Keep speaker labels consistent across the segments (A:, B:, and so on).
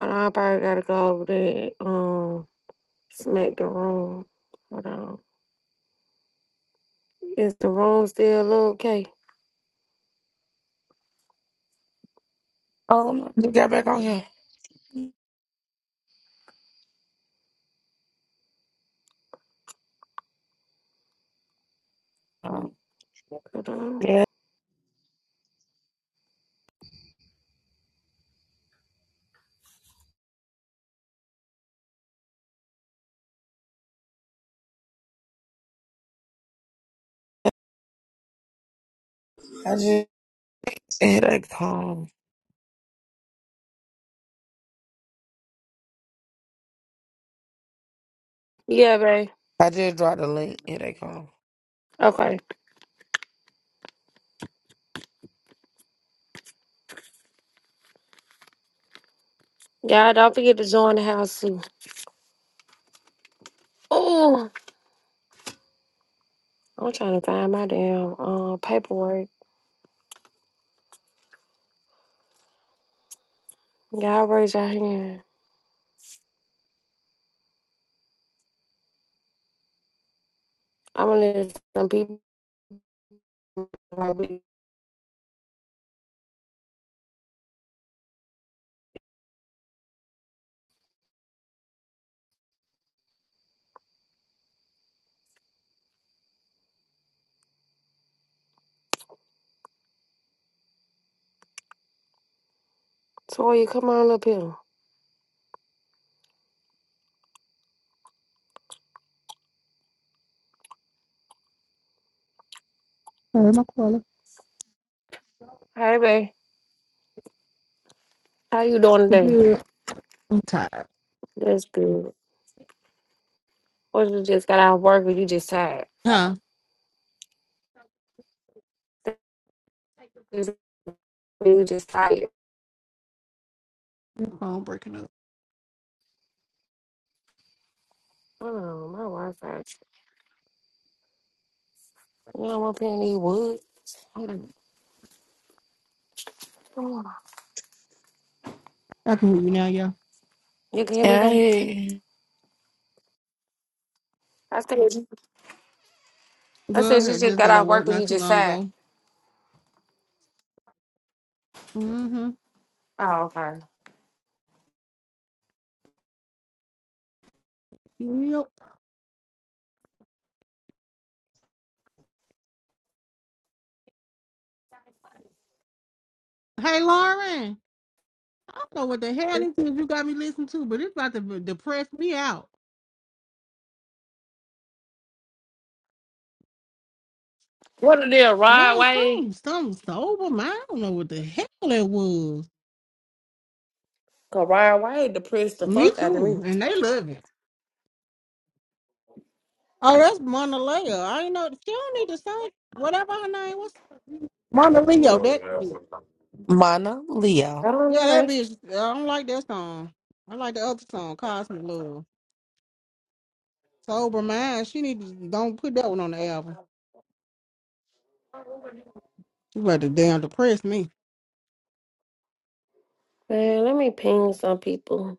A: And I probably gotta go over there, um, smack the room. Hold on. Is the room still okay?
B: Oh, no, you got back on here. Oh,
A: Hold on.
B: I just Headache home.
A: Yeah, babe.
B: I just dropped the link. Headache home.
A: Okay. Y'all don't forget to join the house too. Oh, I'm trying to find my damn uh, paperwork. Y'all raise your hand. I'm gonna let some people. Toya, come on up here.
C: Sorry, my caller.
A: Hey, babe. How you doing
C: You
A: today?
C: good? I'm tired.
A: That's good. Or you just got out of work or you just tired?
C: Huh?
A: You just tired.
C: Your phone breaking up.
A: Oh, my Wi-Fi You don't want penny wood. You
C: I can hear you now, yeah.
A: can hear me
B: Yeah, I
A: there?
B: hear you.
A: I said, I
C: Go
A: said you
C: ahead.
A: just
C: Just
A: got
C: got out
A: off
C: of
A: work
C: work
A: when you
C: not too
A: just
C: long
A: said.
C: ago. Mm-hmm.
A: Oh, okay.
C: Yep. Hey, Lauren. I don't know what the hell this is you got me listening to, but it's about to be- depress me out.
A: What a deal, ride,
C: Girl,
A: Wade.
C: something, something sober, man. I don't know what the hell that was.
A: Cause Rod Wade depressed the
C: Me
A: fuck out
C: too. And they love it. Oh, that's Mona Leo. I ain't know. She don't need to sing. Whatever her name was. Mona Leo, that bitch.
B: Mana,
A: I
B: Leo.
A: don't
C: Yeah,
A: know
C: that
A: that.
C: bitch. I don't like that song. I like the other song, Cosmic Love. Sober Mind. She need to don't put that one on the album. She about to damn depress me.
A: Man, let me ping some people.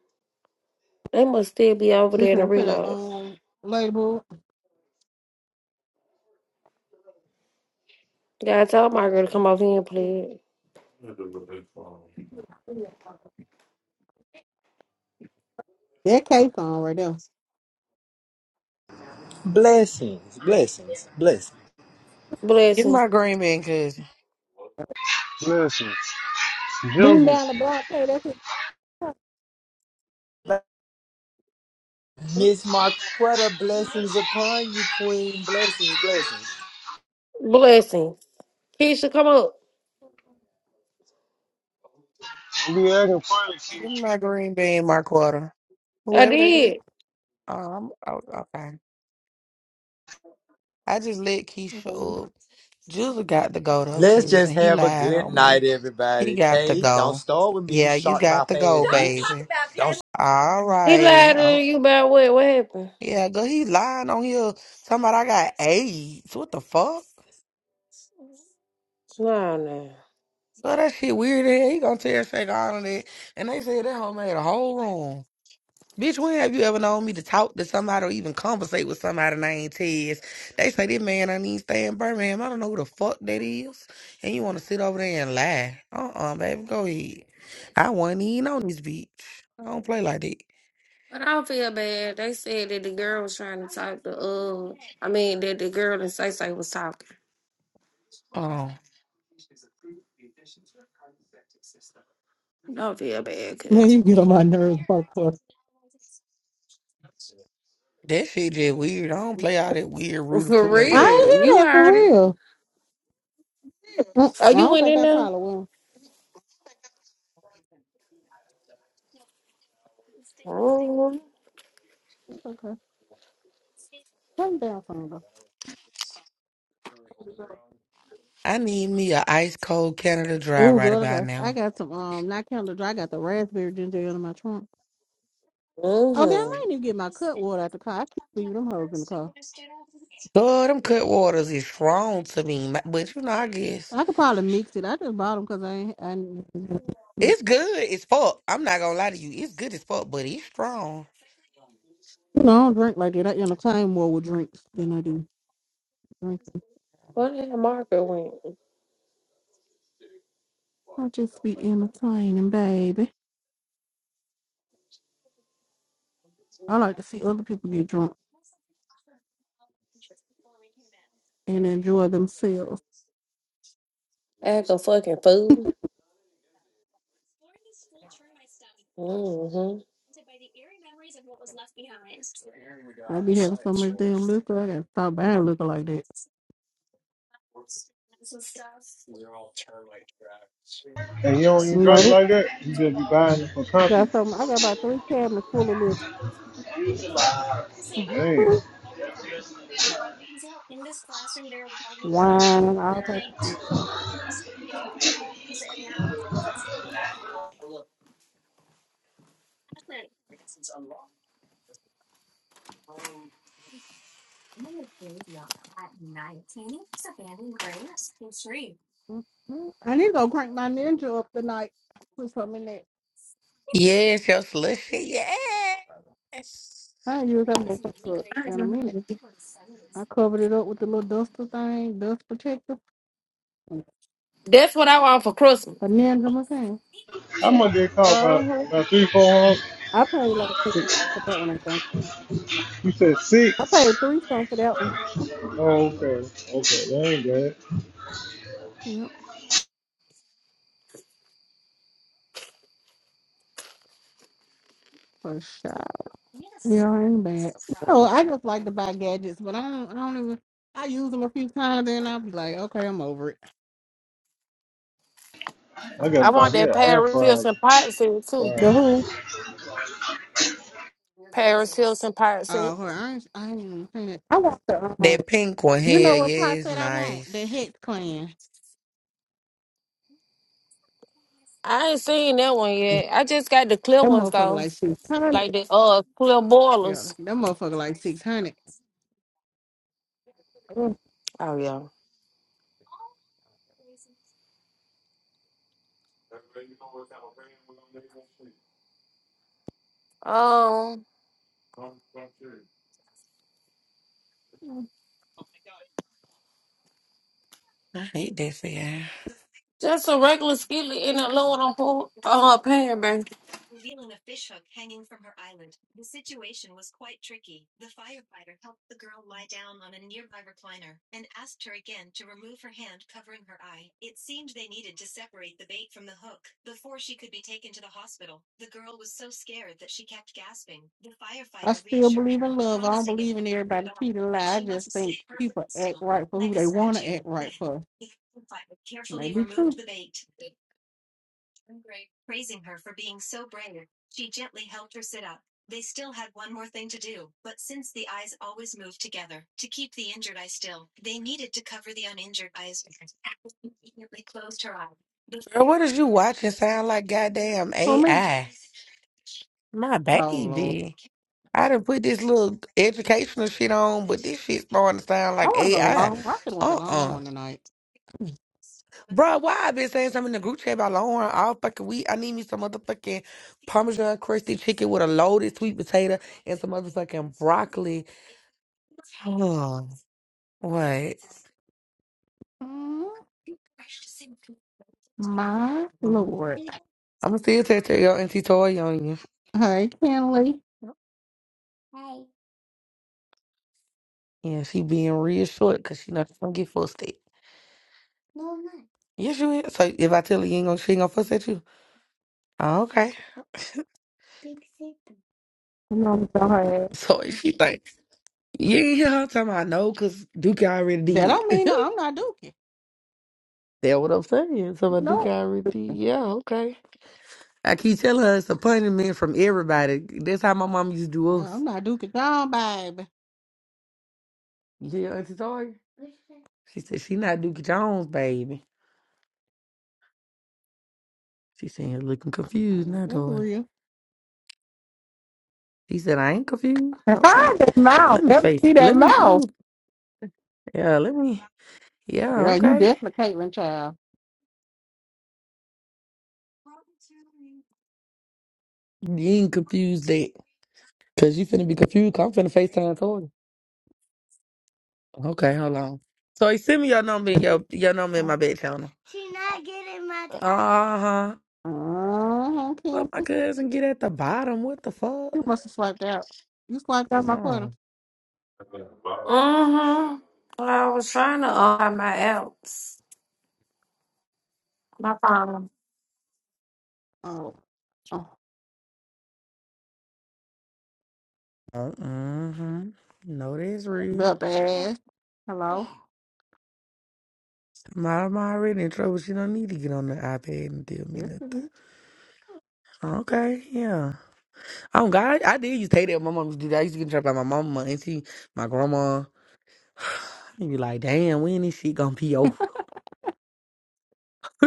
A: They must still be over there in the
C: Listen to the
A: reload.
C: um label.
A: God, tell my girl to come over here and play.
C: That K song right there.
D: Blessings, blessings, blessings.
B: Get
A: Blessings.
B: my green bean, cuz.
E: Listen,
C: Beam
E: Jizzle,
C: down the block, hey, that's it.
D: Miss Marquetta, blessings upon you, Queen. Blessings, blessings.
A: Blessings. Keisha, come up.
E: you be acting funny,
B: Get my green bean, my quarter.
A: I
B: Whoever that is.
A: did.
B: Um, oh, okay. I just let
C: Okay.
B: Keisha up. Jules got to go, though,
D: Let's
B: cuz.
D: just
B: And he
D: have a
B: lied
D: good
B: on
D: night,
B: me. He
D: everybody.
B: got to
D: Kay, don't
B: go.
D: start with me. You
B: Yeah, you
D: shocked my
B: got to
D: fan,
B: go,
D: bitch. Don't bitch. talk
B: baby.
D: about Kay
B: All
A: He
B: righty.
A: lied to
B: Oh,
A: you about what? What happened?
B: yeah, girl, he lying on here. Talking about I got AIDS. What the fuck?
A: No, no.
B: So that shit weird. as hell. He gonna tear shake all of that. And they said that hoe made a whole room. Bitch, when have you ever known me to talk to somebody or even conversate with somebody named Tez? They say this man I need stay in Birmingham. I don't know who the fuck that is. And you wanna sit over there and lie. Uh uh baby, go ahead. I wasn't even on this bitch. I don't play like that.
A: But I don't feel bad. They said that the girl was trying to talk to, uh, I mean, that the girl in Say Say was talking.
B: Um,
A: I don't feel bad,
C: Man,
A: cuz.
C: you get on my nerves, fuck fuck.
B: that shit just weird. I don't play all that weird Rudy
A: For
B: Pooler
C: I
B: ass shit.
A: real.
C: ain't
A: You
C: hear that for
A: heard it.
C: real. Mm,
A: Oh,
C: I
A: you
C: don't
A: went
C: think
A: in
C: I
A: there?
C: probably will.
A: Mm-hmm.
C: It's okay. Turn it down song though.
B: I need me a ice cold Canada dry
C: Oh,
B: right
C: good. I
B: about
C: got I
B: now.
C: got some um not Canada Dry. I got the raspberry ginger ale in my trunk. Oh damn!
A: Mm-hmm.
C: I ain't even get my cut water out the car. I keep leaving them hoes in the car.
B: Lord, them cut waters is strong to me, ma- but you know, I guess
C: I could probably mix it. I just bought them because I ain't. I, ain't- you
B: it's good as fuck. I'm not gonna lie to you, it's good as fuck, but it's strong.
C: know, I don't drink like that. I entertain more with drinks than I do drinking.
A: Where did the hell went?
C: I just be entertaining, baby. I like to see other people get drunk and enjoy themselves.
A: Act a fucking fool. Mm-hmm.
C: I be having so much damn liquor. I gotta stop buying liquor like that.
E: and you don't even drink
C: No,
E: like that. You just be buying it for
C: I
E: company.
C: got some. I got about three cabinets full of
E: Damn.
C: liquor, wine, all types of shit. Mhm. I need to go crank my ninja up tonight. Put something in that.
B: Yes, your slushy, yes.
C: I used that motherfucker up in a minute. I covered it up with the little duster thing, dust protector, and
A: That's what I want for Christmas.
C: a ninja machine.
E: How much they cost? About,
A: Uh-huh.
E: about three, four hundred?
C: I paid like three for that one. I think.
E: You said
C: I
E: six?
C: paid three something for that one.
E: Oh, okay. Okay, that ain't bad.
C: Yep, for sure. Yeah, I ain't bad. No, I just like to buy gadgets, but I don't. I don't even. I use them a few times, and I'll be like, okay, I'm over it.
E: I gotta
A: I
E: buy
A: want
E: me
A: that
E: an air
A: Paris
E: fryer.
A: Hilton pirate set, too.
E: fryer.
C: The who?
A: Paris Hilton pirate set.
C: Oh, uh, I ain't. I ain't even saying it. I want the. Um,
B: That pink one, hell
C: you
B: yeah,
C: know what pot
B: it's
C: said I want?
B: nice.
C: The Hex Clan.
A: I ain't seen that one yet. I just got the clear
C: That
A: ones,
C: motherfucker
A: though.
C: like six hundred.
A: Like the uh clear
C: Yeah,
A: boilers.
C: that motherfucker like six hundred.
A: Oh yeah. Um,
B: I hate that for you.
A: just a regular skillet in the load on pull on her pan, baby.
C: I still believe in love. I don't believe in everybody cheating lie. I just think people act right for who they want to act right for. May be true
B: Girl, what is you watching? Sound like goddamn
C: for me.
B: AI. My
C: Oh Lord,
B: baby. I done put this little educational shit on, but this shit starting to sound
C: I
B: like
C: want to go to
B: AI.
C: Longhorn. I could have went to
B: Uh uh
C: Longhorn tonight.
B: Bro, why I been saying something in the group chat about Longhorn all fucking week? I need me some motherfucking Parmesan crusty chicken with a loaded sweet potato and some motherfucking broccoli. Oh, what?
C: Mm, My
B: I'm
C: Lord.
B: going to still texting your auntie Toy on you.
C: Hey, Kenley.
B: Yeah, she being real short because she not gonna get full stick. Yes, you is. So if I tell her you ain't gonna, she ain't gonna fuss at you. Oh, okay.
C: You know what I'm so
B: So if she like, you ain't hear her talking about no, cause Duke
C: That
B: already did.
C: don't mean no, I'm not Dookie.
B: That's what I'm saying. So my Duke
C: No,
B: already did. Yeah, okay. I keep telling her it's a punishment from everybody. That's how my mom used to do
C: no,
B: us.
C: I'm not Dookie Down, baby.
B: You hear Auntie Toya? She said she not Dookie Jones, baby. She said you're looking
C: I
B: confused
C: know
B: now,
C: that's
B: daughter.
C: real.
B: She said I ain't confused. Okay,
C: Ah, that mouth.
B: let me
C: That,
B: face.
C: see that
B: Let me. Let
C: mouth.
B: me. Yeah. Let me. Yeah.
C: Yeah, you
B: Okay.
C: definitely Caitlyn child.
B: You ain't confused that, cause you finna be confused. i am finna Facetime Toya. Okay, hold on. So he send me your number and your your number in my back channel. She not getting my. Uh huh.
C: Uh-huh, okay.
B: Let my cousin get at the bottom. What the fuck?
C: You must have swiped out. You swiped out my quarter.
B: Oh.
A: Mm-hmm. I was trying to uh, hide my apps. My phone.
C: Oh, oh,
B: Uh, uh-huh. No, that's real.
C: the ass. Hello.
B: My mom already in trouble. She don't need to get on the iPad and tell me
C: Yes,
B: nothing.
C: it is. She
B: Okay, yeah. Oh God, I did used to hate that. when My mom used to do that. I used to get in trouble by my mama and she, my grandma. You be like, damn, when this shit gonna be over?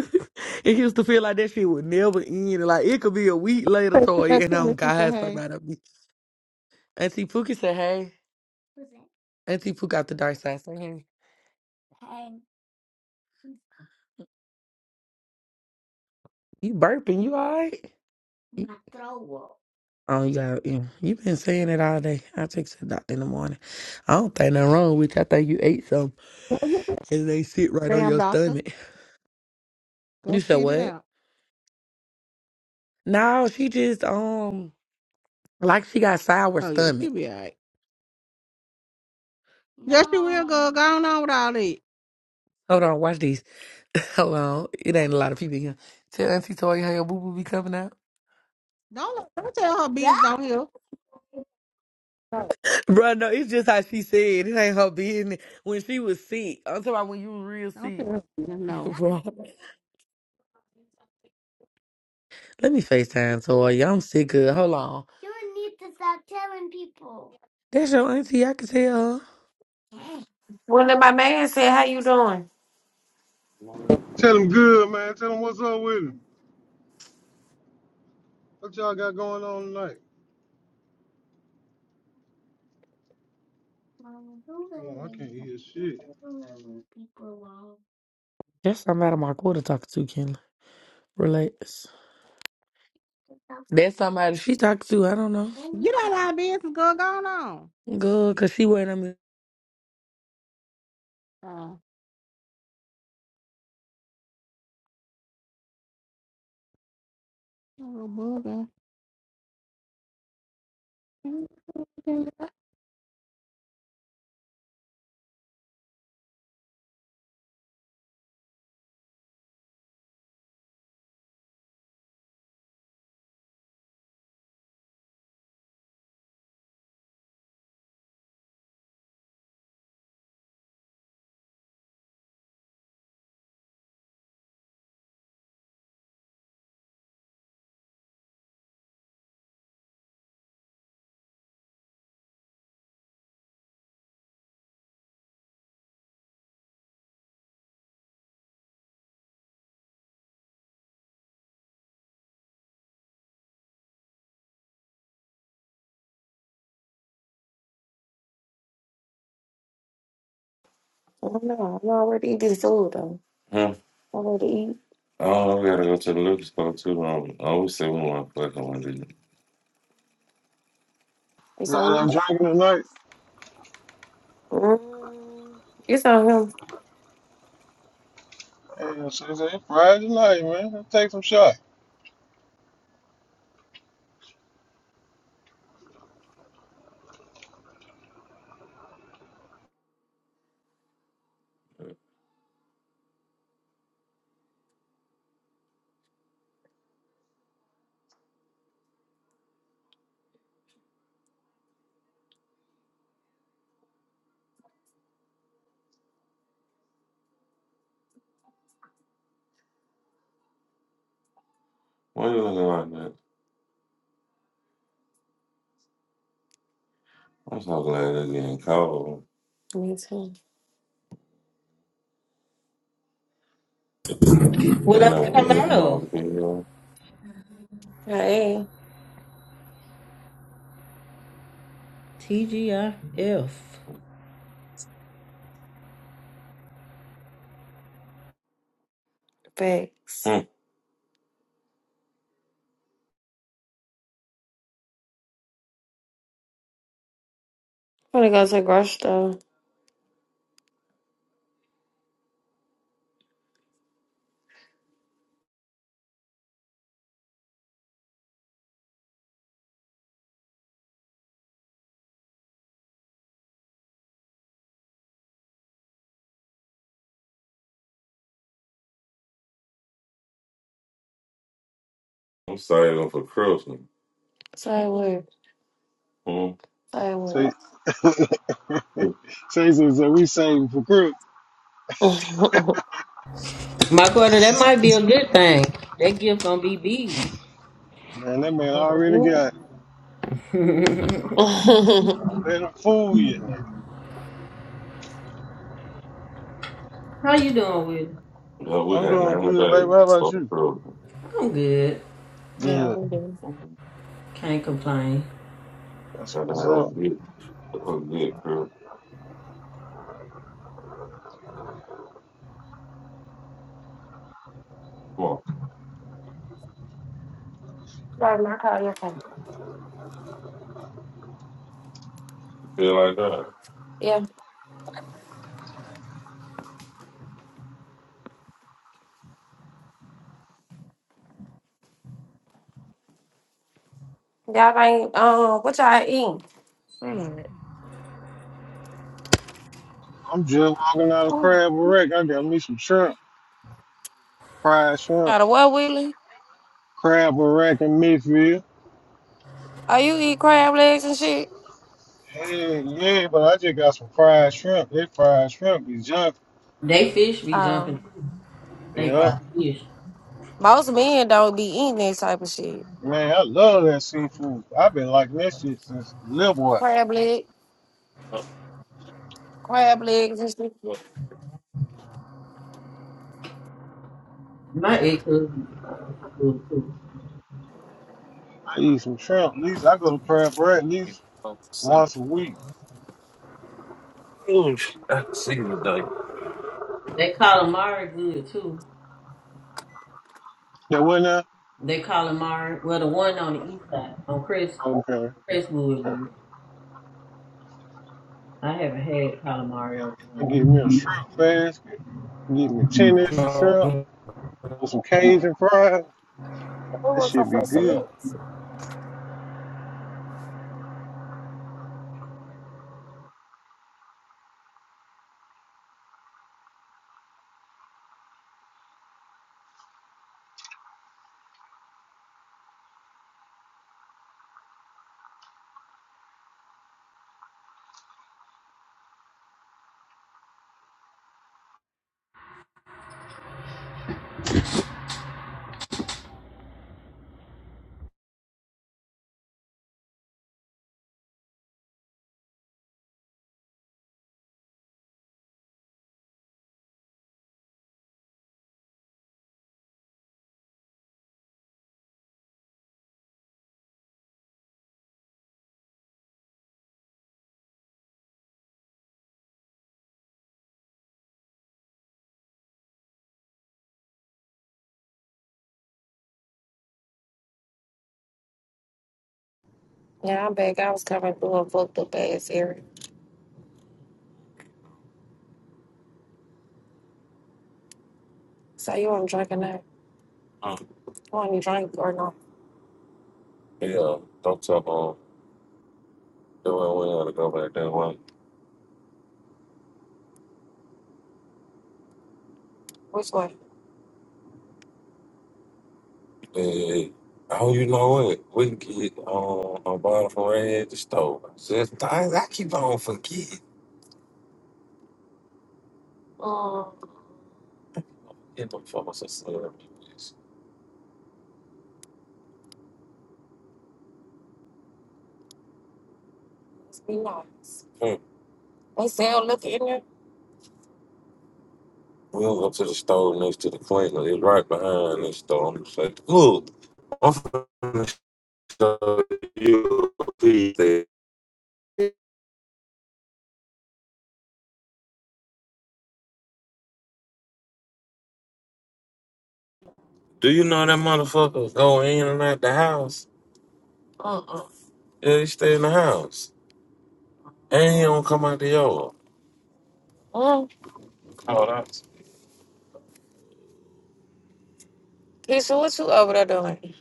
B: it used to feel like that shit would never end. Like it could be a week later,
C: Said to
B: toy,
C: that
B: and on
C: Kelly, She said,
B: God,
C: "Hey,
B: somebody be. Auntie Pookie said, "Hey, Auntie Pookie out the dark side, say, hey, you burping? You all right?" My throat. up. Oh, you got you. You been saying it all day. I take to the doctor in the morning. I don't think nothing wrong with you. I think you ate something and they sit right on
C: damn
B: your
C: doctor,
B: stomach. You
C: go
B: said
C: shit it
B: what?
C: out."
B: No, she just um like she got sour
C: Oh yeah, she
B: stomach.
C: be alright. Yes, she will go. Go on on with all that.
B: Hold on, watch these. Hold on, it ain't a lot of people in here. Tell Auntie Toy how your boo boo be coming out.
C: Don't don't tell her business down here. No,
B: Bro, no, it's just how she said. It ain't her business. When she was sick, I'm talking about when you were real
C: don't
B: sick.
C: tell her business. No,
B: Bro, let me FaceTime Toy. I'm sick of. Hold on. That's your auntie. I can tell.
A: Well, then my man said, "How you doing?" I
E: Tell him good, man. Tell him what's up with him. What y'all got going on tonight? Well, I can't hear shit.
B: That's somebody my quarter talking to, Kenley. Relax. That's somebody she talked to. I don't know.
C: get out of our business. Go go on. on.
B: Good, cause she wearing them.
C: Oh, little bugger.
A: don't know. I'm already eating food though. Huh? Already eat. Oh, we gotta go to the liquor store too. Um, I always say we want to fuck on one, didn't it? It's on
E: Y'all
A: you.
E: ain't drinking tonight?
A: Mm, it's on him.
E: Hey, so it's air fryer tonight, man. Let's take some shots.
A: Why you looking like that? I'm so glad it's getting cold. Me too. You
F: Well,
A: know what it's
F: hello,
A: cold to be here. Hey,
F: TGIF.
A: thanks. Hmm. I'm gonna go to the grocery store. I'm saving for Christmas. So what? work. Hmm. So I
E: So, so he said, so we saving for Crook.
F: My quarter, that might be a good thing. That gift gonna be big.
E: Man, that man already got it. Let him fool you.
F: How you doing, with?
A: Yeah, we
E: I'm
A: got
E: doing
A: nine
E: good, baby. How
A: days
E: about
A: for
E: you?
A: Christmas.
F: I'm good.
A: yeah,
E: Good.
A: we do. Mm-hmm.
F: Can't complain.
E: That's
A: Gotta
E: what's
A: have a
E: up.
A: good, a good Christmas. Come on. Right, my car, your phone. You feel like that? Yeah. Y'all ain't um what y'all eating? Mm.
E: I'm just walking out of
A: Oh.
E: Crab Rack. I got me some shrimp, fried shrimp,
A: Out of what, Willie?
E: Crab Rack in Midfield.
A: Are you eat crab legs and shit?
E: Hey, yeah, but I just got some fried shrimp. They fried shrimp be junk.
F: They fish be jumping.
A: Um,
F: too. They
E: Yep.
F: fry fish.
A: Most men don't be eating that type of shit.
E: Man, I love that seafood. I've been liking that shit since a little boy.
A: Crab leg, crab legs and shit.
F: My ex husband good too.
E: I eat some shrimp. At least I go to Crab Rack at least once a week.
A: I can see the today.
F: They calamari good too.
E: That wasn't
F: They calamari. Well, the one on the east side on Chris
E: there? Okay.
F: Chris
E: Okay.
F: Wood. I haven't had calamari over
E: I get me a
F: there.
E: shrimp basket, get me 10 extra shrimp with some Cajun fries.
A: What
E: That
A: was I
E: should be
A: supposed to
E: good.
A: look? Yeah, I'm back. I was coming through a fucked up ass area. So you want to drink or not? Mm. You want to drink or not? Yeah, don't tell mom. they I want to go back that way? Which way? And oh, you know what? We can get um, a bottle from Red at the store. Just, I, I keep on forgetting. Oh. Get the fuck us a sandwich. Be nice. Hmm. They sell liquor in there? We'll go to the store next to the cleaner. It's right behind the store. I'm just like, look, I'm finna show you a piece that- Do you know that motherfucker go in and out the house? Uh-uh. Yeah, he stay in the house. And he don't come out the yard. Keisha, what you over there doing?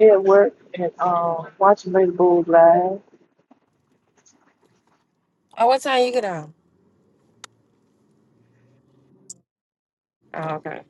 G: at work and um watching Lady Bulls live.
A: Oh, what time you get out? Oh, okay.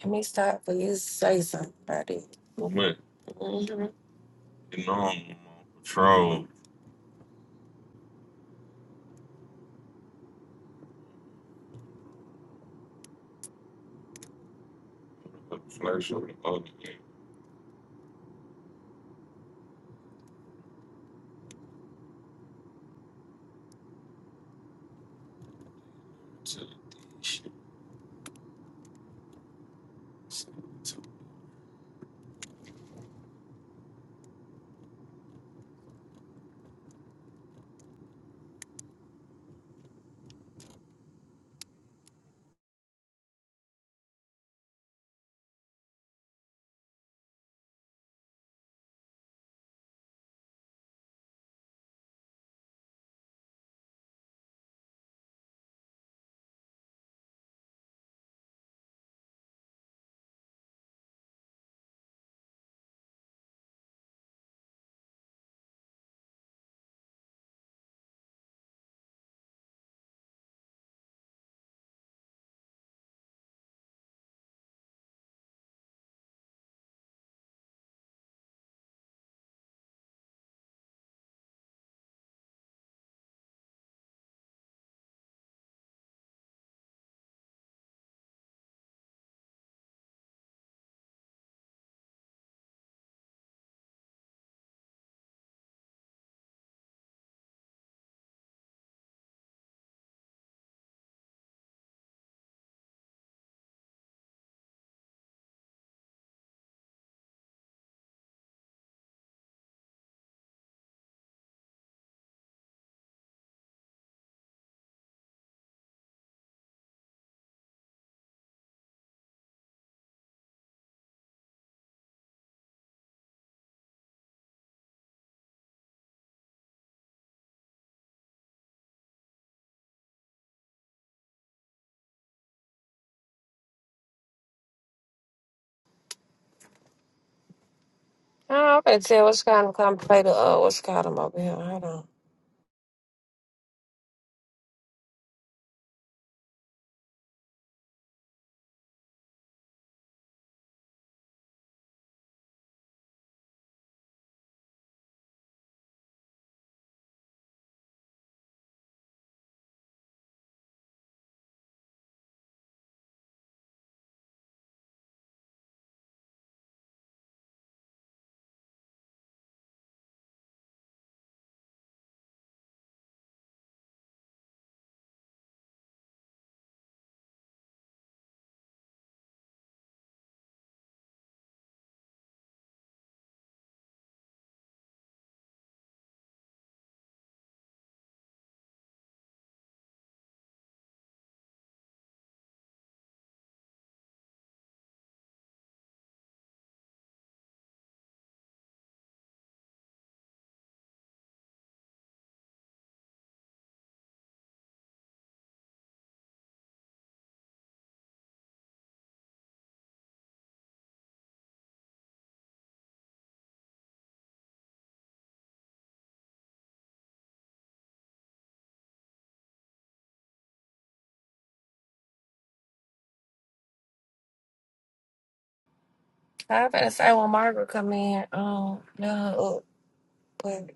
A: Let me stop for you to say something about it. What? hmm You know I'm on patrol. Flash of the other thing. Oh, I'm gonna tell what's kind of come play the uh what's called them over here. Hold on. I better say when Margaret come in, um, yeah, up, but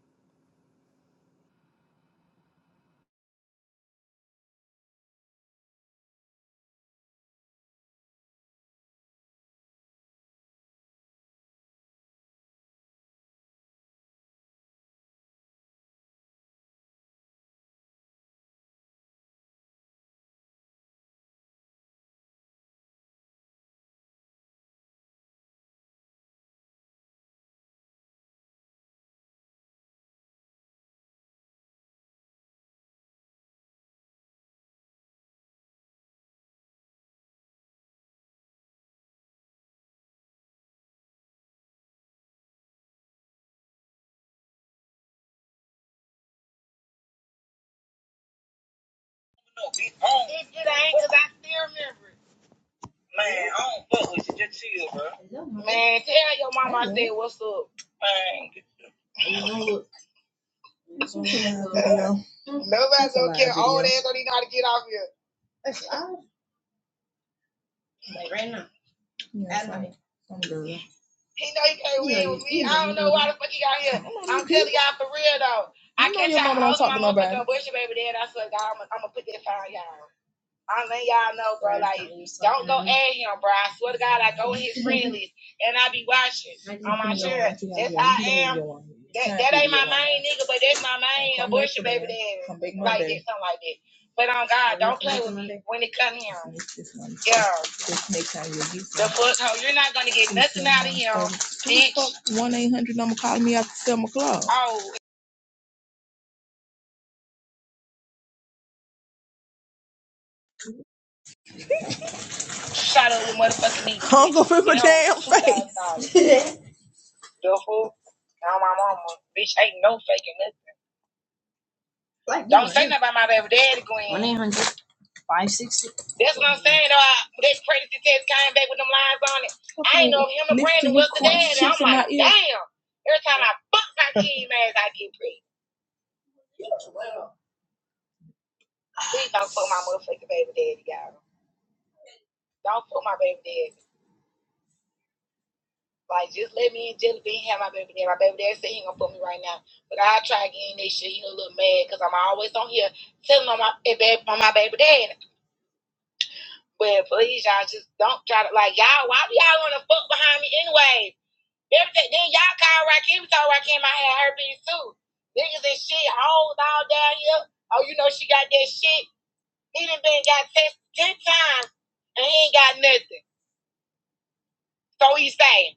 H: No, It, it ain't because I still remember it. Man, I don't fuck with you. Just chill, bro. Man, tell your mama I said what's up. Man. Nobody's gonna care. Old ass don't even know how to get off here. Yes, He know he can't win with me. I don't know why the fuck he out here. I'm telling y'all for real though. I can't tell y'all hoes my motherfucking bullshit baby dad. I said I'm gonna put that fire on y'all. I'm letting y'all know, bro. Like, don't go at him, bro. I swear to God, I go in his friend list and I be watching on my shirt. That's I am. That, that ain't my main nigga, but that's my main abortion baby daddy. like that, something like that. But on God, don't play with me when it come here. Yeah. The fuck, hoe. You're not gonna get nothing out of him, bitch. One eight hundred number calling me after seven o'clock. Oh, shot up with motherfucking me. Hung up in my You know, damn $2,000. face. The fool? Now my mama. Bitch, ain't no faking nothing. Like Don't say nothing about my baby daddy, Gwen. one eight hundred five sixty. That's what I'm saying. Though I, that pregnancy test came back with them lines on it. I ain't know if him and Brandon was the daddy. I'm like, damn. Every time I fuck my kid, man, I get pregnant. Please don't fuck my motherfucking baby daddy, y'all. Don't fuck my baby daddy. Like, just let me and Jelly Bean have my baby daddy. My baby daddy said he ain't gonna put me right now. But I'll try again next year. He a little mad because I'm always on here telling on my, eh, babe- on my baby daddy. But please, y'all, just don't try to like y'all. Why do y'all want to fuck behind me anyway? Everything then y'all call Rakim, told Rakim I had herpes too. Niggas and shit, hoes all down here. Oh, you know she got that shit. He done been got tested ten times and he ain't got nothing. So he's saying.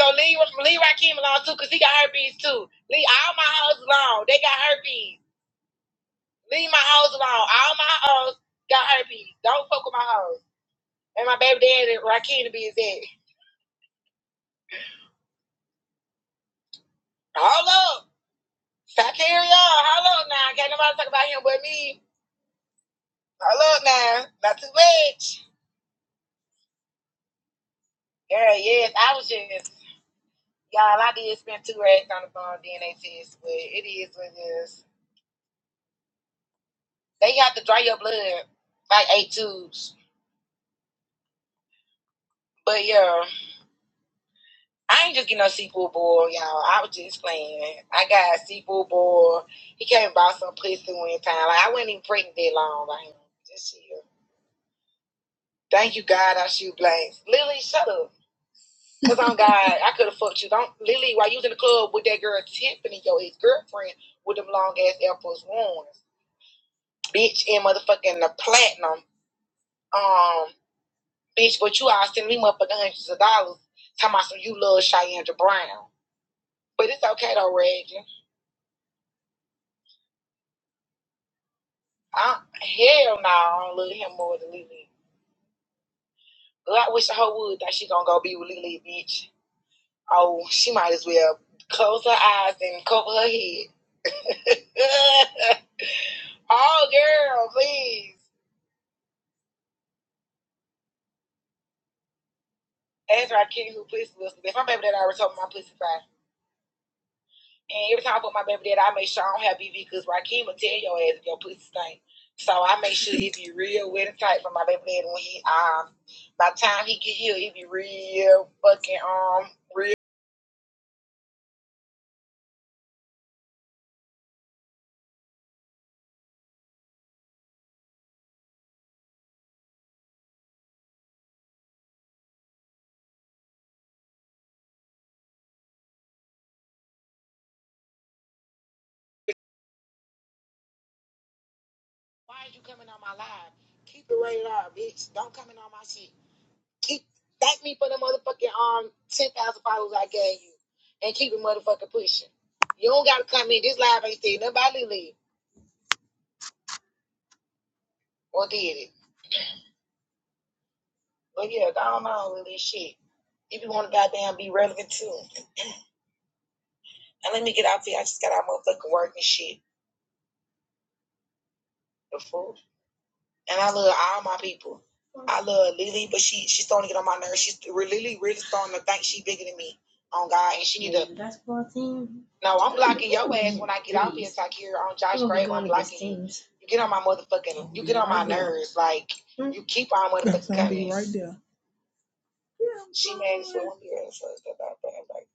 H: So leave leave Rakim alone too, cause he got herpes too. Leave all my hoes alone. They got herpes. Leave my hoes alone. All my hoes got herpes. Don't fuck with my hoes. And my baby daddy Rakim to be his head. Hold up. I Shakira, hello now. Can't nobody talk about him but me. Hello now. Not too much. Girl, yes, I was just, y'all, I did spend two racks on the phone DNA test, but it is what it is. They got to dry your blood, like eight tubes. But yeah, I ain't just getting no sequel boy, y'all. I was just playing. I got a sequel boy. He came and bought some pussy one time. Like, I wasn't even pregnant that long. Like, just chill. Thank you, God, I shoot blanks. Lily, shut up. Cause on God, I could have fucked you. Don't Lily, while you was in the club with that girl Tiffany, your ex girlfriend, with them long ass Air Force Ones, bitch, and motherfucking the platinum, um, bitch. But you all sending me motherfucking hundreds of dollars, talking about some you love Cheyanne Brown. But it's okay though, Reggie. I hell no, I don't love him more than Lily. Well, I wish I whole would that she gonna go be with Lily, bitch. Oh, she might as well close her eyes and cover her head. oh, girl, please. Ezra King who pussy Wilson. That's my baby that I already told me my pussy fine. And every time I put my baby dad, I make sure I don't have BV because Rakim will tell your ass if your pussy stink. So I make sure it be real wet and tight for my baby dad when he um by the time he get here, it be real fucking um real. Why are you coming on my live? Keep it rated R, bitch. Don't come in on my shit. Keep thank me for the motherfucking um ten thousand followers I gave you, and keep it motherfucking pushing. You don't gotta come in. This live ain't saying nobody leave or did it. But yeah, I don't know all this shit. If you want to goddamn be relevant too. And let me get out here. I just got out motherfucking work and shit. The fool. And I love all my people. I love Lily, but she she's starting to get on my nerves. She's really really starting to think she's bigger than me. On God, and she need to. That's fourteen. No, I'm blocking your ass when I get out here, Takira. On Josh oh, Gray, I'm blocking you. You get on my motherfucking. You get on my nerves. Like you keep on motherfucking. That's gonna be right there. Yeah. She mad as fuck. Yeah, so it's about that.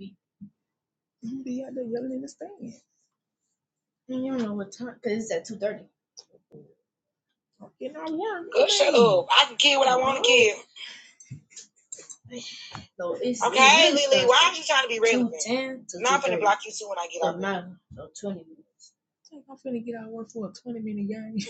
H: Like, You be out there yelling in the stand. And you don't know what time, because it's at 2.30. I'm getting all warm. Girl, shut Hey. up. I can kill what I want to No. So it's Okay, it really Lily, why at are you trying to be relevant? 2:10 to No, I'm finna 2:30. block you too when I get out. No, now, so 20 minutes. I'm finna get out of work for a 20 minute game.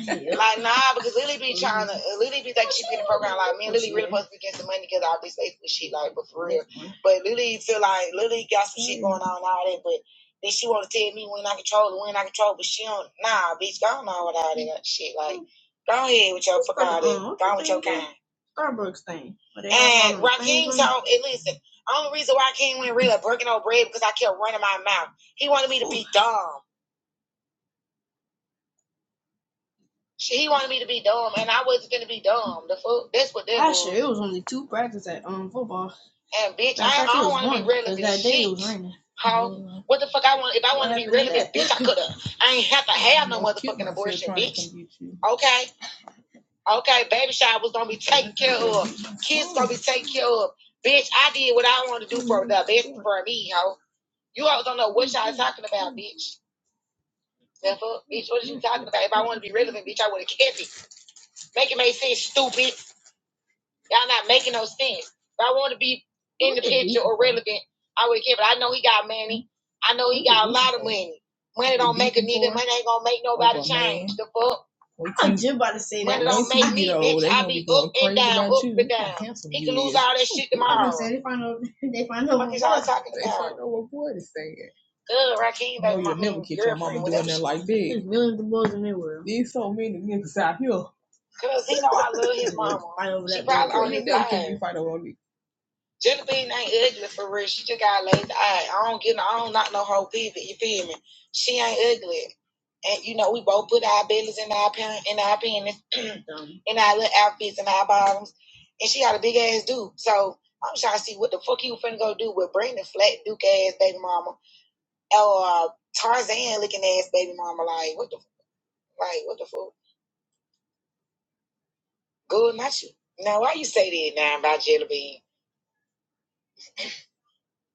H: Yep. Like, nah, because Lily be trying to, Lily be like, she be in the program, like, me and Lily really supposed to be getting some money because I'll be safe with shit, like, but for real. But Lily feel like, Lily got some shit going on and all that, but then she want to tell me when I control it, when I control but she don't, nah, bitch, go on with all that shit, like, go ahead with your, fuck all that, uh go on with your kind. Starbucks thing. But they have And one the told, and listen, only reason why I came went real breaking no bread because I kept running my mouth. He wanted me to be dumb. He wanted me to be dumb, and I wasn't gonna be dumb. The fuck, that's what that Last year it was only two practices at um football. And bitch, I, I don't want to be one relevant. that day it was raining. how? Mm-hmm. What the fuck I want? If I want to be happened relevant, bitch, I coulda. I ain't have to have no motherfucking abortion, bitch. Okay, Okay, baby shower was gonna be taken care of. Kids gonna be taken care of. Bitch, I did what I wanted to do for the best for me, ho. You always don't know what y'all talking about, bitch. The bitch, what are you talking about? If I wanted to be relevant, bitch, I would have kept it. Make it make sense, stupid. Y'all not making no sense. If I want to be in the picture or relevant, I would care. But I know he got money. I know he got a lot of money. Money don't make a nigga. Money ain't gonna make nobody change. The fuck. I'm just about to say that. Money don't make me, bitch. I be up and down, up and down. He can lose all that shit tomorrow. They find out. They find out. What is y'all talking about? They find out what boy is saying. Good, Raheem. No, you'll never get your mama doing that like that. There's millions of boys in the world. There's so many niggas out here. Cause he know I love his mama. Fight over She probably little on girl. his side. you Jellybean ain't ugly for real. She just got a lazy eye. I don't get no, I don't knock no whole pivot. You feel me? She ain't ugly. And you know, we both put our bellies in our pen, in our penis, in our little outfits and our bottoms. And she got a big ass dude. So I'm trying to see what the fuck you finna go do with Brandon Flat Duke ass baby mama or uh, Tarzan looking ass baby mama. Like what the like what the fuck? Good, not you. Now why you say that now about Jellybean?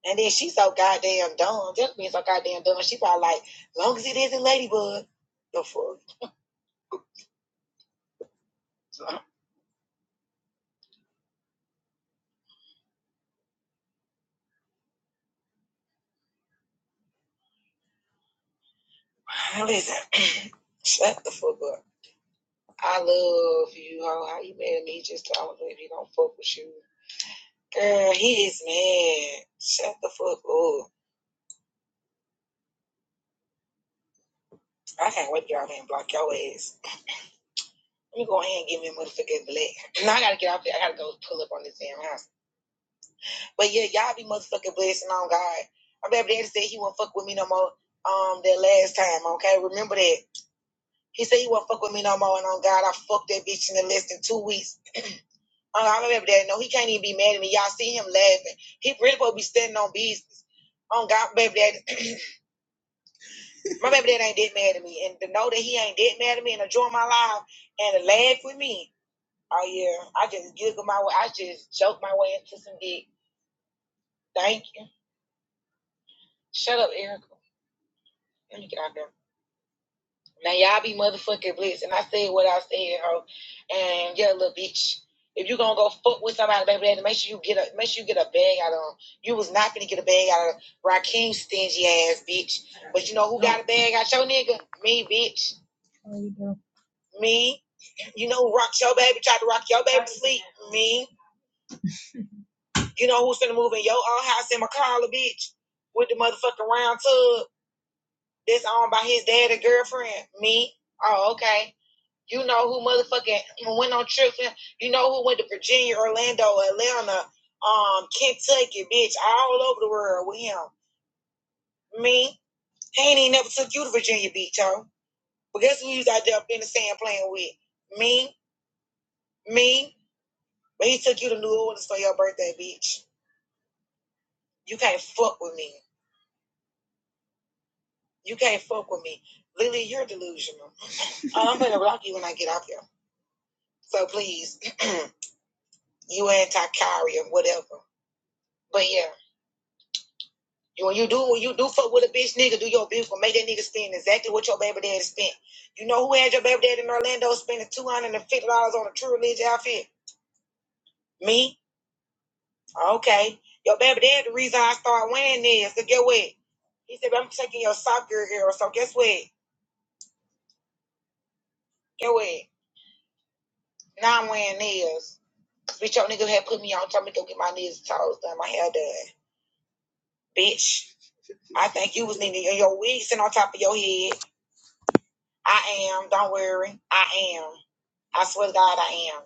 H: And then she's so goddamn dumb. Just being so goddamn dumb. She probably like, long as it isn't Ladybug, the fuck. So, listen, shut the fuck up. I love you, ho. How you mad at me? Just told me if he don't fuck with you. Girl, he is mad. Shut the fuck up. I can't wait to get out here and block your ass. Let me go ahead and give me a motherfucking black. Now I gotta get off there. I gotta go pull up on this damn house. But yeah, y'all be motherfucking blessing on God. I remember Daddy said he won't fuck with me no more. Um, that last time, okay, remember that. He said he won't fuck with me no more, and on God, I fucked that bitch in the less than two weeks. Uh, I remember daddy. No, he can't even be mad at me. Y'all see him laughing. He really supposed to be standing on business. On God, baby daddy, my baby daddy ain't that mad at me, and to know that he ain't that mad at me and enjoy my life and to laugh with me. Oh yeah, I just giggle my way. I just joke my way into some dick. Thank you. Shut up, Erica. Let me get out there. Now y'all be motherfucking blessed. And I said what I said, ho. And yeah, little bitch. If you gonna go fuck with somebody, baby daddy, make sure you get a make sure you get a bag out of 'em. You was not gonna get a bag out of Rakeem's stingy ass bitch. But you know who got a bag out your nigga? Me, bitch. Me. You know who rocked your baby, tried to rock your baby to sleep? Me. You know who's gonna move in your own house in McCalla, bitch? With the motherfucking round tub that's owned by his daddy girlfriend? Me. Oh, okay. You know who motherfucking went on trips. You know who went to Virginia, Orlando, Atlanta, um, Kentucky, bitch, all over the world with him. Me, he ain't even never took you to Virginia Beach, yo. But guess who you was out there up in the sand playing with? Me, me. But he took you to New Orleans for your birthday, bitch. You can't fuck with me. You can't fuck with me. Lily, you're delusional. I'm gonna block you when I get off here. So please, you anti Kyrie or whatever. But yeah. You when you do when you do fuck with a bitch nigga, do your beautiful, make that nigga spend exactly what your baby daddy spent. You know who had your baby daddy in Orlando spending two hundred and fifty dollars on a true religion outfit? Me? Okay. Your baby daddy the reason I start wearing this. So get what? He said, I'm taking your soccer girl. So guess what? Get what? Now I'm wearing nails. Bitch, your nigga had put me on, told me to go get my nails and toes done, my hair done. Bitch, I think you was needing your wig sitting on top of your head. I am, don't worry. I am. I swear to God, I am.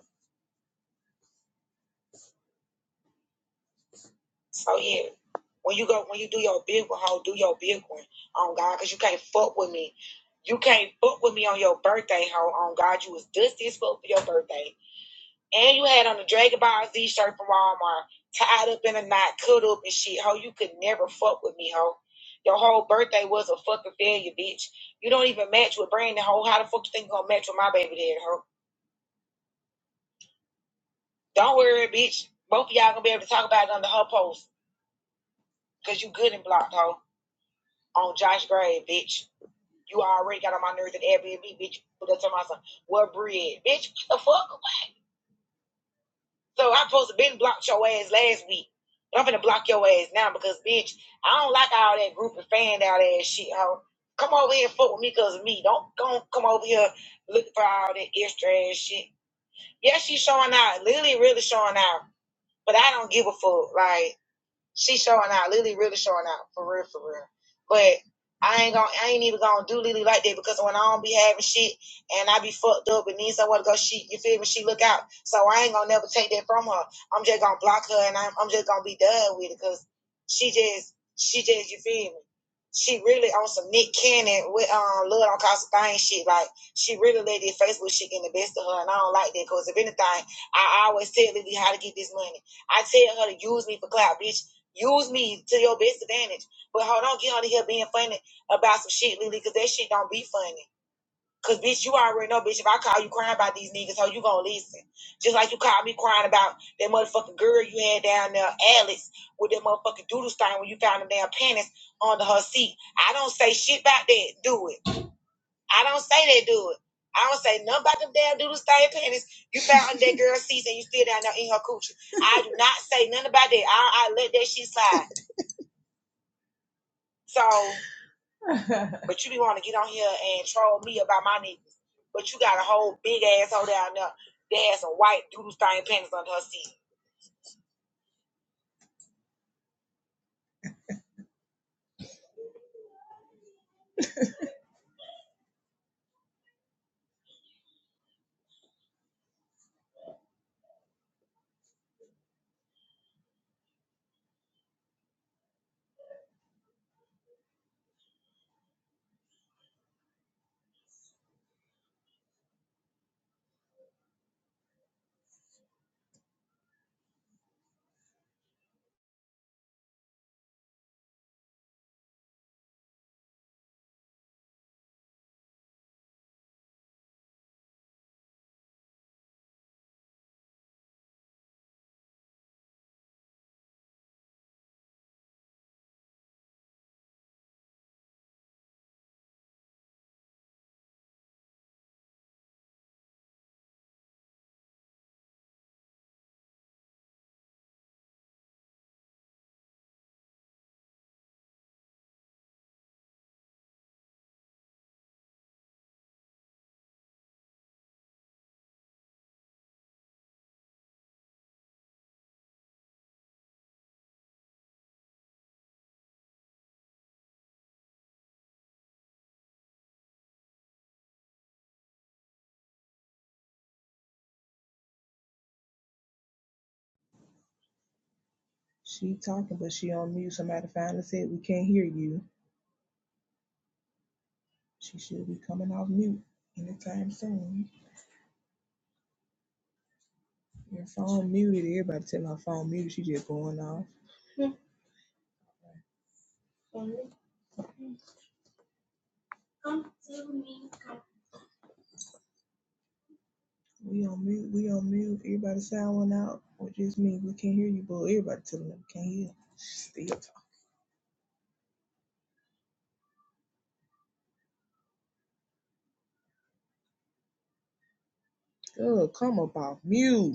H: So yeah, when you go, when you do your big one, ho, do your big one on God, cause you can't fuck with me. You can't fuck with me on your birthday, ho. On God, you was dusty as fuck for your birthday, and you had on a Dragon Ball Z shirt from Walmart, tied up in a knot, cut up and shit, ho. You could never fuck with me, ho. Your whole birthday was a fucking failure, bitch. You don't even match with Brandon, ho. How the fuck you think you gonna match with my baby dad, ho? Don't worry, bitch. Both of y'all gonna be able to talk about it under her post, cause you good and blocked, ho. on Josh Gray, bitch. You already got on my nerves at Airbnb, bitch. Put that to my son. What bread, bitch? What the fuck? So I am supposed to been blocked your ass last week. But I'm finna block your ass now because, bitch, I don't like all that group and fan out ass shit, ho. Come over here and fuck with me because of me. Don't, don't come over here looking for all that extra ass shit. Yeah, she's showing out. Lily really showing out. But I don't give a fuck. Like, She showing out. Lily really showing out for real, for real. But I ain't gonna, I ain't even gonna do Lily like that because when I don't be having shit and I be fucked up and need somewhere to go, she, you feel me? She look out. So I ain't gonna never take that from her. I'm just gonna block her and I'm, I'm just gonna be done with it because she just, she just, you feel me? She really on some Nick Cannon with um love on cause a thing shit. Like she really let this Facebook shit get the best of her, and I don't like that. Cause if anything, I always tell Lily how to get this money. I tell her to use me for clout, bitch. Use me to your best advantage. But hold on, get on here being funny about some shit, Lily, because that shit don't be funny. Cause bitch, you already know, bitch, if I call you crying about these niggas, how you gonna listen? Just like you called me crying about that motherfucking girl you had down there, Alice, with that motherfucking doodle stain when you found them damn panties under her seat. I don't say shit about that, do it. I don't say that, do it. I don't say nothing about them damn doodle stain panties you found under that girl's seat and you still down there in her coochie. I do not say nothing about that. I, I let that shit slide. So, but you be want to get on here and troll me about my niggas. But you got a whole big asshole down there that has some white doodle stain panties under her seat. She talking, but she on mute. Somebody finally said we can't hear you. She should be coming off mute anytime soon. Your phone muted. Everybody tell her phone muted. She just going off. We on mute. We on mute. Everybody sound one out. Or just me. We can't hear you, but everybody telling them we can't hear. still talking. Girl, come up off mute.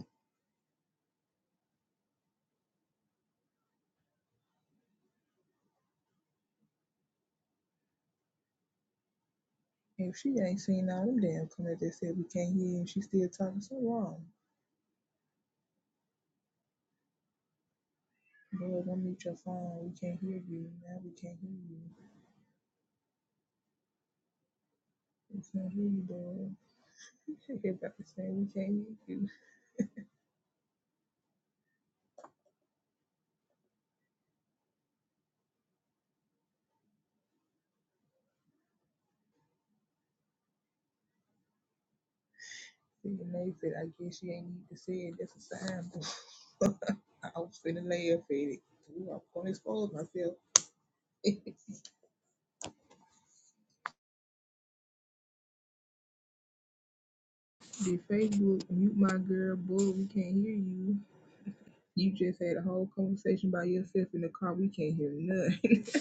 H: If she ain't seen all them damn comments that said we can't hear and she still talking, so wrong. Boy, don't mute your phone. We can't hear you. Now we can't hear you. We can't hear you, boy. Everybody saying we can't hear you. Then they said, I guess she ain't need to say it. That's a sign, boy. I was finna laugh at it. Ooh, I'm gonna expose myself. Did Facebook mute my girl? Boy, we can't hear you. You just had a whole conversation by yourself in the car. We can't hear nothing.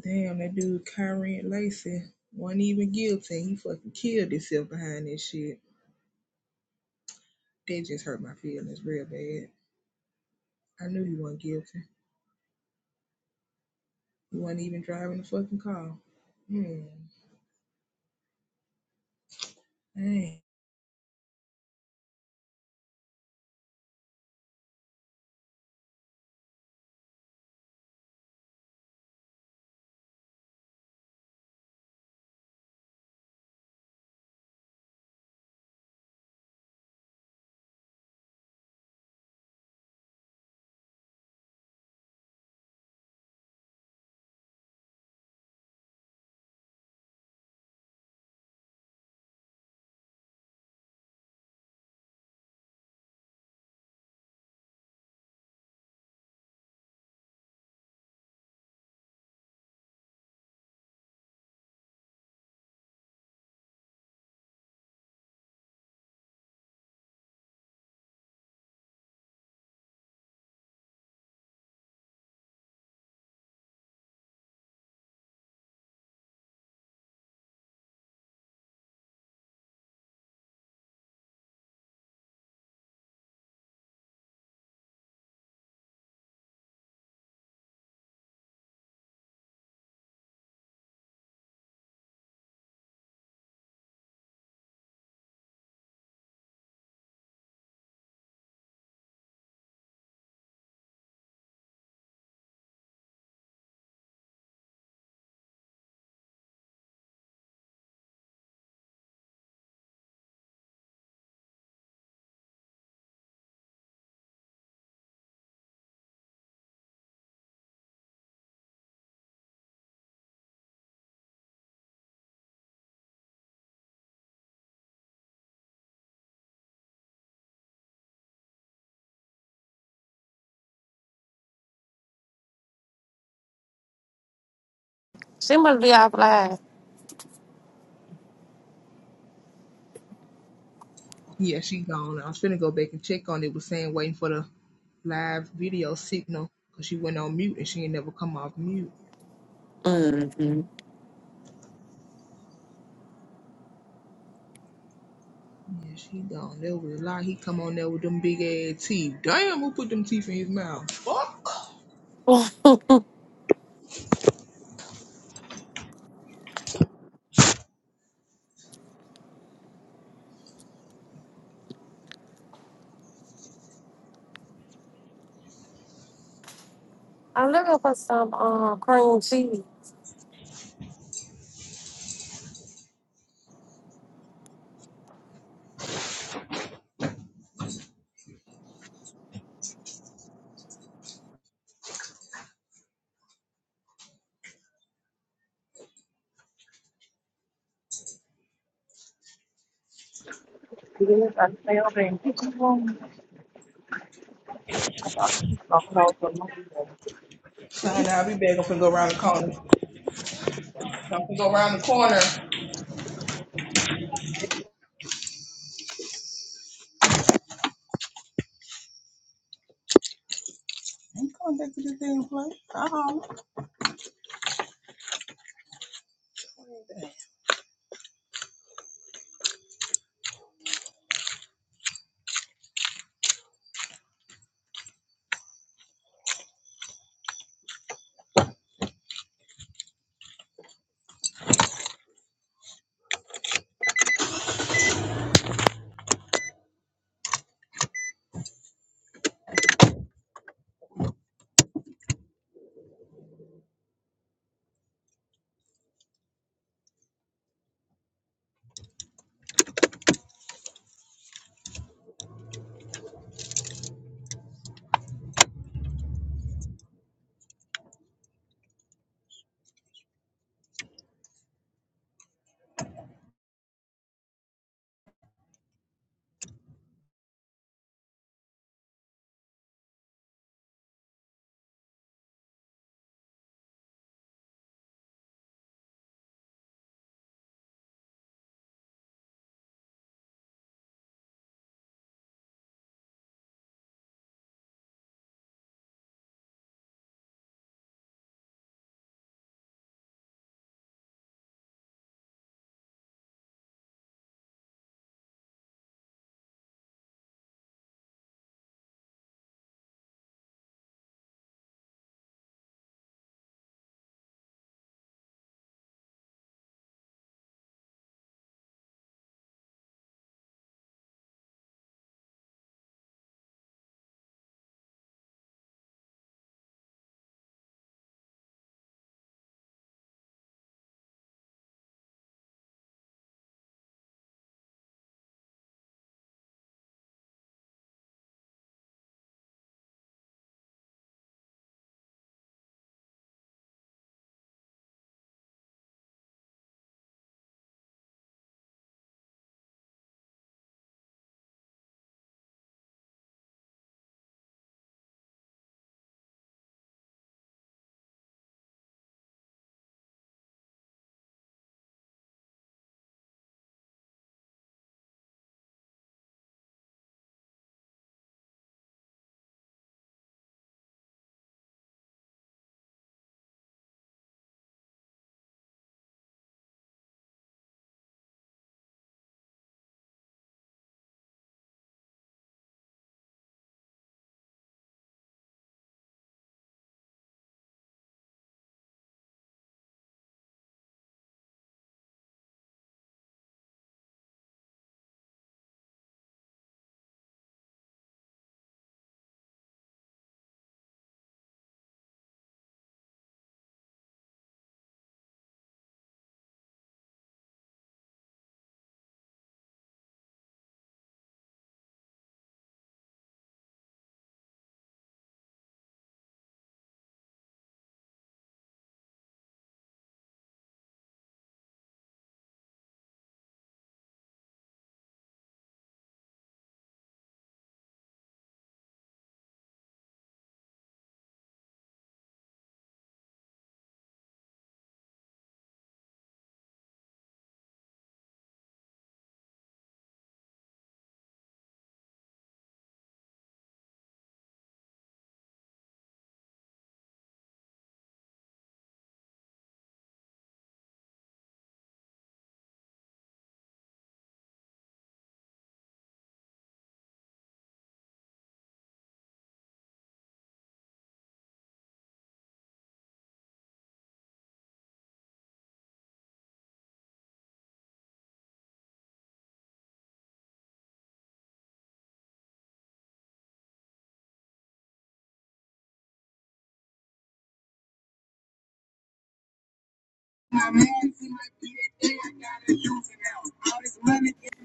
H: Damn, that dude Kyron Lacy wasn't even guilty. He fucking killed himself behind this shit. That just hurt my feelings real bad. I knew he wasn't guilty. He wasn't even driving the fucking car. Hmm. Dang.
A: she must be off live.
H: Yeah, she gone. I was finna go back and check on it. It Was saying waiting for the live video signal because she went on mute and she ain't never come off mute.
A: Mm-hmm.
H: Yeah, she gone. There was a lot. He come on there with them big ass teeth. Damn, who put them teeth in his mouth? Fuck.
A: I'm looking for some um cream cheese.
G: Yes, I found them. I thought she was gonna call for me.
H: Fine, I'll be back. I'm finna go around the corner. Don't go around the corner. I'm going back to this damn place. I holler.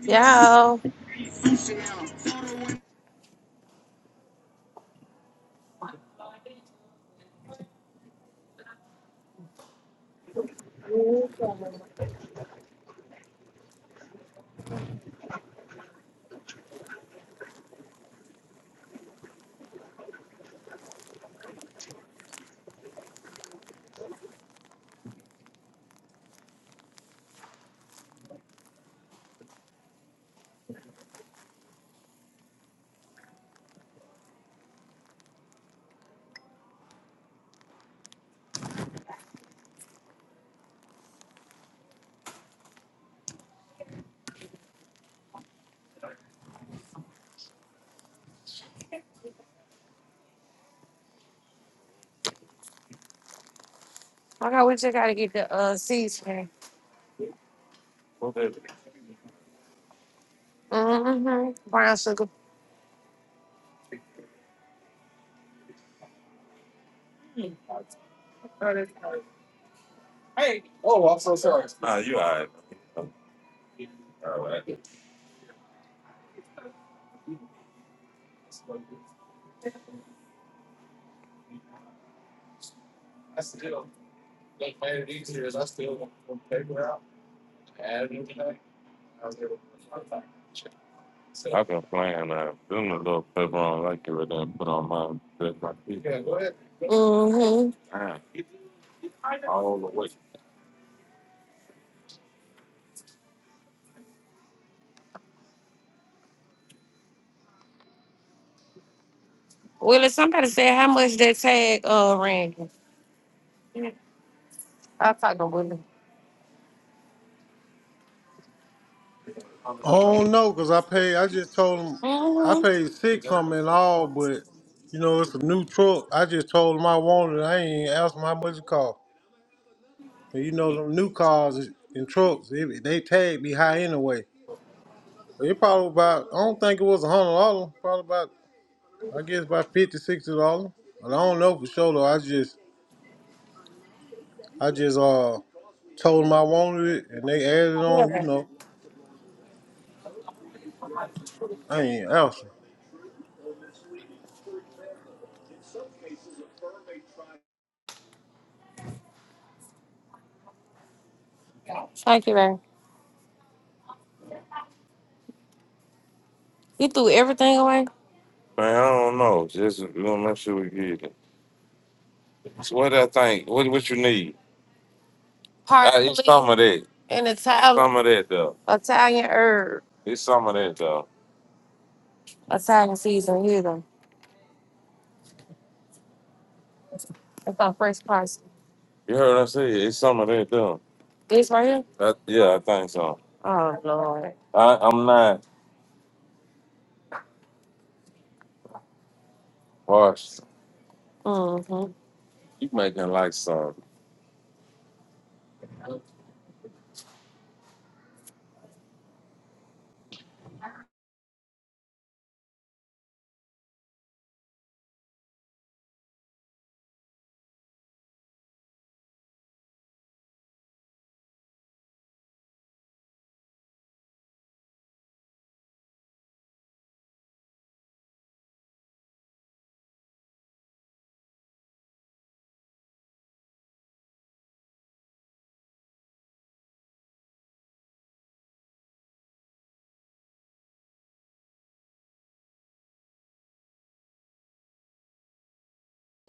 A: Yo,
G: Yes, I mean,
A: okay, we just gotta get the uh seasoning. Mm-hmm. Brown sugar. You alright? I'm alright. I've been playing uh, doing a little pepper on like it with that, put on my with my feet. Mm-hmm. Damn, it's all the way. Willie, somebody said how much that tag uh ran. I talked to Willie.
E: I don't know, cause I paid. I just told him I
A: Mm-hmm.
E: paid six something in all, but you know it's a new truck. I just told him I wanted. it. I ain't asked him how much it cost. And you know them new cars and trucks, they, they tag be high anyway. So It probably about. I don't think it was a hundred dollars. Probably about. I guess about fifty, sixty dollars. But I don't know for sure though. I just, I just uh Told them I wanted it, and they added
A: Yeah,
E: on. You
A: man.
E: know, I ain't answer.
A: Thank you, man. You threw everything away. Man, I don't know. Just we to make sure we get it. So what I think? What what you need? Uh, Parsley it's some of that. and Italian some of that though. Italian herb. It's some of that though. A sign season hit them. It's our first parcel. You heard what I said? It's something they though. This right here? I, yeah, I think so. Oh, Lord. I, I'm not harsh. Mm-hmm. You making like some.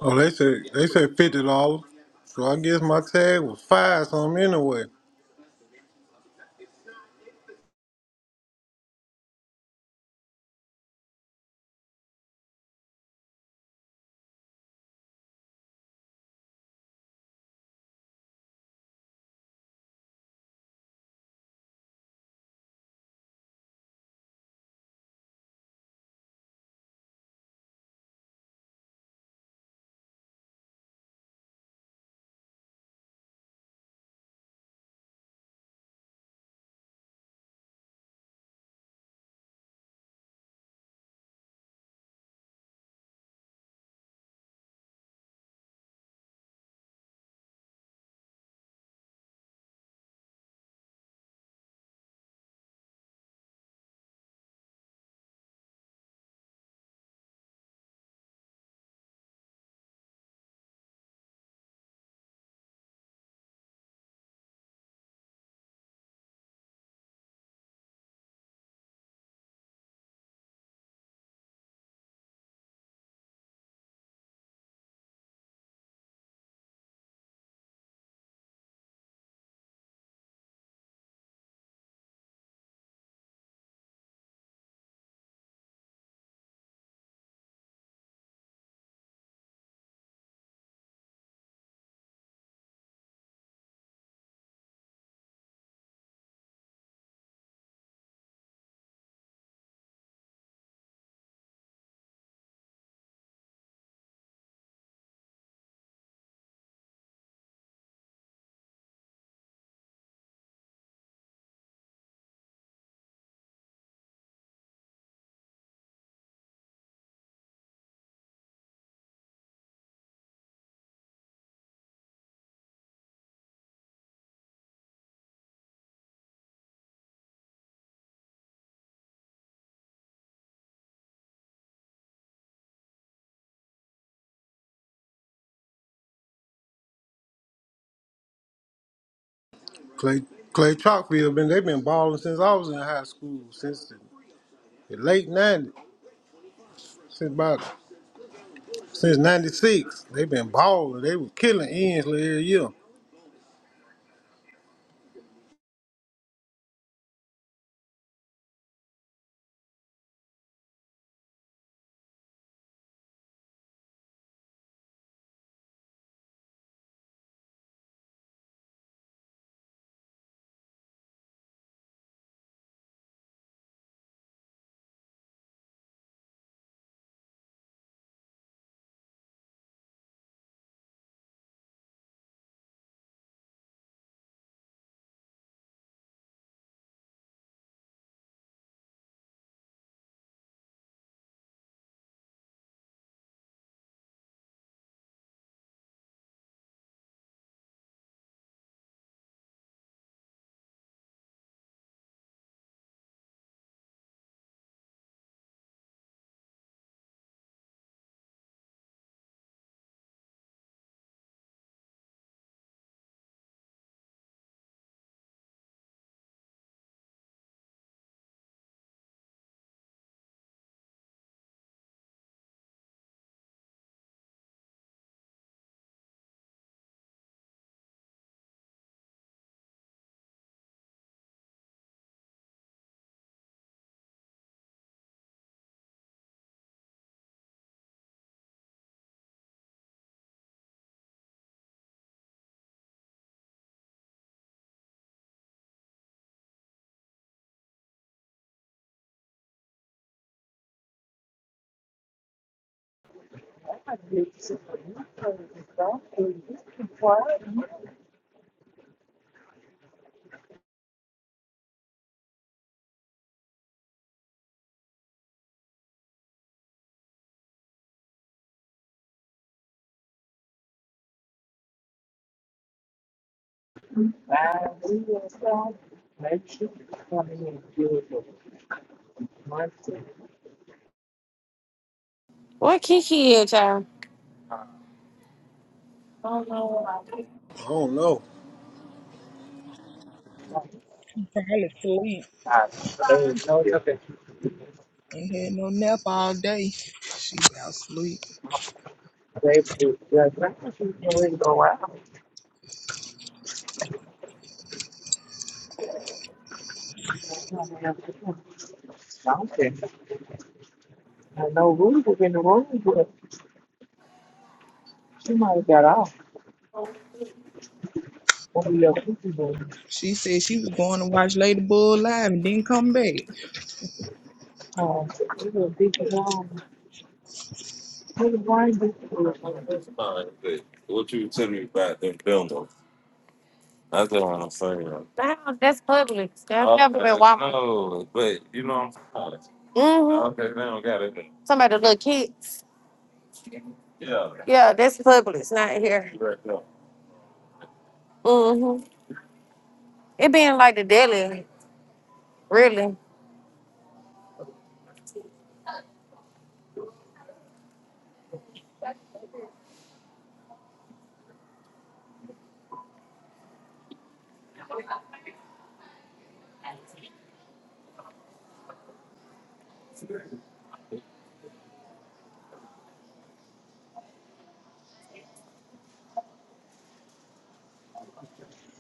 E: Oh, they said they said fifty dollars. So I guess my tag was five something anyway. Clay Clay Chalkfield been they been balling since I was in high school, since the, the late nineties, since about since ninety six. They been balling. They was killing Ensley every year.
G: I might be able to sit for you first and stuff, and just keep quiet. Bye. We will stop. Maybe she could come in and do it for months and
A: What Kiki is, y'all? I don't know about Kiki.
E: I don't know
H: Probably sleep.
G: they would know it's okay.
H: Ain't had no nap all day. She about sleep.
G: They would judge. I thought she was gonna really go out. I mean, I know Rudy was in the room, but she might have got off. When we left, we were,
H: She said she was going to watch Lady Bull live and didn't come back.
G: um, we were deep down. Well, Why Duke is
A: What you tell me about them buildings? That's what I'm saying. Wow, that's public. That's Okay, never been Walmart. no, but you know what I'm saying. Mm-hmm. Okay, they don't got it. Somebody little kids. Yeah. Yeah, that's Publix, not here. Right. No. Mm-hmm. It being like the deli, really.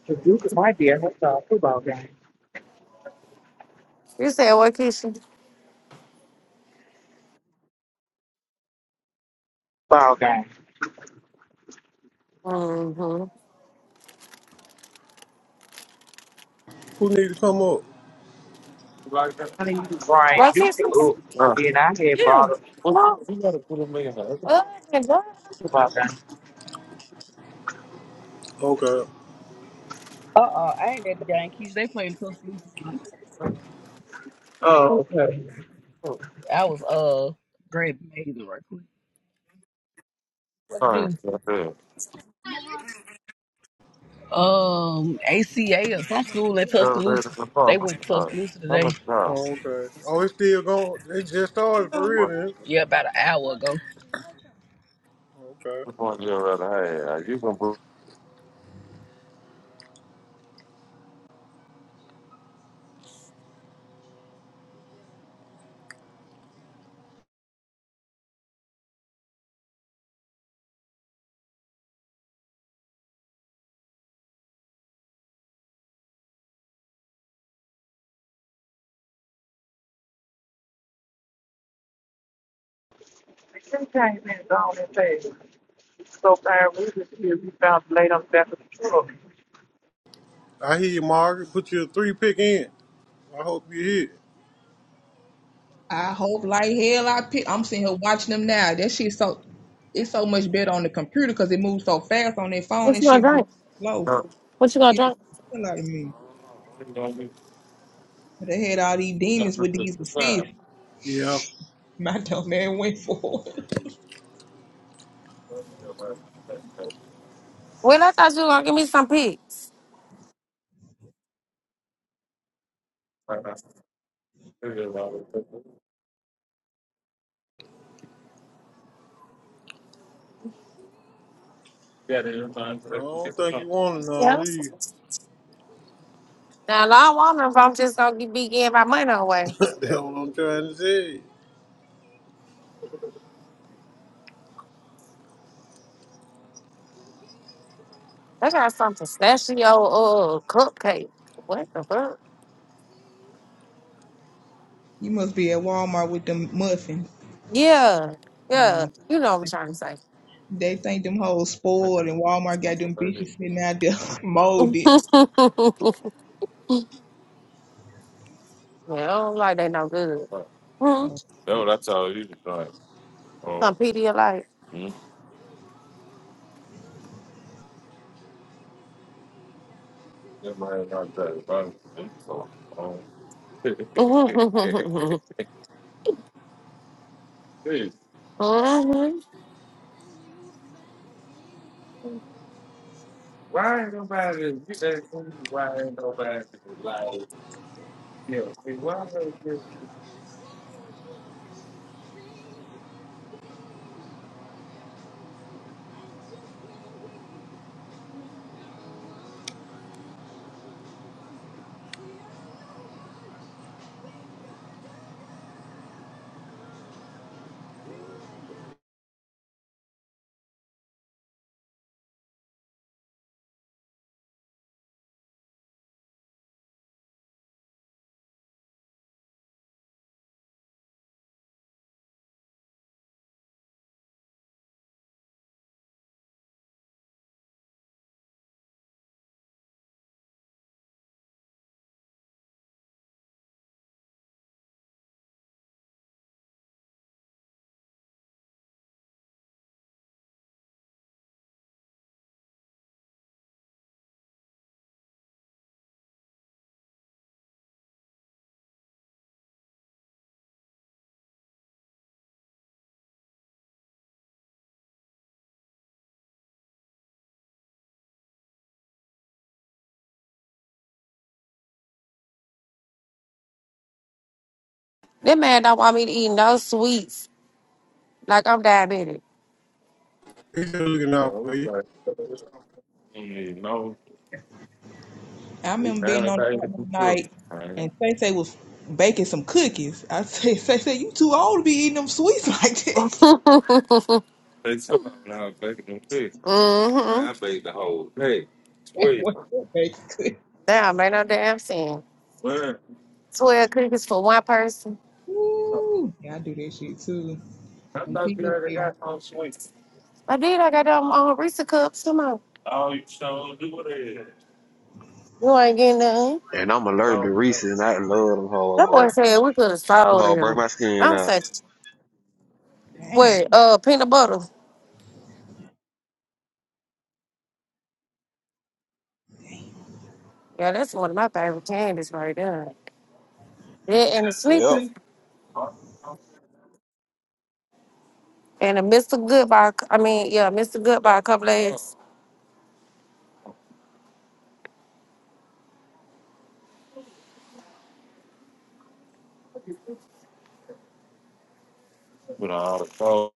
G: the Duke of might be at his uh, football game.
A: You said what kitchen?
G: Football game.
A: Mm-hmm.
E: who need to come up.
A: Like that.
G: I mean, Brian Duke
A: Rotisseries?
G: up, but
A: Uh,
G: then I had brought
A: Yeah.
G: up
A: what Well, you gotta put them in there. well, I can go.
G: football game.
E: Okay.
I: Uh uh I ain't at the game. Keisha, they playing Tuscaloosa tonight.
G: Oh, okay.
A: Oh,
I: I was uh grabbing amazing right quick. What to
A: Fine.
I: do?
A: That's it.
I: Um ACA or some school in
A: They're ready
I: Tuscaloosa.
A: to
I: They
A: pop. What's
I: went
A: the
I: to
A: time?
I: Tuscaloosa
A: How
I: today.
A: much time?
E: Oh, okay. Oh, it's still going. They just started for
A: Um,
E: real
A: What?
E: then.
I: Yeah, about an hour ago.
E: Okay.
A: Which one you rather have? You can put.
G: She came in and gone and said, so far we just here, we found laid on the back of the truck.
E: I hear you, Margaret. Put your three pick in. I hope you hear.
H: I hope like hell I pick. I'm sitting here watching them now. That shit so it's so much better on the computer because it moves so fast on their phone
A: What
H: and
A: you gonna
H: shit be
A: drink?
H: slow.
A: Uh, What you gonna
H: It was
A: drink?
H: the hell out of me. But they had all these demons with these assists.
E: Yeah.
H: My dumb man went for it.
A: Well, I thought you were gonna give me some pigs.
E: No, I don't think you wanted none of
A: Yeah.
E: these.
A: Now, I don't want them if I'm just gonna be giving my money away.
E: That's what I'm trying to say.
A: I got some pistachio uh cupcake. What the fuck?
H: You must be at Walmart with them muffins.
A: Yeah, yeah.
H: Uh,
A: You know
H: they
A: what I'm trying
H: They think them hoes spoiled and Walmart got them bitches sitting out there molded.
A: to say. Yeah, I don't like they no good. That's Hmm. That's what I told you. Like, um, Some Pedialyte. mm, that might not be that fun. So, um, mm-hmm. That man don't want me to eat no sweets. Like I'm diabetic.
E: He's just looking
A: I
E: out for
A: was
E: you.
A: like, mm, no,
H: I
A: we
H: remember being
A: down
H: on
A: back
H: the
A: in
H: out
A: the
H: one
A: truck.
H: night
A: man.
H: and Say was baking some cookies. I said, Say, you too old to be eating them sweets like this.
A: mm-hmm. They I made the whole thing.
H: what you bake cookies?
A: Damn, ain't no damn thing. 12 cookies for one person.
H: Ooh, yeah, I do that shit too. And people get,
A: I did. I got them on Risa cups. Come on. You ain't getting none.
J: And I'm allergic to Reese's, and I love them whole
A: That
J: boy.
A: boy
J: Them
A: said we could have sold
J: burn
A: him.
J: my skin
A: I was
J: up.
A: like, wait,
H: damn.
A: uh, peanut butter. Yeah, that's one of my favorite candies right there. Yeah, and the
J: Yep.
A: Snickers. And the Mr. Goodbye. I mean, yeah, Mr. Goodbye, a couple eggs. With all the clothes.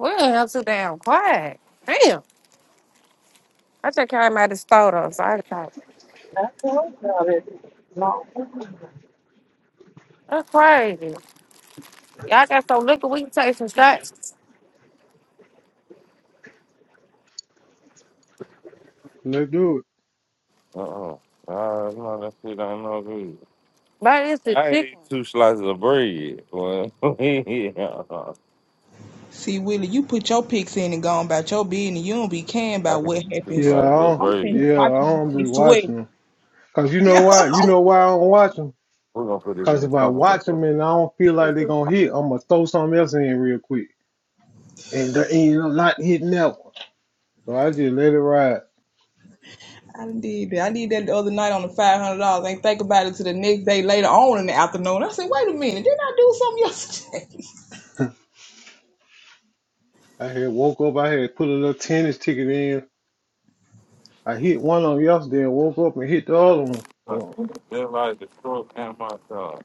A: We ain't have too damn quiet. Damn. I just came out of the store, though, so I can
G: I told y'all that it's long
A: That's crazy. Y'all got some liquor, we can take some shots.
E: Let's do it.
A: Uh-uh. Uh, no, that shit ain't no good. But it's the I ain't chicken. eat two slices of bread. Well, yeah.
H: See, Willie, you put your pics in and gone about your business. You don't be caring
A: I
H: about
A: can
H: what
A: eat two
H: happens.
E: Yeah, I
A: slices of
E: don't,
H: I'm sitting
A: bread.
H: here
E: yeah, I
H: watching
E: don't
H: you
E: be
H: sweat.
E: watching them. Cause you know
H: Yeah,
E: why? You
H: I'm
E: know why I don't watch them?
A: We're gonna put this in
E: Cause
A: the
E: if I
A: trunk. I
E: watch
A: bet.
E: them and I don't feel like
A: It's
E: they
A: just
E: gonna hit, I'm gonna throw something else in real quick, and the ain't up not hitting that one. So I just let it ride.
H: I need that. I need that the other night on the five hundred dollars. Ain't think about it till the next day later on in the afternoon. I said, wait a minute, didn't I do something yesterday?
E: I had woke up. I had put a little tennis ticket in. I hit one on yesterday and woke up and hit the other one. So
A: like the stroke and my son.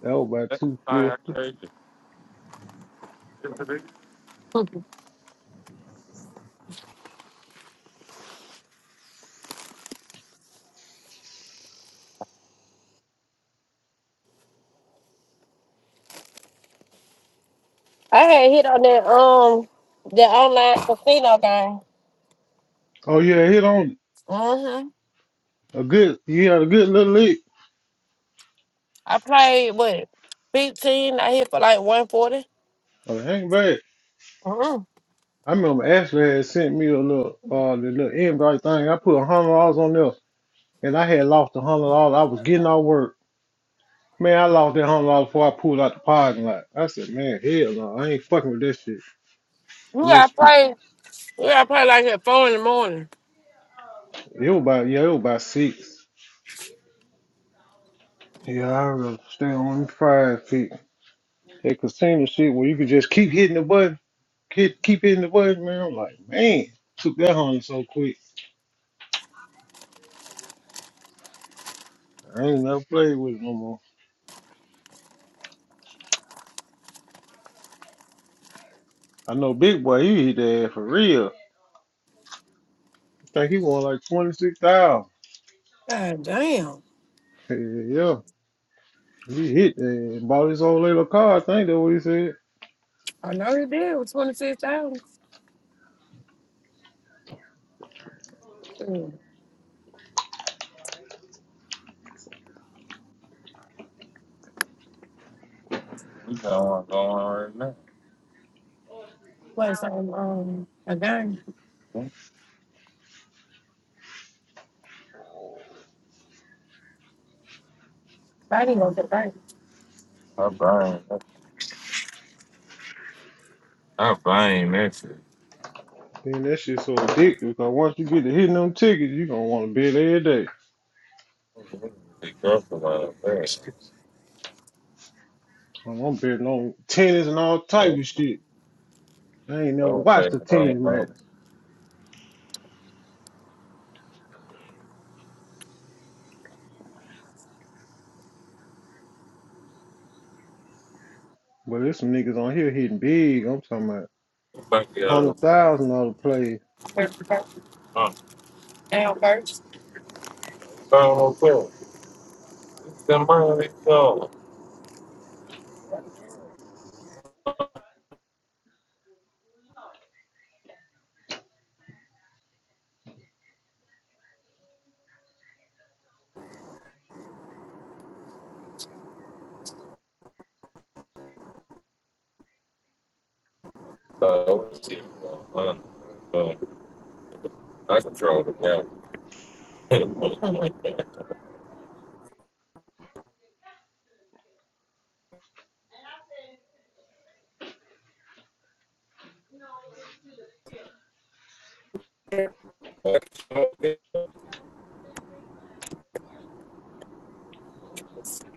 E: that was about
A: That's
E: two
A: kind
E: fifty.
A: of crazy. I had hit on that um the online casino game.
E: Oh yeah, hit on
A: Mm-hmm.
E: a good. He had a good little lick.
A: I played what fifteen. I hit for like one forty.
E: Oh, hang back.
A: Mm-hmm.
E: I remember Ashley had sent me a little uh the little invite thing. I put a hundred dollars on there, and I had lost a hundred dollars. I was getting off work. Man, I lost that hundred dollars before I pulled out the parking lot. I said, man, hell no, I ain't fucking with this shit. A little,
A: Yeah, I
E: sp-
A: played. Yeah, I probably like at four in the morning.
E: it was about yeah, it was about six. Yeah, I rather stay on them five feet. That casino shit where you could just keep hitting the button, keep keep hitting the button, man. I'm like, man, took that hundred so quick. I ain't never played with him no more. I know Big Boy, he hit that ass for real. I think he won like 26,000.
A: God damn.
E: Yeah, yeah. He hit that and bought his own little car. I think that's what he said.
A: I know he did with 26,000. We got one going right now. Plus, um, um, a gun? I didn't go to the bank. I buying that. I buying that shit.
E: Then that shit so addictive because once you get to hitting them tickets, you going to want to bet every day.
A: The girlfriend out there.
E: I'm I'm betting on tennis and all type
A: Don't
E: of shit. I ain't never
A: don't pay
E: watched a
A: the money,
E: tennis
A: bro.
E: match. But there's some niggas on here hitting big. I'm talking about
A: Fuck y'all.
E: 100,000 dollars the plays.
A: Huh? Down first. I don't know The money gone. So, I was here, uh, uh, I control the game.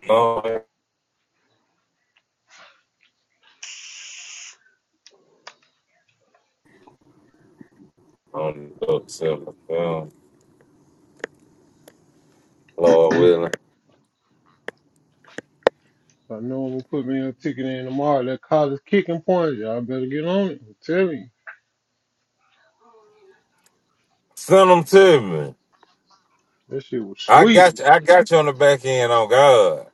A: Lord, on the book, sell film, Lord willing.
E: If I know I'm going to put me a ticket in tomorrow. That college kicking point, y'all better get on it. I'm telling you.
A: Send them to me.
E: That shit was
A: I
E: sweet.
A: got you. I got you on the back end. On God,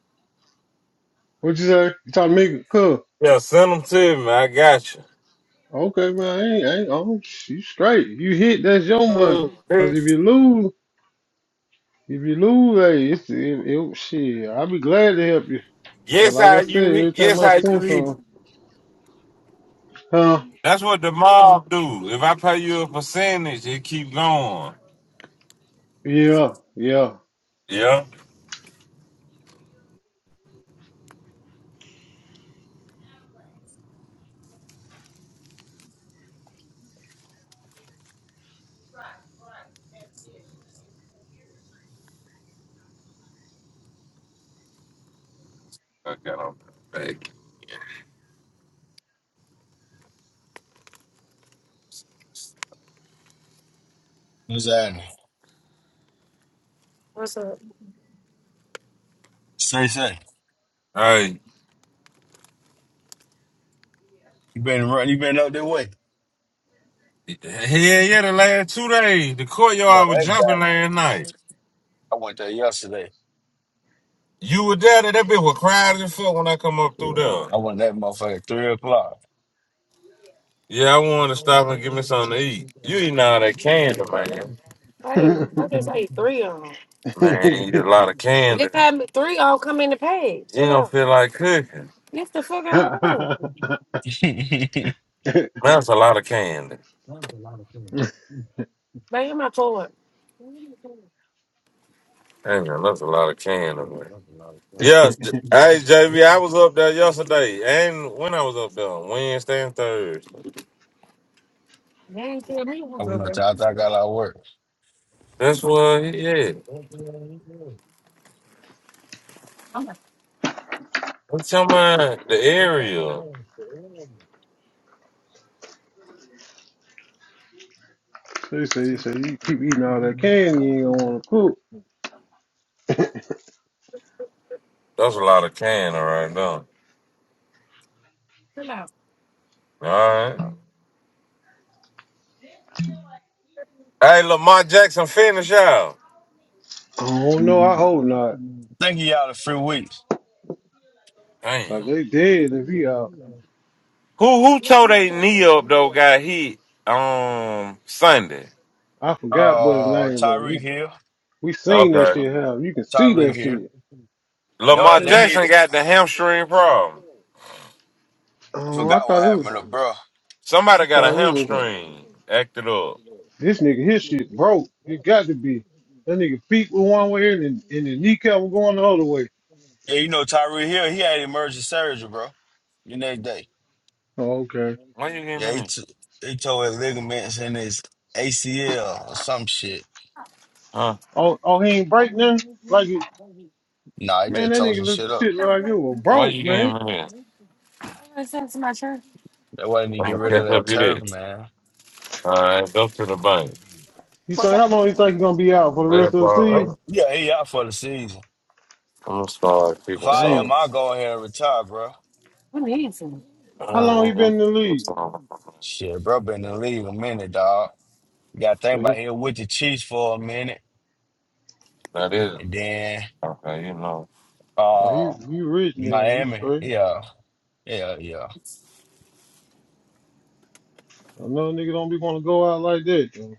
E: What you say? You talking to me? Cool.
A: yeah. Send them to me. I got you.
E: Okay, man. I ain't, I ain't, oh, you straight. You hit, that's your money.
A: Ooh,
E: Cause if
A: this-
E: you lose, if you lose, hey, it's, it, it, shit, I'll be glad to help you. But
A: Guess
E: like
A: how
E: I
A: you?
E: said, every
A: hit-
E: time
A: Guess
E: I
A: how you?
E: seen
A: hit.
E: something, huh?
A: That's what the mob do. If I pay you a percentage, it keep going.
E: Yeah, yeah.
A: Yeah. I got on the back.
K: What's happening?
A: What's up?
K: Say, say.
A: Hey,
K: You been running, you been up that way.
A: yeah, yeah. The last two days, the
K: Boy,
A: courtyard was
K: that
A: jumping last
K: guy.
A: night.
K: I went there yesterday.
A: You were there. That bitch was crowded as fuck when I come up
K: Yeah.
A: through there.
K: I went that motherfucker at 3 o'clock.
A: Yeah, I
K: I
A: want to stop
K: went up
A: and give me something to eat. You eating all that candy, man.
E: they
A: Hey, I just ate three of them. Man, you eat a lot of They candy. They got me, three all come in the package. You don't feel like cooking. It's the fucking home. That's a lot of candy. Baby, my toy. Hang on, that's a lot of candy. Man. Yeah, J- hey JV, I was up there yesterday, and when I was up there, Wednesday and Thursday. They ain't tell me what's up there.
K: there after I got out of
A: That's what, yeah. I'm talking about the area.
K: work.
E: say, they
K: Thank
E: say you keep eating all that candy, you ain't gonna wanna cook. I
A: That's a lot of can all right now. All right. Hey, Lamar Jackson, finish out.
E: don't know. I hope not.
K: you, y'all, the free weeks.
E: Like
A: Damn.
E: they dead if he out.
A: Who who tore they knee up though? Got hit um Sunday.
E: I forgot what his
K: Uh,
E: name was. We
K: Tyreek Hill,
E: We seen that
A: Okay.
E: shit happen. You can see
K: Tyreek
E: that
K: Hill.
E: shit.
K: No,
A: Lamar
K: they,
E: Hey,
K: they need.
A: Jackson got the hamstring problem.
K: I
E: Oh, I
K: forgot what
E: thought it was,
K: happened to bro.
E: I
A: Somebody got a
E: thought it was uh,
A: hamstring. Act it up.
E: this nigga. His shit broke. It got to be that nigga feet were one way and then, and the kneecap was going the other way.
K: Yeah, you know Tyreek Hill. He had emergency surgery, bro. The next day.
E: Oh, okay.
A: Why you getting me
K: Yeah, he
A: that?
K: t- he tore his ligaments in his ACL or some shit.
A: Huh?
E: Oh, oh, he ain't break nothing. Like it,
K: Nah, he
E: man,
K: just
E: that
K: tore
E: nigga
K: some
E: look
K: shit up.
E: shit look like it was
A: Why
E: broke,
A: you getting
E: man.
A: me that?
K: That's why They wanted to
A: I'm
K: get
A: gonna
K: rid of
A: catch
K: that
A: up you
K: turf,
A: this.
K: man.
A: All right, go to the bank.
E: You think how long you think he gonna be out for the
A: Well,
E: rest of the
A: bro,
K: Right.
A: I'm
E: season?
K: Yeah, he out for the season.
A: gonna start
K: If
A: people
K: I
A: some.
E: Dang.
K: am, I'll go ahead and retire, bro.
A: All
E: How long he
A: right,
E: been in the league?
A: I'm
K: Shit, bro, been in the league a minute, dog. You gotta think
E: So
K: about
E: he,
K: here with the Chiefs for a minute.
A: That is
K: And then
A: okay. You know,
E: oh, he,
K: uh
E: he rich then. He
K: Miami.
E: straight.
K: Yeah. Yeah, yeah.
E: Another nigga don't be want to go out like that. Dude.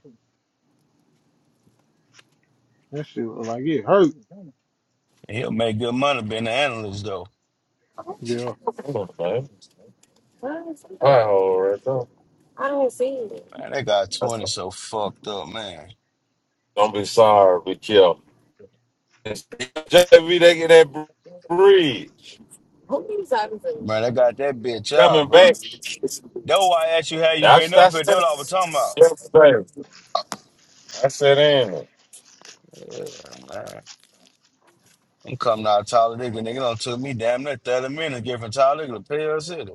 E: That shit look like it hurt.
K: He'll make good money being an analyst though.
E: Yeah.
A: Hello, babe. That hole right there. I don't see it.
K: Man, they got 20 so fucked up, man.
A: Don't be sorry, we kill. JV, they get that bridge. Who you talking to?
K: Man, they got that bitch out,
A: Coming
K: bro.
A: back.
K: That's why I asked you how you
A: That's
K: been up here. That's what I was talking
A: that's
K: about.
A: yesterday. I said in it.
K: Yeah, man. I'm coming out of Talladega. Nigga don't took me damn near 30 minutes getting from Talladega to Pell City.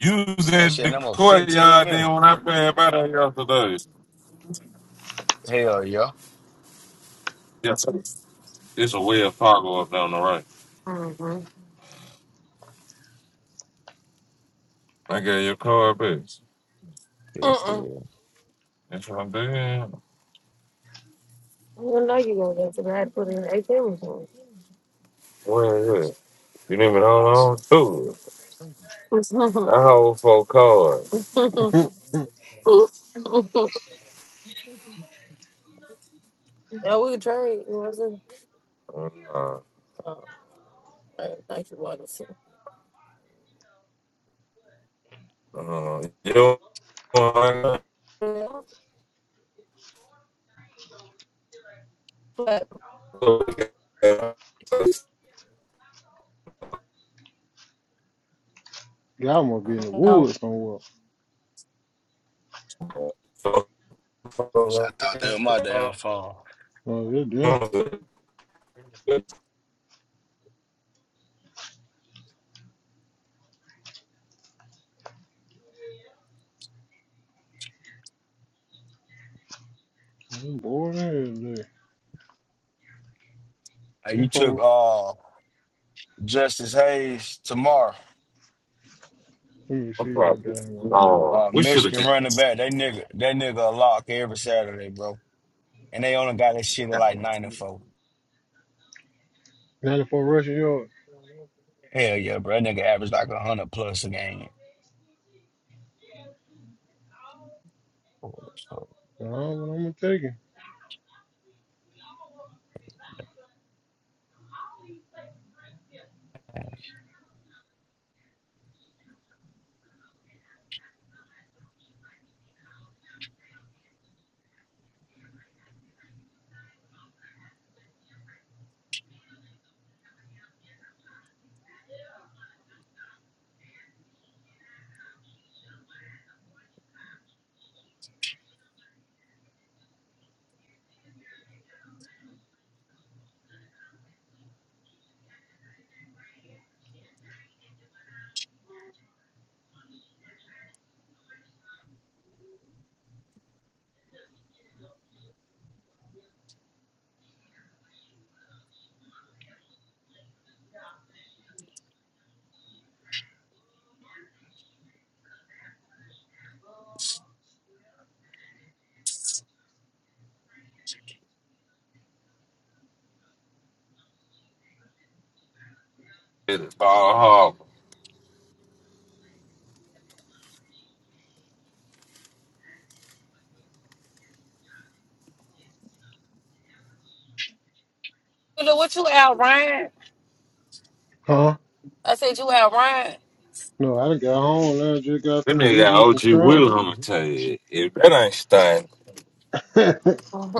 A: You was
K: That
A: at
K: shit,
A: the
K: them was 15
A: courtyard then
K: minutes.
A: when I played by there yesterday.
K: Hell yeah.
A: It's a way of Fargo up down the right. Mm-hmm. I got your car back.
K: Yeah, yeah.
A: Mm-mm. That's what I'm doing. You know you gonna get to that. I Put in eight things on. Where is it? You didn't even hold on to it. it. I hold four cards. yeah, we could trade. You know what I'm saying? Uh, nah. Oh, man, thank you, Watson. uh, you know, what I got? Yeah, but
E: Y'all must be in the
A: no.
E: woods somewhere.
K: I thought that was my damn phone.
E: Oh, yeah, damn. I'm bored as hell today.
K: Hey,
E: I'm
K: you took uh Justice Hayes tomorrow.
E: let me see what I got here.
K: Uh
A: We should have
K: Michigan
A: been
K: running back. That nigga that nigga a lock every Saturday, bro. And they only got that shit at like nine and four.
E: 94 Russian Yard.
K: Hell yeah, bro. That nigga averaged like a hundred plus a game.
E: I don't know what I'm taking.
A: it. Bar Harbor. You know what you out, Ryan?
E: Huh?
A: I said you out Ryan.
E: No, I done got home now. Just got
A: That
E: finna
A: nigga
E: eat
A: got
E: me some
A: OG
E: shrimp.
A: Will on the tag. If that ain't staying,
E: that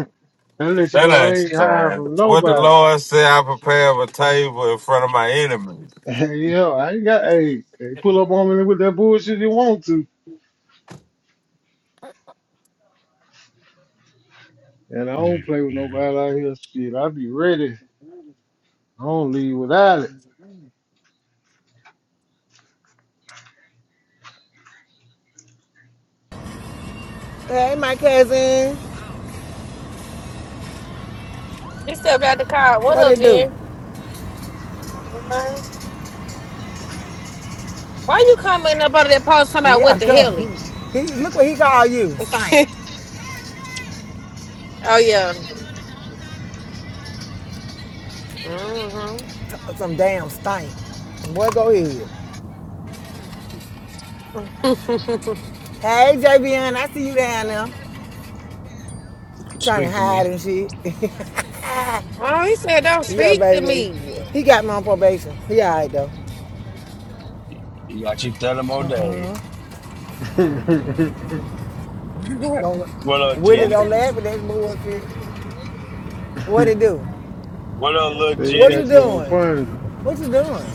A: if
E: let you
A: that
E: know I
A: ain't
E: ain't hiding
A: staying,
E: from
A: what the
E: nobody.
A: Lord said, I prepare a table in front of my enemies.
E: yeah, I ain't got, hey, hey, pull up on me with that bullshit you want to. And I don't play with nobody out here. Shit, I be ready. I don't leave without it.
L: Hey, my cousin.
A: He stepped out the car. What
L: What
A: up,
L: it do?
A: Jen? Mhm. Why you commenting up under that post talking about
L: Yeah,
A: what the
L: go.
A: hell? he?
L: He look what he called you. Stink.
A: oh yeah. hmm
L: Some damn stink. Boy, go ahead. Hey, JBN, I see you down there trying to hide and shit.
A: oh, he said don't
L: yeah,
A: speak to
L: baby.
A: me.
L: He got me on probation. He all right though.
K: You got you thirty more days.
L: Uh-uh. Don't
K: What up,
L: Willie
A: What
K: Jenny?
L: don't
A: the
L: laugh at that bullshit. What it do?
K: What up, little
E: they
L: What
K: Jenny?
L: you
E: got you on
L: doing?
E: punishment.
L: What you doing?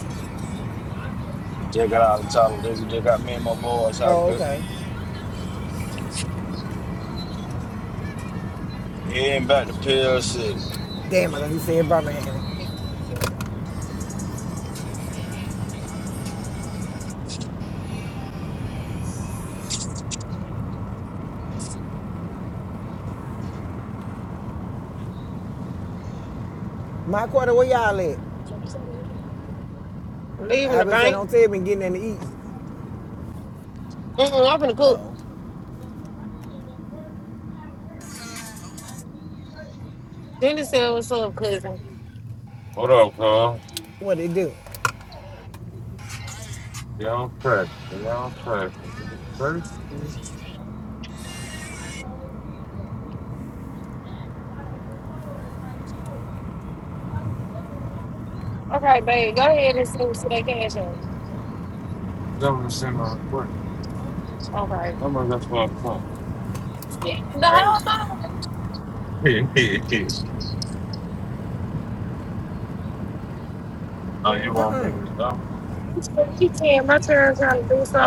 K: Just got out of Talladega. We just got me and my boys out
L: Oh,
K: cut.
L: okay.
K: And back to Pill City.
L: Damn, I thought he said Birmingham. My quarter, where y'all at?
A: leaving
L: I've
A: the
L: been sitting
A: bank?
L: on the table and getting in to eat.
A: Mm-mm, I'm gonna cook.
L: Oh.
A: Jenny said what's up, cousin. What up, cuz?
L: What it do?
A: Y'all perfect. Y'all perfect. We First, Okay, babe, go ahead and send to that cash out. so Okay. I'm gonna just for the song. The whole time, it's the weekend, my parents trying to do something.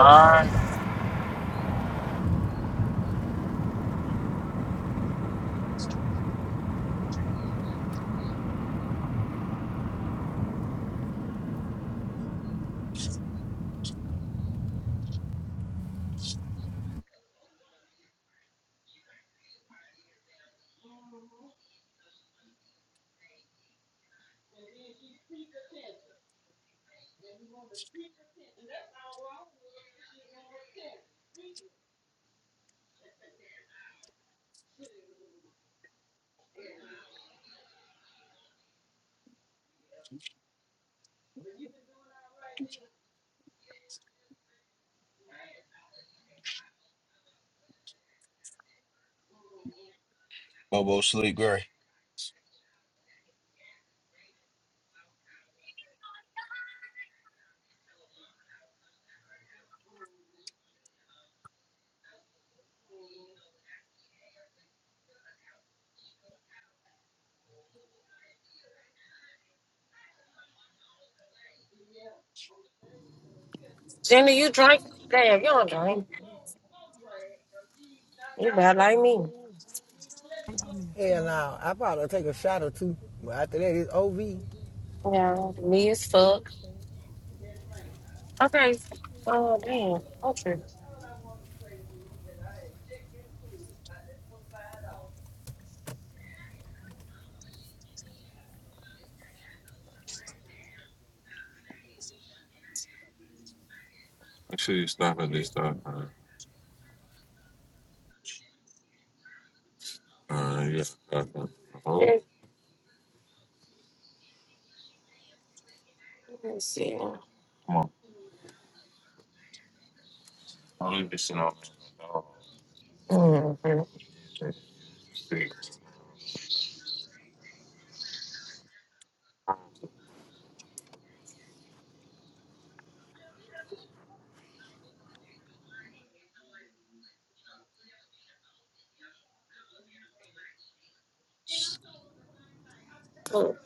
K: Bobo sleep, Gray.
A: Jenna, you drink? Damn, you don't drink. You bad like me.
L: Hell no, I probably take a shot or two. But after that, it's OV.
A: Yeah, me as fuck. Okay. Oh, damn. Okay. Make sure you stop at this stop. Uh, yeah. stop Oh, Let me see. come on. I'll leave this in on. Mhm. Shit. Look,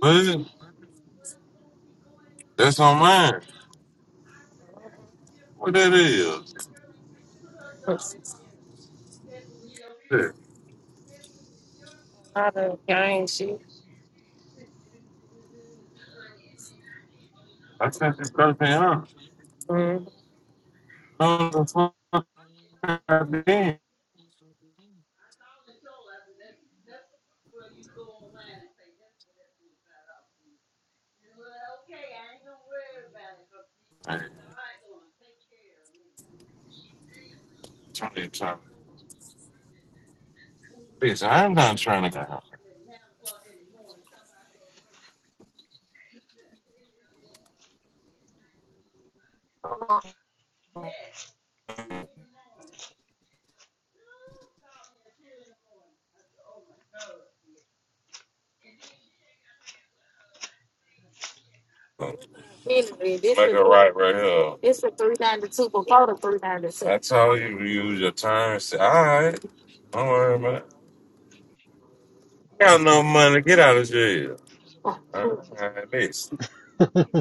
A: What? That's on mine. What that is? look, Shit. a lot of gang shit. I sent this thirteen hundred. Mm. No, the fuck I did. Hey, try to- try Bitch, I'm not trying to go. This Make is it right right here. it's a I told you to use your time. Say, all right, don't worry about it. Got no money. Get out of jail. I who I had this.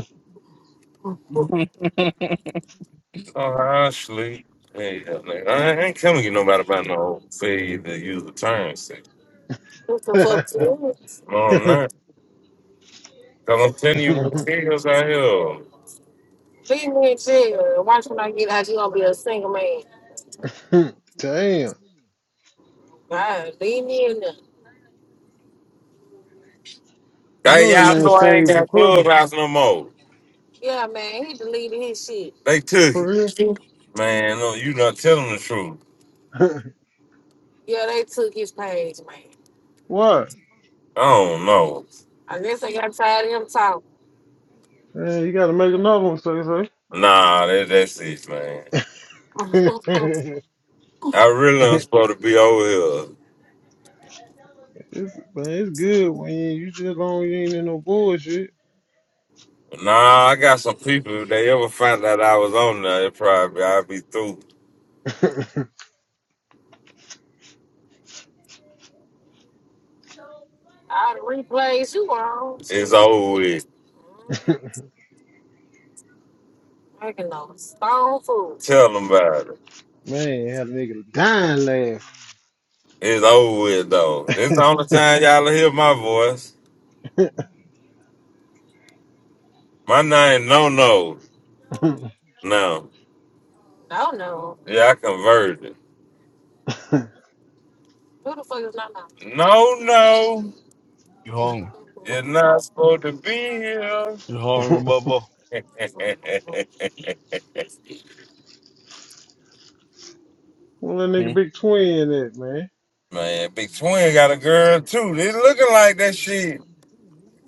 A: Oh, Ashley. Hey, like, I ain't coming to get nobody about no failure to use the turn signal. What the
E: Damn.
A: fuck is this? No, I'm not. Because I'm telling you what feels out here. Leave me in jail. Watch when I get out, you going to be a single man. God, leave me in there.
E: You
A: Hey,
E: know that
A: y'all
E: man
A: know I ain't
E: saved for
A: got
E: Christmas.
A: Clubhouse no more. Yeah, man, he deleted his shit. They took
E: For real?
A: it. Man, no, you not telling the truth. Yeah, they took his page, man.
E: What?
A: I don't know. I guess they got tired of him talking.
E: Man, you gotta make another one, say,
A: Nah, that, that's it, man.
E: say.
A: I really am supposed to be over here.
E: it's, man, it's good when you, you just long you ain't in no bullshit.
A: Nah, I got some people. If they ever find out I was on there, it probably I'll be through.
E: man,
A: All the replays you on. It's over with. Making no stone food. Tell them about it.
E: had a nigga dying laugh.
A: It's over with though. This the only time y'all hear my voice. My name no no. No. No no. Yeah, I converted. Who the fuck is no no? No no.
K: You hungry?
A: You're not supposed to be here.
K: You hungry, Bobo?
E: well, that
K: Hmm?
E: nigga big twin that, man.
A: Man, Big Twin got a girl too. They looking like that shit.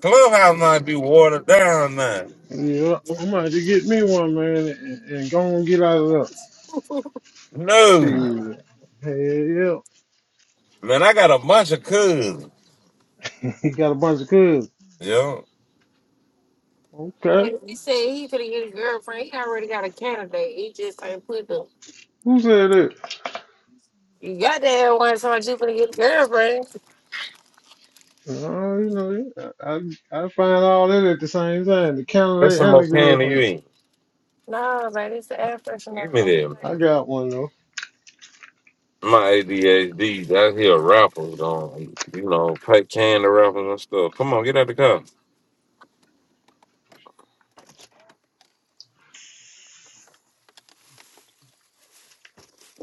A: Clubhouse might be watered down now.
E: Yeah, I'm about to get me one, man, and, and go and get out of there.
A: No.
E: Shit. Hell yeah.
A: Man, I got a bunch of cousins.
E: He got a bunch of cousins.
A: Yo.
E: Okay.
A: Hey, he said he finna get a girlfriend. He already got a candidate. He just ain't put the
E: Who said it?
A: you got that one, so I you finna get a girlfriend.
E: Uh, you know, I, I I find all that at the same time. The
A: That's
E: candidate
A: some
E: and
A: more
E: the
A: candy you
E: girlfriend.
A: eat. No, man, it's the air freshener. Give me that.
E: I got one though.
A: My ADHD, that's here rappers going, you know, Pipe can the rappers and stuff. Come on, get out the car.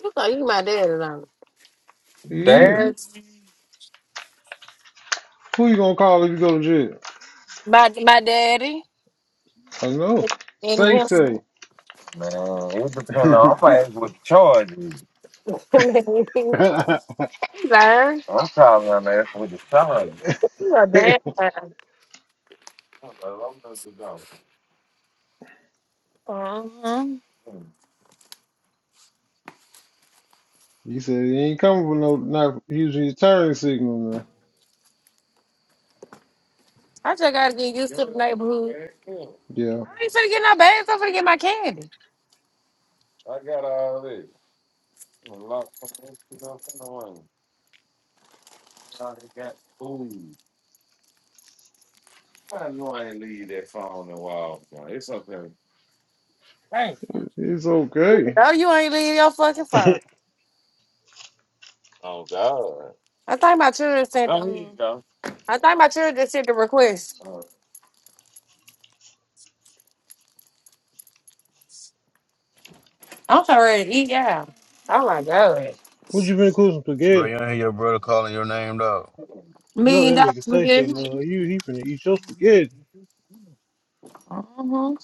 A: You thought you my daddy now.
E: Yeah.
A: Dad,
E: Who you gonna call if you go to jail?
A: My my daddy
E: I know.
A: and
E: Safe
A: him.
E: say.
A: man, it depends on.
E: you
A: I'm gonna ask what the charge is. Learn. I'm probably gonna ask what the charge is. You a bad guy. Hello, I'm Mr. Dawson. hmm
E: said he ain't coming with no not using your turn signal now.
A: I just gotta get used to the neighborhood. I
E: Yeah.
A: ain't finna get no bags. I'm finna get my candy. I got all this. A lot of nothing I got food. I know I ain't leave that phone in a while. Man. It's something.
E: It's
A: You
E: okay.
A: know you ain't leave your fucking phone. Oh God. I think my children sent. Oh, here you Um, go. I think my children sent the request. Oh, I'm sorry to eat out. Oh my god.
E: What you been cooking
K: Bro,
E: spaghetti?
K: you ain't hear your brother calling your name, dog.
E: No,
A: Million
E: that
A: dollars
E: nigga say say
A: spaghetti.
E: love you. He finna eat your spaghetti.
A: Mm-hmm.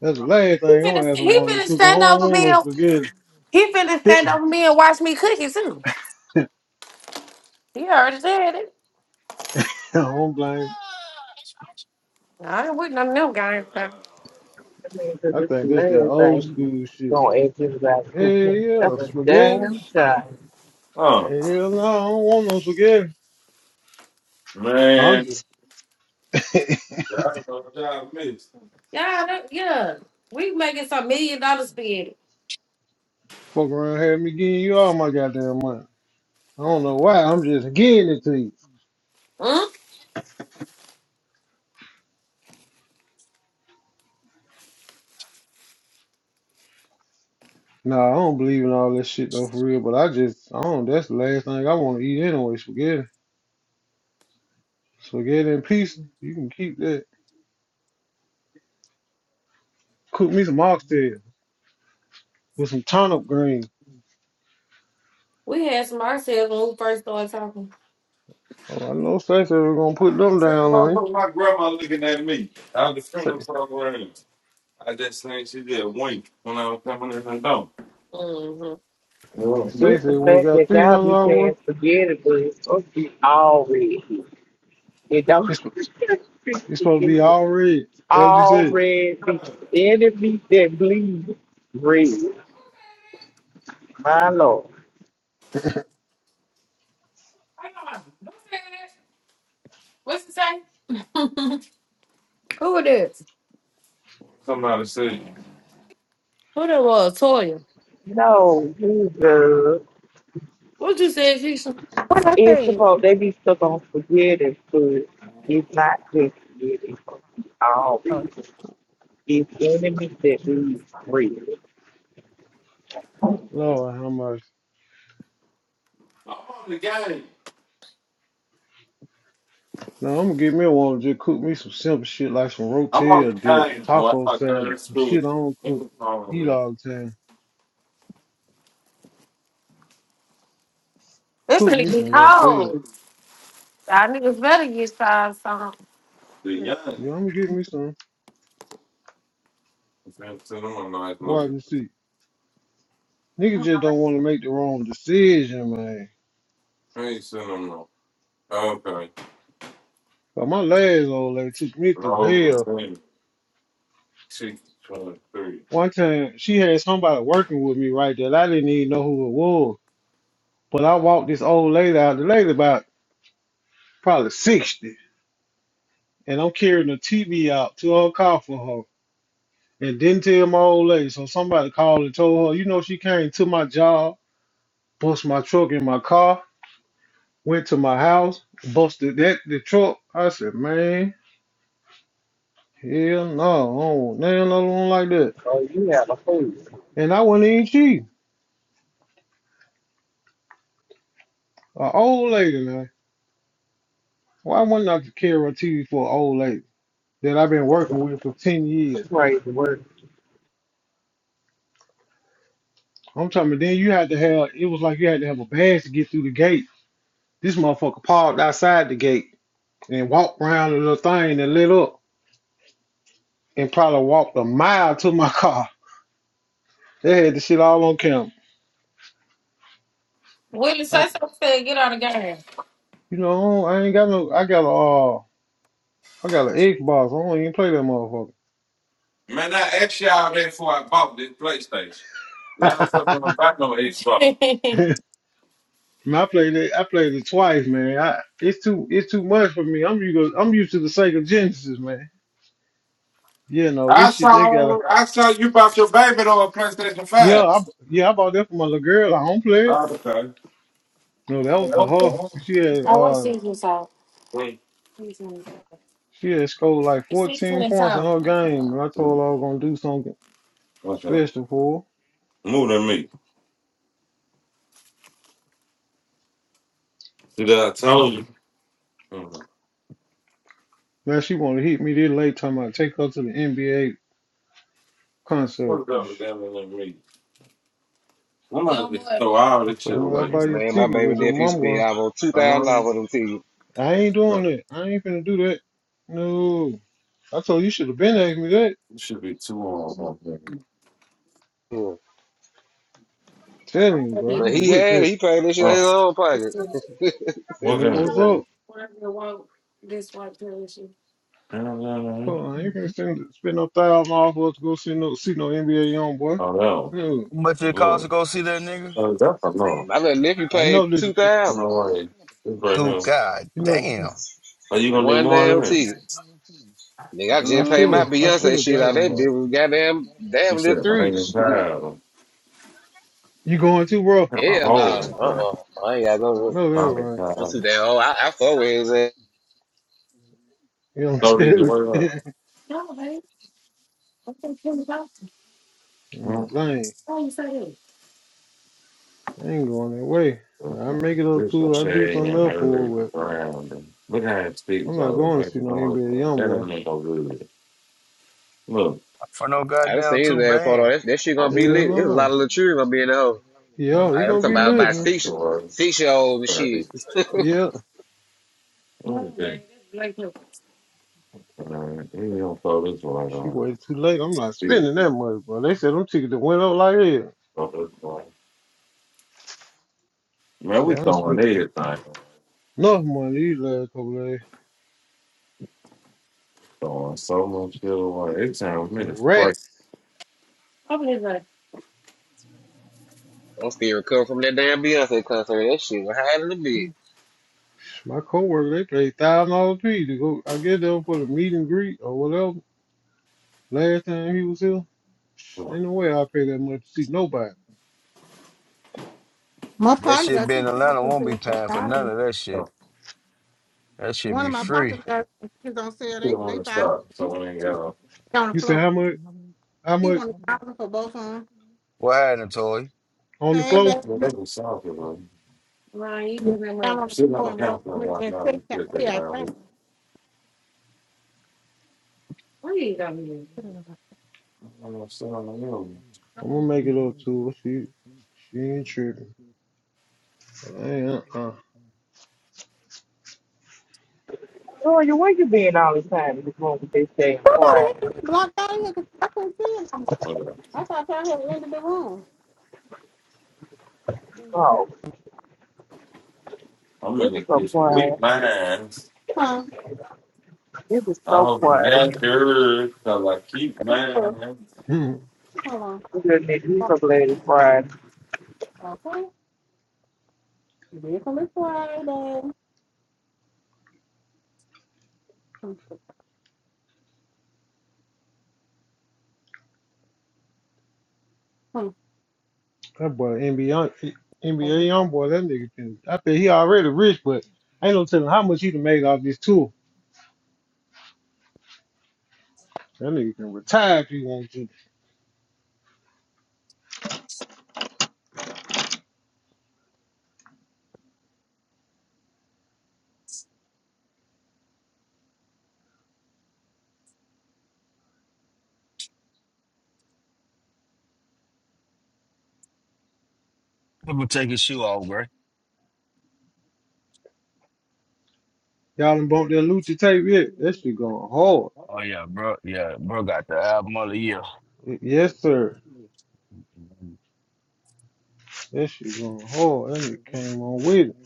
E: That's the last
A: He
E: thing I'm
A: finna
E: gonna ask
A: st-
E: a
A: he
E: woman to
A: finna
E: cook. I
A: stand
E: don't
A: over
E: want
A: me.
E: no
A: and-
E: spaghetti.
A: He finna stand over me and watch me cook it too. He already said it.
E: I don't blame.
A: I ain't with none of them guys. So.
G: That means that
E: I
G: this the
E: think that's that
G: last
E: old
G: thing you
E: school shit.
G: gonna ask everybody to him about cooking.
E: Hey,
G: That's
E: yeah,
G: a
E: spaghetti.
G: damn shame.
E: Hell
A: oh
E: no, I don't want no spaghetti. I'm
A: man.
E: just
A: Yeah, I don't y'all missed. Yeah, that, yeah. We making some million dollars spending.
E: fucking around having me giving you all my goddamn money. I don't know why. I'm just giving it to you.
A: Huh?
E: Nah, I don't believe in all that shit though, for real. But I just, I don't. That's the last thing I want to eat anyway. Spaghetti, spaghetti and pizza. You can keep that. Cook me some oxtail with some turnip greens.
A: We had some ourselves when we first started talking.
E: Oh, I know Stacey We're gonna
A: I
E: put them
A: said the
E: down on you.
A: motherfucker, my grandma looking at me. I was the funeral
E: Say,
A: program. I just seen she did wink when I was coming in her door. Mm-hmm.
E: nigga
A: Yeah.
G: It's the
E: Stacey, we
G: fact
E: got
G: that
E: three
G: y'all
E: hundred
G: be
E: dollars
G: saying
E: worth.
G: spaghetti, but it's supposed to be all red. It don't
E: It's supposed to be all red. That's what you
G: all
E: said.
G: red meat. any beat that bleed red. My lord.
A: What's the say? Who it is? Who that was? Toya.
G: No, you good.
A: What you said, Keisha?
C: What I
G: It's
C: say?
G: supposed they be stuck on spaghetti food. It's not just spaghetti. It's all
C: Oh,
G: red. It's any meat that bleeds red.
E: Lord, how much? Now I'm gonna get me a one. Just cook me some simple shit like some rotel dip, taco salad, some shit I don't cook, eat all the time.
A: That's
E: Cook
A: gonna
E: me
A: be
E: some rotel.
A: cold. Our niggas better get five something. Yeah.
E: Yeah, I'm gonna get me some.
A: I am saying to them, I'm nice
E: Watch
A: looking.
E: and see. Niggas just don't want to make the wrong decision, man.
A: I ain't seen them no. Oh, Okay.
E: But my last old lady took me
A: And
E: through
A: all those
E: hell.
A: things, six, twenty-three.
E: One time she had somebody working with me right there. I didn't even know who it was. But I walked this old lady out. The lady about probably 60. and I'm carrying a TV out to her car for her, and didn't tell my old lady. So somebody called and told her, you know, she came to my job, bust my truck in my car, went to my house, busted that the truck. I said, man, hell no, I don't want nothing another one like that.
G: Oh, you have a fool.
E: And I wasn't even cheating. An old lady, man. Why wouldn't I carry a TV for an old lady that I've been working with for ten years?
G: Crazy word.
E: I'm talking. About then you had to have. It was like you had to have a badge to get through the gate. This motherfucker parked outside the gate and walked around the little thing and lit up and probably walked a mile to my car. They had the shit all on camera.
A: Willie,
E: I,
A: say something. said Get on the game.
E: you know, I ain't got no, I got a, uh, I got an Xbox. I don't even play that
A: Man, I asked y'all that before I bought this PlayStation. Y'all
E: motherfucker.
A: fucking don't buy no Xbox.
E: Man, I played it. I played it twice, man. I, it's too, it's too much for me. I'm used, I'm used to the Sega Genesis, man. You know this
A: I
E: shit. They got a,
A: saw, I saw you bought your baby on a PlayStation
E: yeah,
A: Five.
E: I, yeah, I bought that for my little girl. I don't play it.
A: Oh, okay.
E: No, that was for her. She had,
A: I want to
E: uh,
A: see you talk. Mm,
E: she had scored like
A: See
E: 14
A: you
E: points in
A: talk.
E: her game, and I told
A: mm.
E: her I was gonna do something.
A: What's up?
E: Special fool.
A: More than me. See that I told you. Mm.
E: Man, she wanna hit me this late talking about take her to the NBA concert.
A: What's up with them and me? I'm about to throw all
E: So, I
A: this shit
E: told her I'll
A: away.
E: buy you a
J: Man, my
E: ticket,
J: baby
E: but your
J: nephew
E: mom
J: spent
E: going,
J: almost two thousand
A: Um,
J: dollars on them teeth.
E: I ain't doing that. I ain't finna do that. No. I told you, you should have been asking me that.
A: it should be two on one thing.
J: Yeah.
E: Telling you, bro, I
J: But
E: ain't
J: he
E: with
J: had
E: that.
J: He paid this shit out of
A: Oh,
J: his own pocket. Said
A: what
E: That's
J: he
A: gun?
E: what's
J: crazy.
E: up.
A: I don't
E: Come
A: know.
E: on, I ain't finna spend, spend no thousand dollars for us to go see no see no NBA young boy.
A: Oh, no.
E: No.
K: How much it cost to
A: Look.
K: go see that nigga?
A: Oh, is that for no?
J: my little nephew
E: I
J: paid
E: know this
J: two
A: I don't
J: thousand
A: know why. It's right
K: Dude,
A: here.
K: god
E: you know,
K: damn.
A: Are you
J: for
A: gonna need
J: one
A: more than
J: damn
A: that?
J: teeth. Nigga, I
E: I
J: just paid
E: should
K: Ooh.
J: my
E: have I
A: All
E: should
J: Beyonce
A: right.
E: have got
J: shit
E: her
J: out. of That
E: one.
A: Yeah.
J: bitch was goddamn
A: You
J: damn near
A: said I
J: three.
A: ain't even tired of them.
E: You going too, bro?
A: Got my
J: Hell no,
A: whole head
J: uh,
A: done.
J: uh I ain't got
E: I
J: no.
E: know that right.
J: I'm too damn old. I, I fuck with his ass.
E: You know what I'm saying? Mm, lame. I ain't going that way. If I make it up too. I do something else for it, but I'm not going to see no NBA young boy.
K: For no
J: I done
K: goddamn
J: seen
K: two
J: his ass photo.
K: band.
J: That, that shit gonna be
E: Hell
J: lit. There's a lot of
E: no.
J: little children gonna be in the hole.
E: Yeah,
J: I,
E: you
J: I'm
E: gonna
J: talking
E: be
J: about
E: lit,
J: about
E: man.
J: six six year olds and
A: Okay.
J: shit.
E: Yeah.
A: Okay. Uh, he don't throw this light
E: She
A: on.
E: waited too late. I'm not
A: See, it.
E: spending that much, bro. They said them tickets done went up like hell.
A: throw this light. Man,
E: Shit,
A: we
E: I done
A: throwing
E: spent
A: everything.
E: enough money these last couple of days.
A: Throwing so much shit away. Every time we
E: The
A: made a spray.
E: racks.
A: Oh, okay.
J: I'm still recovering from that damn Beyonce concert. That shit was hot in the bit.
E: My coworker, they paid thousand dollars fee to go. I get them for the meet and greet or whatever. Last time he was here, ain't no way I pay that much to see nobody.
C: my
K: That
C: partner
K: shit
C: got
K: be in
C: two tickets
K: Atlanta
C: for
K: won't be
C: sale for
K: paying for
C: 1000
K: none of that shit. That shit
C: One
K: be
C: of my
K: free.
C: partners got his on sale. They they five he's two on the
E: You say
C: floor.
E: how much? How
C: He
E: much
C: wanted thousand for both of them.
K: What happened, Toy?
E: on the
C: Hey
E: floor?
C: baby, yeah, I'm on the floor and roll with me and check out. Yeah, thank you.
E: I'm gonna make it up to her. She she ain't tripping. I ain't uh uh.
G: Toya, where you been all this time in this room with this damn quiet?
C: Somebody had me blocked out here 'cause I couldn't see him. I thought y'all had ended the room.
G: Oh,
A: I'm in
G: it
A: the
G: was so
A: kitchen with
G: quiet.
A: mine.
C: Huh?
G: It was
A: I
G: so
A: hope you
G: quiet.
A: got yours, cause I keep mine.
C: Hold on.
G: Good nigga, He's so glad he cried.
C: Okay. This Different Friday. Hmm. hmm,
E: that boy NBA NBA
C: okay.
E: young boy, that nigga can I bet he already rich, but ain't no telling how much he can make off this tour. That nigga can retire if he wants to.
K: I'm gonna take his shoe off, Gray.
E: Y'all done bumped that Lucha tape yet? That shit going hard.
K: Oh yeah, bro. Yeah, bro got the album of the year.
E: Yes, sir. That shit going hard. That nigga came on with it.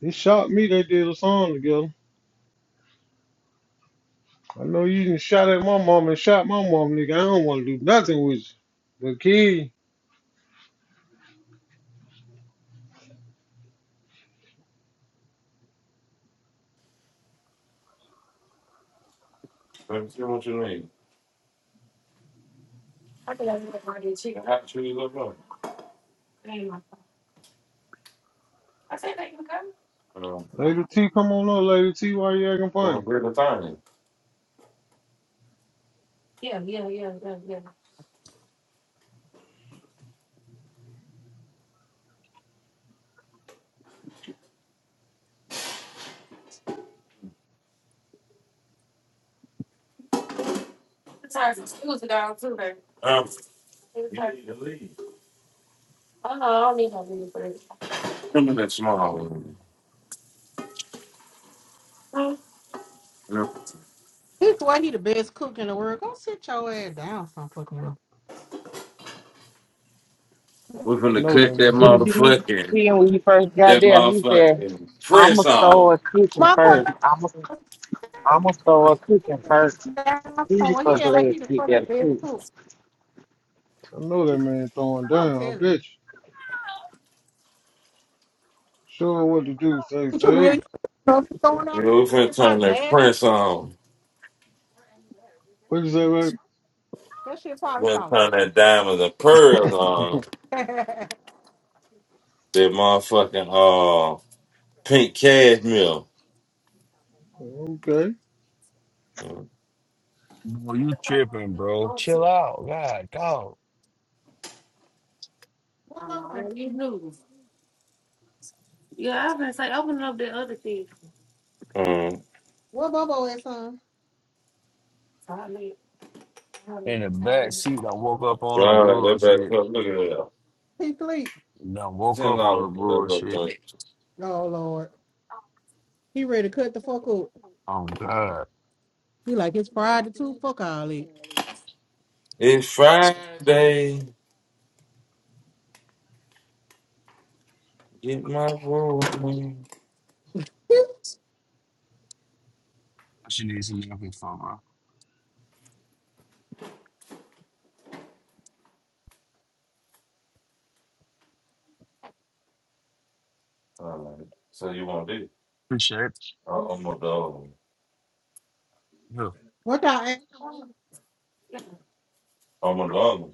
E: He shot me, they did a song together. I know you done shot at my mom and shot my mom, nigga. I don't wanna do nothing with you. But kid.
A: Let me see what you need. How The hot cheese look like. Um,
E: Lady T, come on up, Lady T. Why you acting funny?
A: well,
E: I
A: we're the time. It's hard to choose too, baby. Um, It's you need to leave. Oh no, I don't need no leave for this. Come in that small room. Huh? You
C: This why he the best cook in the world. Go sit your ass down some fucking room.
A: We're finna
E: know that
A: cut
K: Mhm.
E: man.
A: that
G: Didn't you
A: motherfucking
G: see him when he first got
A: that
G: there? He said,
A: motherfucking
G: I'ma
A: Prince on.
G: start cooking
C: My
G: first.
C: partner.
G: I'ma I'ma start cooking first.
C: That my
G: He
C: phone.
G: was
C: Well, he
G: so
C: act like he
G: glad
C: the
G: to get there
C: fucking
G: to
C: bed
G: cook.
C: too.
E: I know that man throwing
C: I don't
E: down. I
C: tell
E: bet
C: you.
E: you. Show her what to do. Say,
C: But you
E: say.
C: really know what's going
A: You
C: on?
A: we're
C: That
A: finna
C: shit
A: turn
C: probably
A: that
C: nasty.
A: Prince on.
E: What you say,
C: That shit probably
A: We're
C: salty.
A: going turn that diamonds and pearls on.
E: baby?
A: That motherfucking uh pink cashmere.
E: Okay.
A: Mm.
K: bro,
A: Yeah,
K: you
A: That's what
K: tripping,
A: I
K: bro?
A: want to
K: Chill out, God, go.
A: I
C: what
A: don't know.
C: Bobo?
A: man, These noodles. Yeah, I've been saying open up the other thing. Mm.
C: What Bobo is on?
A: So I need, I
K: In
A: need
K: the
A: to tell
K: back seat, I woke up on the
A: God, that
K: Brewers shit.
A: back up. Look at that.
C: He sleep.
K: I woke
A: Ten
K: up on the
A: dollars for that
K: Brewers
A: little
K: shit.
A: joint.
C: Oh Lord, he ready to cut the fuck up.
K: Oh God,
C: He like it's Friday too. Fuck all it.
A: It's Friday. Get my roll.
K: what you need some help from, bro?
A: All right. So you want this?
K: Appreciate it.
A: I- I'm on the other one.
K: Yeah.
C: What I
A: I'm on the other one.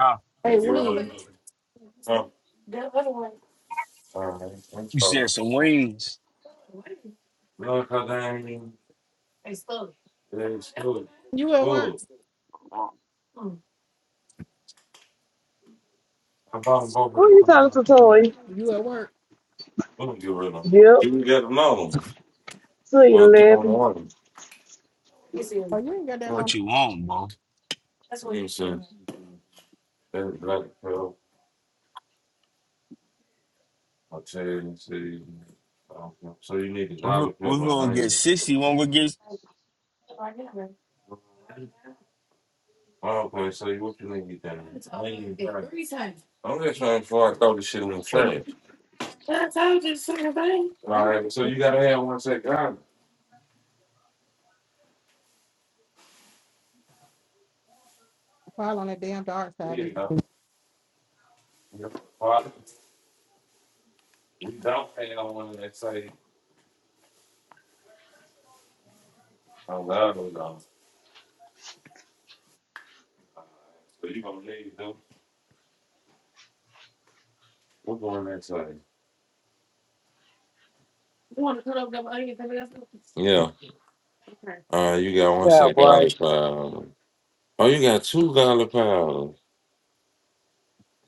K: Ah.
C: Hey
A: This you really
C: Wing,
A: do. Huh? The other one. All right. I'm
K: you
A: sorry.
K: said some wings.
A: Look how damn. It's full. It's full.
C: you at work?
A: Full.
K: What
A: Mm. I bought them both at
G: Who you
A: the
G: talking to,
A: time.
G: Toy?
C: You at work?
A: We don't get rid of them. You
G: Yep.
A: can get another one.
G: To
A: Well, I think I'm
G: 11.
A: one. You see
C: Oh, you ain't got that
A: 'em.
C: long.
K: you want, bro?
A: It's a, that's black pill, a tan, see. So you need a
K: Uh-huh.
A: dollar
K: We're
A: pill on
K: gonna get
A: lane.
K: sixty when we get
A: Oh, okay, so you- what you need to then? Lane, right. I'm just trying before I throw this shit in the trash. All
C: Ain't
A: right, so you gotta have one set God.
C: file on that damn dark side,
A: Here you go.
C: bitch.
A: Your Father, we don't have one that say I love you, though. All right, So you gonna need to do what's on that side? Yeah. Okay. Uh, you got one
G: Yeah,
A: set
G: right.
A: garlic powder. Oh, you got two garlic powder.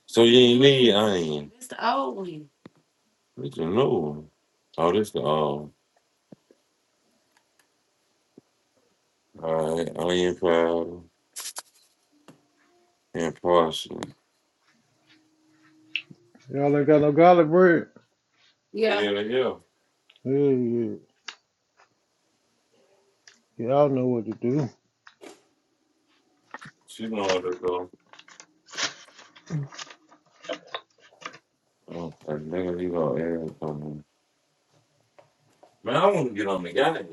A: So you ain't need onion. It's the old one. It's a new one. Oh, this the old all right, onion powder and parsley.
E: Y'all ain't got no garlic bread.
A: Yeah. Yeah, yeah.
E: Yeah, yeah. Y'all know what to do.
A: She know how to go.
C: You
A: Oh, I nigga, you gonna add something. Man, I want to get on the guy.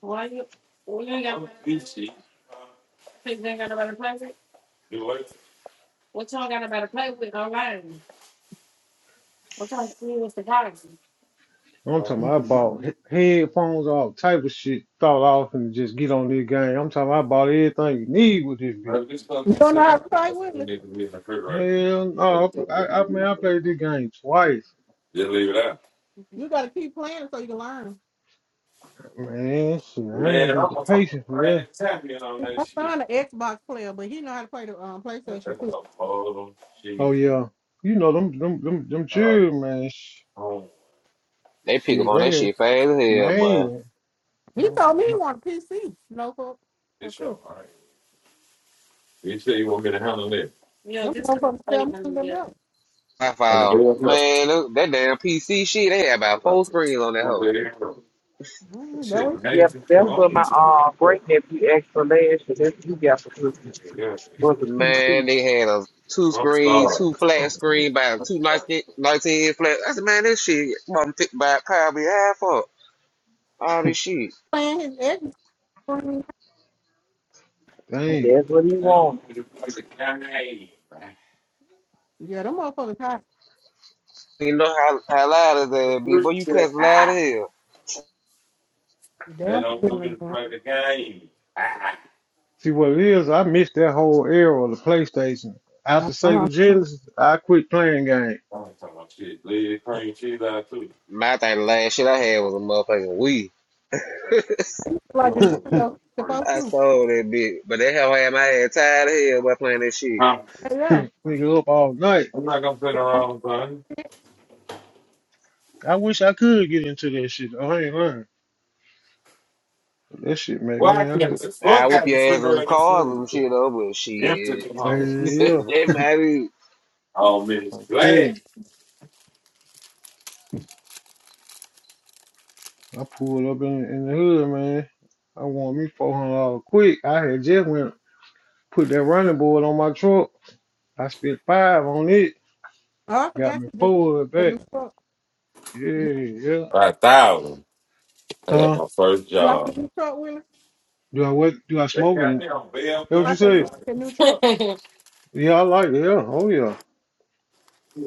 A: Why you? Well, you ain't got nobody to play with. Think you ain't got nobody to play with? You what? What y'all got nobody to play with online? What y'all see with the policy?
E: I'm talking about I bought he- headphones, all type of shit. Thought off and just get on this game. I'm talking about I bought everything you need with this bitch.
A: Has this stuff
C: don't know how
A: considered?
C: to fight
A: That's
C: with
A: what we
C: me.
A: need to be in the crib right now.
E: Hell
A: Oh, you
E: no.
A: got
E: I,
A: to
E: I, I mean, I
A: leave
E: played this game
A: it.
E: twice.
A: Just leave it out.
C: You gotta keep playing so you can learn.
E: Man, shit, I
A: Man,
E: ain't got the patience for that.
C: My son, an Xbox player, but he know how to play the um,
A: that's
C: PlayStation
A: a
C: too.
A: bottom sheet.
E: Oh yeah, you know them them them them
A: Oh,
E: Jews, man. sh-
A: oh.
J: They pick up
E: Shit,
J: on that
E: they
J: shit fast as hell, boy.
E: man.
C: He
E: I'm-
C: told me he
E: I'm-
C: want a PC. You know, for for
A: It's your
C: crew.
A: mind. You say you want me to handle it. Yeah,
C: Them
A: just because I'm
C: motherfuckers tell
A: playing
C: me
A: on the
C: something
A: bill.
C: else.
J: I
A: On the
J: found
A: bill, yeah.
J: man that, that damn PC shit. They had
A: What
J: about
A: about
J: four
A: this?
J: screens on that
A: What
J: hoe.
A: about here?
C: Mm, that
A: Shit, man, it's
G: Yep,
A: still
G: that's
C: was
G: what my
A: open to me.
G: uh
A: Hey,
G: great nephew asked for last year. That's what he got for Christmas.
A: you can get this
G: Was a
A: shit.
G: PC.
J: Man, they had a two
A: I'm
J: screen,
A: sorry.
J: two
A: I'm
J: flat screen, about two
A: sorry.
J: nineteen nineteen 19, 19 flat. I said, man, this shit, mom, thick by probably half up. All this shit.
C: playing his Xbox.
E: Damn.
G: That's what he wanted.
C: Yeah, them motherfuckers hot.
J: You know how how loud is that be, boy? You cuss loud as hell.
A: That
C: Damn,
A: don't want me to
C: uh
A: play the game. Ah.
E: See what it is? I missed that whole era of the PlayStation. After
C: huh.
E: Sega Genesis, I quit playing game.
A: I don't talk about shit. Leave the cream cheese out too.
J: My thing, the last shit I had was a motherfucking Wii.
A: What
C: Like in
A: else
C: the
A: are
C: street,
A: we
C: though,
A: talking about?
C: supposed
J: I
C: to.
J: sold that bitch, but that hell had my ass tired of hell by playing that shit.
A: Huh?
C: Hey, yeah.
E: Nigga up all night.
A: I'm not gonna sit
C: Oh,
A: around, son.
C: shit.
E: I wish I could get into that shit. though. I ain't lying. That shit, man, man. I could.
A: It's
J: I whoop your ass in cars and shit though, but
A: empty
J: shit.
E: Hell
A: tomorrow.
E: yeah,
J: that might be.
A: Oh, miss
E: I'm
A: glad.
E: telling you. I pulled up in in the hood, man. I want me four hundred dollars quick. I had just went put that running board on my truck. I spent five on it.
C: Oh, I
E: Got
C: forgot
E: me
C: to just
E: four of
C: get a
E: that.
C: new truck. You
E: Yeah, yeah.
A: Five thousand. I got
E: Huh?
A: my first
C: like the
A: job.
C: new truck, Willie?
E: Do I what? Do I
A: They
E: smoke
A: got
E: in it?
A: me on bail.
E: That what
A: cover.
E: you
C: I said you
E: say?
C: like the new truck.
E: Yeah, I like it. Yeah. Oh yeah.
A: You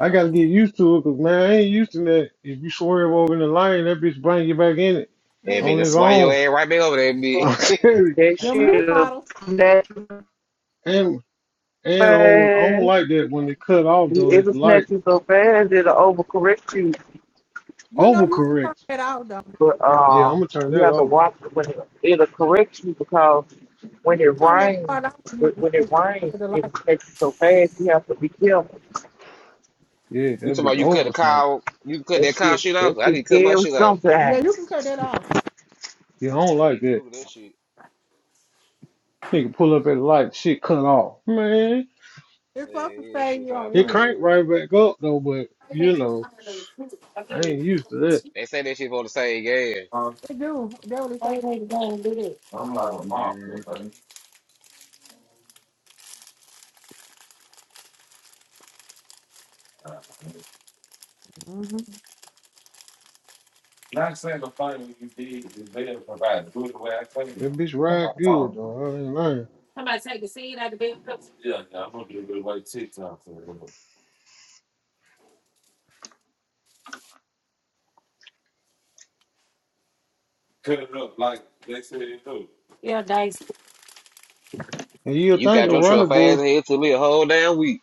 E: I gotta get used to it, 'cause man, I ain't used to that. If you swerve over in the line, that bitch bring you back in it
J: That
C: Hey,
J: bitch
E: on
J: just
E: his
J: swung your
E: own.
J: ass right back over that bitch.
E: I'm telling you.
G: That
C: them
G: shit
C: new
G: a
C: models.
G: snatch
E: and
G: you
E: and on I don't
G: fast.
E: like that when they cut off
G: He
E: though
G: is
E: at
G: a
E: the light.
G: snatch you so fast it'll overcorrect you.
C: You know you should turn
E: Overcorrect.
C: that out though.
G: But
E: Yeah, I'm
G: uh,
E: gonna turn
G: you
E: that
G: have to
E: off.
G: watch it when it, it'll correct you because when
C: You can
G: it
C: turn that
G: rains,
C: part off when
G: when
C: you when
G: when it
C: they come
G: rains,
C: the
G: it
C: light.
G: takes you so fast. You have to be careful.
E: Yeah,
J: You
E: that
J: talking about
E: bitch
J: you cut the
E: over snatch.
J: car, you cut
G: That
J: that car
G: shit,
J: shit
G: that
J: off? I
G: shit
J: need to cut my
G: scary
J: shit off.
C: Yeah, you
G: sometimes.
C: can cut that off.
E: Yeah, I don't
J: I
E: like
J: need to
E: that.
J: Google that shit.
E: Nigga pull up at the light, shit cut off. Man.
C: It's supposed to
J: Yeah, that
C: say
J: shit
C: you on
J: sound
E: It
C: internet.
J: crazy. as
E: cranked
J: hell.
E: right back up though, but you know, I ain't used to that.
J: They say that shit for the same gas.
C: It do. That what it
A: Why
C: say.
A: you ain't going to do this? I'm like a mop, little
J: Mm.
A: buddy.
C: Mm-hmm.
A: Not saying the thing you did is there to provide. Do it the way I tell you.
E: That bitch
A: Come
E: ride
A: on,
E: good
A: talk to me.
E: though. I ain't lying.
A: Somebody take the seed out of the bed. Yeah, yeah, I'm gonna do a little white TikTok for you. Cut it up like they said it do. Yeah, dice.
E: And you'll
J: You
E: think
J: got
E: the
J: your truck
E: running
J: fast
E: boys,
J: as hell, took me a whole damn week.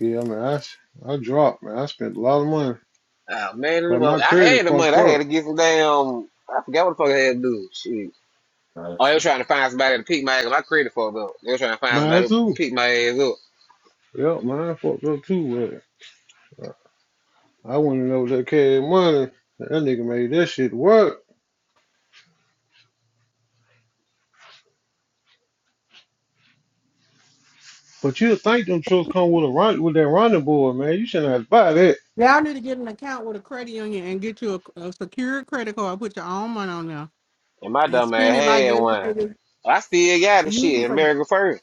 E: yeah, man, I, s- I dropped, man. I spent a lot of money,
J: Oh man,
E: but my
J: I
E: credit
J: had the money.
E: fucked
J: I had
E: up.
J: to get some damn. I forgot what the fuck I had to do. Shit. Oh, they
A: Nice.
J: was trying to find somebody to pick my ass up. I created for them. They was trying to find
E: Mine
J: somebody to
E: too.
J: pick my ass up.
E: Yep, mine fucked up too. But uh, I wouldn't know that cash money. That nigga made that shit work. But you'll think them trucks come with a run with that running board, man. You shouldn't have to buy that.
C: Y'all need to get an account with a credit union and get you a, a secure credit card. Put your own money on there
J: And my
C: and
J: dumb ass
C: spend it like
J: had
C: just
J: one.
C: like this.
J: I still got the
C: Use it
J: shit.
E: Shit,
C: for
J: American Fur.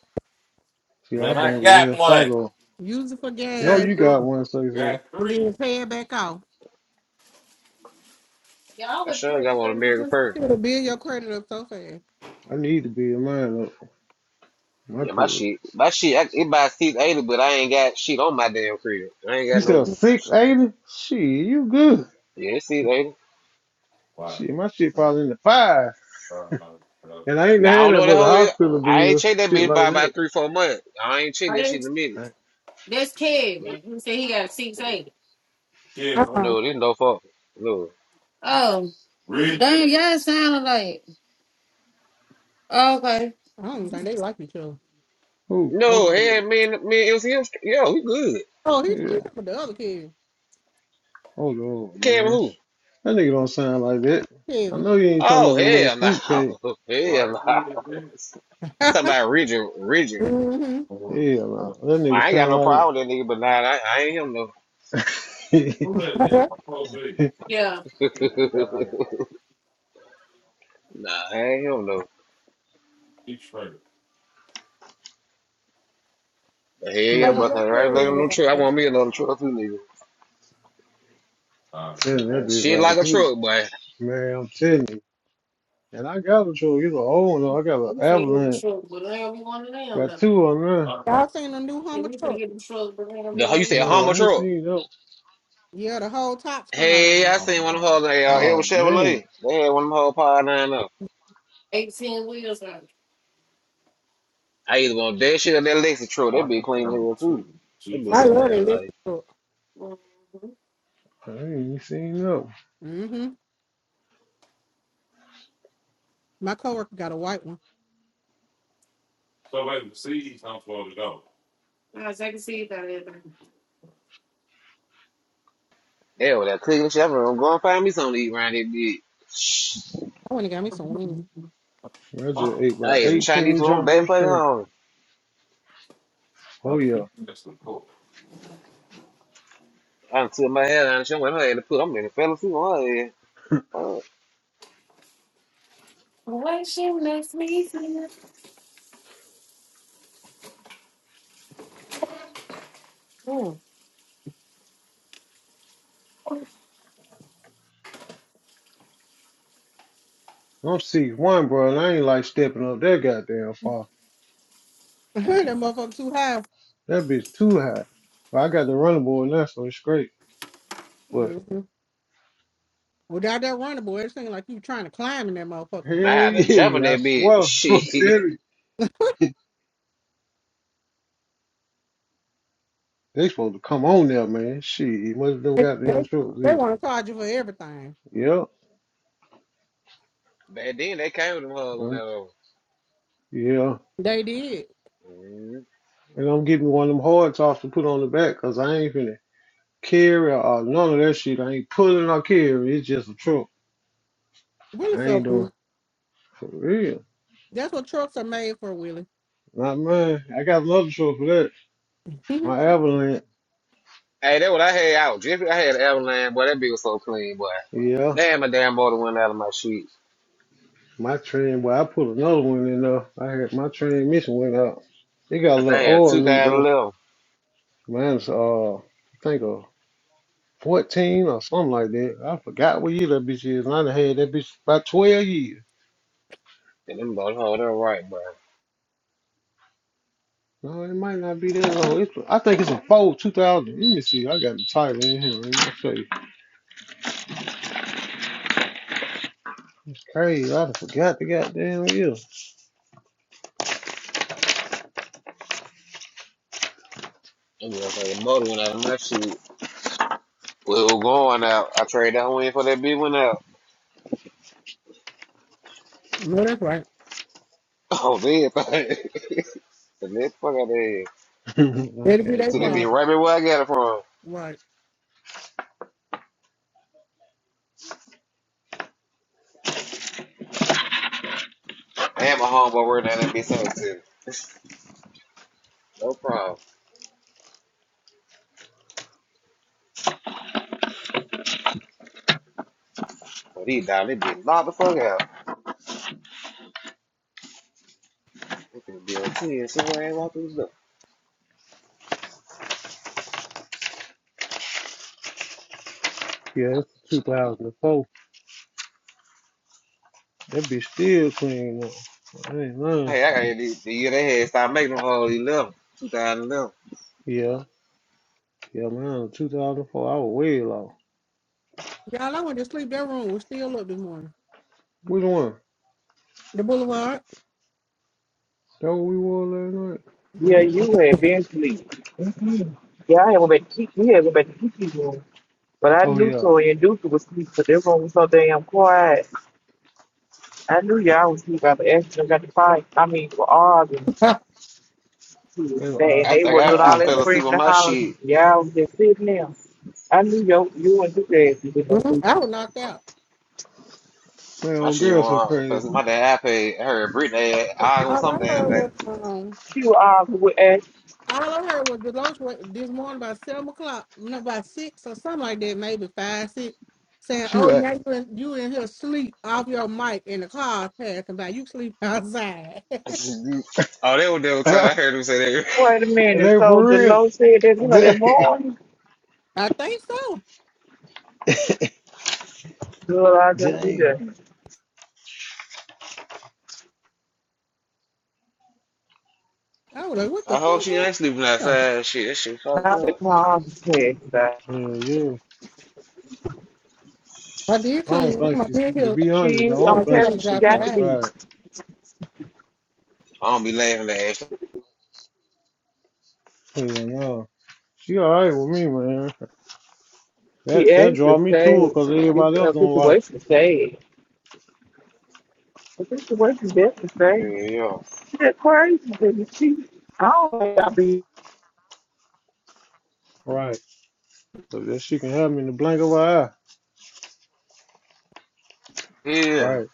E: shit, I
A: Man, I
E: bang with
A: got
E: Wells
A: one.
E: Fargo.
C: use it for
E: No,
C: gas
E: you got one, say say.
C: and
A: Free.
C: then pay it back off.
A: Y'all
J: I
A: with
J: sure
A: pretty
J: got one American
A: something
J: Fur.
C: It'll build your credit up so fast.
E: I need to be in mine up. My
J: Yeah, my
E: credit
J: shit. My shit, I, it by 680, but I ain't got shit on my damn crib. I ain't
E: You
J: got
E: sell
J: no.
E: six eighty? Shit, you good.
J: Yeah, it's 680.
A: Why?
E: Shit, my shit probably in the five.
A: Oh, no. Oh.
E: And I ain't
J: Now, I
E: had
J: don't know
E: that
J: what the
E: but the
J: whole is.
E: hospital
J: I ain't
E: bills,
J: checked that
E: shit
J: bitch by
E: like
J: about
E: that.
J: three, four months. I ain't checked
A: Are
J: that shit
A: they?
J: in a minute.
E: Right.
A: That's
J: But,
A: Kevin. who said he got a 680. Yeah, bro.
C: Uh-uh.
J: no, this no fault. No.
A: Oh. Really? Damn, y'all sound like. Oh, okay.
C: I don't even think they like each other.
E: Ooh,
A: Who
J: No,
A: that
J: hell,
A: is?
J: man, man, it was him. Yo, he good.
C: Oh, he's
E: yeah.
C: cheating with the other kid.
E: Oh Lord,
J: Cam
E: man.
J: who?
E: That nigga don't sound like that. I
C: Kevin.
E: know you ain't talking
J: Oh
E: about the little
J: hell no,
E: fruitcake.
J: hell
A: Why is
J: no.
A: he in
J: Talking
A: there?
J: about Richard, Richard.
C: Mm-hmm.
E: Hell
A: Oh,
E: no.
A: well,
E: That
A: let's see.
E: nigga
J: I ain't got no
E: sound
J: problem with that nigga, but nah, I, I ain't him no.
E: like
A: Who that is? My poor baby. Yeah. Yeah, we got like
J: nah, I ain't him no.
A: Detroit.
J: But hell
C: I
J: yeah,
E: man, I'm
J: but
C: know,
J: I
C: that's
J: right like no truck. I
C: Kevin.
J: want me another truck too, nigga.
A: All right.
E: telling you, that
J: And
E: bitch
J: shit
E: right
J: like a
E: good.
J: truck, but
E: Man, I'm telling you. And I got a truck, it's an old one. I got an
A: We say you're in
E: avalanche.
A: trouble, but I don't be one of
E: Got
A: them,
E: two on there.
A: though.
C: Y'all seen the new
A: And
C: Hummer
A: we finna
C: truck?
A: get them trucks, but they gonna be
J: the
A: one
J: you
A: of
J: said
E: No,
A: them.
J: Hummer
E: I ain't
J: truck.
E: seen no.
C: Yeah, the whole tops come out of
J: Hey,
C: them.
J: I
A: Oh
J: seen one of them
A: no.
J: hoes. They uh, it was
E: Oh man.
J: Chevrolet. They had one of them hoes power nine up.
A: Eighteen wheels on. it.
J: I either want that shit or that Lexus truck. That be
A: One
J: clean
A: turn,
J: here too.
A: two, two
J: That be
C: I
A: turn.
J: so
C: love that
J: damn
C: electric
J: nice.
C: truck.
A: Mm-hmm.
E: I ain't seen no.
C: Mm-hmm. My coworker got a white one.
A: So wait, the seeds not folded out. No, I was a seed out of everything.
J: Hell, that Cleveland shit. I'm going to go and find me something to eat around that bitch.
C: I went and got me some wings.
E: Roger eight by
J: Hey, some Chinese
E: eighteen
J: food on the
E: jumbo
J: back fucking
E: shrimp.
J: home.
E: Oh
A: Okay,
E: yeah.
A: that's the cool.
J: I done took my head out and shit. Went ahead and put them in the fell asleep on her head. Fuck.
A: Why she makes me feel. Mm.
E: I'm six one, bro, and I ain't like stepping up that goddamn far.
C: that motherfucker too high.
E: That bitch too high. But I got the running board now, so it's great. But
C: Mm-hmm. Without that runner boy, it seemed like you trying to climb in that motherfucker.
J: Nah, I
E: hey,
J: had to jump in
E: yeah, I
J: that bitch.
E: swear, I'm
J: Shit.
E: serious. They supposed to come on there, man. Shit, most of them
C: They,
E: goddamn
C: they,
E: trucks
C: they
E: is.
C: want to charge you for everything.
E: Yeah, Yep,
J: Back then, they came with them hugs on that
E: um,
J: old.
E: yeah.
C: They did.
J: mm
E: And I'm getting one of them hard tops to put on the back, cause I ain't finna carry or none of that shit. I ain't pulling or carrying. It's just a truck.
C: Willie's
E: I
C: so
E: ain't doing
C: big.
E: for real.
C: That's what trucks are made for, Willie.
E: Not mine. I got another show for that.
C: Mhm.
E: My Avalanche.
J: Hey, that what I had out. Jiffy, I had an Everland. Boy, that bitch was so clean, boy.
E: Yeah.
J: Damn, my damn motor went out of my sheet.
E: My train, well, I put another one in there. I had my transmission went out. It got a
J: I
E: little
J: think it was
E: oil leak though.
J: 2011.
E: Mine's uh, I think a 14 or something like that. I forgot what year that bitch is. And I done had that bitch about 12 years.
J: And them boys hold her right, boy.
E: No, it might not be that long. It's, I think it's a four 2000. Let me see. I got the title in here. Let me show you. It's crazy. I done forgot the goddamn year.
J: Them motherfucking motor went out of my sheet. We were going out. I traded that one in for that bitch went out.
C: no, that's right.
J: Oh, man. the next fuck out there.
C: That'll be
E: okay,
C: their
J: So they be
E: blame.
C: problem.
J: right back where I got it from.
C: Right.
J: And my homeboy working at that bitch up too. No problem. But he down, they be locked the fuck out. They finna be on 10 So as I ain't walk through the door.
E: Yeah, it's 2004. That bitch still clean up. I ain't lying.
J: Hey, I got here the, the year they had started making them whole 11, 2011.
E: Yeah, yeah, man. 2004, I was way low.
C: Y'all, I went to sleep. That room was still up this morning.
E: Which one?
C: The boulevard.
E: That what we wore last night? I
G: Yeah,
E: don't- I
G: you had been asleep. Yeah, I haven't been keep. You haven't been keep room. But I
E: Oh,
G: knew
E: yeah.
G: Tori and Duke was asleep because their room was so damn quiet. I knew y'all was asleep. I was asking them got to fight. I mean, were arguing. too.
E: That,
G: They,
E: uh,
G: and
J: I
G: they
J: think
G: were
E: that
G: doing
J: I, I
G: all
E: shit.
G: that
J: fell asleep
G: screaming
J: on
G: and
J: my
G: hollering.
J: shit.
G: Y'all was just sitting there. I knew yo, you and Duke had been
C: Mhm.
G: asleep.
C: I was knocked out.
E: Man,
J: My
E: old
J: shit went
E: girl so
J: off.
E: crazy.
J: My dad iPad, I heard Britney had I was
C: All I
J: some damn
C: heard
J: thing.
C: was um,
G: You are with us.
C: all I heard was Deloach wa- this morning by seven o'clock, no, by six or something like that, maybe five, six, saying,
E: She
C: "Oh,
E: was.
C: now you in, you in here sleep off your mic in the car passing by. You sleep outside."
J: oh, they were there time I
E: at.
J: heard them say that.
G: Wait a
E: And they
G: minute. So
E: for real.
G: Deloach said that you know that
E: Damn.
G: morning.
C: I think so.
G: Girl, I just see
E: Damn.
G: that.
C: I was like, "What
J: I
C: the
J: hope
C: fuck?"
J: she
C: Going on?
J: ain't sleeping
C: So,
J: outside. Shit, that shit fucked
G: Not the
J: up.
G: context. but
E: Hell yeah.
C: I did
E: I
C: come.
E: don't
C: in,
E: think
C: I
E: she's,
C: did
E: to
C: hear
E: be honest,
G: She,
E: I
G: I'm
E: don't
C: like
E: think
G: telling
C: somebody
G: you,
E: she's
C: was
G: she
E: sleeping
G: got to
C: outside.
G: be.
E: outside.
J: I don't be laughing at that shit.
E: Hell no. She alright with me, man.
G: She
E: That that
G: actually
E: draw me to it,
G: stayed.
E: cause
G: This
E: everybody else
G: uh,
E: don't like it.
G: situation stayed. The situation definitely
J: Yeah,
G: stayed.
J: yeah.
G: She that crazy, didn't she? I don't think I be
E: Right. So that she can have me in the blink of an eye.
J: Yeah.
E: Right.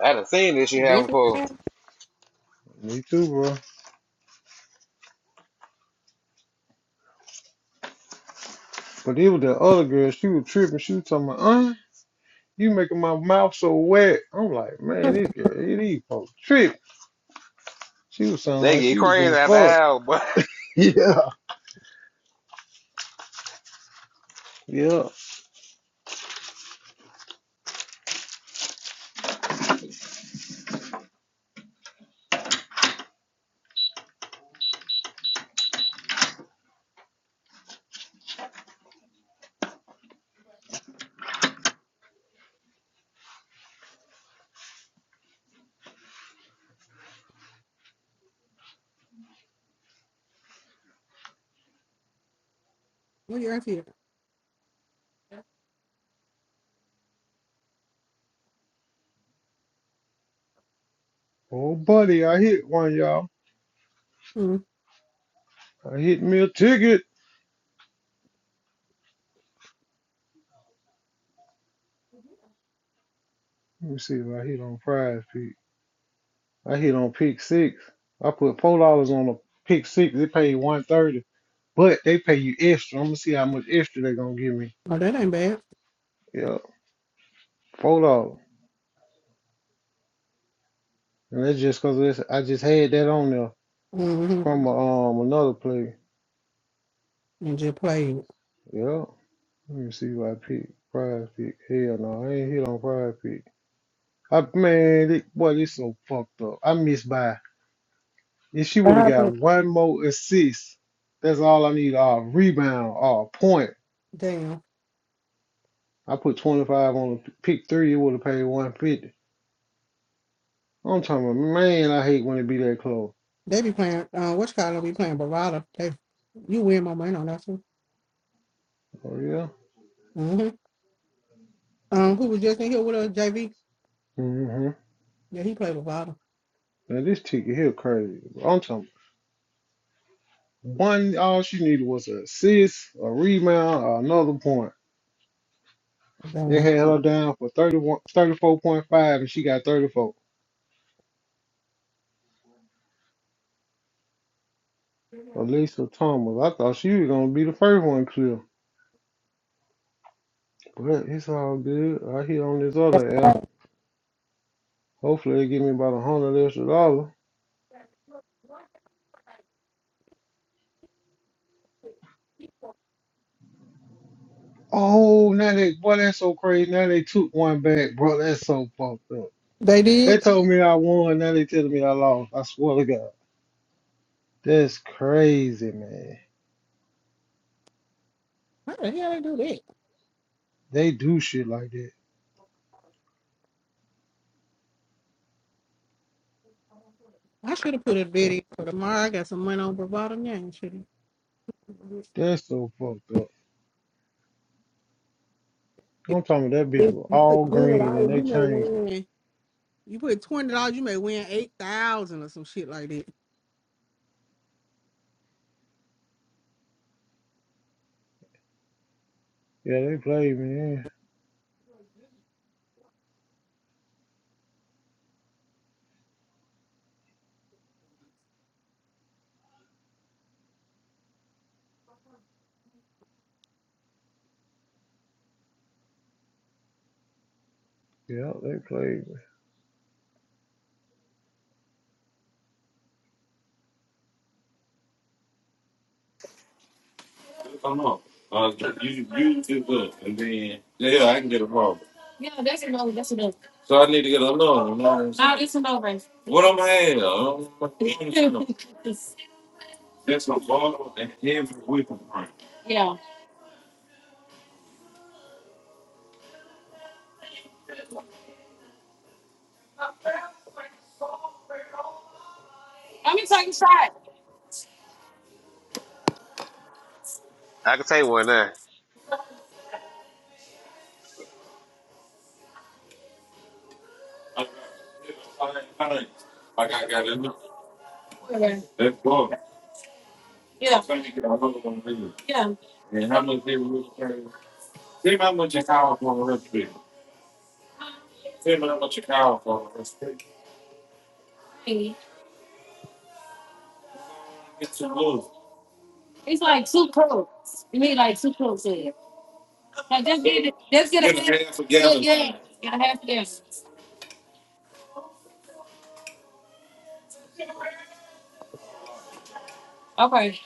J: I done seen this shit happen
C: Definitely.
J: before.
C: happened.
E: Me too, bro. But it was the other girl. She was tripping. She was talking about, uh, you making my mouth so wet. I'm like, man, this girl, it is folks tripping. She was sounding
J: They
E: like
J: get
E: she was
J: crazy
E: getting
J: after
E: fucked.
J: hours, but
E: Yeah. Yeah.
C: What you here?
E: Oh, buddy, I hit one, y'all.
C: Mm.
E: I hit me a ticket. Let me see if I hit on prize pick. I hit on pick six. I put four dollars on a pick six. They paid one thirty, but they pay you extra. I'm gonna see how much extra they're gonna give me.
C: Oh, that ain't bad.
E: Yeah, four dollars, and that's just cause it's, I just had that on there.
C: Mm-hmm.
E: From um another play.
C: And just played.
E: Yeah. Let me see who I picked. Prize pick. Hell no, I ain't hit on prize pick. I man, it, boy, this so fucked up. I missed by. If she
C: What
E: would have
C: happened?
E: got one more assist, that's all I need. Or a rebound or a point.
C: Damn.
E: I put 25 on the pick three, it would have paid 150. I'm talking about, man, I hate when it be that close.
C: They be playing. Uh, which call it, be playing Barada? They, you win my money on that one.
E: Oh, yeah?
C: hmm Um, who was just in here with us? JV.
E: hmm
C: Yeah, he played Barada.
E: Now, this ticket here crazy. I'm talking about, one, all she needed was an assist, a rebound, or another point. They
C: Damn.
E: had her down for thirty one, thirty four point five, and she got 34. Elisa Thomas. I thought she was going to be the first one clear. But it's all good. I hit on this other app. Hopefully they give me about a hundred extra dollars. Oh, now they, boy, that's so crazy. Now they took one back, bro. That's so fucked up.
C: They
E: They
C: did.
E: told me I won. Now they telling me I lost. I swear to God. That's crazy, man.
C: How the hell they do that?
E: They do shit like that.
C: I should have put a video for tomorrow. I got some money on Bravado now. Should
E: That's so fucked up. I'm talking about that bitch
C: if
E: was
C: you put
E: all
C: twenty
E: green and
C: dollars,
E: they
C: you may
E: changed.
C: win. You put twenty dollars, you may win eight thousand or some shit like that.
E: Yeah, they played me. Yeah, yeah, they played me.
A: Come on. Uh, you you get up and then yeah, I can get a problem. Yeah, that's another. That's another. So I need to get another. No, this is over. What am I? I don't- I don't know. That's a bottle and every whipping cream. Yeah. Let me take a shot.
J: I can take one now.
A: I got every Like I got it. Okay. That's bottle. Yeah. Yeah. It's like two cups. You need like two cups of it. Like just get it. Just get a half. a half a Get a gallon. gallon. Get a half a gallon. Okay.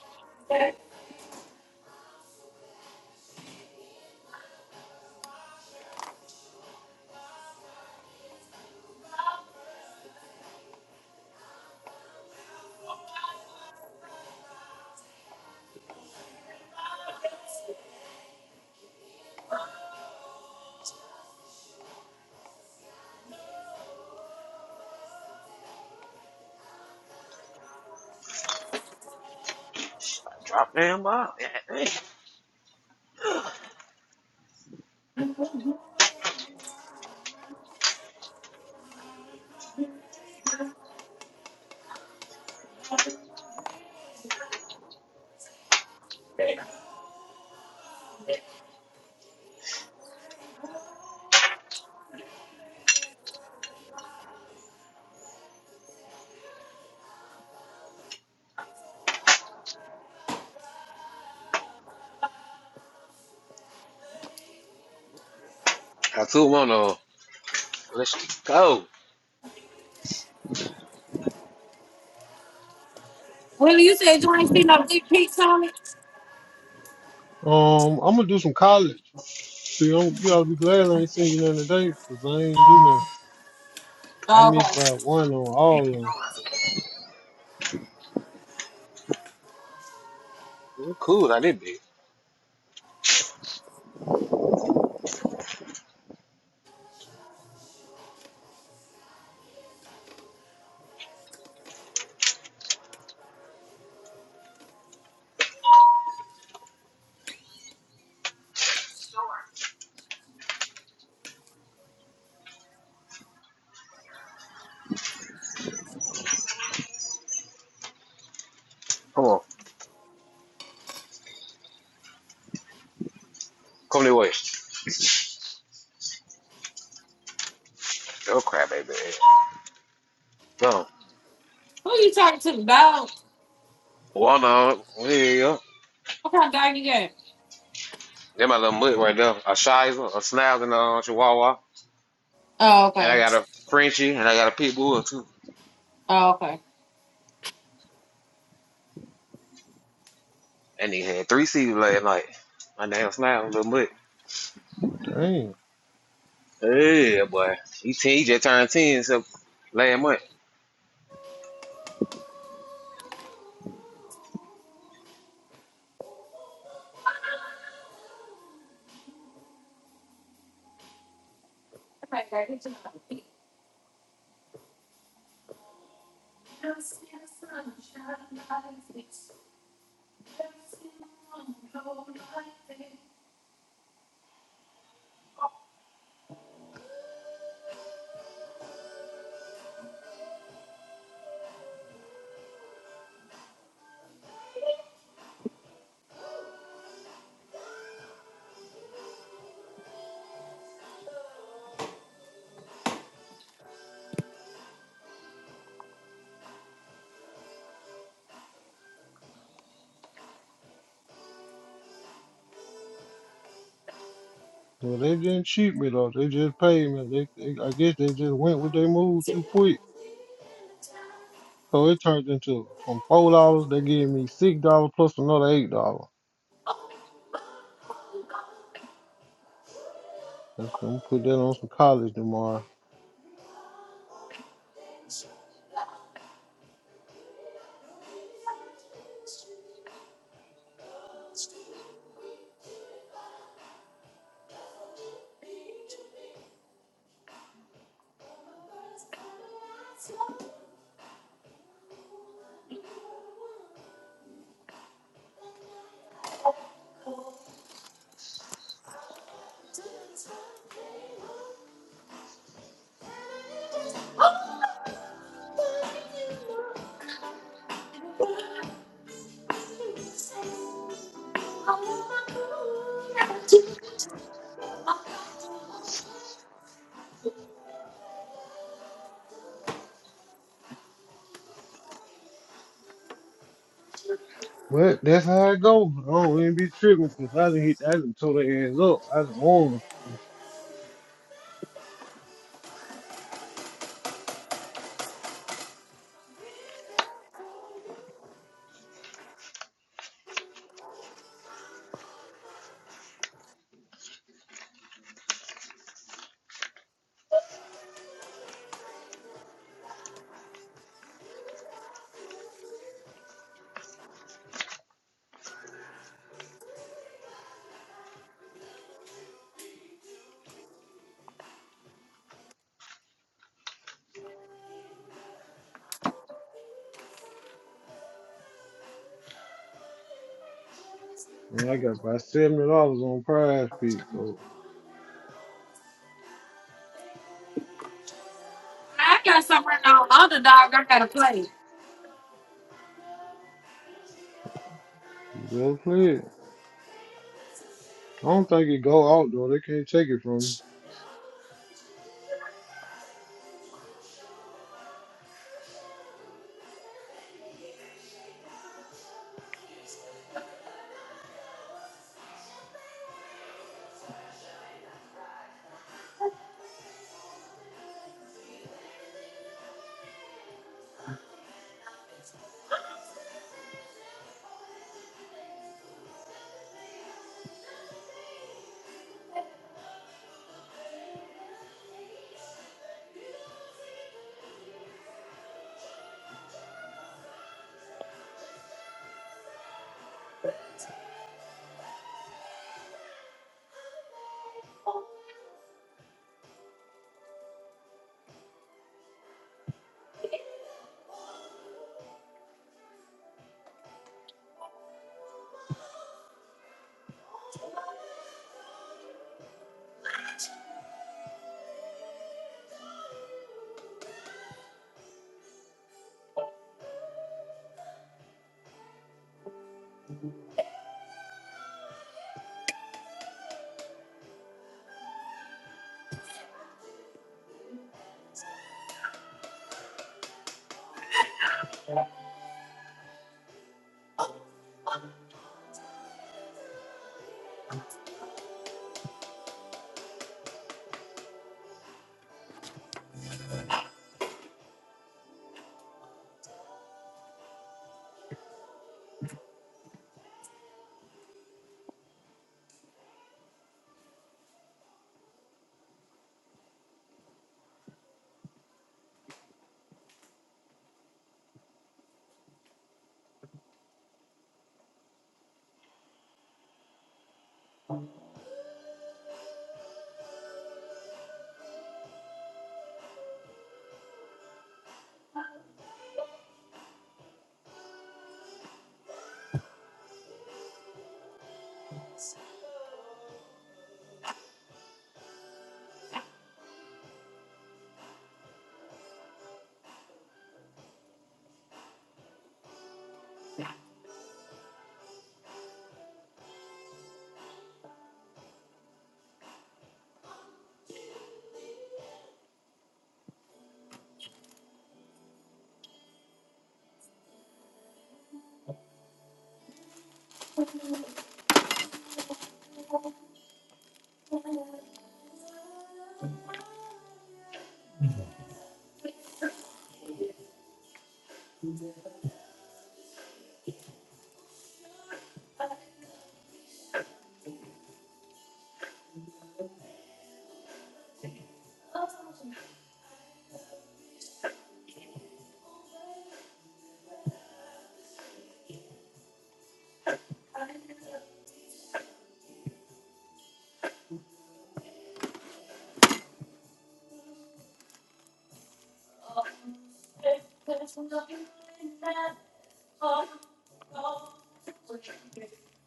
J: Drop down ball. I two one on. Let's go.
A: Willie, you said you ain't seen no big pics on it?
E: Um, I'm gonna do some college. See, I'm, you gotta be glad I ain't seen you nothing today, 'cause I ain't do nothing. I
A: Oh,
E: missed
A: okay.
E: by one on all of them.
J: I'm cool, I did big. Come on. Come this way. Oh crap, baby. No.
A: Who you talking to? The dog?
J: One on. There you go.
A: What kind of dog you got?
J: That my little mutt right there. A Shizer, a Schnauzer, and a Chihuahua.
A: Oh,
J: And I
A: okay.
J: got a Frenchie, and I got a pit bull too.
A: Oh, okay.
J: And he had three seeds last night. My damn Schnauzer, little mutt.
E: Damn.
J: Yeah, boy. He, 10, he just turned 10 so last month.
E: Well, they didn't cheat me though. They just paid me. They, they I guess they just went with their move too quick. So it turned into from four dollars, they gave me six dollars plus another eight dollars. That's I'm gonna put that on some college tomorrow. But that's how it go. I don't even be tripping, cause I didn't hit. I didn't tore their ass up. I didn't want want. And I got about seventy dollars on Prize Peak, so
A: I got something written on underdog. I gotta play.
E: you better play it. I don't think it go out though. They can't take it from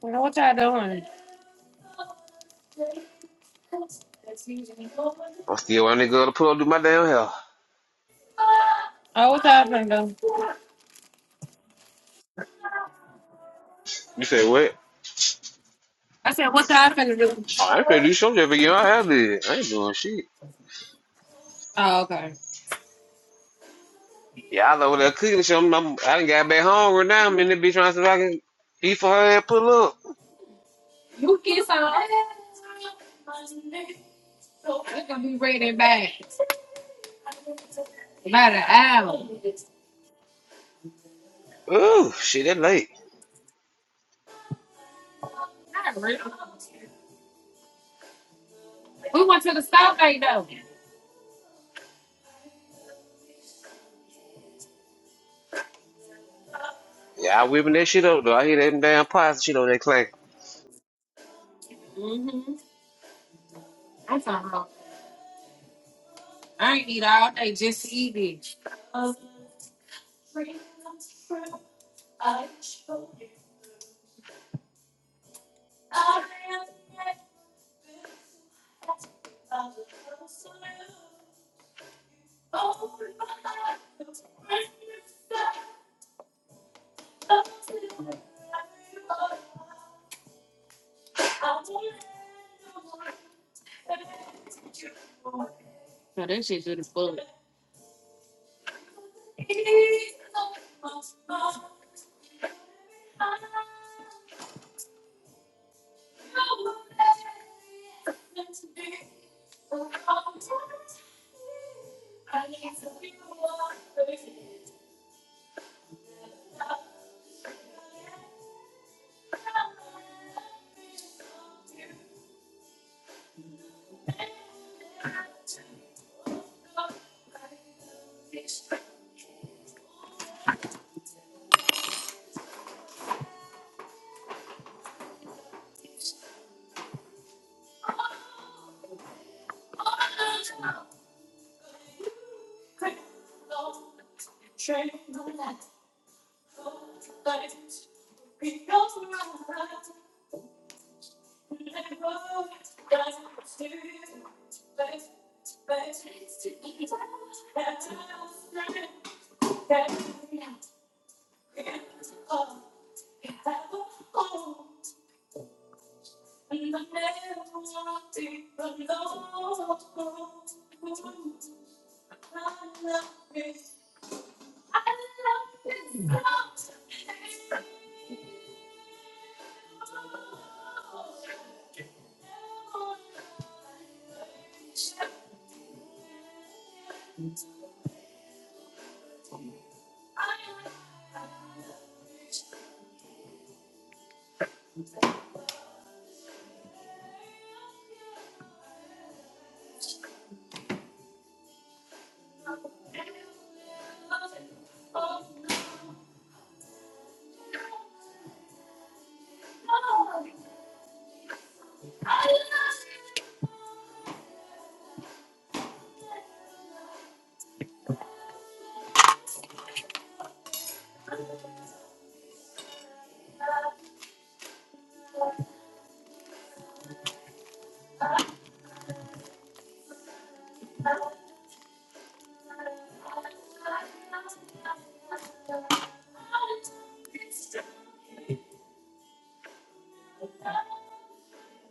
A: Well, what y'all doing?
J: I'm still on nigga to pull up do my damn hair.
A: Oh, what y'all finna do?
J: You say what?
A: I said, what y'all finna do?
J: I'm pretty sure just forget my habit. I ain't doing shit.
A: Oh, okay.
J: Yeah, I over there cooking something. I'm, I done got back home right now. I'm in the bitch trying to see if I can eat for her and pull up.
A: You kiss on It's gonna be ready back in about an hour.
J: Ooh, shit, that late.
A: Not really. We went to the stop day though.
J: Yeah, I whipping that shit up though. I hear that damn pots shit on that clay.
A: Mm-hmm. I'm talking about. I ain't eat all day just to eat it. No, that shit good as fuck.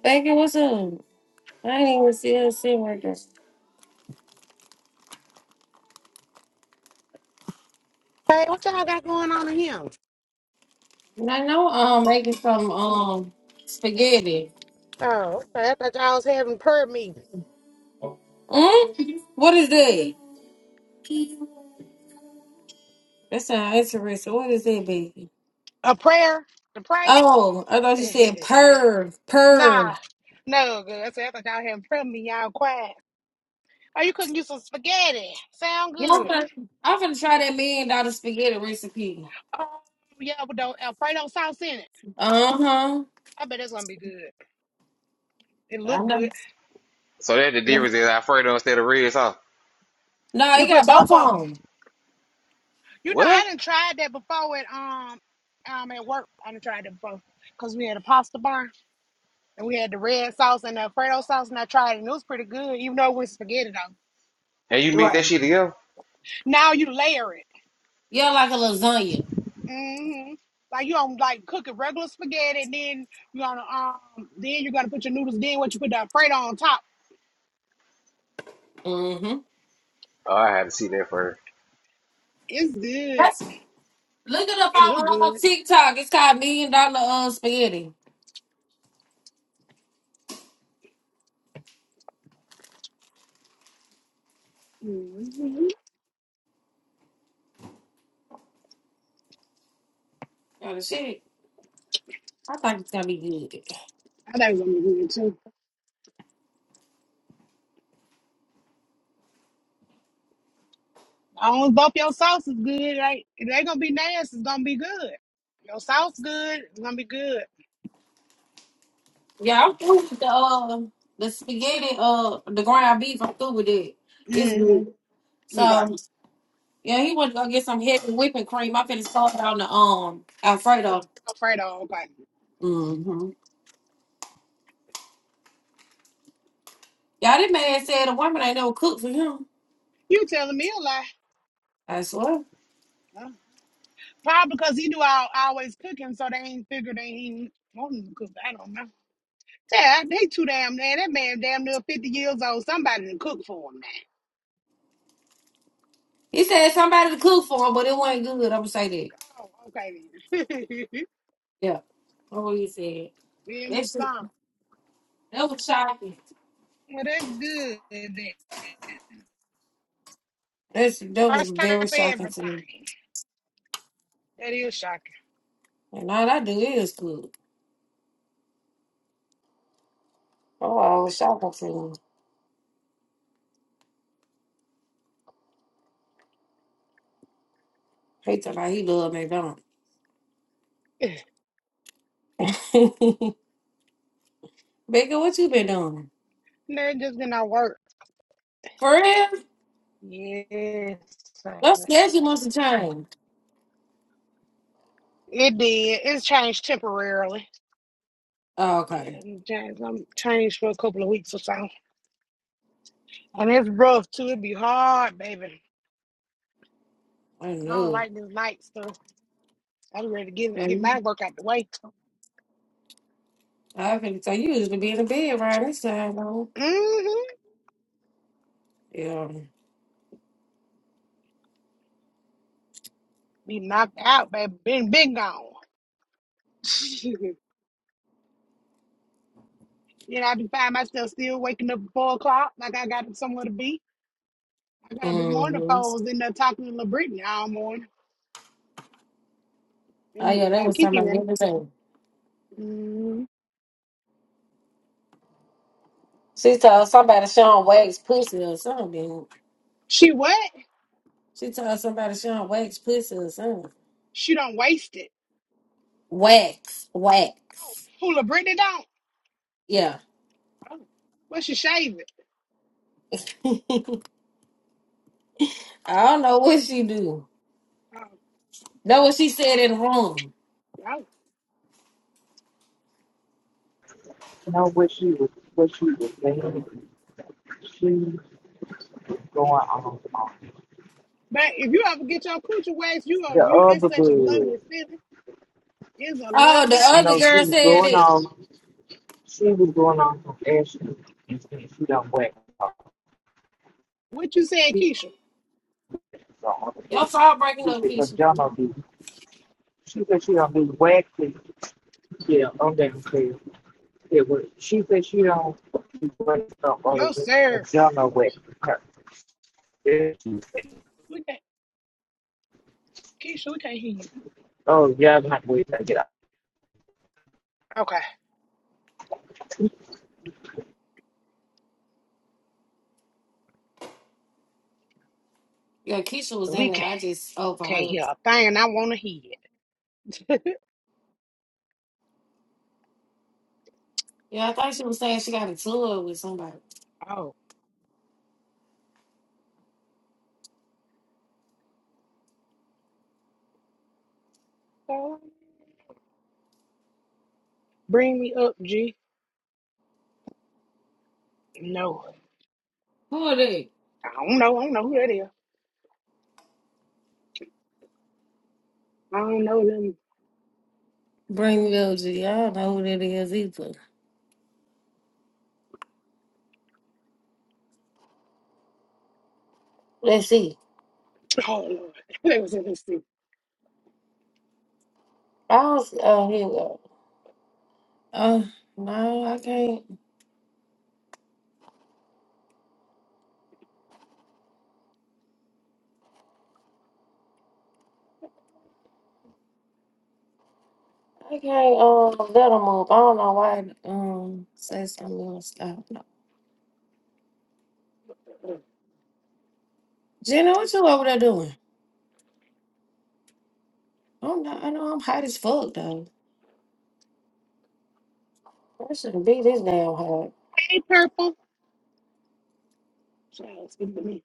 A: Thank you. What's up? I didn't even see her sitting right there.
M: Hey, what y'all got going on in here?
A: And I know um making some um spaghetti.
M: Oh, okay. I thought y'all was having prayer meeting.
A: Mm? What is that? That sounds interesting. What is that, baby?
M: A prayer to pray?
A: Oh, I thought you said perv,
M: nah,
A: perv.
M: no good. I said I thought y'all having prayer meeting. Y'all quiet. Oh, you cooking you some spaghetti? Sound
A: Yeah, I'm
M: good?
A: gonna, I'm gonna try that million dollar spaghetti recipe.
M: Oh, yeah, but don't Alfredo sauce in it.
A: Uh huh.
M: I bet that's gonna be good. It
A: I
M: look
A: know.
M: good.
J: So that the difference is Alfredo instead of red sauce.
A: No,
M: You
A: you
M: put
A: got
M: both
A: both
M: of
A: of
M: them.
A: them.
M: You know, I
J: What?
M: didn't tried that before at um um at work. I didn't tried that before because we had a pasta bar and we had the red sauce and the Alfredo sauce, and I tried it and it was pretty good, even though it was spaghetti though.
J: And you mix that
A: Right.
J: shit together?
M: Now you layer it.
A: Yeah, like a lasagna.
M: hmm Like you don't like cook a regular spaghetti, and then you gonna um, then you're gonna put your noodles. Then what you put the Alfredo on top.
A: Mm-hmm.
J: Oh, I had to see that first.
M: It's good.
A: That's look it up
M: It look
A: on, on
M: good.
A: TikTok. It's called million dollar uh spaghetti.
M: hmm
A: Oh shit. I think it's gonna be good.
M: I think it's gonna be good too. As long as both your sauce is good, Like ain't, it ain't gonna be nasty. It's gonna be good. Your sauce good. It's gonna be good.
A: Yeah, I'm through with the uh the spaghetti uh the ground beef. I'm through with it. It's
M: hmm
A: good.
M: Okay.
A: So yeah, he went to go get some heavy whipping cream. I finna start on the um
M: Oh,
A: Alfredo.
M: Alfredo. Okay.
A: Mm-hmm. Yeah, this man said a woman ain't never cooked for him.
M: You telling me a lie?
A: I swear.
M: Huh? Probably because he knew I I always cook him, so they ain't figured they ain't wanting to cook. I don't know. Yeah, they too damn man. That man damn near 50 years old. Somebody to cook for him now.
A: He said somebody to cook for him, but it wasn't good. I'm gonna say that.
M: Oh, okay then.
A: Yeah, that's what he said.
M: Feel me
A: That's that
M: some.
A: was shocking.
M: Well, that's good. Then.
A: That's that was
M: First time
A: very
M: for
A: shocking to me.
M: everything. That is shocking.
A: And all I do is cook. Oh, I was shocking to him. He thought like he loved McDonald's. Baker, what you been doing?
M: That just did not work.
A: For real?
M: Yes. son.
A: Your schedule must have changed.
M: It did. It's changed temporarily.
A: Oh,
M: Yeah,
A: okay.
M: it changed. I'm changed for a couple of weeks or so. And it's rough too. It'd be hard, baby.
A: I
M: I don't
A: know.
M: like this night stuff. I'm ready to get
A: Yeah,
M: get
A: you-
M: my work out the way.
A: I think so. You usually be in the bed right this time, though.
M: hmm
A: Yeah.
M: Be knocked out, baby. Been been gone. you know, I be find myself still waking up at four o'clock, like I got somewhere to be. I got up this morning, the
A: Mm-hmm.
M: phone was in there talking to Lil Brittany all morning
A: Oh,
M: in
A: yeah, they
M: uh,
A: was talking
M: Kiki
A: about the
M: room.
A: other day.
M: Mm.
A: She told somebody Sean Wax pussy or something.
M: She what?
A: She told somebody Sean Wax pussy or something.
M: She don't waste it.
A: Wax.
M: Oh,
A: Wax.
M: who Lil Brittany don't?
A: Yeah.
M: Oh, well, she shave it.
A: I don't know what she do.
M: Oh,
A: Know what she said in the room.
M: oh.
G: know what she was, what she was saying. She was going on. on.
M: But if you ever get your coochie waxed, you are
G: The
M: you. It's
G: other girl,
M: such a lovely
G: you
M: feeling. It's a
A: Oh, the
M: lovely feeling.
A: other
G: know, she
A: girl
G: was
A: said
G: going
A: it.
G: on. She was going on some airship and she done whacked her.
M: What you saying,
G: She
M: Keisha?
G: so
A: Y'all saw breaking up
G: said, "Cause
A: Keisha.
G: y'all know this." She said she done been whacked. and- Yeah, I'm downstairs. It was. She said she done she whacked up all the
M: Your
G: way.
M: serving
G: Cause y'all know
M: nerves.
G: whacked her. Yeah.
M: We can't, Keisha. We can't hear you.
G: Oh, you not wait to get out.
M: Okay.
A: Yeah, Keisha was
M: We
A: in there.
M: can,
A: I just
M: can't
A: overheard.
M: hear a thing I want to hear.
A: Yeah, I thought she was saying she got a tour with somebody.
M: Oh, God. bring me up, G. No,
A: Who are they?
M: I don't know. I don't know who that is. I don't know them.
A: Greenville G. I don't know who that is either. Let's see.
M: Oh, Lord. They was in this thing.
A: I was oh here we go. Oh no, I can't I can't um let them up. I don't know why it, um say something else. I don't know. Jenna, what you over there doing? I'm not I know I'm hot as fuck though. I shouldn't be this damn hot.
M: Hey, Purple. Child, speak to me.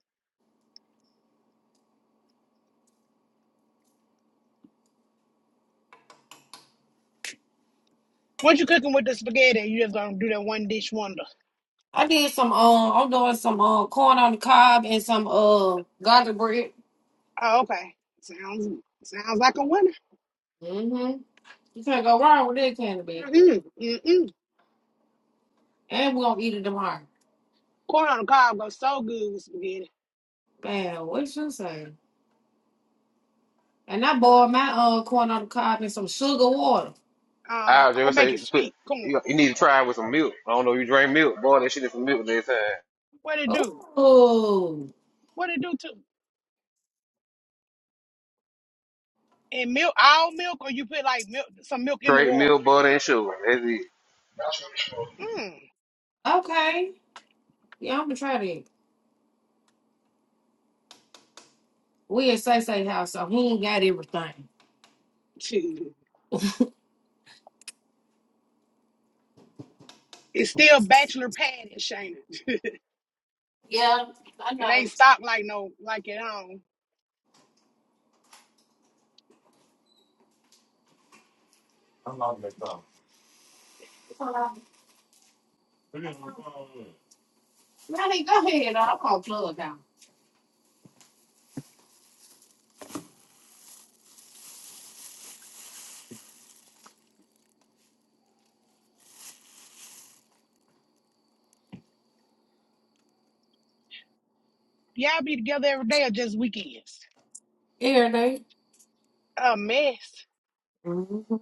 M: What you cooking with the spaghetti? You just gonna do that one dish wonder.
A: I did some um I'm doing some um corn on the cob and some uh garlic bread.
M: Oh, okay. Sounds sounds like a winner.
A: hmm You can't go wrong with that candy bag.
M: Mm mm.
A: And we're gonna eat it tomorrow.
M: Corn on the cob goes so good with spaghetti.
A: Man, what you say? And I boiled my uh corn on the cob in some sugar water.
M: Uh,
J: I was
M: I'll
J: just
M: make
J: say
M: it
J: put.
M: sweet. Come on.
J: You, you need to try it with some milk. I don't know. if You drink milk, boy. That shit is some milk next time.
M: What it do?
A: Oh
M: What it do to? And milk, all milk, or you put like milk, some milk in the
J: Straight
M: water.
J: milk, butter, and sugar. That's it.
M: Mm.
A: okay. Yeah, I'm gonna try that. We at Say Say House, so he ain't got everything.
M: Shoot. It's still bachelor pad and Shayna.
A: Yeah, I
M: It
A: know.
M: ain't stopped like no like at home.
A: Ronnie, go ahead. i will call to plug down.
M: Y'all be together every day or just weekends?
A: Every day.
M: A mess.
A: Mm-hmm.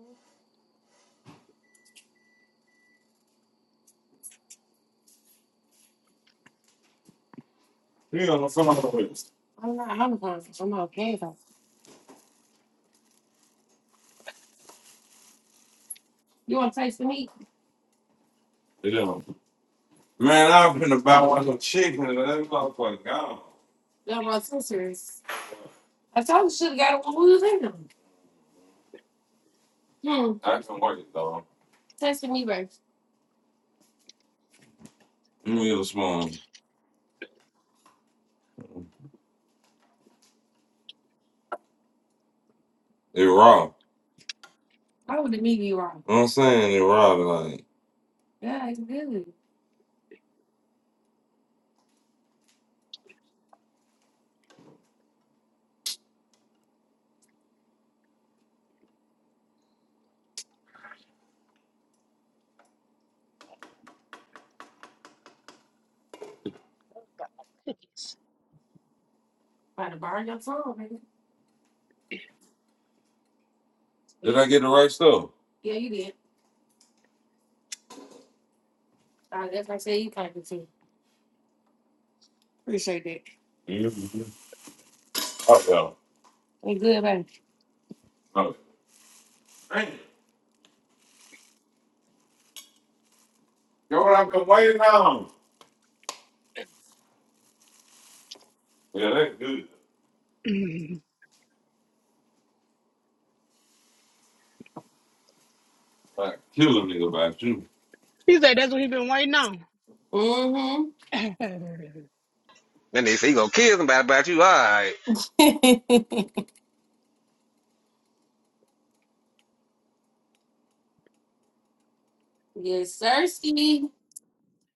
A: You Yeah, I'm not. I'm not. I'm not plugged out. You want to taste the meat? Yeah. Man, I was finna buy one some chicken and that motherfucker gone. Y'all my sisters. I told you should have got it when we was in them. Hmm. I can work it though. Taste the meat, baby. Let me get a spoon. It raw. Why would the meat be raw? I'm saying? It raw like. Yeah, it's good. About to burn your tongue, baby. Did I get the right stuff? Yeah, you did. Uh, that's what I said you thankful too. Appreciate that. Mm-hmm. Oh yeah. Ain't good, baby. Oh. Dang. You know what I've been waiting on? Yeah, that's good.
M: Mm.
A: Like kill a nigga by you.
M: He said that's what he been waiting on.
A: Mm-hmm.
M: okay then.
J: Then they say you gonna kill somebody about you. All right.
A: yes, sirski.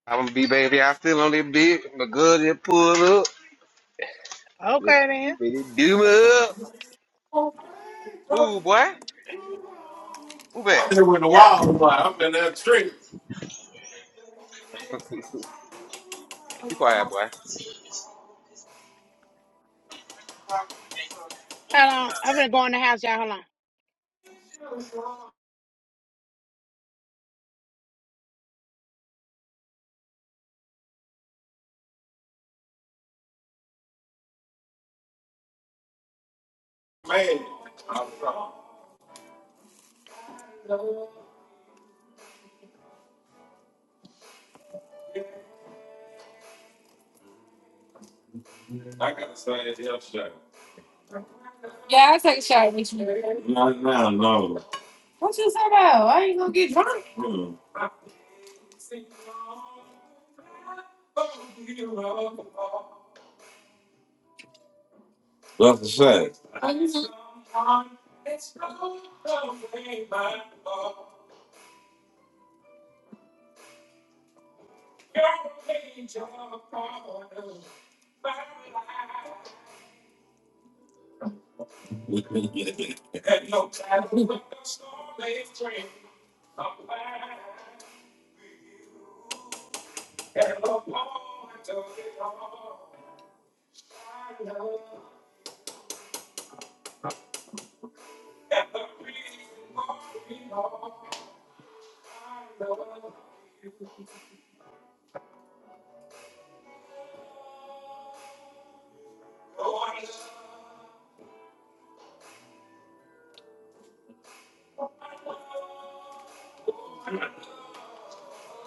J: I'm going to be baby, I still on that bitch. My good it pull up. It, it do me up. Move, boy. Move back. Be quiet, boy.
M: Hold on. I'm gonna go in the house, y'all. Hold on.
A: Man, I gotta say it's your shot. Yeah, I'll take a shot with you. No, no, no. What you talking about? I ain't gonna get drunk. Mm. That's a shot.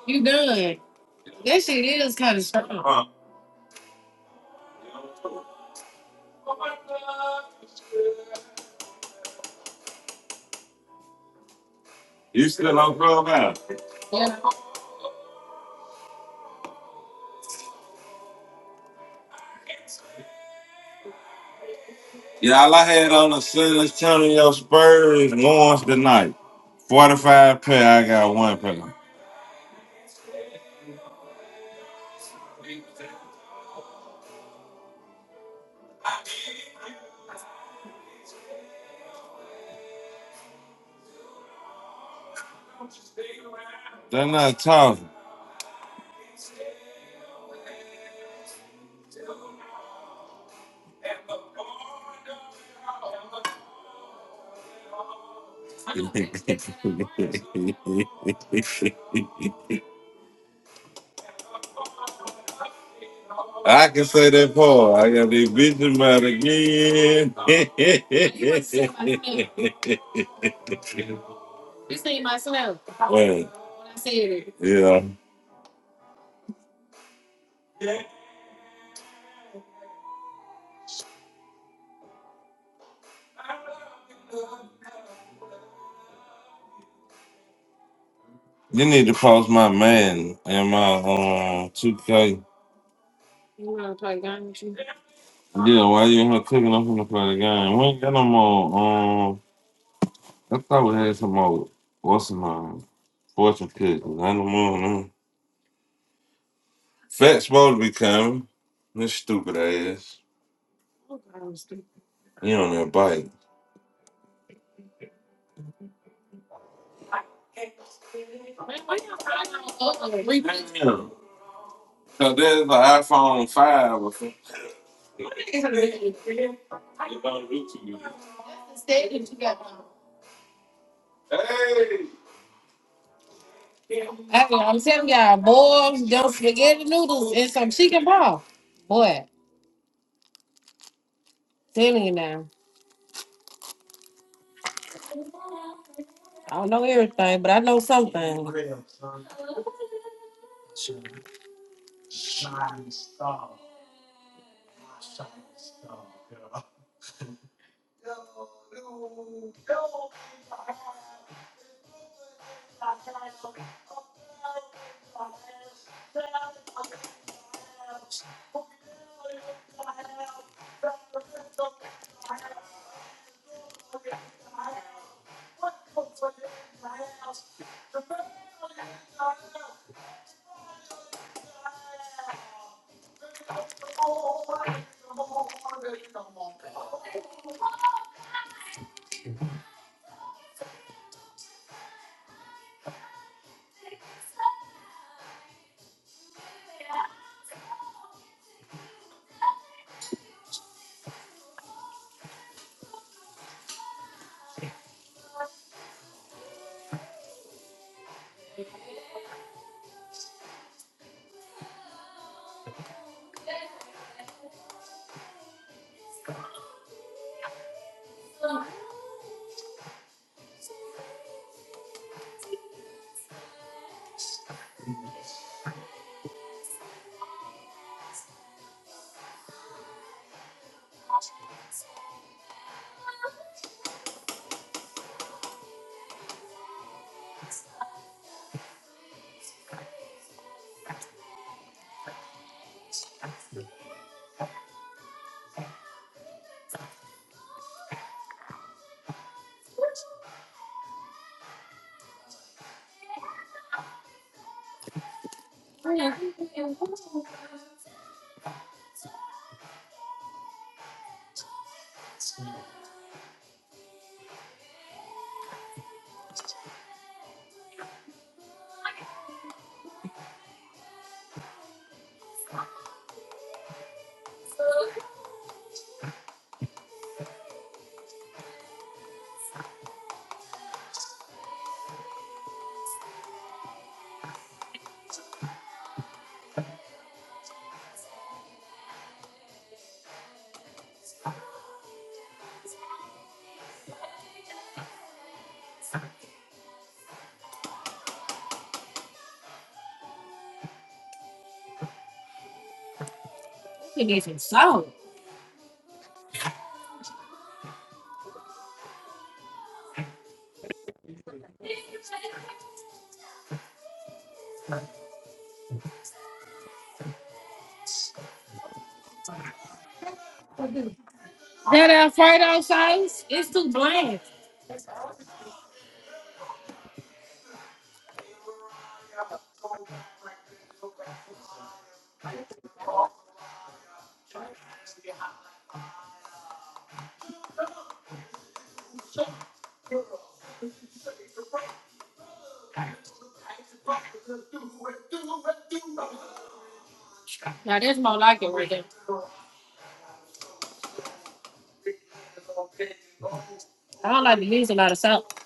A: You done. That shit is kind of strong. Huh. you still on Clubhouse? Yeah. Yeah, all I had on the Sinless Channel, your Spurs, once tonight. 45 pair, I got one pair. They're not talking. I can say that part. I got the vision out again. you see myself. Wait. I said it. Yeah. You need to post my man and my um 2K. You wanna play games? Yeah, why you ain't here cooking up in the play the game? We ain't got no more. um, I thought we had some more. What's my fortune cookies? I don't know. them. Fat's supposed to be coming. This stupid ass. You on that bike. Damn. So there's an iPhone 5 or something. Hey! I I'm telling y'all, boy, them spaghetti noodles and some chicken broth. Boy, telling you now. I don't know everything, but I know something. You need some salt. That Alfredo sauce, it's too bland. Now that's more like it right there. I don't like to use a lot of salt.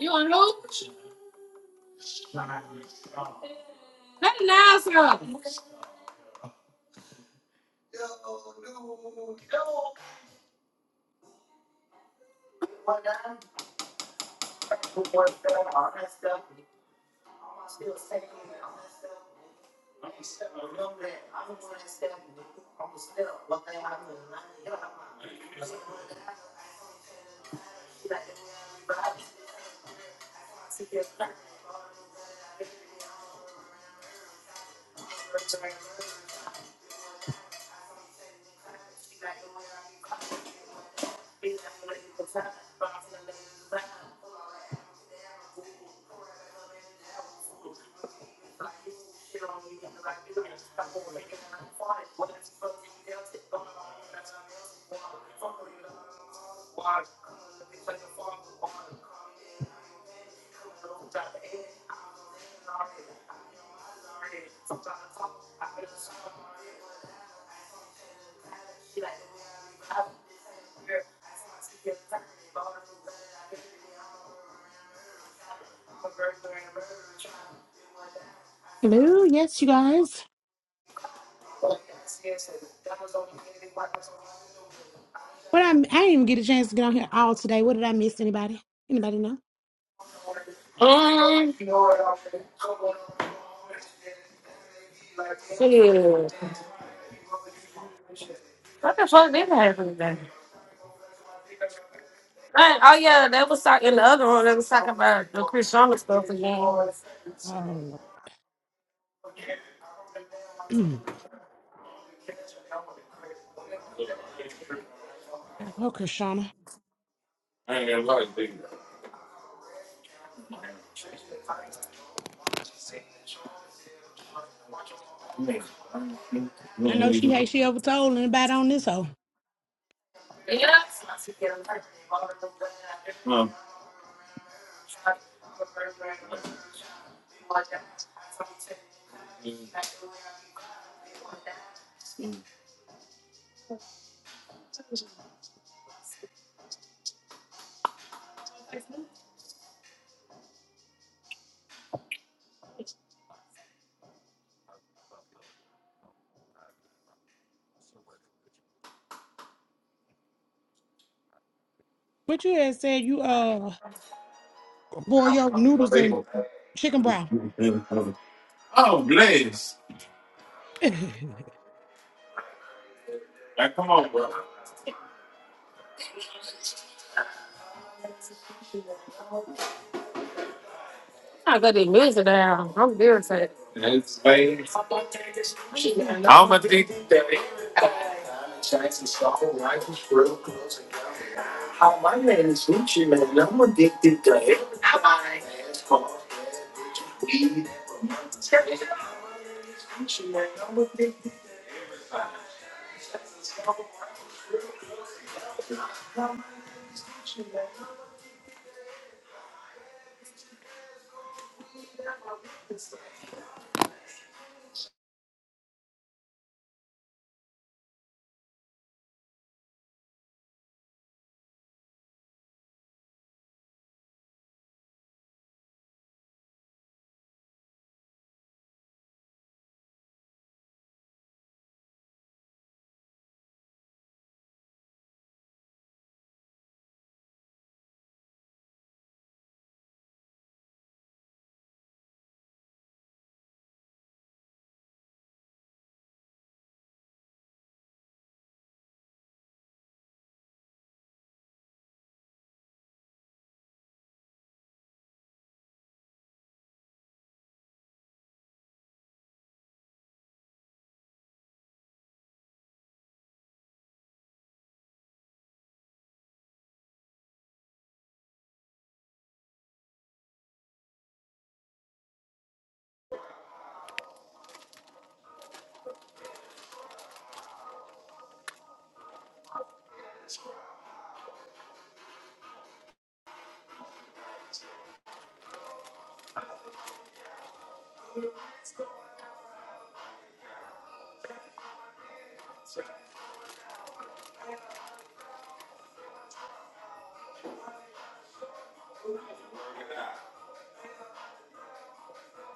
A: You want who? That's nice. sauce.
M: Hello, yes, you guys. What I I didn't even get a chance to get on here all today. What did I miss? Anybody? Anybody know?
A: Shit. What the fuck did happen today? Hey, oh yeah, they was talking in the other room. They was talking about the Chris Sharma stuff again.
M: Oh, okay, Shauna.
A: I ain't gonna lie to
M: I know she hate. she overtold anybody on this hoe. But you had said you uh boil your noodles in chicken broth.
A: you. Nice.
M: I
A: I got this music down. I'm irritated.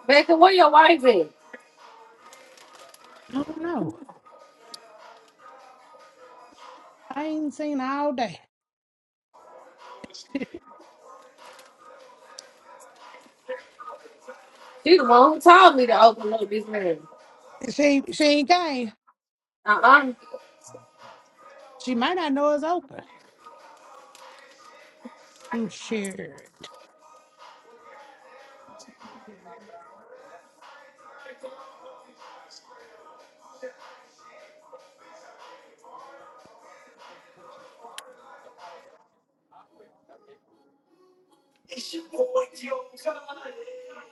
A: Becca, where your wife at?
M: don't know. I ain't seen her all day.
A: She the one who told me to open up this man.
M: She she ain't came.
A: Uh-uh.
M: She might not know it's open. Mm, Shit.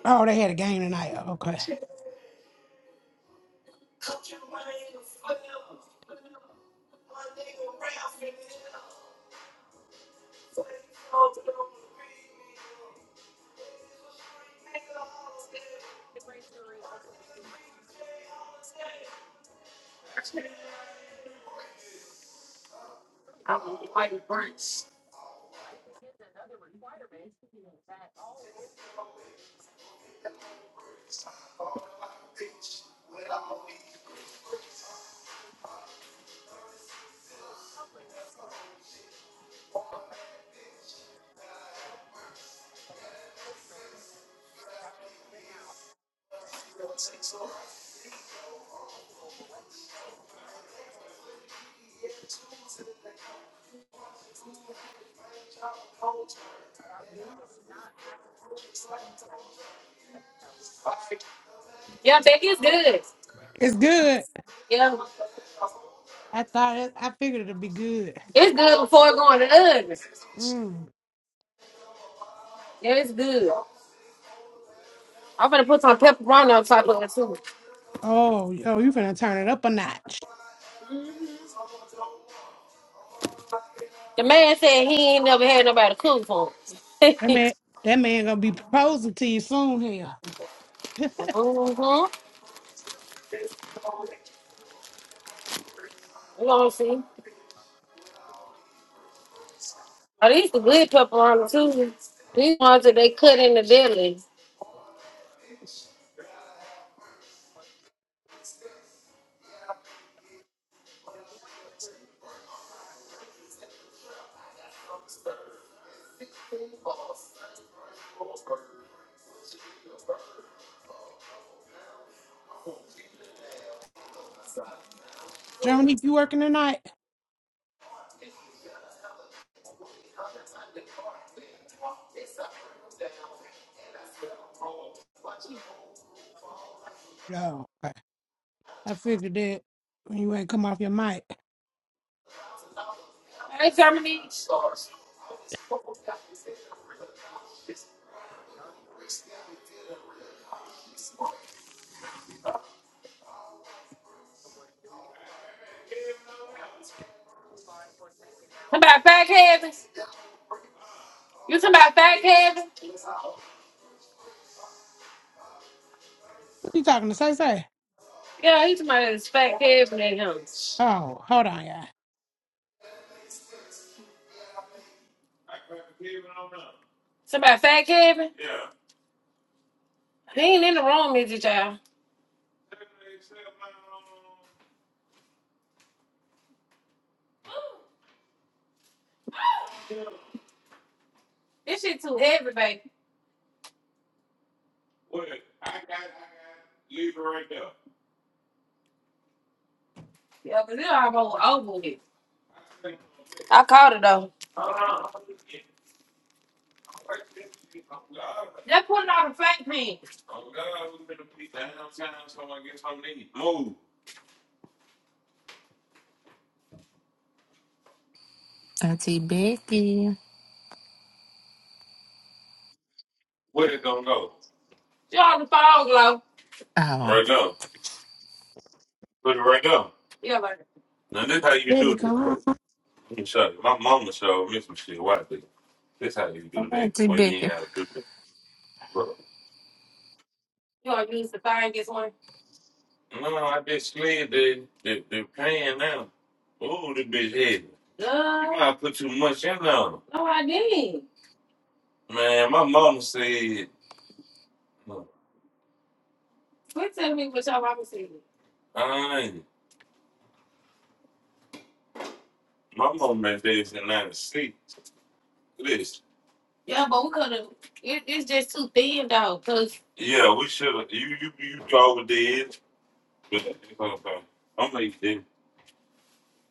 M: Oh, they had a game tonight. Okay.
A: Uh, Yeah, that is good.
M: It's good.
A: Yeah.
M: I thought it, I figured it'd be good.
A: It's good before it go in the oven.
M: Mm.
A: Yeah, it's good. I'm gonna put some pepperoni on top of it too.
M: Oh, oh, you finna turn it up a notch.
A: The man said he ain't never had nobody cook for him.
M: That man that man gonna be proposing to you soon here.
A: mm-hmm. You gonna see. Oh, these the good pepperoni too. These ones that they cut in the deli.
M: Germany, you working tonight? Yo, okay. I figured that when you ain't come off your mic.
A: Hey, Germany. Talking about fat Kevin? You talking about fat Kevin?
M: What you talking to Say Say?
A: Yeah, he talking about this fat Kevin and him.
M: Oh, hold on, yeah.
A: Somebody fat Kevin? He ain't in the room, is it, y'all? This shit too heavy, baby. Yeah, 'cause it almost over with. I caught it though. Just put it on the flat pan.
N: Auntie Becky.
A: Where it gonna go? She on the fog glow.
N: Oh,
A: Right there. Put it right there. Yeah, like. Now this how you
M: Baby,
A: do this.
M: come on.
A: Look, Let me show you. My mama showed me some shit. Watch this. This how you do that
N: Auntie
A: when you ain't
N: Becky.
A: how to do that. Bro. You want to use the thing one? No, I just slid the the, the pan now. Ooh, this bitch heavy. You Uh, you might have put too much in there. no, I didn't. Man, my mama said, Quit telling me what your mama said. I ain't. My mom made this in nine This. Yeah, but we could have. It, it's just too thin, though. Cause Yeah, we should have. You you you overdid. But it's okay. I'm like this.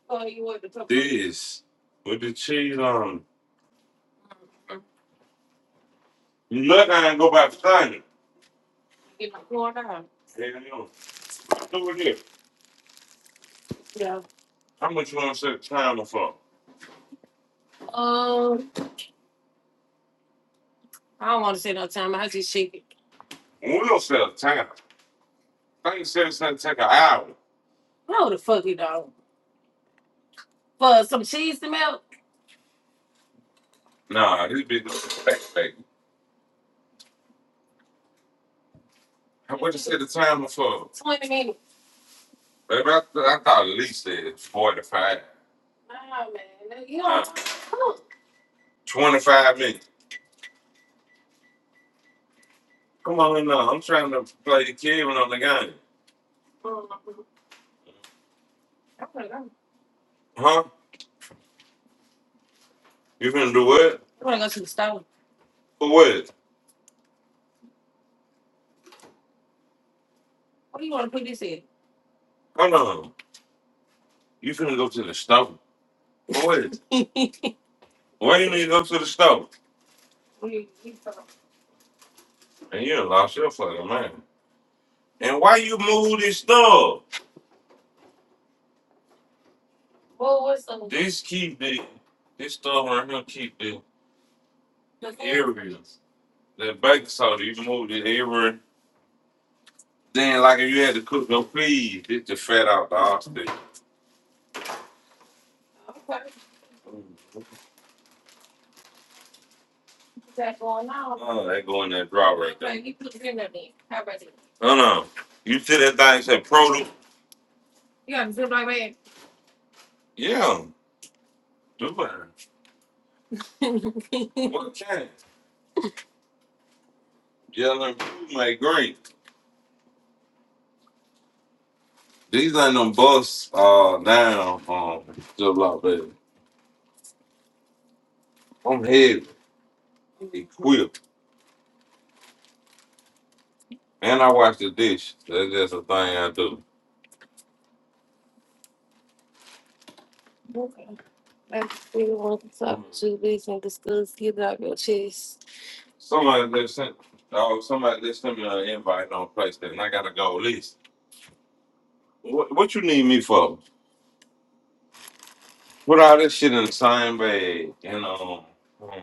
A: oh, you want the put This with the cheese on. Look, I ain't go back to time. Get my corn out. Hey, I know. Do here. Yeah. How much you want to set the timer for? Um, I don't want to set no timer. I just shake it. We don't set a timer. I ain't set a timer. Take an hour. No, the fuck it don't. for some cheese to melt. Nah, this bitch was back, baby. What you said the time was for? Twenty minutes. Baby, I, I thought at least it was 45. Nah, man, you Uh, don't cook. 25 minutes. Come on in now. I'm trying to play the kid when I'm the game. Mm, I'm gonna go. Huh? You finna do what? I'm gonna go to the store. For what? What do you want to put this in? Hold on. You finna go to the store. For what? Why you need to go to the store? And you done lost your fucking mind. And why you move this stuff? This keep the this stuff right here keep the areas. That baking soda, you move the area. Then like if you had to cook no peas, it the fat out the oxygen. Okay. Is that going on? Oh, that go in that drawer right there. Okay, You put it in there. then. How about it? No, no. You see that thing said produce? You got to do it like that? Yeah, do it. What can? Yellow and blue make green. These ain't them busts uh down um just like that. I'm heavy, equipped, and I wash the dish. That's just a thing I do. I feel what the top two these niggas good get it out your chest. Somebody just sent oh somebody just sent me an invite on PlayStation. I gotta go list. What, what you need me for? Put all this shit in the same bag and um um,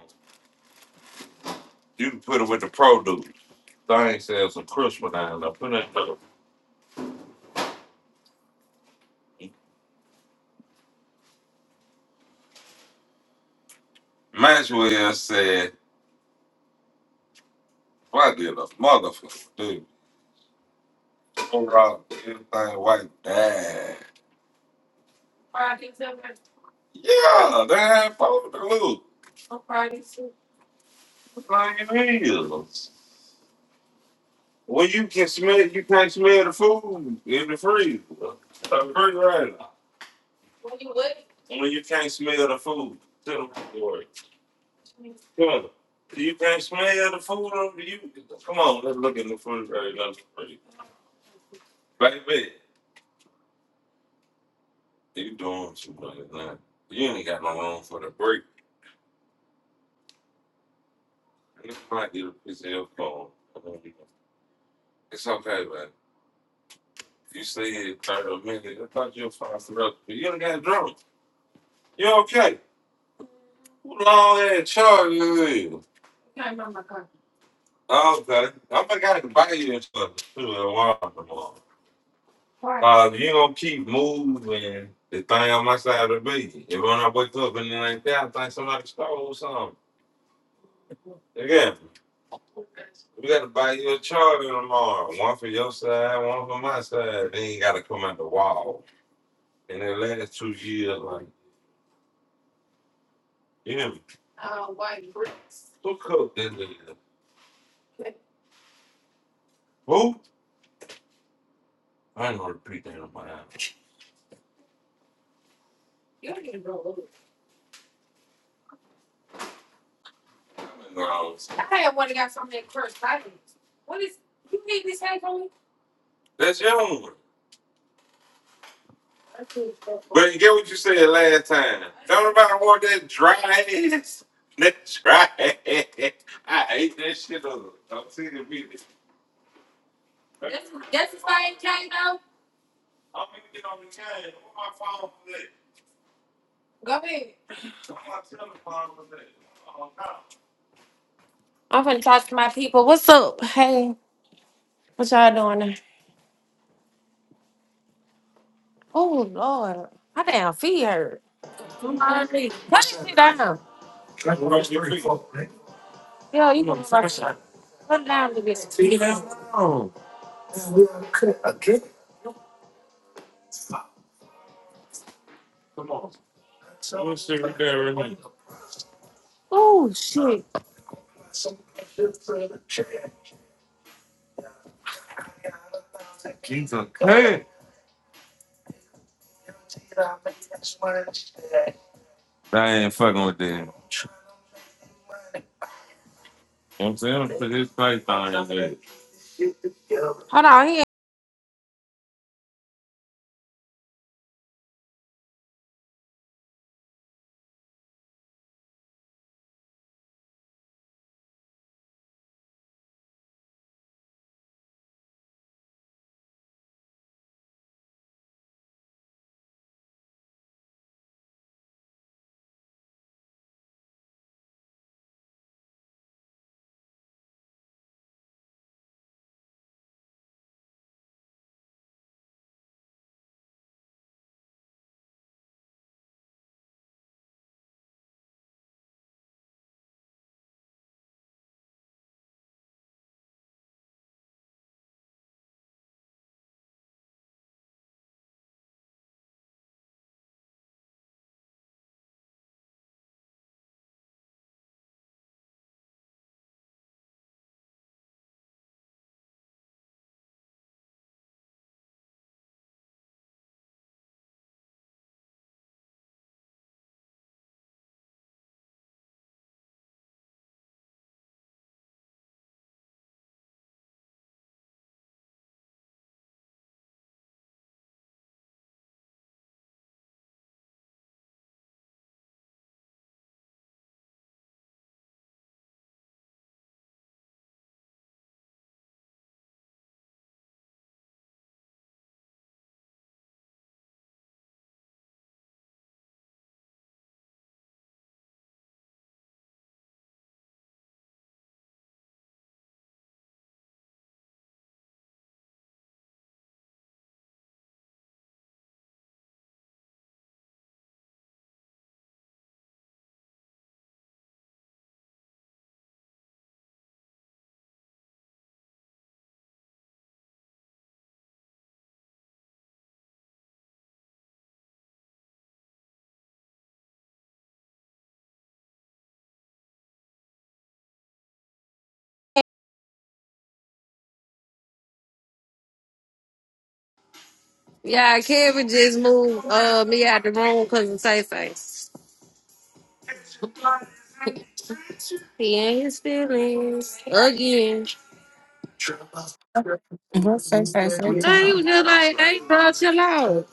A: you can put it with the produce. Thing said some crisper down there. Put it in the Maxwell said. I did a motherfucker, dude. Overall, everything white bad. Friday Silver? Yeah, they had four to lose. On Friday Silver? Like it is. When you can smell, you can't smell the food in the freezer. The refrigerator. When you what? When you can't smell the food, tell them Lord, Come on. You can't smell the food on you. Come on, let's look in the refrigerator. Baby, You doing too much now. You ain't got no room for the break. You might get a piece of your phone. It's okay, man. If You stay here 30 minutes. I thought you were fine for us. but You ain't got drunk. You okay? Who long ass charge you is? Came from my car. Oh, okay. I'm gonna gotta buy you something too at Walmart tomorrow. Why? Uh, you gonna keep moving the thing on my side of the bed. If when I wake up and it ain't there, I think somebody stole something. Again. We gotta buy you a charter tomorrow. One for your side, one for my side. Then you gotta come out the wall. In the last two years, like, you know. Uh, white bricks. Who cooked that nigga? Okay. Who? I ain't gonna repeat that on my ass. You don't even roll over. I'm I had one that got something that crushed titles. What is, you need this hat, homie? That's your one. But you get what you said last time. Don't nobody want that dry ass. That dry ass. I hate that shit up. I'm seeing the video. that's the same thing though. Go ahead. I'm finna talk to my people. What's up? Hey, what y'all doing there? Oh Lord. My damn feet hurt. Put it down. Yo, you Put it down to this. Oh shit. He's a cut. I ain't fucking with that. You know what I'm saying? I'm gonna put his face on his head. Hold on, he ain't- yeah, Kevin just moved uh me out the room because of Tay Face. He ain't his feelings again.
N: What face I said
A: No,
N: to
A: he was just like, hey, bro, chill out.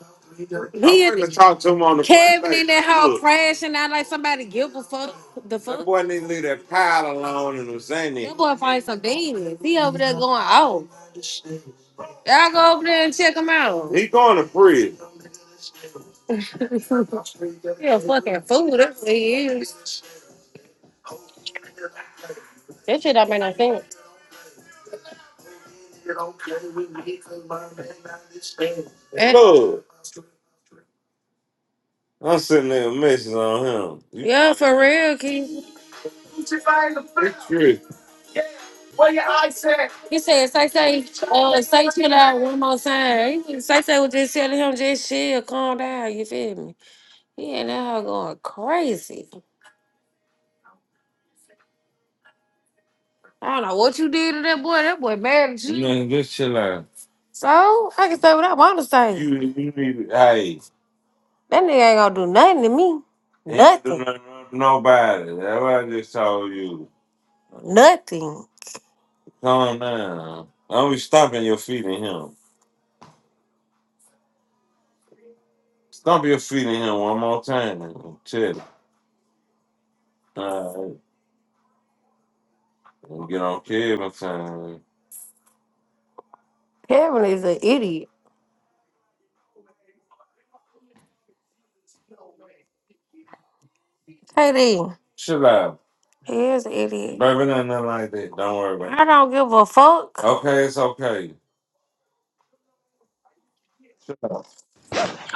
A: He I'm finna talk to him on the Kevin in that hole Look. crashing out like somebody give a fuck. The fuck? That boy need to leave that pile alone and I'm saying that. That boy find some demons. He over there going, oh, y'all go over there and check him out. He going to prison. He a fucking fool. That's what he is. That shit don't make no sense. And- Look. I'm sitting there messing on him. You Yeah, for real, Keith. tripping. He said, say, say, uh, say, chill out one more time. He- Say, say was just telling him, just chill, calm down, you feel me? He and that hoe going crazy. I don't know what you did to that boy. That boy mad at you. Man, just chill out. So, I can say what I want to say. You, you need, hey, That nigga ain't gonna do nothing to me. ain't do Nothing. nothing to nobody. That's what I just told you. Nothing. Calm down. Always stomping your feet in him. Stomp your feet in him one more time and chill. All right. And get on Kevin time. Kevin is an idiot. KD, Chill out. he is an idiot. Baby, nothing like that. Don't worry about it. I don't give a fuck. Okay, it's okay.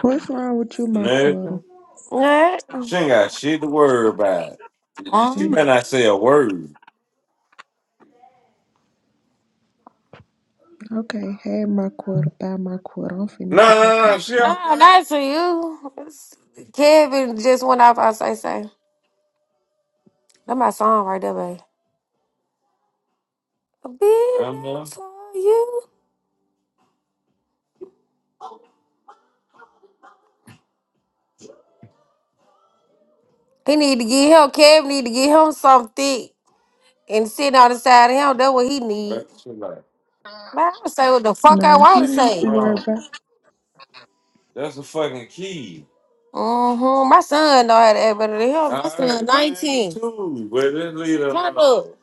O: What's wrong with you, my quarter?
A: Nothing. Yeah. She ain't got shit to worry about. She Um,
O: Mm,
A: better not say a word.
O: Okay, hey, my quarter, buy my quarter. I'm finna
A: No,
O: get back
A: no, no.
O: off
A: She no,
O: you.
A: okay. not to you. It's- Kevin just went off. I say say. That my song right there, babe. I'll be Uh-huh. there for you. He need to get him. Kev need to get him something thick and sitting on the side of him. That's what he need. Back to life. Man, I say what the fuck I
O: Nah,
A: want
O: he
A: to
O: need
A: say.
O: to worry
A: Oh,
O: about.
A: that's a fucking key. Mm-hmm. My son know how to act better than him. My I son heard mine 19. too, but leave it Shut alone. up.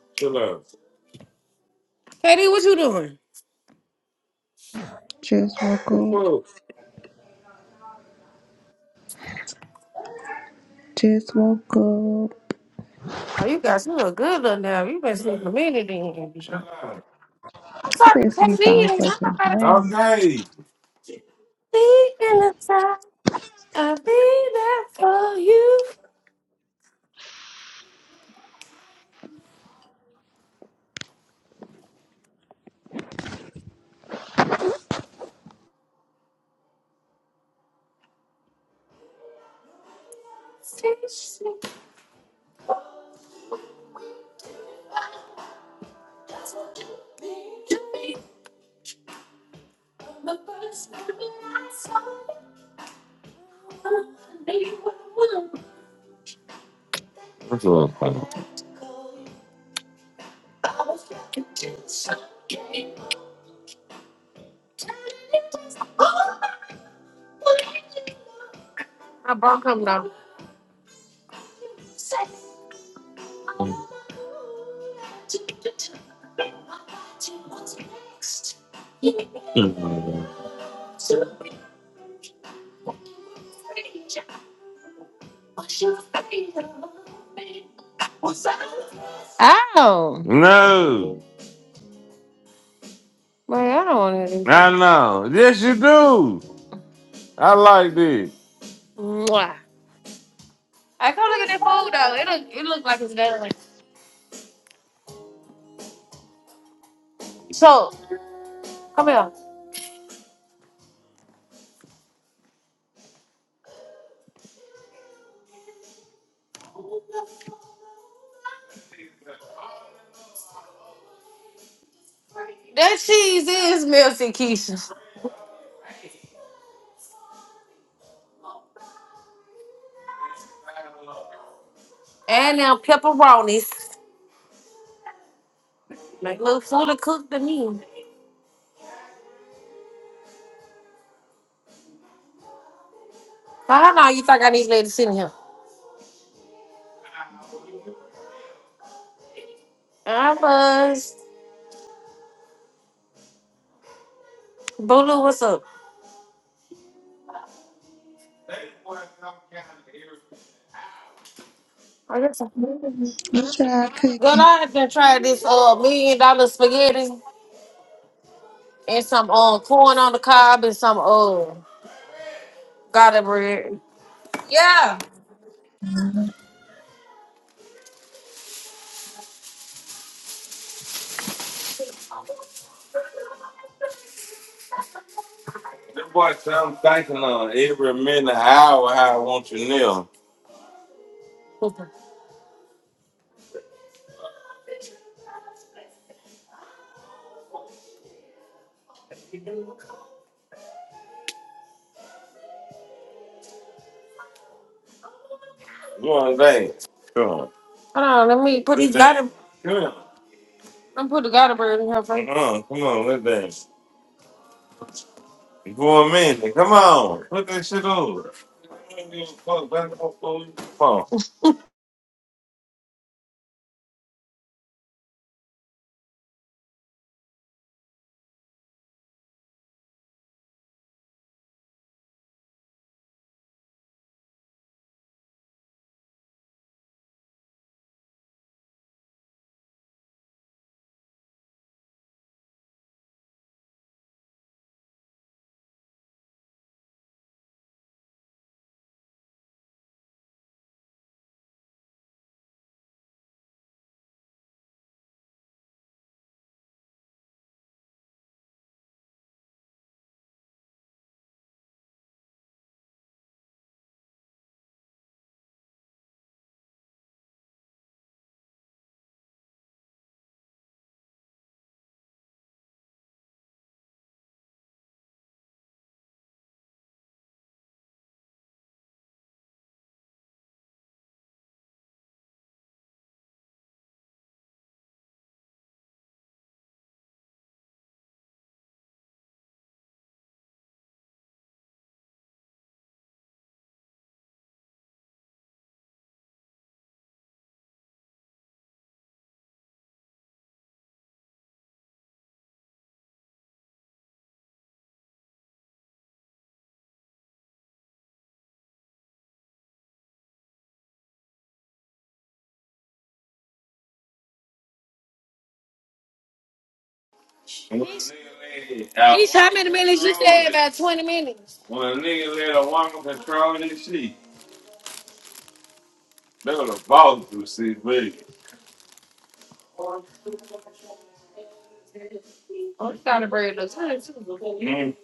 A: Katie, what you doing?
O: Just woke up. Just woke up.
A: Oh, you got you look good up now. You been sleeping a minute then. I'm
O: I've
A: talking
O: been
A: to
O: asleep
A: Katie.
O: all
A: I'm
O: fucking
A: not
O: day.
A: about to Okay. Legal inside. I'll be there for you. That's a little funny. I bought him though. Ow! No, Boy, I don't want to do I know. Yes, you do. I like this. Mwah. I come look at that food though. It look, it look like it's good. So, come here. That cheese is melted, Keisha. And them pepperonis. Like, look, fully cooked to me. So, how long you think I need to let it sit in here? I was. Boo, what's up? I guess I can. Girl,
O: What y'all cooking?
A: I done tried this uh million dollar spaghetti and some uh corn on the cob and some uh garlic bread. Yeah. That boy sound thinking on every minute hour how I want you now. Hold You understand? Come on. on, let me put these dance. garlic. Come on. Let me put the garlic bread in here first. Uh-uh. Come on, let that. dance. For a minute. Come on. Put that shit over. Come on. Each how many minutes you said? About 20 minutes. when a nigga let a woman control this shit, they would have balled through six baby. Mm.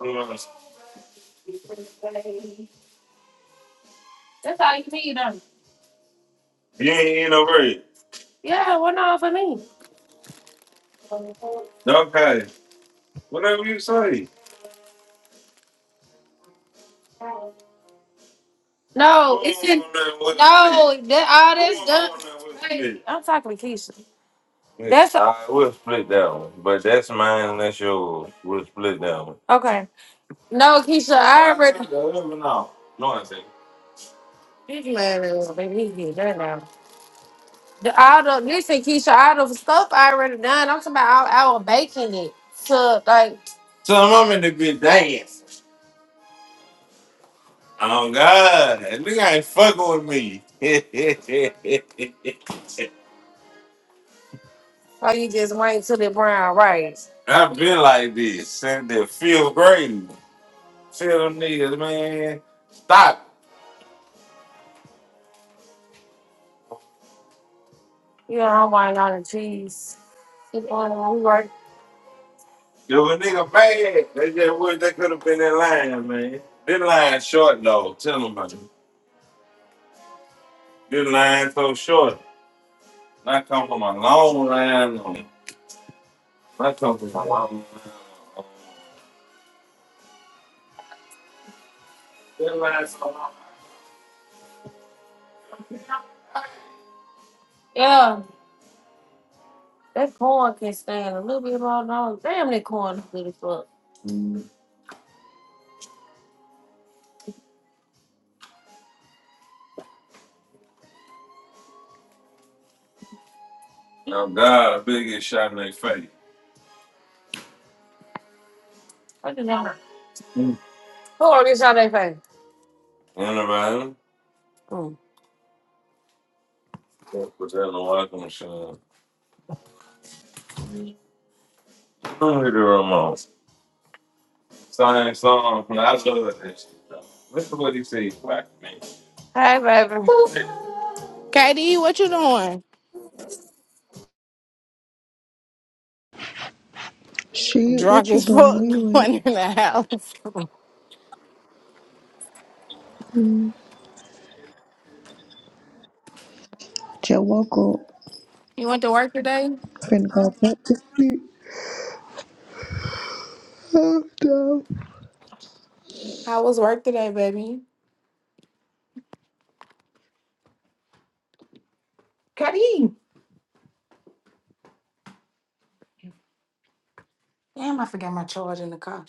A: Uh, You know. ain't in no red. Yeah, well, not for me. Okay. Whatever you say. No, it's in. No, that all Who that's done. Hey, I'm talking to Keisha. Yeah. That's All right, we'll split that one. But that's mine, and that's yours. We'll split that one. okay. No, Keisha, I already. No, no, no. This man is making me get done now. The all the listen, Keisha, all the stuff I already done. I'm talking about I, I was baking it. So like So I'm in the bit dancing. Oh God, that nigga ain't fucking with me. oh you just went to the brown rice. I've been like this since the fifth grade. Tell them niggas, man, stop. You know, I'm white on the cheese. If a nigga bad, they just wish they could have been in line, man. This line short though, tell them about it. This line so short. I come from a long line. on- I come from a long line. Yeah, that corn can stand a little bit more long. Damn, that corn is good as fuck. Oh God, big get shot in their face. I do not. Who are these out their face? Anybody? Mm. Put that in the walking machine. Who hit the remote? Same song. I love that shit. though. Listen to what he said Black man. Hi, baby.
P: KD, what you doing?
O: Shit,
P: Drunk
O: what you
P: as
O: doing? Where
P: fuck
O: you
P: going
O: at?
P: in the house.
O: Mm, just woke up.
P: You went to work today?
O: Finna go back to sleep. Oh, no.
P: How was work today, baby? Cuddy. Damn, I forgot my charge in the car.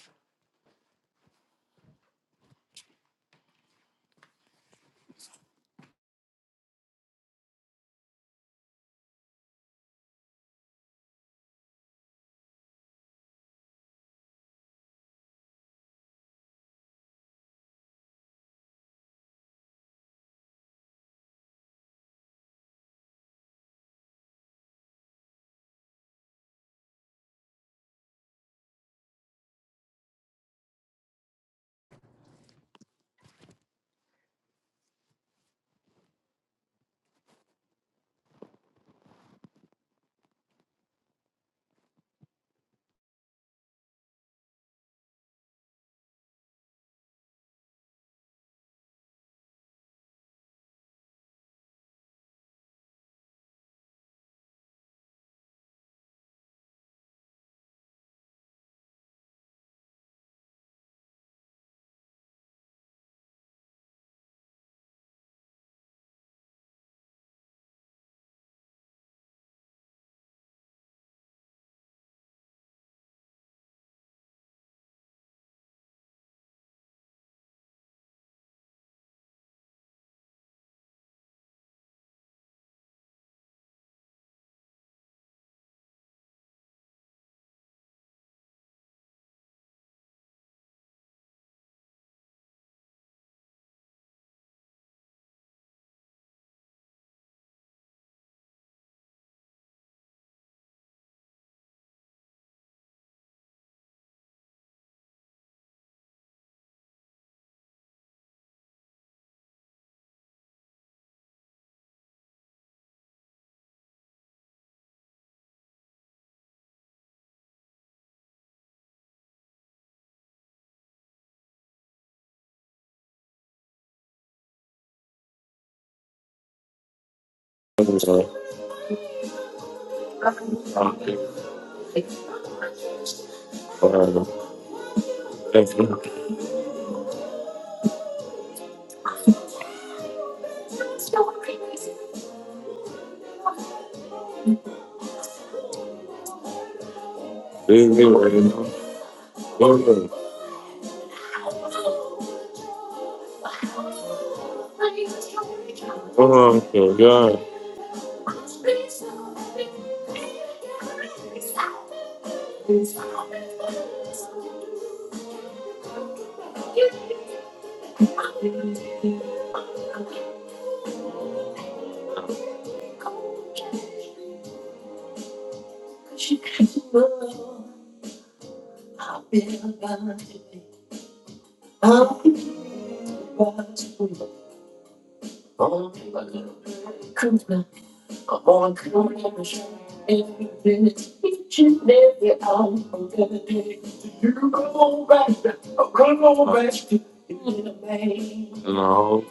A: No.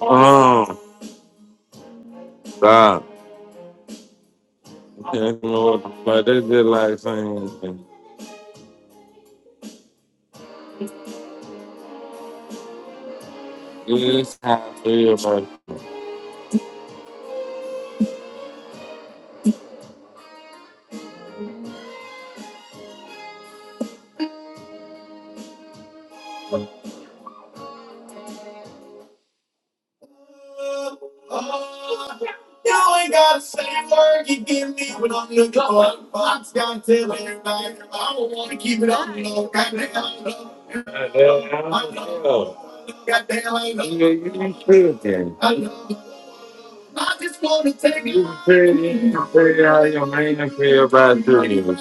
A: Oh, stop. I don't know what- But they just like saying, this how I feel, but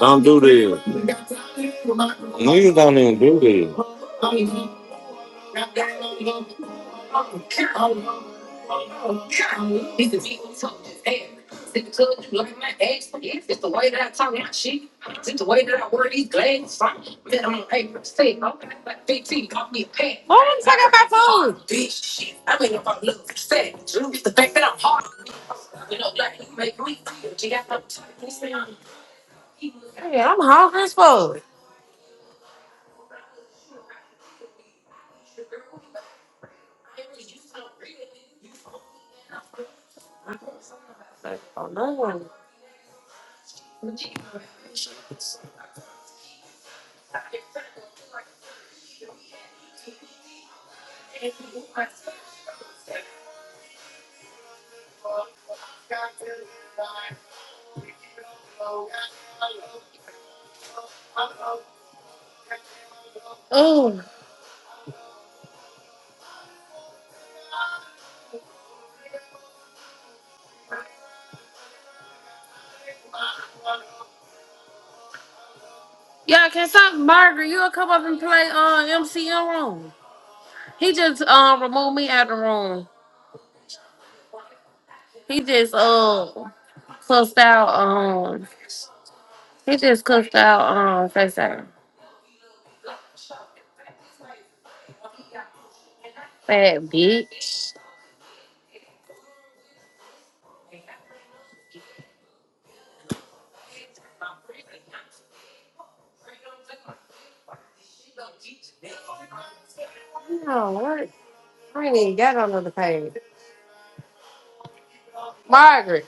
A: don't do this. Niggas don't even do this. Oh, I'm talking about food. Yeah, I'm hungry as fuck. Oh, no. Oh, yeah. Can something, Margaret? You'll come up and play on uh, MCM room. He just um removed me out of the room. He just uh cussed out. um. He just cussed out um FaceTime. Fat bitch. No, what? I ain't even got on another page. Margaret,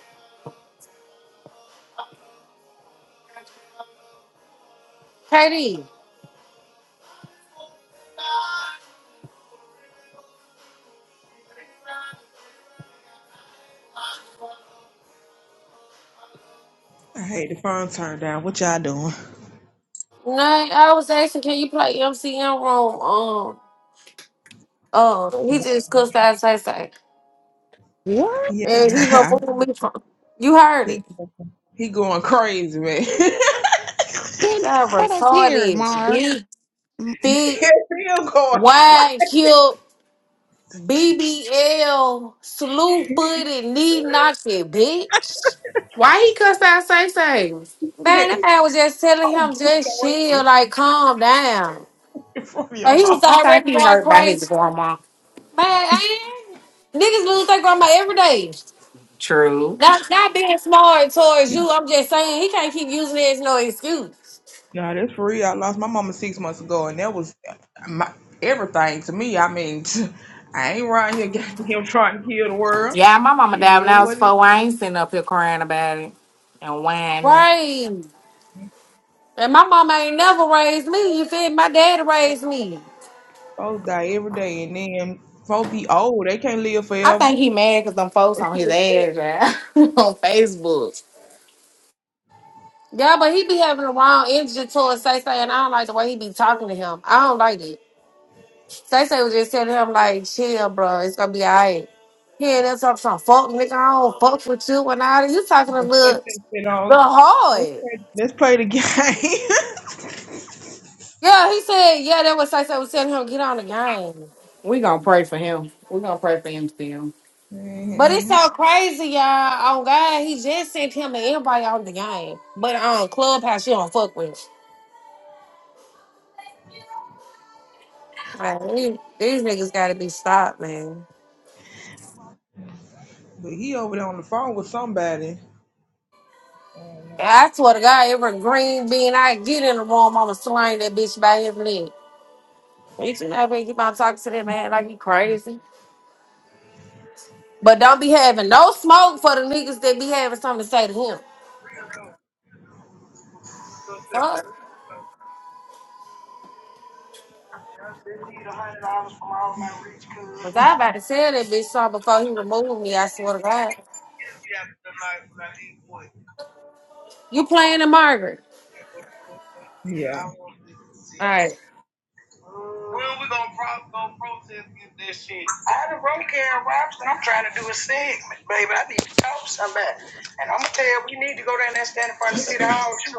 A: Katie.
H: I hate the phone turned down. What y'all doing?
A: No, I was asking, can you play MCM room? Um, uh, he just cussed out FaceTime.
M: What?
A: And he
H: Yeah,
A: removed me from. You heard it.
H: he he going crazy, man. he
M: Baby,
A: Y'all
M: let us hear it,
A: retarded.
M: Mark.
A: Big,
M: Mm,
A: thick,
H: still going
A: wide, hip, BBL, slew footed, knee knocking, bitch.
P: Why he cussed out Say Say?
A: Man, that
H: crazy.
A: man was just telling
H: Oh,
A: him
H: get
A: just chill,
H: away
A: like calm down.
H: from your
A: Like, he was
H: house.
P: I think
A: already
P: he
A: going
P: hurt by his
A: crazy.
P: grandma.
A: Man, I ain't- niggas lose their grandma every day.
P: True.
A: Not not being smart towards you. I'm just saying he can't keep using it as no excuse.
H: Nah, that's for real. I lost my mama six months ago, and that was my everything to me. I mean, I ain't around here goddamn trying to heal the world.
P: Yeah, my mama
H: It
P: died when
H: is
P: I was
H: what it
P: four.
H: is.
P: I ain't sitting up here crying about it and whining.
A: Right. And my mama ain't never raised me. You feel me? My dad raised me.
H: Folks die every day, and then folks be old. They can't live
P: I think
H: forever.
P: he mad because them folks
H: What
P: on his
H: you expect?
P: ass on Facebook.
A: Yeah, but he be having the wrong energy towards Say Say, and I don't like the way he be talking to him. I don't like it. Say say was just telling him like, chill, bro, it's gonna be alright. He ain't there talking some fuck nigga, I don't fuck with you and all that. You talking a little,
H: You know,
A: little
H: let's
A: hard.
H: play, let's play the game.
A: Yeah, he said, yeah, that was Say say was telling him get on the game.
P: We gonna pray for him. We gonna pray for him still.
A: But it's
H: Man,
A: so crazy, y'all. Oh God, he just sent him and everybody on the game. But on Clubhouse, you don't fuck with. Like, these, these niggas gotta be stopped, man.
H: but he over there on the phone with somebody.
A: And I swear to God, every green bean I get in the room, I'ma slang that bitch by his leg. Bitch, you know, I better keep on talking to that man like he crazy. But don't be having no smoke for the niggas that be having something to say to him. Fuck.
H: Yeah. they need a hundred dollars from all my rich
A: Was
H: cousins.
A: I about to tell that bitch something before he removed me? I swear to God.
H: Yeah, tonight When I need what?
A: You playing in Margaret?
H: Yeah.
A: All right.
H: When we gonna pro- gonna protest against that shit?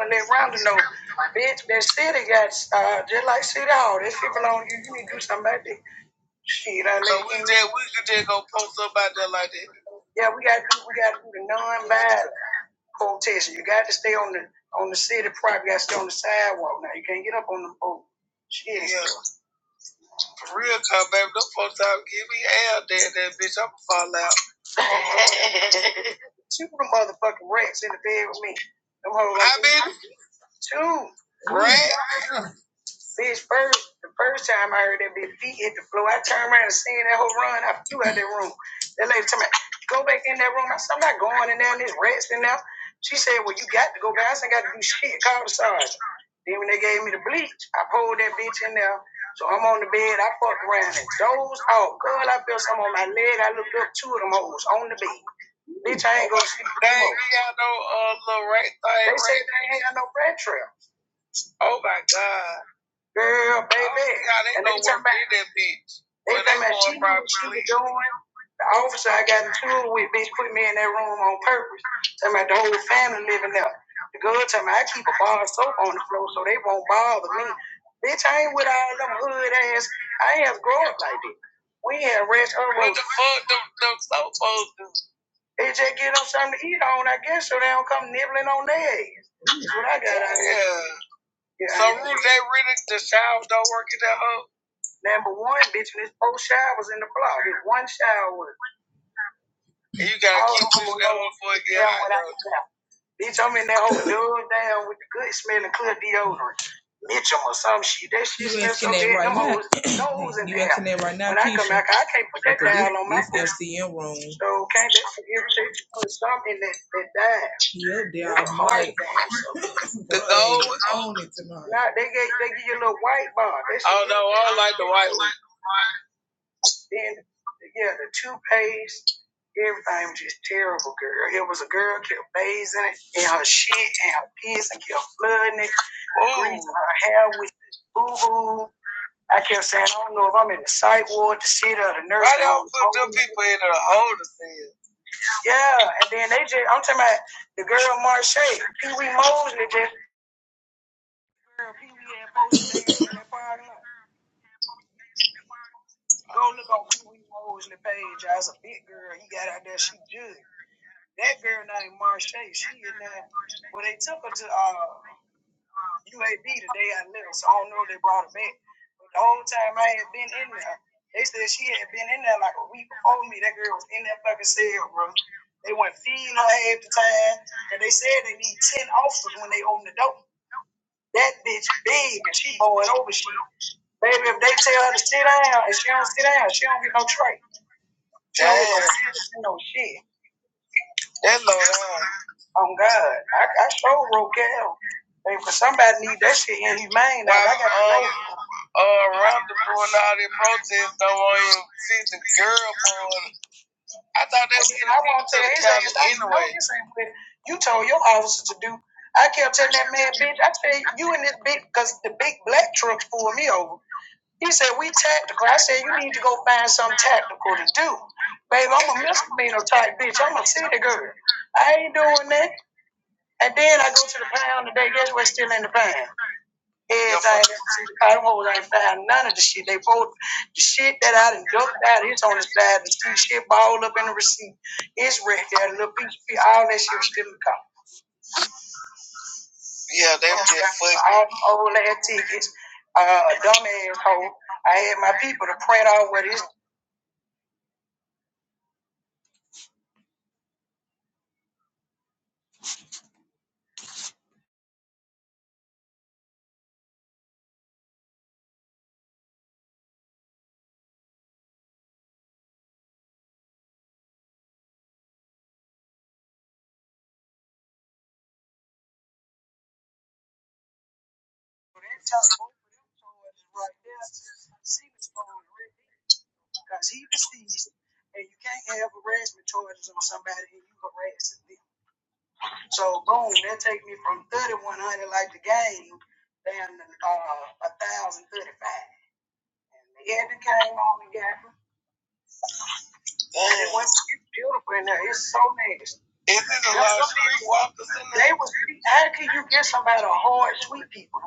H: And that rounding over, bitch, that city got uh, just like City Hall. That shit belong to you. You need to do something about that. Shit, I so we just we could just go post up out there like that. Yeah, we gotta do we gotta do the non-violent protest. You got to stay on the on the city property. You gotta stay on the sidewalk. Now you can't get up on the boat. Shit. Yeah, for real, car baby. Them folks out give me hell, there, that bitch. I'ma fall out. Two of them motherfucking rats in the bed with me. Them hoes. I been two. Rats. Bitch, first the first time I heard that bitch feet hit the floor, I turned around and seen that whole run. I flew out that room. That lady told me, go back in that room. I said, I'm not going in there and there's rats in there. She said, Well, you got to go back. I said, I got to do shit. Call the sergeant. Then when they gave me the bleach, I pulled that bitch in there. So I'm on the bed, I fucked around and dozed off. Girl, I felt something on my leg. I looked up, two of them hoes on the bed. Bitch, I ain't gonna sleep. They ain't got no uh, little rat thing. They say they ain't got no rat trail. Oh my god. Girl, baby. And they know be talking about that bitch. they Where they talking about you what you privately. doing. The officer I got in trouble with, bitch, put me in that room on purpose. Talking about the whole family living there. The girl talking about I keep a bar of soap on the floor so they won't bother me. Bitch, I ain't with all them hood ass. I ain't grow up like that. We had rest or What roads. the fuck them, them so supposed do? They just get them something to eat on, I guess, so they don't come nibbling on their ass. That's what I got out of Yeah, yeah, so Ruth, they really the showers don't work at that hoe. Number one, bitch, and this whole four showers in the block. There's one shower. And you gotta keep Oh, moving that motherfucker. Yeah, when I, Bitch, I'm in that whole dude down with the good smelling clear deodorant. Mitchum or some shit. That shit smells so asking that good. Right Them hoes in there. asking right now, When Keisha. I come back, I can't put that Okay, down this- on my this FCM room. So, okay, that's an irritation. Put something in that, that died. Yeah, they are white. The gold? Own Nah, they, get, they give you a little white bar. That shit- Oh, no, I don't like the white one. Then, yeah, the toothpaste, everything was just terrible, girl. It was a girl kept bathing it and her shit and her piss and kept flooding it, greasing her hair with boo boo. I kept saying, I don't know if I'm in the psych ward, the shit, or the nurse. Why don't put them people in the older cell? Yeah, and then they just, I'm talking about the girl Marche, Pee Wee Mosley, just, girl, Pee Wee had posted that Go look on Pee Wee Mosley page. I was a big girl. He got out there, she judged. That girl named Marche, she in there. Well, they took her to uh, UAB the day I left, so I don't know if they brought her back. But the whole time I had been in there, they said she had been in there like a week before me. That girl was in that fucking cell, bro. They went feeding her half the time, and they said they need 10 officers when they open the door. That bitch big, and she bowing over shit. Baby, if they tell her to sit down, and she don't sit down, she don't get no tray. She don't get no, no shit. That low down. Oh God, I, I sure broke Hey, for somebody need that shit in his mind. Now, I got um, uh, Rhonda doing all these protests don't want him to see the girl porn. I thought that was I won't tell his ass anyway. You told your officer to do. I kept telling that man, bitch. I said you and this bitch cause the big black truck pulled me over. He said, we tactical. I said, you need to go find something tactical to do. Babe, I'm a misdemeanor type bitch. I'm a city girl. I ain't doing that. And then I go to the pound today. Guess what's still in the pound? Heads I ain't see the cotton holes. I ain't found none of the shit. They both, the shit that I done dumped out, it's on the side of the street. Shit balled up in the receipt. It's right there. The little piece, all that shit was still in the car. Yeah, they were just fucking. All old ass tickets. Uh, a dumb asshole. I had my people to print out what his. So right Because he was seized, and you can't have harassment charges on somebody and you harassing them. So boom, that take me from thirty one hundred like the game down to uh a thousand thirty five. And the Evan came on and got me. And it was it's beautiful in there. It's so nice. Isn't it a lot of street walkers in there? They was how can you get somebody to hard sweet people?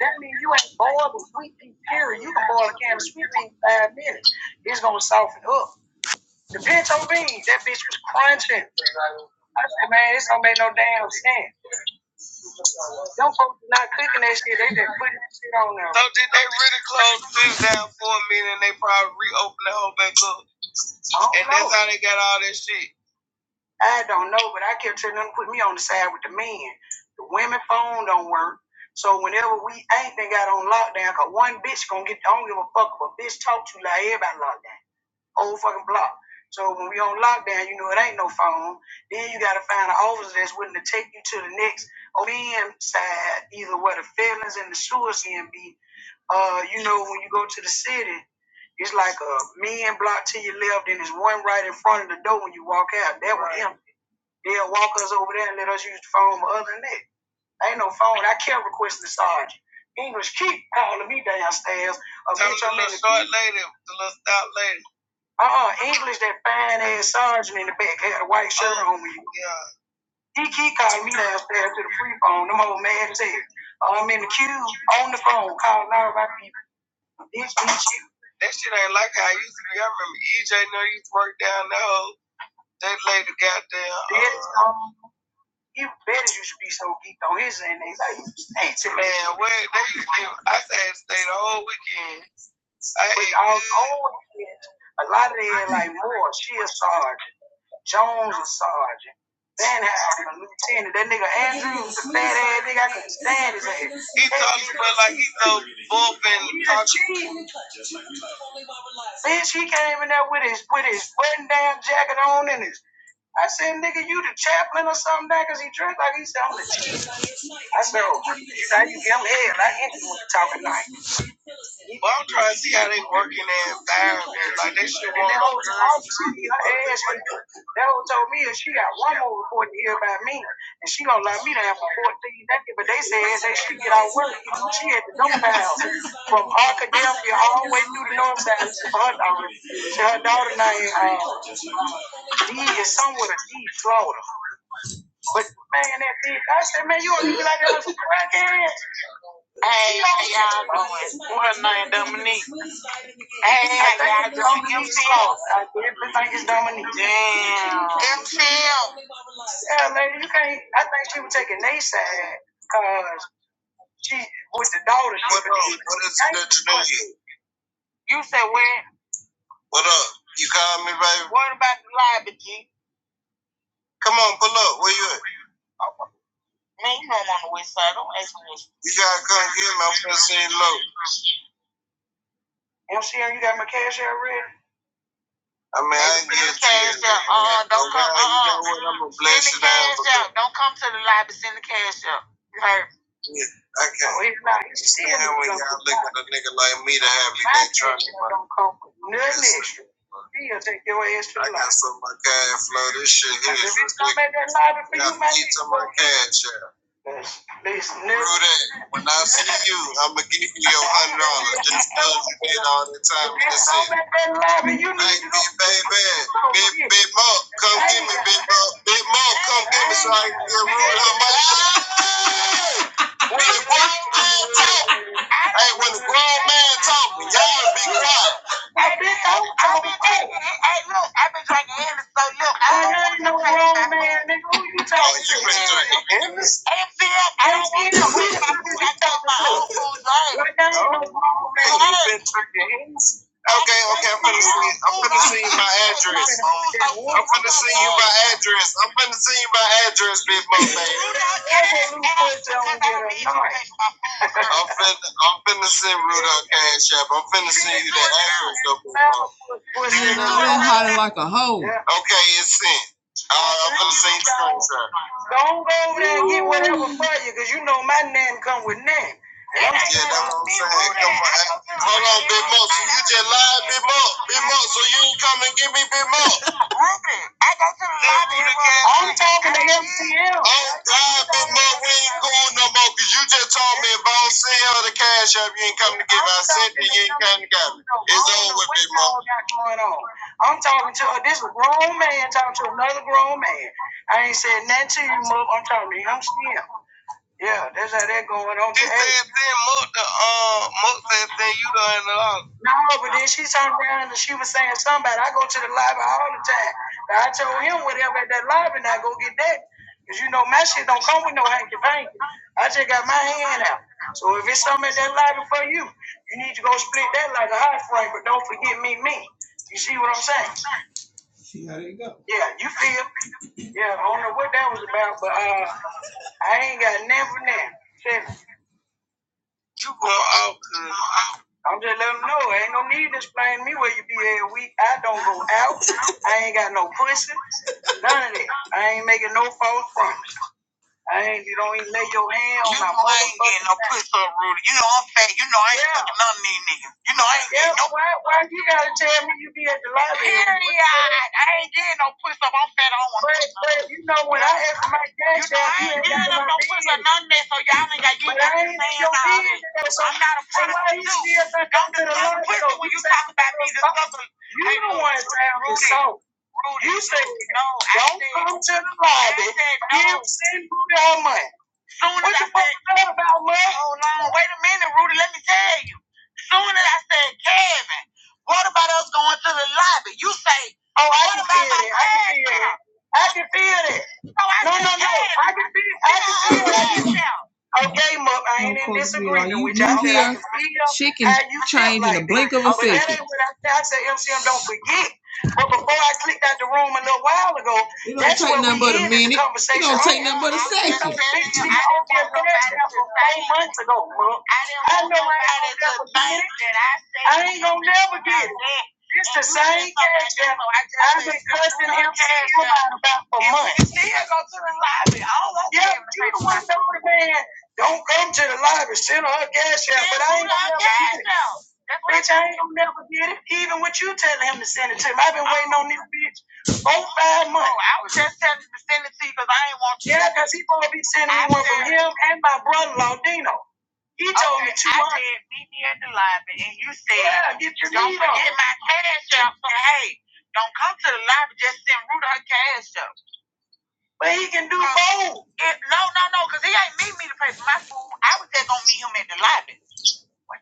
H: That means you ain't boiled with sweet pea, period. You can boil a can of sweet pea in five minutes. It's gonna soften up. The pinto beans, that bitch was crunching. I said, man, this don't make no damn sense. Them folks not cooking that shit, they just putting that shit on there. So did they really close this down for a minute and they probably reopened the whole back up? I don't and know. that's how they got all that shit. I don't know, but I kept telling them to put me on the side with the men. The women phone don't work. So whenever we ain't they got on lockdown, cause one bitch gonna get I don't give a fuck if a bitch talk to you like everybody lockdown. Old fucking block. So when we on lockdown, you know it ain't no phone. Then you gotta find an officer that's willing to take you to the next OBM side, either where the felons and the suicide be, uh, you know, when you go to the city, it's like a men block to your left, and there's one right in front of the door when you walk out. That right. one empty. They'll walk us over there and let us use the phone, but other than that, I ain't no phone. I can't request the sergeant. English keep calling me downstairs. Tell me, the little short lady, the little stout lady. Uh-uh, English, that fine ass sergeant in the back had a white shirt oh, on me. Yeah. He keep calling me downstairs to the free phone. Them old man said, I'm in the queue on the phone calling out. about the Bitch, bitch, That shit ain't like how I used to be. I remember EJ know used to work down the hole. They laid the goddamn. Uh, Yes, um, you better you should be so geeked on his end. They like, hey, to man, where? they used to, I had to stay the whole weekend. I ate all, weekend. A lot of them like Moore, she a sergeant. Jones a sergeant. Van Halen, a lieutenant. That nigga Andrews, the fat ass nigga, I couldn't stand his ass. He talks about like he's so bullpen. Yeah, talking. Then she came in there with his with his button down jacket on and his. I said, nigga, you the chaplain or something, because he dressed like he said, I'm the chief. I said, oh, you know, you give him hell. I hit you with the talking like. Well, I'm trying to see how they working their environment. Like they should want. That whole to me, That whole told me that she got one more report to hear about me, and she gonna let me to have a fourteen naked. But they said they should get out work. she had to dump house from Arkadelphia all the way through the north side to her daughter. To her daughter named uh, D is somewhere D Florida. But man, that bitch, I said, man, you don't even like that little crackhead. Hey, how y'all doing? What's her name, Dominique? Hey, I think it's Dominique. MC I definitely think it's Dominique. Damn. Yeah, lady, you can't. I think she was taking their side because she with the daughter. What up? What is that you doing? You. What up? You call me, baby. What? Come on, pull up. Where you at? You gotta come get me. I'm finna send low. MCL, you got my cash out ready? I mean, I ain't get cash out. Uh, don't come. You know what? I'm gonna bless you down. Send the Cash out. Don't come to the lobby. Send the cash out. Yeah, I can't. Well, it's not- it's still Stand when y'all look at a nigga like me to have you that trust. Don't nigga. He'll take your ass to I life. got some of my cash flow. This shit here. If it's gonna make you, my cash out. Listen, Rue When I see you, I'ma give you your hundred dollars. Just cause you did all the time. If it's gonna make Hey, baby, big big Mo, come get me, big Mo, big Mo, come get me so I can get Rue her money. When the grown man talk, hey, when the grown man talk, y'all be quiet. Who you talking to? You been I feel I don't want to I thought my own food right. Right Okay, okay, I'm finna see. I'm finna see my address. I'm finna see you my address. I'm finna see you my address, big mo, I'm finna, I'm finna send Rudolph Cash App. I'm finna send you that address up Nigga, I'm hollering like a hoe. Okay, it's sent. Uh, I'm finna send you screenshot. Don't go over there and get whatever for you, cause you know my name come with name. Yeah, that's what I'm saying. Come on. Hold on, Big Mo. So you just lied, Big Mo. Big Mo, so you ain't come and get me, Big Mo. I'm talking to MCL. Oh, God, but Mo, we ain't going no more because you just told me if I don't send her the cash up, you ain't coming to give me. I said that you ain't coming to get me. It's over with me, Mo. I'm talking to this grown man talking to another grown man. I ain't said nothing to you, Mo. I'm talking to him still. Yeah, that's how that going on. She But hey, said then Mook the uh Mook said then you done the lost. no, but then she turned around and she was saying somebody. I go to the library all the time. Now, I told him whatever at that library, I go get that. Cause you know my shit don't come with no hanky panky. I just got my hand out. So if it's something at that library for you, you need to go split that like a hot frame. But don't forget me, me. You see what I'm saying? See how they go. Yeah, you feel? Yeah, I don't know what that was about, but uh, I ain't got never now. You going out? uh, I'm just letting them know. Ain't no need to explain to me where you be every week. I don't go out. I ain't got no pussy. None of that. I ain't making no false promise. I ain't. You don't even lay your hand. Yeah, why? Why you gotta tell me you be at the library? You know when ask for my game, that's a Don't do that. You want to say, oh, come to the line. Send me all money. Oh, I can feel it. I can feel it. I can feel it. I can feel it. I can feel it. Okay, Mom, I ain't in disagreement with you. I said She can you change in the blink of a second. But that ain't what I said. I said, MCM, don't forget. But before I clicked out the room a little while ago, it don't take where nothing we but a minute. It don't take nothing but a second. Months ago, Mom. Don't never this. man. Don't come to the library. Send her her cash. I ain't gonna never get it. Even with you telling him to send it to him, I've been waiting on this bitch. Oh, yeah, because he gonna be sending him and my brother-in-law, Dino. He But he can do what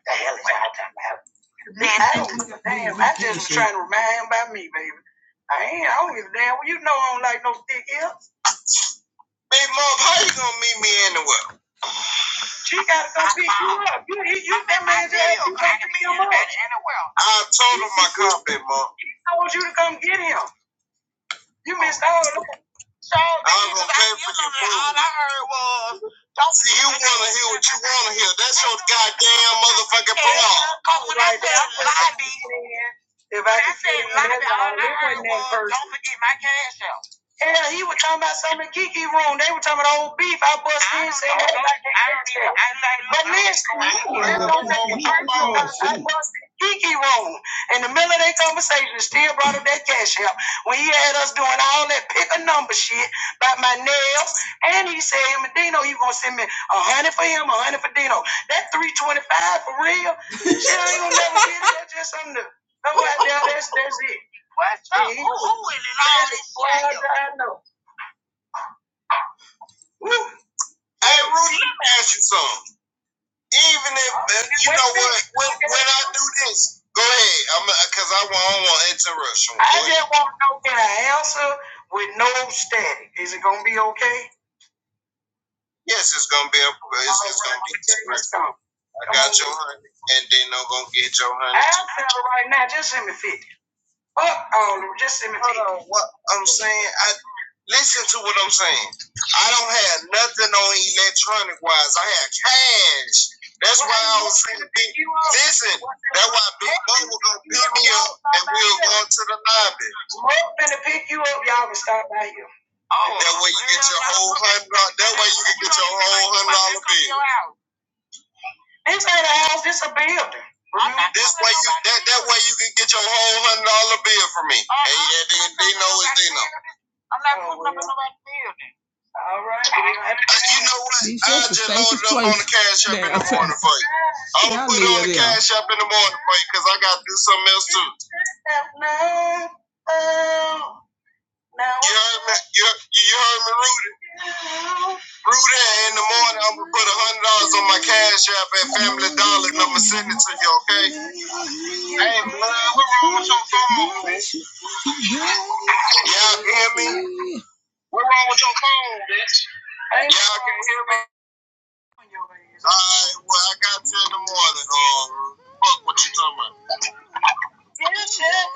H: the hell is out there. Man, I don't give a damn. I just trying to remind him about me, baby. I ain't. I don't give a damn. Well, you know I don't like no thick hips. Big Mom, how you gonna meet me anywhere? She gotta come you up. You, he, you, I told him my come, Mom. He told you to come get him. You missed all of it. heard was, hear. That's motherfucking said, I Hell, he was talking about something in Kiki room. They were talking about old beef. I bust this. I bust Kiki room. In the middle of their conversation, still brought up that cash out. When he had us doing all that pick a number shit about my nails, and he said, him and Dino, you gonna send me a hundred for him, a hundred for Dino. That 325 for real? Shit, I ain't gonna never get it. That's just something to go out there. That's, that's it. I know. Woo. Hey, Rudy, let me ask you something. even if uh, you know what, when, when I do this, go ahead. I'm because I don't want to interrupt you. I just want to know can I answer with no static? Is it gonna be okay? Yes, it's gonna be. A, it's, it's gonna be. I got your honey, and then I'm gonna get your honey. I'll tell right now. Just send me fifty. Fuck all of it. Just send me Hold on, what I'm saying, I listen to what I'm saying. I don't have nothing on electronic wise. I have cash. That's why I was saying, big, listen, that's why Big Bo will go pick me up and we'll go to the lobby. Smoke finna pick you up, y'all can stop by here. Oh, that way you get your whole hundred. dollars. That way you can get your whole hundred dollar bill. This ain't a house, this a building. This way you that, that way you can get your whole hundred dollar bill from me. Uh-huh. And, and they, they know it's they know. All right. Uh, you know what? I just just loaded up on the cash app in the morning for you. I'm gonna put it on the cash app in the morning for you because I gotta do something else too. You heard me? You, you heard me, Rudy? Rudy, in the morning I'm gonna put a hundred dollars on my cash app at Family Dollar and I'm gonna send it to you, okay? Hey, man, what's wrong with your phone? Y'all hear me? Y'all can hear me? Alright, well, I got to in the morning. Uh, fuck what you talking about. Man,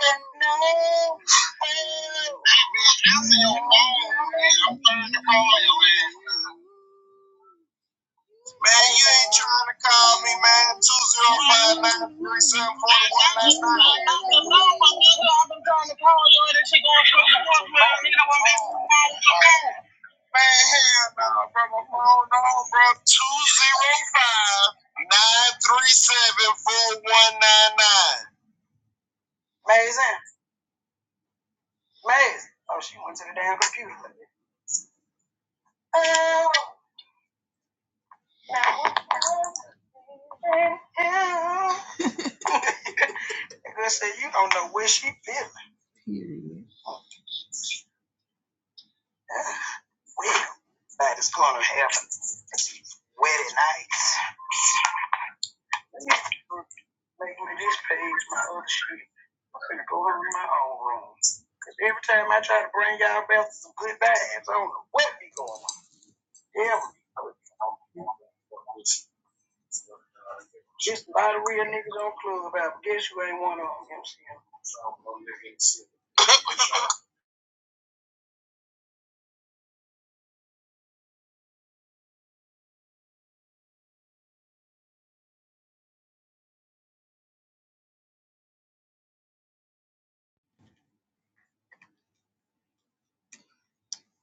H: you ain't trying to call me, man. Two zero five nine three seven four one nine nine. Man, hell no, bro. My phone on, bro. Two zero five nine three seven four one nine nine. Amazing. Amazing. Oh, she went to the damn computer. 205 They say you don't know where she been. Well, that is gonna happen. Wedding night. Make me this page my other shit. I'm gonna go over in my own room. 'Cause every time I try to bring y'all back to some good vibes, I don't know what be going on. Every Just a lot of real niggas on club about, but guess you ain't one of them, MCM. So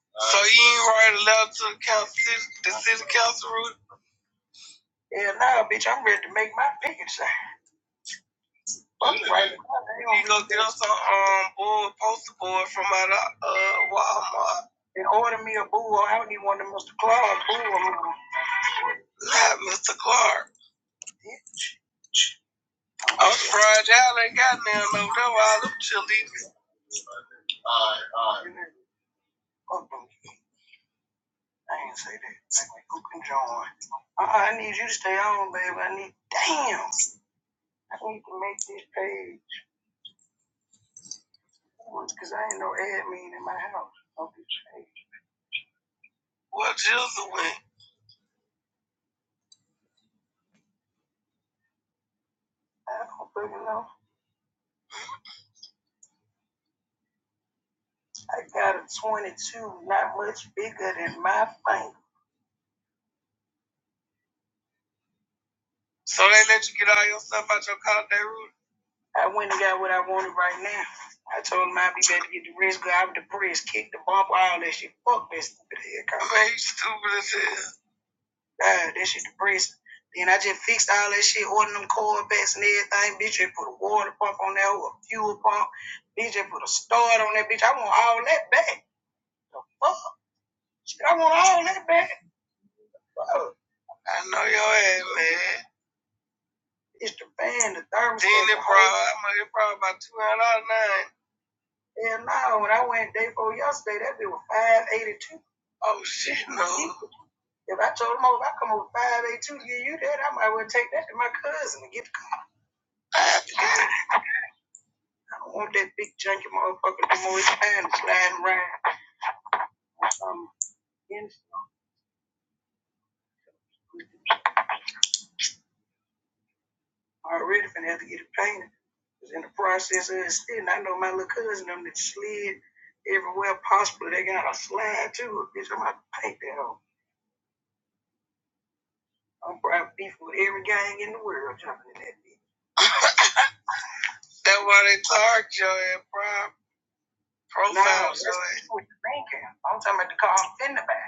H: you ain't write a letter to the council, the city council, Rudy? Yeah, nah, bitch, I'm ready to make my picket sign. Fuck right. now. You gonna get us a, um, board, poster board from out of, uh, Walmart. And order me a boo, I don't need one of Mr. Clark boo. Not Mr. Clark. Yeah. I'm surprised y'all ain't got none over there, all them chilies. I ain't say that. Say, You can join. Like, I, I need you to stay on, baby. I need, damn. I need to make this page. Because I ain't no admin in my house on this page. What's the other way? I don't fucking know. I got a 22, not much bigger than my finger. So they let you get all your stuff out your car, Darude? I went and got what I wanted right now. I told him I'd be better get the wrist guard, the press, kick the bump, all that shit. Fuck that stupid head cop. Man, you stupid as hell. God, that shit depressing. Then I just fixed all that shit, ordering them Corvettes and everything. Bitch, just put a water pump on there, a fuel pump. Bitch, just put a start on that bitch. I want all that back. The fuck? Shit, I want all that back. Fuck. I know your ass, man. It's the band, the thermostat. Then it probably, I'm like, it probably about two hundred dollars nine. Hell no, when I went day four yesterday, that bitch was five eighty two. Oh shit, no. If I told them, oh, if I come over five eighty two to give you that, I might well take that to my cousin and get the cousin. I don't want that big junky motherfucker no more. his hand and slide around. I'm in already finna have to get it painted. painted. 'Cause in the process of it sitting, I know my little cousin them that slid everywhere possible. They got a slide too. Bitch, I'm about to paint that on. I'm probably beef with every gang in the world jumping in that bitch. That's why they target your ass, bro. Profile no, that's your ass. what you thinking. I'm talking about the car I'm finna buy.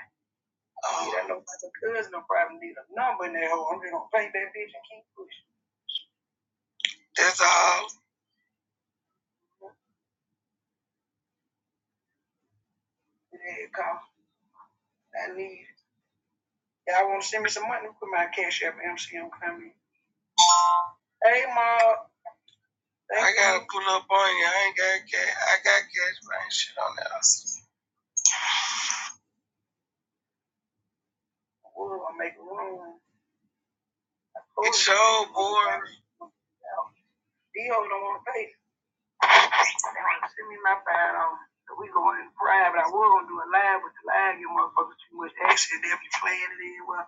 H: Oh. You know my little cousin, no problem, need a number in that hole. I'm just gonna paint that bitch and keep pushing. That's all. Yeah, you I need. Y'all want to send me some money? Put my cash up. MCM coming. Hey, Ma. I gotta pull up on you. I ain't got cash. I got cash, but I ain't shit on that. Ooh, I make room. It's so boring. Dio don't want to pay. Send me my five dollars. We going in private. I was gonna do a live, but the live You motherfuckers too much action. They'll be playing it in. Well,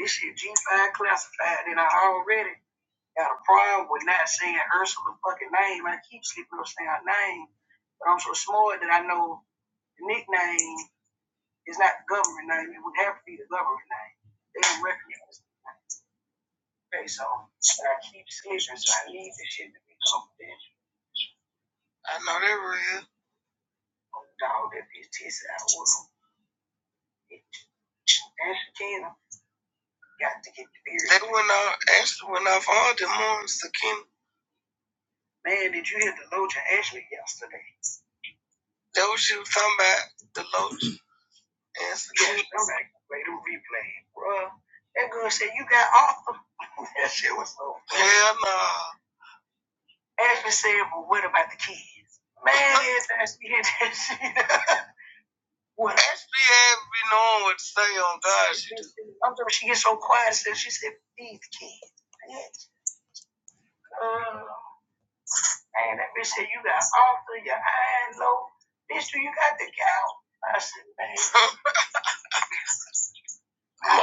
H: this shit G5 classified, and I already got a problem with not saying Ursula's fucking name. I keep sleeping, up saying her name, but I'm so smart that I know the nickname is not the government name. It would have to be the government name. They don't recognize it. Okay, so so I keep sleeping, so I need this shit to be confidential. I know that real. Oh, dog, that bitch tissy out with him. And Shakina got to get the beard. They went off, Ashley went off all the morning, Shakina. Man, did you hear the load to Ashley yesterday? That what you was talking about, the loach and spaghetti. I'm like, play the replay, bro. That girl said, you got awesome. that shit was so funny. Hell no. Nah. Ashley said, well, what about the kids? Man, it's Ashley hit that shit. What? Ashley had been knowing what to say on God. She I'm sorry, she gets so quiet, so she said, these kids. Bitch, uh, man, that bitch said, you got awesome. your eyes low. Bitch, do you got the cow? I said, man.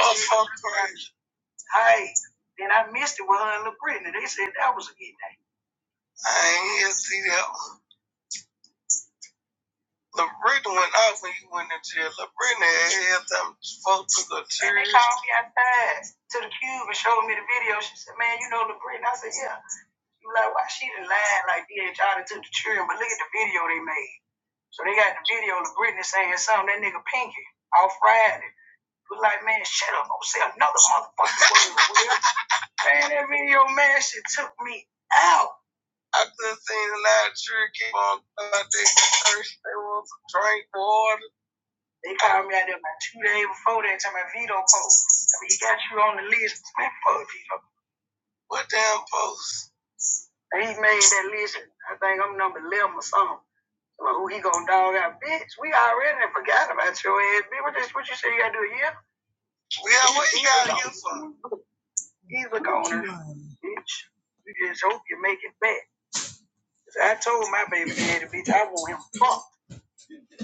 H: Motherfucker. Hey, then I missed it with her and La Brittany. They said that was a good day. I ain't here to see that one. La went off when you went to jail. La had them folks to go to And they called me outside to the cube and showed me the video. She said, man, you know La I said, yeah. She was like, why she done lied like DHR took the children, but look at the video they made. So they got the video of La saying something, that nigga Pinky, off Friday. Was like, man, shut up, don't say another motherfucking word. man, that video, man, shit took me out. I done seen a lot of children keep on out there thirsty. They want some drink water. They called me out there about two days before that time. My Vito post. I mean, he got you on the list. Man, fuck Vito. What damn post? He made that list. I think I'm number 11 or something. Well, who he gonna dog out? Bitch, we already forgot about your ass. Bitch, what, this, what you say you gotta do here? Yeah, what you gotta do for? He's a goner. Bitch, you just hope you make it back. I told my baby daddy, bitch, I want him fucked.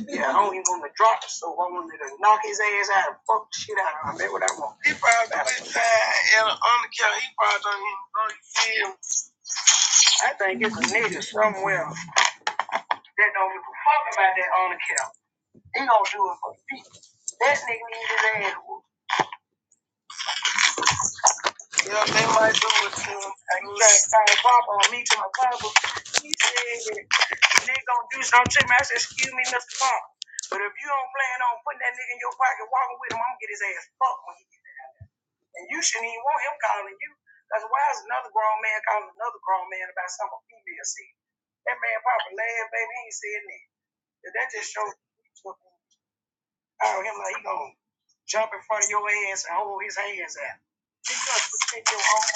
H: Yeah, I don't even want to drop the soap. I want to knock his ass out and fuck the shit out of him. That's what I want. He probably went inside in an undercover. He probably don't even know you see I think it's a nigga somewhere that don't give a fuck about that undercover. He gonna do it for the people. That nigga needs his ass whooped. Yeah, they might do it to him. I got kind pop on me to my cover. He said that the nigga gonna do something to me. I said, excuse me, Mr. Pop. But if you don't plan on putting that nigga in your pocket walking with him, I'm gonna get his ass fucked when he And you shouldn't even want him calling you. Because why is another grown man calling another grown man about something a female said? That man probably laughed, baby, he ain't said nothing. 'Cause That just shows out him like he gonna jump in front of your ass and hold his hands out. You gotta protect your own.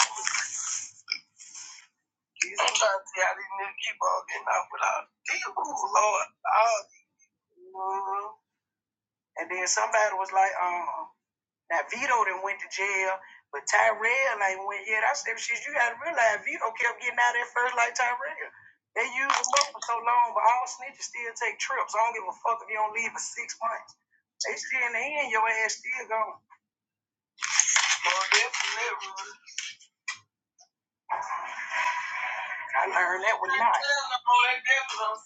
H: Jesus, i didn't even keep on getting off without. Dear Lord. Oh, mhm. And then somebody was like, um, Now Vito done went to jail, but Tyrell ain't went yet. I said, shit, you gotta realize Vito kept getting out there first like Tyrell. They used him up for so long, but all snitches still take trips. I don't give a fuck if you don't leave for six months. They still in the end, your ass still gone. Well, definitely. I learned that with not. Oh, that definitely I'm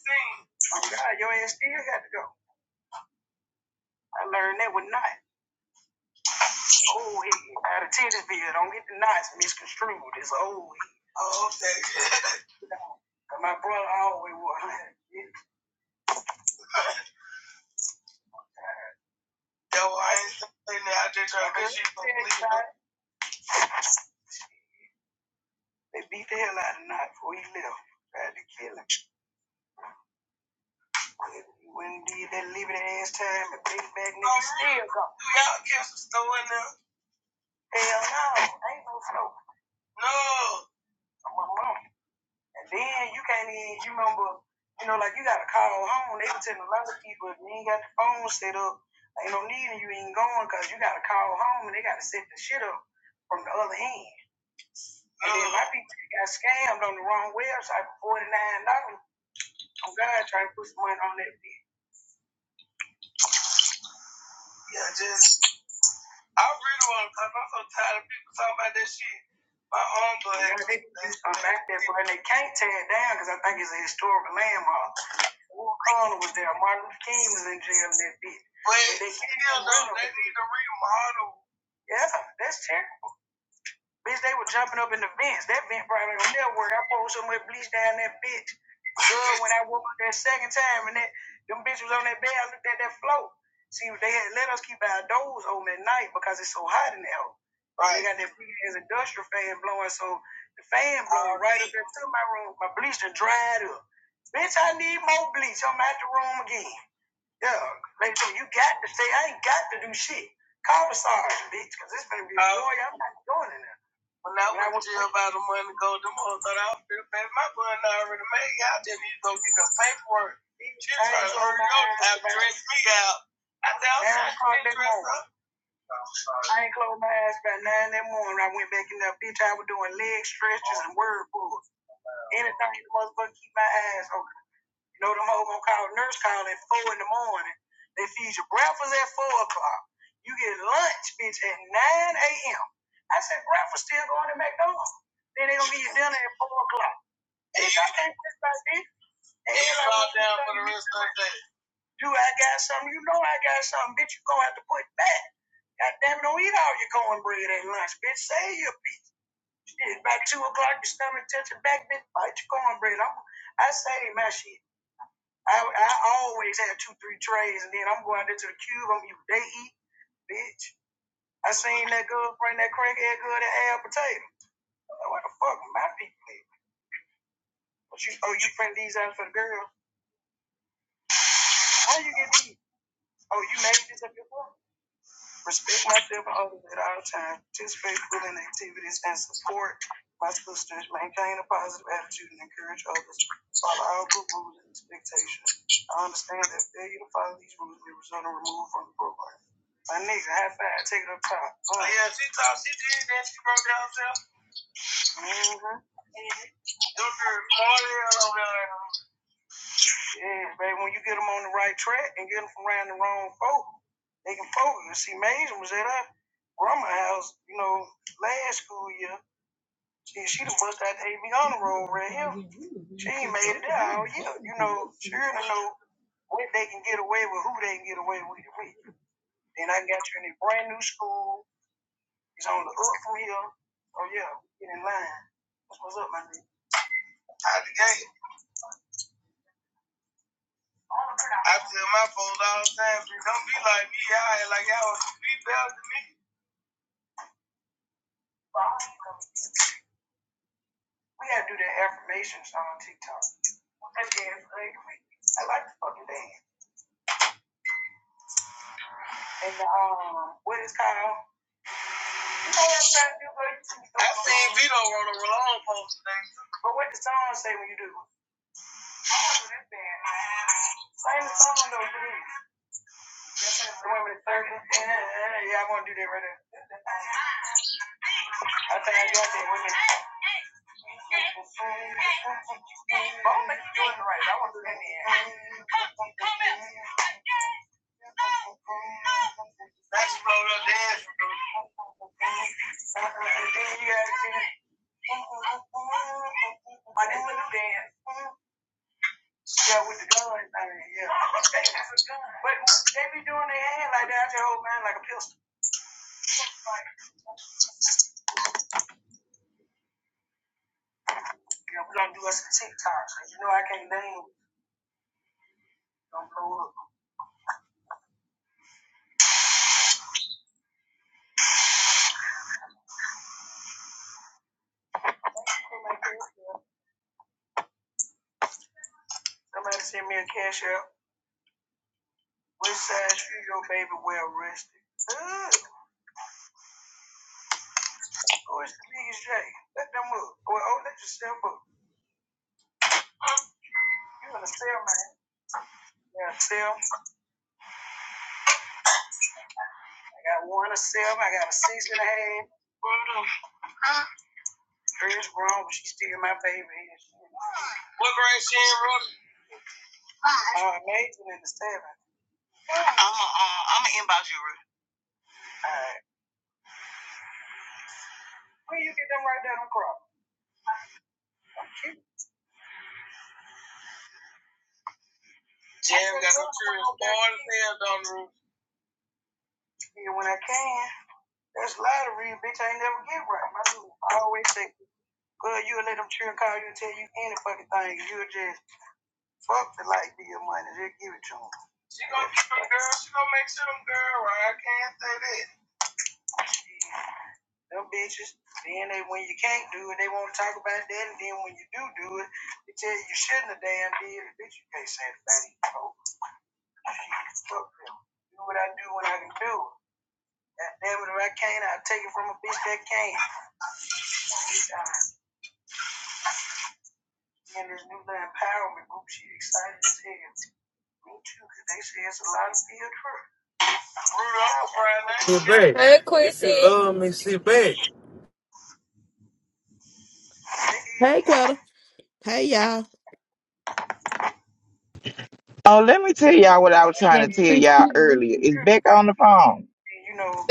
H: Oh God, your ass still got to go. I learned that with not. Oh, he out of Tennisville. Don't get the knots misconstrued. It's old. Oh, okay. my brother always was. Yo, I ain't saying that. I just trying to make sure you don't believe it. They beat the hell out of Knox before he left. Tried to kill him. He went and did that liberty ass time and paid back niggas. Oh, still go. Y'all catch the store in there? Hell no. Ain't no snow. No. I'm a mama. And then you can't even, you remember, you know, like you got to call home. They were telling a lot of people if you ain't got the phone set up, ain't no need and you ain't going because you got to call home and they got to set the shit up from the other end. And then my people got scammed on the wrong website for $49. dollars Oh God trying to put some money on that bitch. Yeah, just, I really want to because I'm so tired of people talking about that shit. My own blood. I'm back there, bro, and they can't tear it down because I think it's a historical landmark. Will Carter was there. Martin Luther King was in jail that bitch. But they, still don't- they need to remodel. Yeah, that's terrible. Bitch, they were jumping up in the vents. That vent probably don't never work. I poured so much bleach down that bitch. Girl, when I woke up that second time and that them bitches was on that bed, I looked at that float. See, they had let us keep our doors open at night because it's so hot in there. Right. They got that big ass industrial fan blowing, so the fan blowing right up there to my room. My bleach done dried up. Bitch, I need more bleach. I'm out the room again. Yeah, make sure you got to stay. I ain't got to do shit. Call the sergeant, bitch, because this better be uh, lawyer. I'm not going in there. When I went to jail about a month ago, them hoes thought I was going to pay my bun already made. Y'all just need to go get the paperwork. She was trying to hurry up and dress me out. I said, I'm Nine trying to get dressed up. I ain't closed my eyes by nine that morning. I went back in there, bitch. I was doing leg stretches and word pulls. Anything the motherfucker keep my eyes open. You know, them hoes gonna call nurse call at four in the morning. They feed you breakfast at four o'clock. You get lunch, bitch, at nine a.m. I said breakfast still going to McDonald's. Then they gonna give you dinner at four o'clock. Bitch, I can't just like this. And you like, down for the rest of the day. Do I got something? You know I got something, bitch. You gonna have to put back. God damn it, don't eat all your cornbread at lunch, bitch. Save your bitch. By two o'clock, your stomach touching back, bitch. Bite your cornbread. I'm, I say, my shit. I, I always had two, three trays, and then I'm going into the cube. I'm eat, they eat, bitch. I seen that girl bring that crackhead girl that had potato. like, What the fuck, my people? But you, oh, you print these out for the girl? How you get these? Oh, you made this up yourself? respect myself and others at all times, participate fully in activities and support my sisters, maintain a positive attitude and encourage others, to follow all good rules and expectations. I understand that failure to follow these rules may result in removal from the program. My nigga, high five, take it up top. Oh, yeah, she thought she did that. She broke down herself. Mm-hmm. Yeah, baby, when you get them on the right track and get them from around the wrong folk, They can focus. See, Mason was at her grandma house, you know, last school year. She she done bust out the AB honor roll right here. She ain't made it there all year. You know, she to know what they can get away with, who they can get away with. Then I got you in a brand new school. It's on the up from here. Oh yeah, get in line. That's what's up, my nigga. Out the gate. I tell my folks all the time, don't be like me. I ain't like y'all be better than me. We gotta do the affirmations on TikTok. I dance ugly. I like to fucking dance. And the, um, what is called? You know what I'm trying to do, but I seen Vito on a long post today. But what the song say when you do? it? Oh, this band. Same song though, for The one with the circle. Yeah, yeah, I wanna do that right there. I think I got that women. Oh, but you doing it right. I wanna do that in. Come, come in. That's what I'm Oh, that's a new dance. Yeah, with the guns. I mean, yeah. But they be doing their hand like that, their hold mine like a pistol. Yeah, we gonna do us some TikToks, cause you know I can't name. Don't blow up. Somebody send me a cash app. Which side you, your baby wear rested? Ugh. Oh, it's the biggest J. Let them up. Well, oh, let yourself up. I'm gonna sell my yeah, sell. I got one to sell. I got a six and a half. Hers grown, but she's still my baby. What grade she in, Rudy? Uh, amazing in the seventh. I'm a, uh, I'm gonna inbox you, Rudy. All right. Where you get them right down on crop? Jam got some children born as hell down the roof. Yeah, when I can. That's lottery, bitch. I ain't never get right. My dude always say, "Good, you let them children call you and tell you any fucking thing. You a jam." Fuck the light bill money. Just give it to him. She gonna keep them girl. She gonna make sure them girl. Right? I can't say that. Them bitches. Then they, when you can't do it, they won't talk about that. And then when you do do it, they tell you you shouldn't have damn did it. Bitch, you can't say that. Oh, fuck them. Do what I do when I can do it. God damn it, if I can't, I'll take it from a bitch that can't. Uh, and this new empowerment group, she excited as hell. Me too, 'cause they say it's a lot of field trip. Rudolph, Friday night,
A: Hey, Hey, Quincy. love.
H: you
Q: Hey, Quetta. Hey, y'all.
G: Oh, let me tell
H: know,
G: y'all what I was
H: they
G: trying to
N: him?
G: tell
H: feel
G: y'all
H: like
G: earlier. Is
H: scared of
G: Becca on the
H: poverty,
G: phone?
H: you know,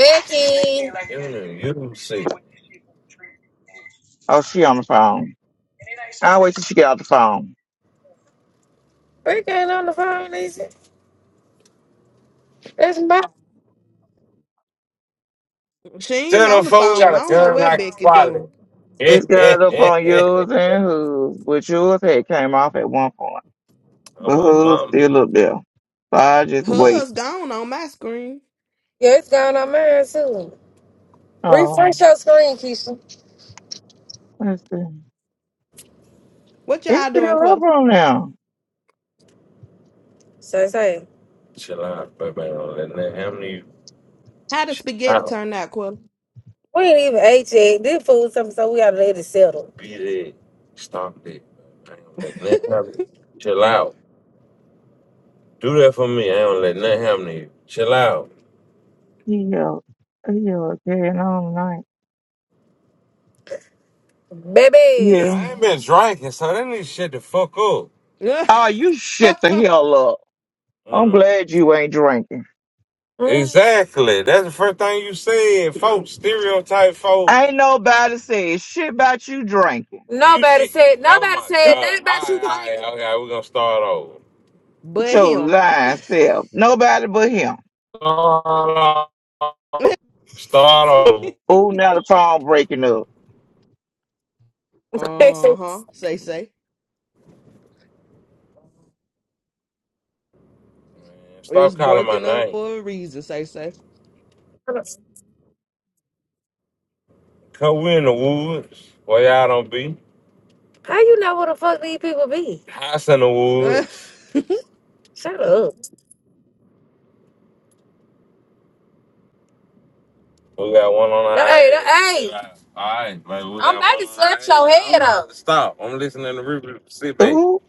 H: they feel like yeah, you
A: You you see.
H: know, what this shit gonna treat and
G: Oh, she on the phone.
H: and it ain't so
G: I'll
H: much
G: wait till she get off the phone.
A: It's my.
Q: She ain't
A: Tell them
Q: on the
A: folks
Q: phone. I
A: gotta.
Q: don't know what Becky doing.
G: It's got up on yours and whose, but yours had came off at one point.
A: I'm
G: But
A: my
G: Hood's
A: mama.
G: still up there. So I just wait.
Q: Hers gone on my screen.
A: Yeah, it's gone on mine too.
G: Oh,
A: Refresh your screen, Keisha.
G: let's see.
Q: What
G: It's
Q: y'all
G: still
Q: doing,
G: up
Q: Quetta?
G: on now.
A: So say.
Q: How the spaghetti turn out, Quetta?
A: We ain't even ate yet. This food something, so we gotta let it settle. BJ, stop it. I don't let nothing happen. Chill out. Do that for me. I don't let nothing happen to you. Chill out.
G: He yelled. He yelled carrying on night.
A: Baby.
G: Yeah.
A: I ain't been drinking, so that need shit to fuck up.
G: Oh, you shut the hell up. I'm
A: Mm.
G: glad you ain't drinking.
A: Mm. Exactly. That's the first thing you said, folks. Stereotype, folks.
G: Ain't nobody said shit about you drinking.
A: Nobody did. said Oh nobody oh my said god. nothing about you All right, drinking. all right, okay. We're gonna start over.
G: It's
Q: but
G: your
Q: him.
G: lying self. Nobody but him.
A: Start over. Start over.
G: Oh, now the phone breaking up.
Q: uh huh. Say say.
A: Man,
Q: It was
A: stop calling my
Q: breaking up
A: name.
Q: for a reason. Say say.
A: Cause we in the woods where y'all don't be. How you know where the fuck these people be? House in the woods. Shut up. We got one on our Hey, hey, Yeah. All right, like we I'm got about one to on our slap head. your I'm head I'm about up. to stop. I'm listening to review. Sit back.
G: Ooh,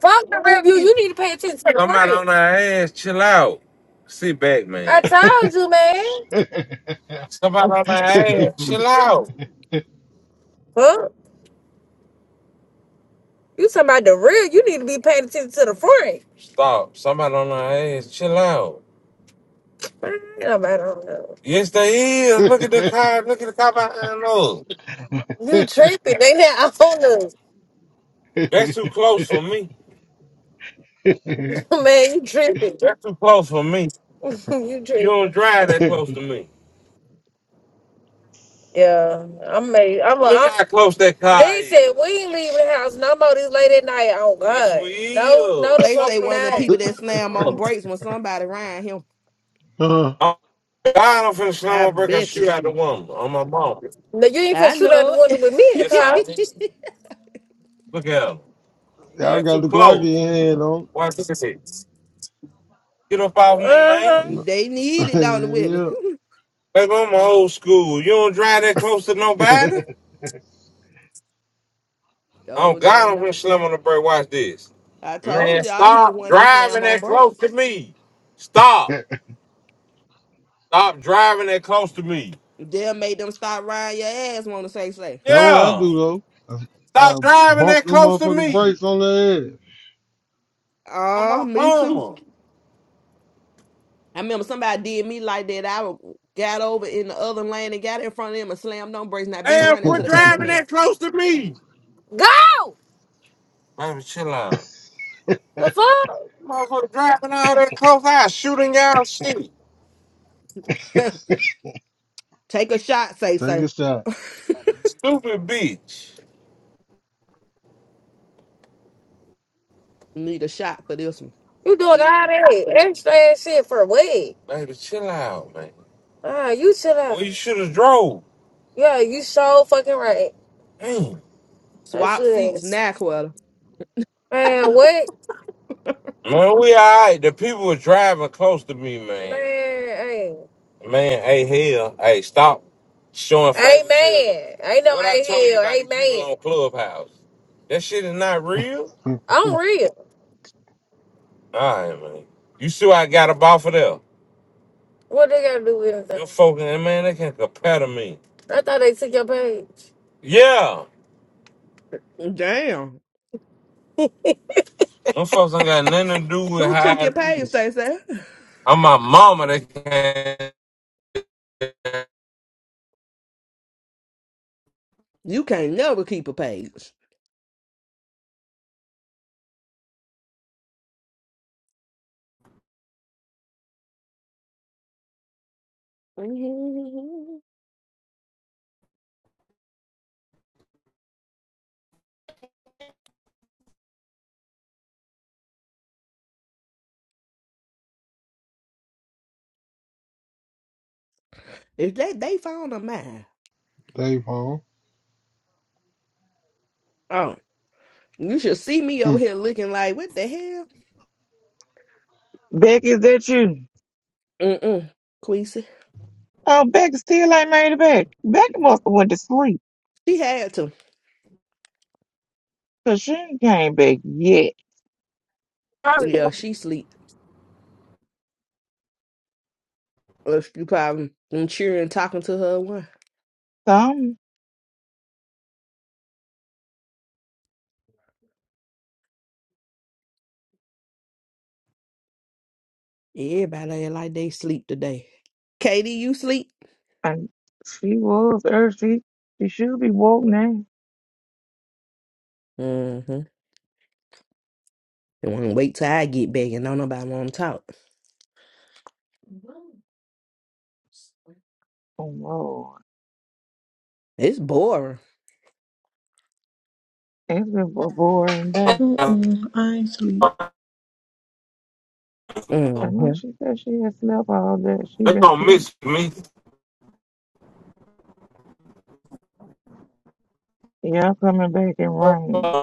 A: Fuck the review. You need to pay attention to the Somebody fight. on our ass, chill out. Sit back, I man. told you, man. Somebody on our ass,
Q: Hmm.
A: chill out. Huh? You talking about the real? You need to be paying attention to the front. Stop. Somebody on our ass, chill out. Nobody don't know. Yes, they is. Look at the car. Look at the cop behind those.
E: me.
A: You tripping? They not on us, That's too close for me. man. You tripping? That's too close for me. you You tripping. don't drive that close to me. Yeah, I'm made. I'm. A, Look I'm how close that car they is. said we ain't leaving the house no more this late at night. Oh Yes, God, we no, no, is. the
Q: They
A: fuck
Q: say
A: Fuck we
Q: one of the
A: that
Q: people
A: not. fuck.
Q: that slam on brakes when somebody ran him.
E: uh,
A: Oh, God, I'm finna slam
Q: I
A: my brake and
Q: bet
A: shoot
Q: you.
A: out the woman on my mom. No, you ain't
Q: I
A: finna shoot out the
Q: know
A: window
Q: it.
A: with me in the car. Look at her. Yeah.
E: y'all
A: They
E: got
A: too
E: the Glock in
A: close.
E: your
A: Get up off me, man. Uh-huh. man.
E: hand
Q: they
E: on.
Q: need it, don't they, Whitney?
A: Baby, I'm old school. You don't drive that close to
E: yeah,
A: nobody? Oh,
Q: oh,
A: God,
Q: damn,
A: I'm gonna
Q: don't.
A: slam on the brake. Watch this.
Q: I told
A: Man,
Q: y'all he the
A: stop
Q: one that
A: driving
Q: slam on
A: that close
Q: brakes.
A: to me. Stop.
E: that's
A: Stop driving that close to me.
Q: They'll make them stop riding your ass, want to say, say.
E: what I
A: Yeah.
E: do though. I,
A: Stop driving
E: bump
A: that
E: the
A: close to
E: motherfucking
A: me.
E: brakes on their
A: I'm
Q: Uh,
A: my
Q: me too.
A: mama.
Q: I remember somebody did me like that. I w- got over in the other lane and got in front of him and slammed on brakes. Now, bitch,
A: Damn,
Q: running to
A: quit
Q: the back
E: ass.
Q: of
A: driving
Q: me.
A: that close to me. Go! Baby, chill out. The fuck? Motherfucker driving all that close, I shooting y'all shit.
Q: Take a shot, say,
E: Take a
Q: say.
E: shot,
A: Stupid bitch.
Q: Need a shot for this one.
A: You doing all that extra ass shit for what? Baby, chill out, man. Ah, you chill Well, out. Well, you should have drove. Yeah, you so fucking right. Damn. That
Q: Swap
A: shit
Q: seats
A: is.
Q: now, Quetta.
A: Man, what? Man, we all right. The people were driving close to me, man. Man, hey. Man, hey, hell. Hey, stop showing favoritism. hey. man, Ain't no What I hey told you hell. about Hey, the people Amen. on Clubhouse. That shit is not real. I'm real. All right, man. You see what I got up off of there? What they got to do with anything? Your folks, and man, they can't compare to me. I thought they took your page. Yeah,
Q: Damn.
A: them folks ain't got nothing to do with
Q: Who
A: how
Q: took
A: I
Q: your page,
A: live.
Q: say, say?
A: I'm my mama. They can't.
Q: You can't never keep a page. Mhm. if they, they found a mine.
E: Dave Home.
Q: Oh, you should see me over here looking like, what the hell?
G: Beck, is that you?
Q: Mm-mm. Queasy.
G: Oh, Beck still ain't made it back. Beck must have went to sleep.
Q: She had to.
G: Cause she ain't came back yet.
Q: Yeah, she sleep. Or if you probably been cheering, talking to her. One.
G: So I'm
Q: Everybody ain't like they sleep today. Katie, you sleep?
G: And she was earth. She, she should be woke now.
Q: Mm-hmm. They want to wait till I get back and don't nobody want to talk.
G: Oh Lord,
Q: It's boring.
G: it's been a boring day.
O: Mm-mm, I ain't sleep.
G: I
Q: hmm
G: know she said she had slept all day. She been asleep. Y'all coming back in rain.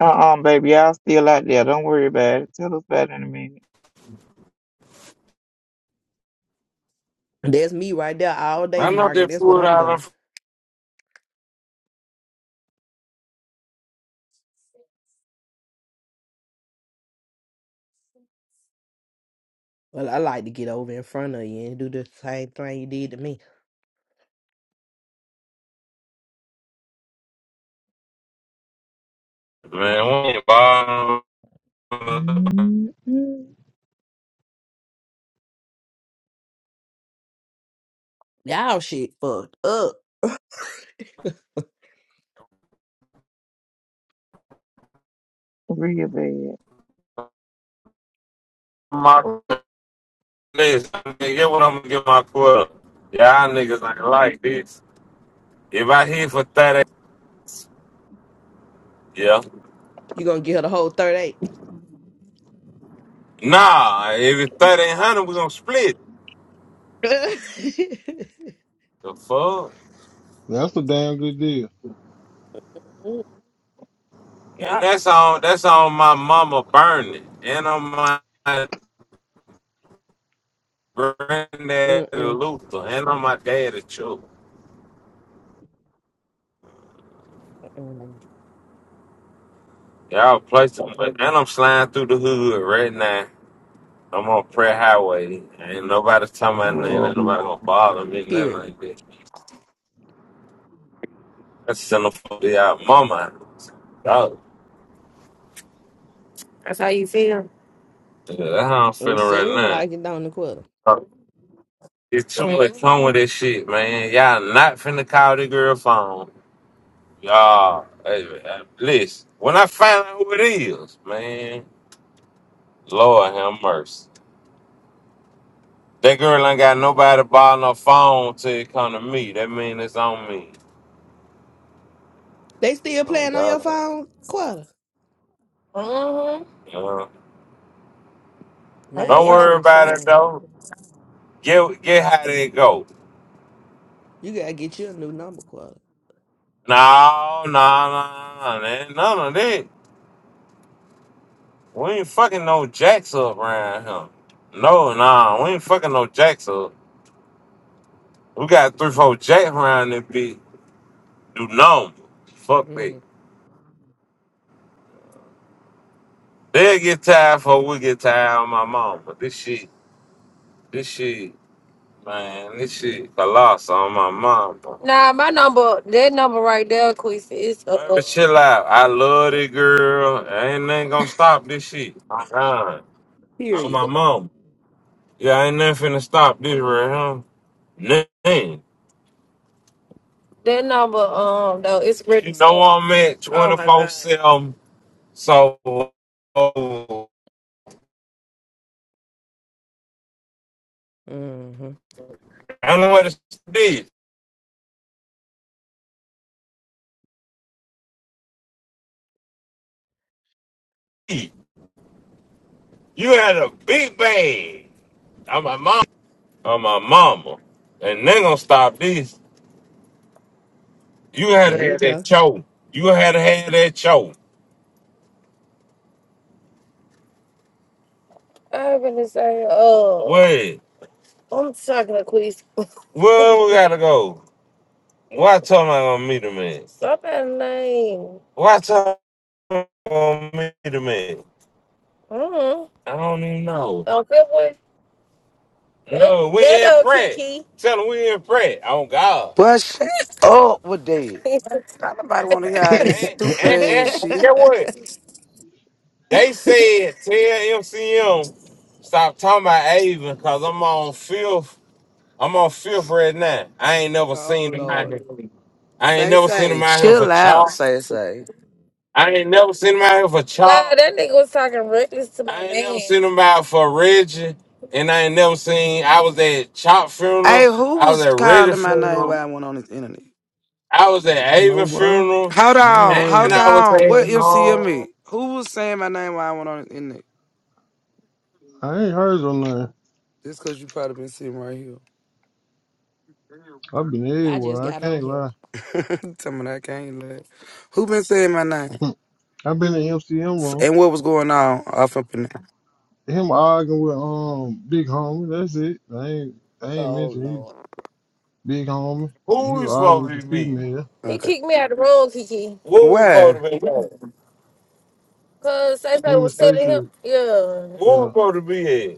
G: Uh-uh, baby, y'all still out there. Don't worry about it. Tell us about it in a minute.
Q: That's me right there all day,
A: I-
Q: Margaret. That's what I'm doing. Well, I like to get over in front of you and do the same thing you did to me.
A: Man, we ain't bothering.
G: Mm-mm.
Q: Y'all shit fucked up.
G: Real bad.
A: Please, get what I'm gonna get my quota. Yeah, I niggas ain't like this. If I hit for thirty, yeah.
Q: You gonna give her the whole third eight.
A: Nah, if it's thirty ain't hundred, we gonna split. The fuck?
E: That's a damn good deal.
A: And Yeah. that's on that's on my mama burning, and on my granddad
Q: Mm,
A: of
Q: mm,
A: Luther, and I'm my daddy too.
Q: mm, mm.
A: Y'all play some, and I'm sliding through the hood right now. I'm on Prayer Highway. Ain't nobody talking about nothing. Ain't nobody gonna bother me, nothing
Q: Period.
A: like that. That's send for the out mama. Dog. That's how you feel. Yeah, that's how I'm
Q: It
A: feeling right
Q: seemed
A: now.
Q: like it down the quarter.
A: Dog, It's too Mm. much come with this shit, man. Y'all not finna call the girl phone. Y'all, hey, hey, listen. When I find out who it is, man, Lord have mercy. That girl ain't got nobody to buy no phone till it come to me. That mean it's on me.
Q: They still
A: Oh
Q: playing on your
A: God. Uh,
Q: phone? Quarter.
A: That's don't what's
Q: Now
A: up.
Q: that's
A: worry about it
Q: insane.
A: though. Get get how they go.
Q: You gotta get you a new number quarter.
A: No, no, no, no, none of that. We ain't fucking no jacks up around here. No, nah, we ain't fucking no jacks up. We got three, four jacks around this bitch. Do numb. Fuck that.
Q: Mm.
A: They'll get tired before we get tired on my mom. But this shit, this shit. Man, this shit colossal on my mom. bro. Nah, my number, that number right there, Queef, is uh, Baby, chill out. I love this girl. Ain't nothing gonna stop this shit. I'm gone. I'm
Q: Period.
A: my mom. Yeah, ain't nothing finna stop this right here. Nothing. that number, um, though, it's You registered. know I'm at Oh 24 my twenty-four god. 7. So, oh,
Q: hmm
A: I don't know what it's did. You had a big bag. I'm my mom. I'm my mama. And they gonna stop this. You had
Q: There
A: to
Q: you
A: have
Q: go.
A: that show. You had to have that show. I'm gonna say, oh, Wait, I'm talking to Queez. where we gotta go? Why tell me I'm gonna meet a man? Stop that name. Why tell me I'm gonna meet a man? Mm-hmm. I don't even know. On fifth, what No, we that in old prayer. Kiki. Tell them we in prayer. On God.
R: But shit up with that. Don't nobody want to hear all this
A: And,
R: stupid
A: and,
R: ass
A: and
R: shit.
A: get what? They said tell MCM stop talking about Avon because I'm on fifth I'm on fifth right now. I ain't never
Q: oh
A: seen him.
Q: Lord.
A: I ain't
R: Say,
A: never seen
R: say,
A: him out here for
R: chill
A: chop.
R: out, say, say.
A: I ain't never seen him out here for Nah, chop. that nigga was talking reckless to my I ain't never man. seen him out for Reggie. And I ain't never seen I was at Chop
R: Hey,
A: funeral.
R: who
A: I was
R: was
A: at Reggie
R: calling my name
A: funeral.
R: while I went on this internet?
A: I was at Avon
E: No, boy,
A: funeral.
R: Hold
E: I ain't
R: on,
E: heard
A: And
R: hold
E: no.
A: I was
R: on. What
A: at
R: MCM is? Who was saying my name while I went on this internet?
E: I ain't heard no nothing.
R: Just cause you probably been sitting right here.
E: I've been
Q: I just
E: everywhere. I
Q: got on
E: can't
Q: here.
E: lie.
R: Tell me that I can't laugh. Who been saying my name?
E: I've been in MCM
R: S-
E: room.
R: And what was going on off up in there?
E: Him arguing with um Big Homie. That's it. I ain't I ain't
Q: Oh
E: mentioned he
Q: Lord.
E: Big Homie. And he
A: who we
E: was arguing with the
A: supposed to be?
E: female.
A: He
R: Okay.
A: kicked me out of the room, Kiki. What we supposed
R: Why?
A: to be? at? Cause Say
E: Him and
A: was telling him,
E: Stacey.
A: yeah. What we
E: Yeah.
A: supposed to be at?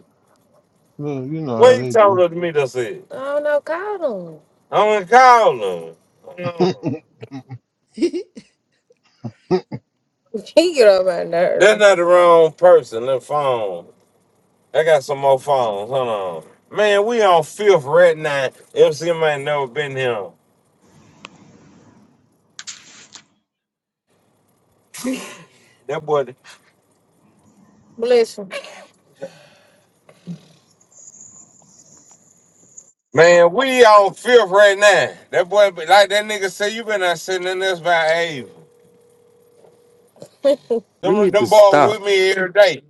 E: Look, you know how
A: What you
E: they do.
A: talking to me that said? I don't know, call him. I am going to call him. Mm.
Q: Where
A: him. He get on my nerve. That's not the wrong person. The phone. I got some more phones. Hold on. Man, we on fifth right now. MC man never been here. That boy. Bless him. Man, we on fifth right now. That boy, be- like that nigga say, you been out sitting in this by eight.
R: You
A: Them,
R: need to
A: them boys
R: stop.
A: with me every day.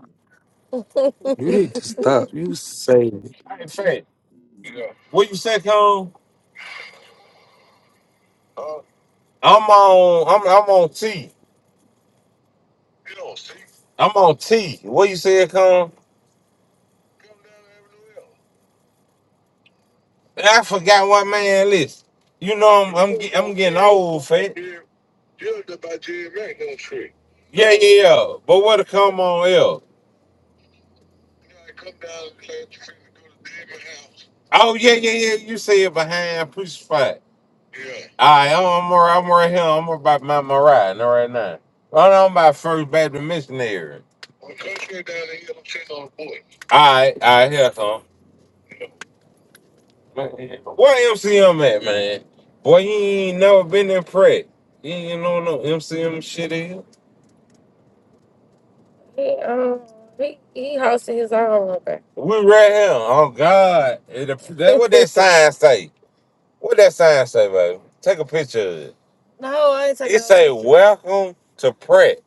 R: You need to stop. You say it.
A: What you say, Cone? I'm on. I'm, I'm on T. I'm on T. What you said, come? I forgot what man list. You know I'm I'm, get- I'm getting old, fat. Yeah, yeah, yeah. But what a come on L. Oh yeah, yeah, yeah. You said behind push fight. Alright, I'm I'm right, I'm right here. I'm about my my ride no, right now. Right now I'm about first Baptist missionary. Alright, alright, here I come. Man, What MCM at, man? Boy, you ain't never been in prep. You ain't know no MCM shit is. He um he he hosted his own over. We right here. Oh God! It, that what that sign say? What that sign say, baby? Take a picture of it. no, I ain't taking It no say picture. "Welcome to Pratt."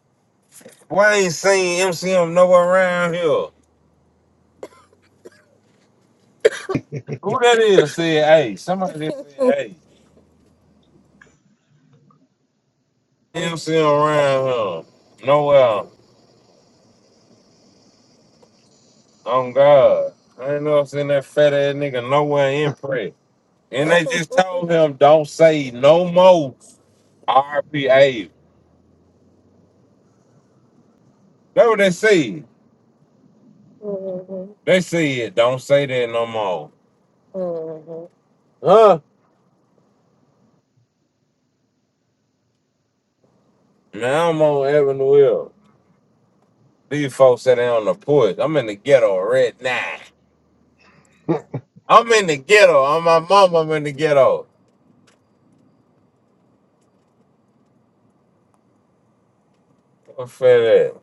A: Why ain't seen MCM nowhere around here? Who that is? Said, "Hey, somebody just said, hey, MCM around here nowhere." On God, I ain't never seen that fat ass nigga nowhere in Pratt. And they just told him, "Don't say no more." R.P.A. That's what they said. Mm-hmm. They said, don't say that no more. Mm-hmm. Huh? Now I'm on Avenue Hill. These folks sitting on the porch. I'm in the ghetto right now. I'm in the ghetto. I'm my mama. I'm in the ghetto. I'm fed up.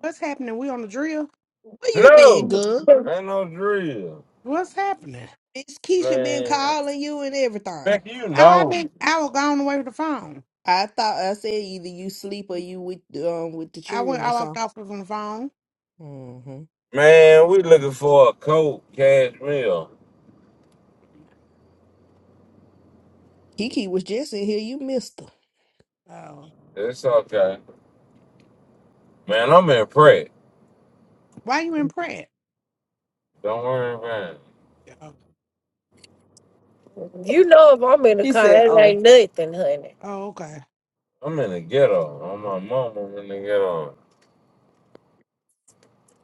M: What's happening? We on the drill?
Q: you been,
A: No!
Q: good?
A: Ain't no drill.
M: What's happening?
Q: Miss Keisha been
A: Man.
Q: calling you and everything.
A: Becky, you
M: Oh, I
A: know.
M: been I was gone away with the phone.
Q: I thought I said either you sleep or you with um with the
M: I
Q: children
M: went
Q: or
M: I walked
Q: something.
M: off from the phone.
Q: hmm
A: Man, we looking for a coat, cash meal.
Q: Kiki was just in here. You missed her.
M: Oh.
A: It's okay. Man, I'm in prep.
M: Why you in prep?
A: Don't worry, man.
M: Oh,
A: You know if I'm in the
Q: He
A: car,
Q: said,
A: it
Q: Oh.
A: ain't nothing, honey.
M: oh, okay.
A: I'm in the ghetto. On my mama, I'm in the ghetto.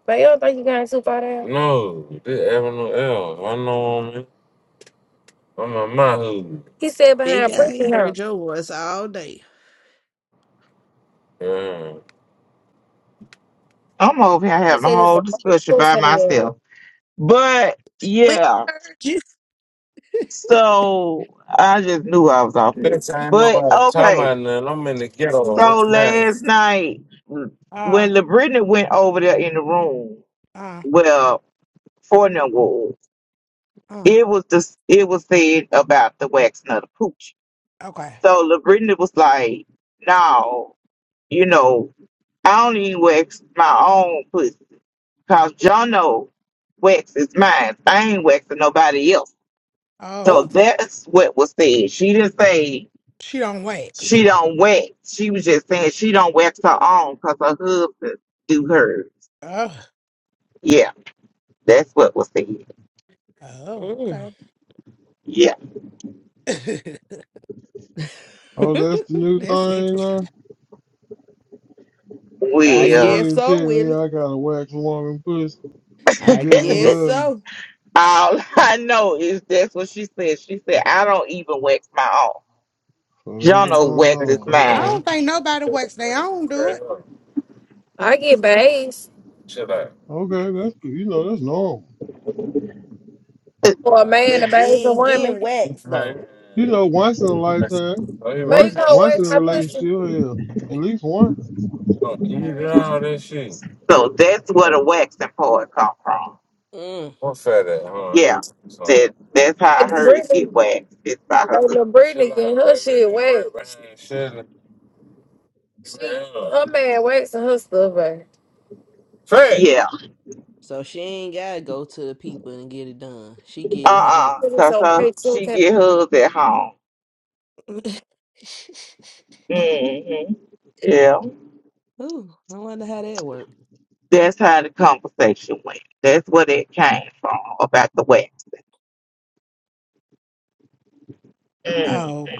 A: But you don't think you got too far down? No, this Avenue L. I know I'm in. I'm in my hood. He said
M: I
Q: big
A: behind
Q: I
M: didn't-
Q: ain't
M: listen.
A: Freaking
Q: heard
A: House.
Q: your voice all day.
A: Yeah.
G: I'm over here
A: He
G: having a
A: said it's a
G: whole discussion
A: horse
G: by
A: in
G: myself. But
Q: We
G: yeah,
Q: heard you.
G: so I just knew I was off mute.
A: Bitch, I ain't
G: But
A: nobody talking
G: okay.
A: about nothing. I'm in the ghetto
G: So
A: right now.
G: last night,
M: Uh
G: when LaBrittany went over there in the room,
M: uh
G: well, Fortnum was,
M: uh
G: it was just it was said about the waxing of the pooch.
M: okay.
G: So LaBrittany was like, "No, you know, I don't even wax my own pussy because John wax is mine. I ain't waxing nobody else." So
M: Oh.
Q: Oh.
G: that's what was said. She didn't say
M: She don't wax.
G: she don't wax. She was just saying she don't wax her own because her husband do hers.
M: Oh.
G: Yeah, that's what was said.
M: Oh,
G: Yeah.
M: okay.
E: oh, that's the new
Q: Mm.
M: That's
E: thing
M: interesting.
E: now. So
Q: I
E: you
G: Well,
Q: guess
E: mean to
Q: so,
E: tell me
Q: Willie.
E: I gotta wax woman pussy push to
Q: I
E: give the
Q: guess
M: I
E: love?
Q: so.
G: all I know is that's what she said. She said, I don't even wax my own.
E: So that's what's
G: Jono
E: going
G: waxes
E: on.
G: mine.
E: Okay.
M: don't think nobody waxes. They own do it.
A: I get based
E: Okay, that's good. You know that's normal.
A: for a man to
Q: But she
A: base a
Q: ain't getting
A: woman.
Q: waxed
A: Man.
Q: though.
E: You know,
A: Oh,
E: once in a lifetime,
A: But you right.
E: once
A: gonna
E: once in
A: waste
E: a
A: my pussy.
E: relationship, hell, at least one.
A: Oh, you did
M: Hey.
A: all that shit.
G: So that's where the waxing part come from.
Q: Mm.
A: What fat at? Hold on, here
G: Yeah.
A: was
G: That
A: some.
G: that's how
A: Baby
G: hers get
A: Brittany,
G: waxed. It's by her.
A: baby Brittany out, getting her shit You wet. shit. She, her man wakes and her stuff, baby. Fat.
G: Yeah.
Q: So she ain't gotta go to the people and get it done. She get home.
G: Uh
A: Put
G: uh
A: it
G: Cause
A: on
Q: Uh.
G: her,
A: big too,
G: she
A: okay.
G: get hers at home. hmm Yeah.
Q: Ooh, I wonder how that worked.
G: That's how the conversation went. That's where it came from about the waxing. Mm.
M: Oh,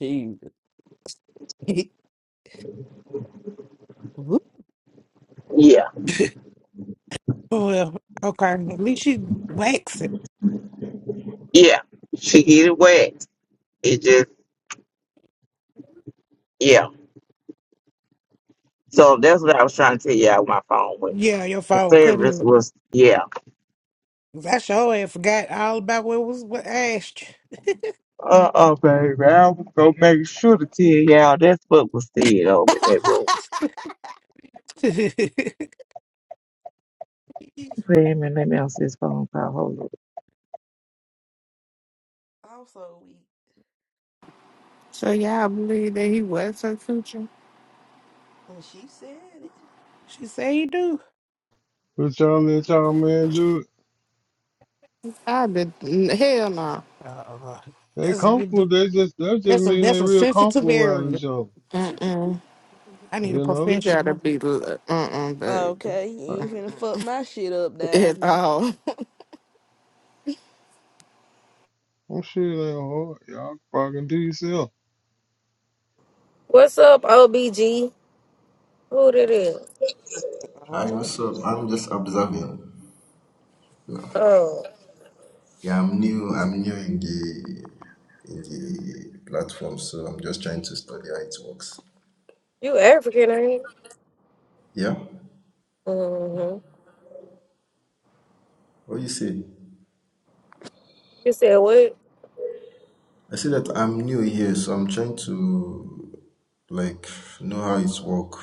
Q: Jesus. Whoop.
G: Yeah.
M: Well, okay. At least you waxed it.
G: Yeah, she get it waxed. It just yeah. So that's what I was trying to tell you out my phone with.
M: Yeah, your
G: The
M: phone couldn't.
G: service
M: look.
G: was yeah.
M: 'Cause I sure had forgot all about what was what asked
G: Uh oh baby, I was gonna make sure to tell y'all that's what was said over in that room.
M: you.
G: Wait a minute, let me answer this phone call. Hold on.
Q: I'm so weak.
N: So y'all believe that he was her future?
Q: And she said it.
M: she said you do.
E: But y'all let y'all man do it.
N: I did. Hell no.
M: Uh,
E: They
M: that's
E: comfortable.
M: a-
E: They just that just
M: that's a
E: mean
M: that's
E: they
M: a
E: real
M: sensitive
E: comfortable around
M: area.
E: each other.
N: Mm-mm.
M: I need a
E: You know,
N: You gotta
M: professional.
N: be uh uh baby.
Q: Okay, you
E: I-
Q: ain't finna fuck my shit up now.
N: At
Q: No,
N: all.
E: I'm sure it ain't hard. Y'all fucking do yourself.
A: What's up, OBG? Who that is?
Q: I
S: Hi,
Q: don't know.
S: what's up? I'm just observing. you know.
A: Oh,
S: Yeah, I'm new. I'm new in the in the platform, so I'm just trying to study how it works.
A: you African, ain't you?
S: Yeah.
A: Mm-hmm.
S: What do you say?
A: You said what?
S: I say that I'm new here, so I'm trying to like know how it works.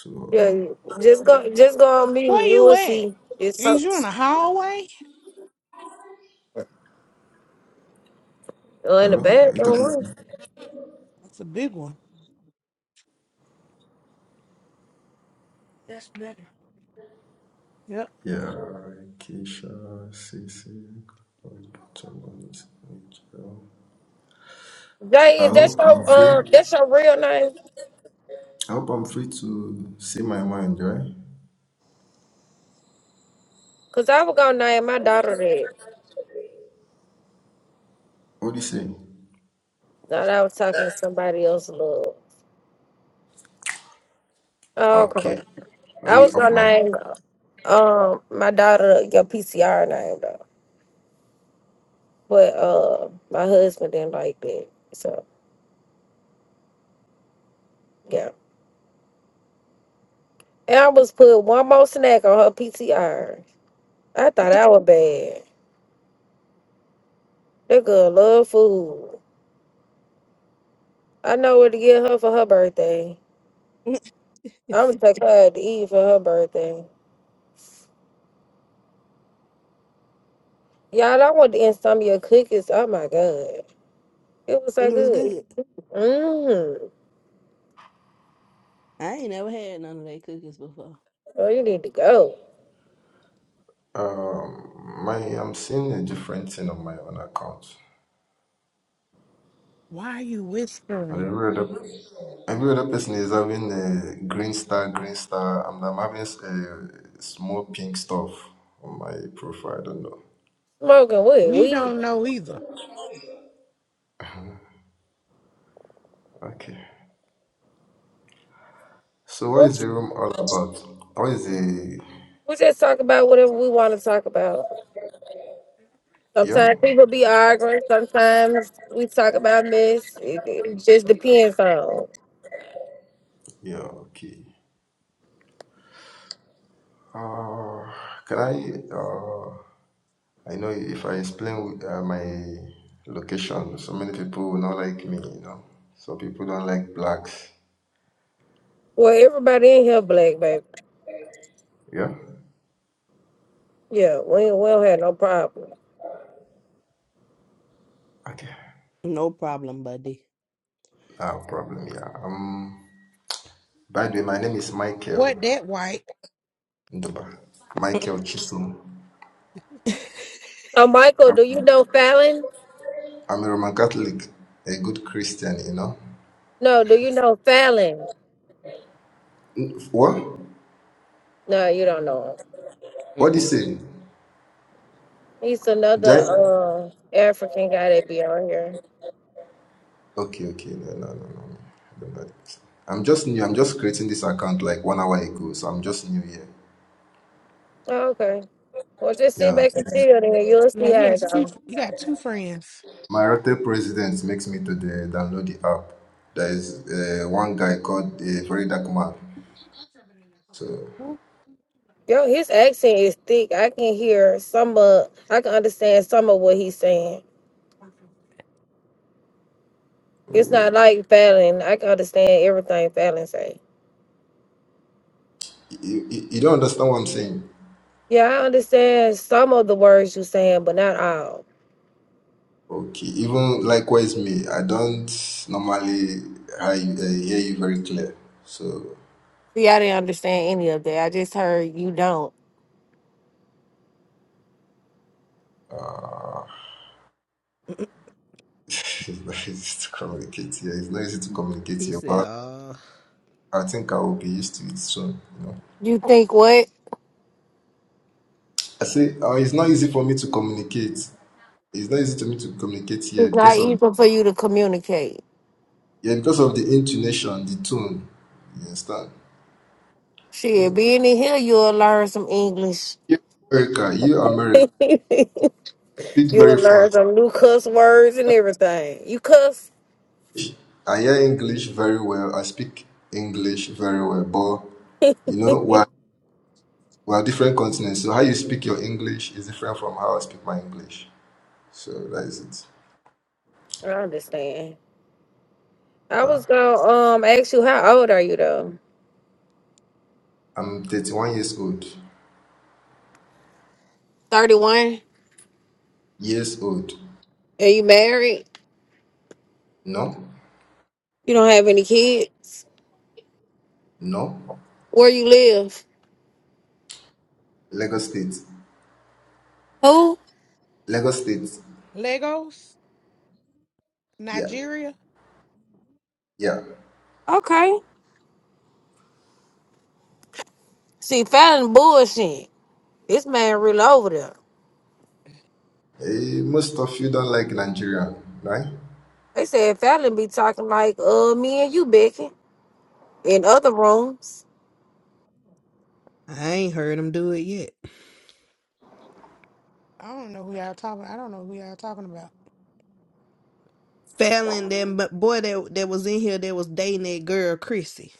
S: So
A: Yeah, you- just go, just go on mute.
M: Where
A: You
M: you
A: will
M: at?
A: see. It's uh,
M: Is you in the hallway?
A: in the
S: hello, are you talking? to
A: bathroom.
S: me?
M: That's a big one. That's better. Yep.
S: Yeah. Keisha, Cece, someone is.
A: huh?
S: I
A: Jay, is that
S: hope I'm free.
A: your um, that's your real name?
S: I hope I'm free to say my mind, right?
A: Cause I was gonna name my daughter that.
S: What do you say?
A: Thought I was talking to somebody else, love. Oh, come
S: Okay,
A: on.
S: let
A: I
S: me
A: was
S: off
A: gonna
S: my.
A: name um my daughter your PCR name though, but uh my husband didn't like that, so yeah. And I was put one more snack on her PCR. I thought I was bad. That girl love food. I know where to get her for her birthday. I'm gonna take her out to eat for her birthday. Y'all, I want to eat some of your cookies. Oh my god, it was so
Q: it was
A: good.
Q: good.
A: Mmm.
Q: I ain't never had none of their cookies before.
A: Oh, you need to go.
S: Um, my I'm seeing a different thing on my own account,
M: Why are you
S: and
M: whispering?
S: every other every other person is having a green star, green star, and I'm having s- a small pink stuff on my profile. I don't know.
A: Smoking weed.
M: We
A: We
M: don't know either.
S: Okay. So what
A: we
S: is the room all about? What is the
A: we just talk about whatever we want to talk about.
S: yeah?
A: Sometimes people be arguing. Sometimes we talk about this. It, it just depends on.
S: Yeah. Okay. Uh, can I? uh. I know if I explain uh, my location, so many people will not like me, you know. So people don't like blacks.
A: Well, everybody in here black, baby.
S: Yeah?
A: Yeah, we, ain't- we don't have no problem.
S: Okay.
Q: No problem, buddy.
S: No problem, yeah. Um, by the way, my name is Michael
M: What that white?
S: Nduba. Michael Chisum.
A: Oh, Michael, do you know Fallon?
S: I'm a Roman Catholic, a good Christian, you know.
A: No, do you know Fallon?
S: N- What?
A: No, you don't know him.
S: What do you
Q: Mm-mm.
S: say?
A: He's
S: Did I-
A: another uh, African guy that be on here.
S: Okay, okay. No, no, no, no. no, no. I'm just new. I'm just creating this account like one hour ago, so I'm just new here.
A: Oh, okay. Well, just sit
S: Yeah.
A: back and chill, and you'll
M: Yeah,
A: see how
M: he
A: it
M: has two.
A: goes.
M: He got two friends.
S: My rotten president makes me to the, download the app. There is uh, one guy called the Very Dark Man. So
A: Yo, his accent is thick. I can hear some of, I can understand some of what he's saying. It's not like Fallon. I can understand everything Fallon say.
S: you, you, you don't understand what I'm saying.
A: Yeah, I understand some of the words you saying, but not all.
S: Okay. Even likewise me, I don't normally I, uh, hear you very clear. So
A: See, I didn't understand any of that. I just heard you don't.
S: uh, it's not easy to communicate here. It's not easy to communicate
Q: He
S: here,
Q: said,
S: but
Q: uh,
S: I think I will be used to it soon. You know.
A: You think what?
S: I say uh, it's not easy for me to communicate. It's not easy to me to communicate here
A: It's not
S: because of
A: even for you to communicate.
S: Yeah, because of the intonation, the tone. You understand?
A: Shit,
S: So
A: being in here, you'll learn some English.
S: you America, you America,
A: you'll
S: speak very
A: learn
S: fast.
A: some new cuss words and everything. You cuss?
S: I hear English very well. I speak English very well. But you know, we're we're different continents. So how you speak your English is different from how I speak my English. So that is it.
A: I understand. I
S: Uh,
A: was gonna um ask you how old are you though?
S: I'm 31 years old.
A: Thirty one.
S: Years old.
A: Are you married?
S: No,
A: You don't have any kids?
S: no.
A: Where you live?
S: Lagos State.
A: Who?
S: Lagos State.
M: Legos,
S: Yeah,
M: Nigeria.
S: yeah.
A: Okay. See, Fallon bullshit. This man really over there.
S: Eh, most of you don't like Nigerian, right?
A: They said Fallon be talking like uh me and you, Becky, in other rooms.
Q: I ain't heard him do it yet.
M: I don't know who y'all talking. I don't know who y'all talking about.
Q: Fallon, that m- boy that, that was in here that was dating that girl, Chrissy,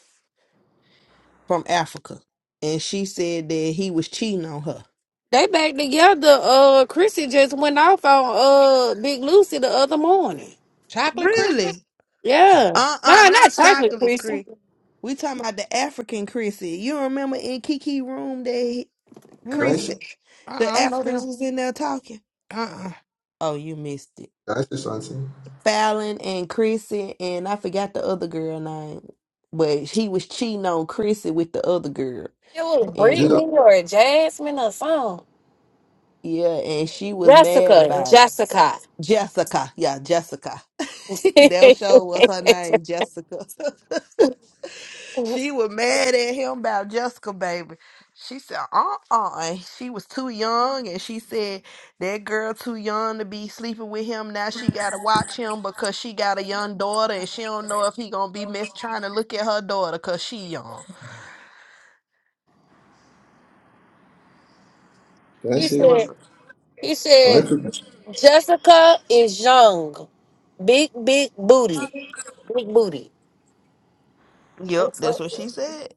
Q: from Africa. And she said that he was cheating on her.
A: They back together. Uh, Chrissy just went off on uh Big Lucy the other morning.
M: Chocolate Christmas.
Q: Really?
A: Yeah.
Q: Uh-uh,
A: Nah, not
Q: not
A: chocolate
Q: chocolate
A: Chrissy.
Q: Chris. We talking about the African Chrissy. You remember in Kiki room that
S: Can I say
Q: Chrissy,
M: Mm-mm. I
Q: the
M: I don't know
Q: Africans
M: them.
Q: was in there talking?
M: Uh-uh.
Q: Oh, you missed it.
S: Can I say something?
Q: Fallon and Chrissy, and I forgot the other girl name. But he was cheating on Chrissy with the other girl.
A: It was
Q: And
S: Do you
Q: Chris,
S: know?
A: Brittany or Jasmine or something.
Q: Yeah, and she was mad
A: Jessica,
Q: about it.
A: Jessica.
Q: Jessica. Yeah, Jessica. that show was her name, Jessica. she was mad at him about Jessica, baby. She said, uh-uh. And She was too young, and she said, that girl too young to be sleeping with him. Now she got to watch him because she got a young daughter, and she don't know if he going to be miss trying to look at her daughter because she young.
S: Can I
A: he
S: say?
Q: It was,
A: said, he
S: Am I
A: said,
S: people?
A: Jessica is young. Big, big booty. Big booty.
Q: yep, that's
A: So,
Q: what she said.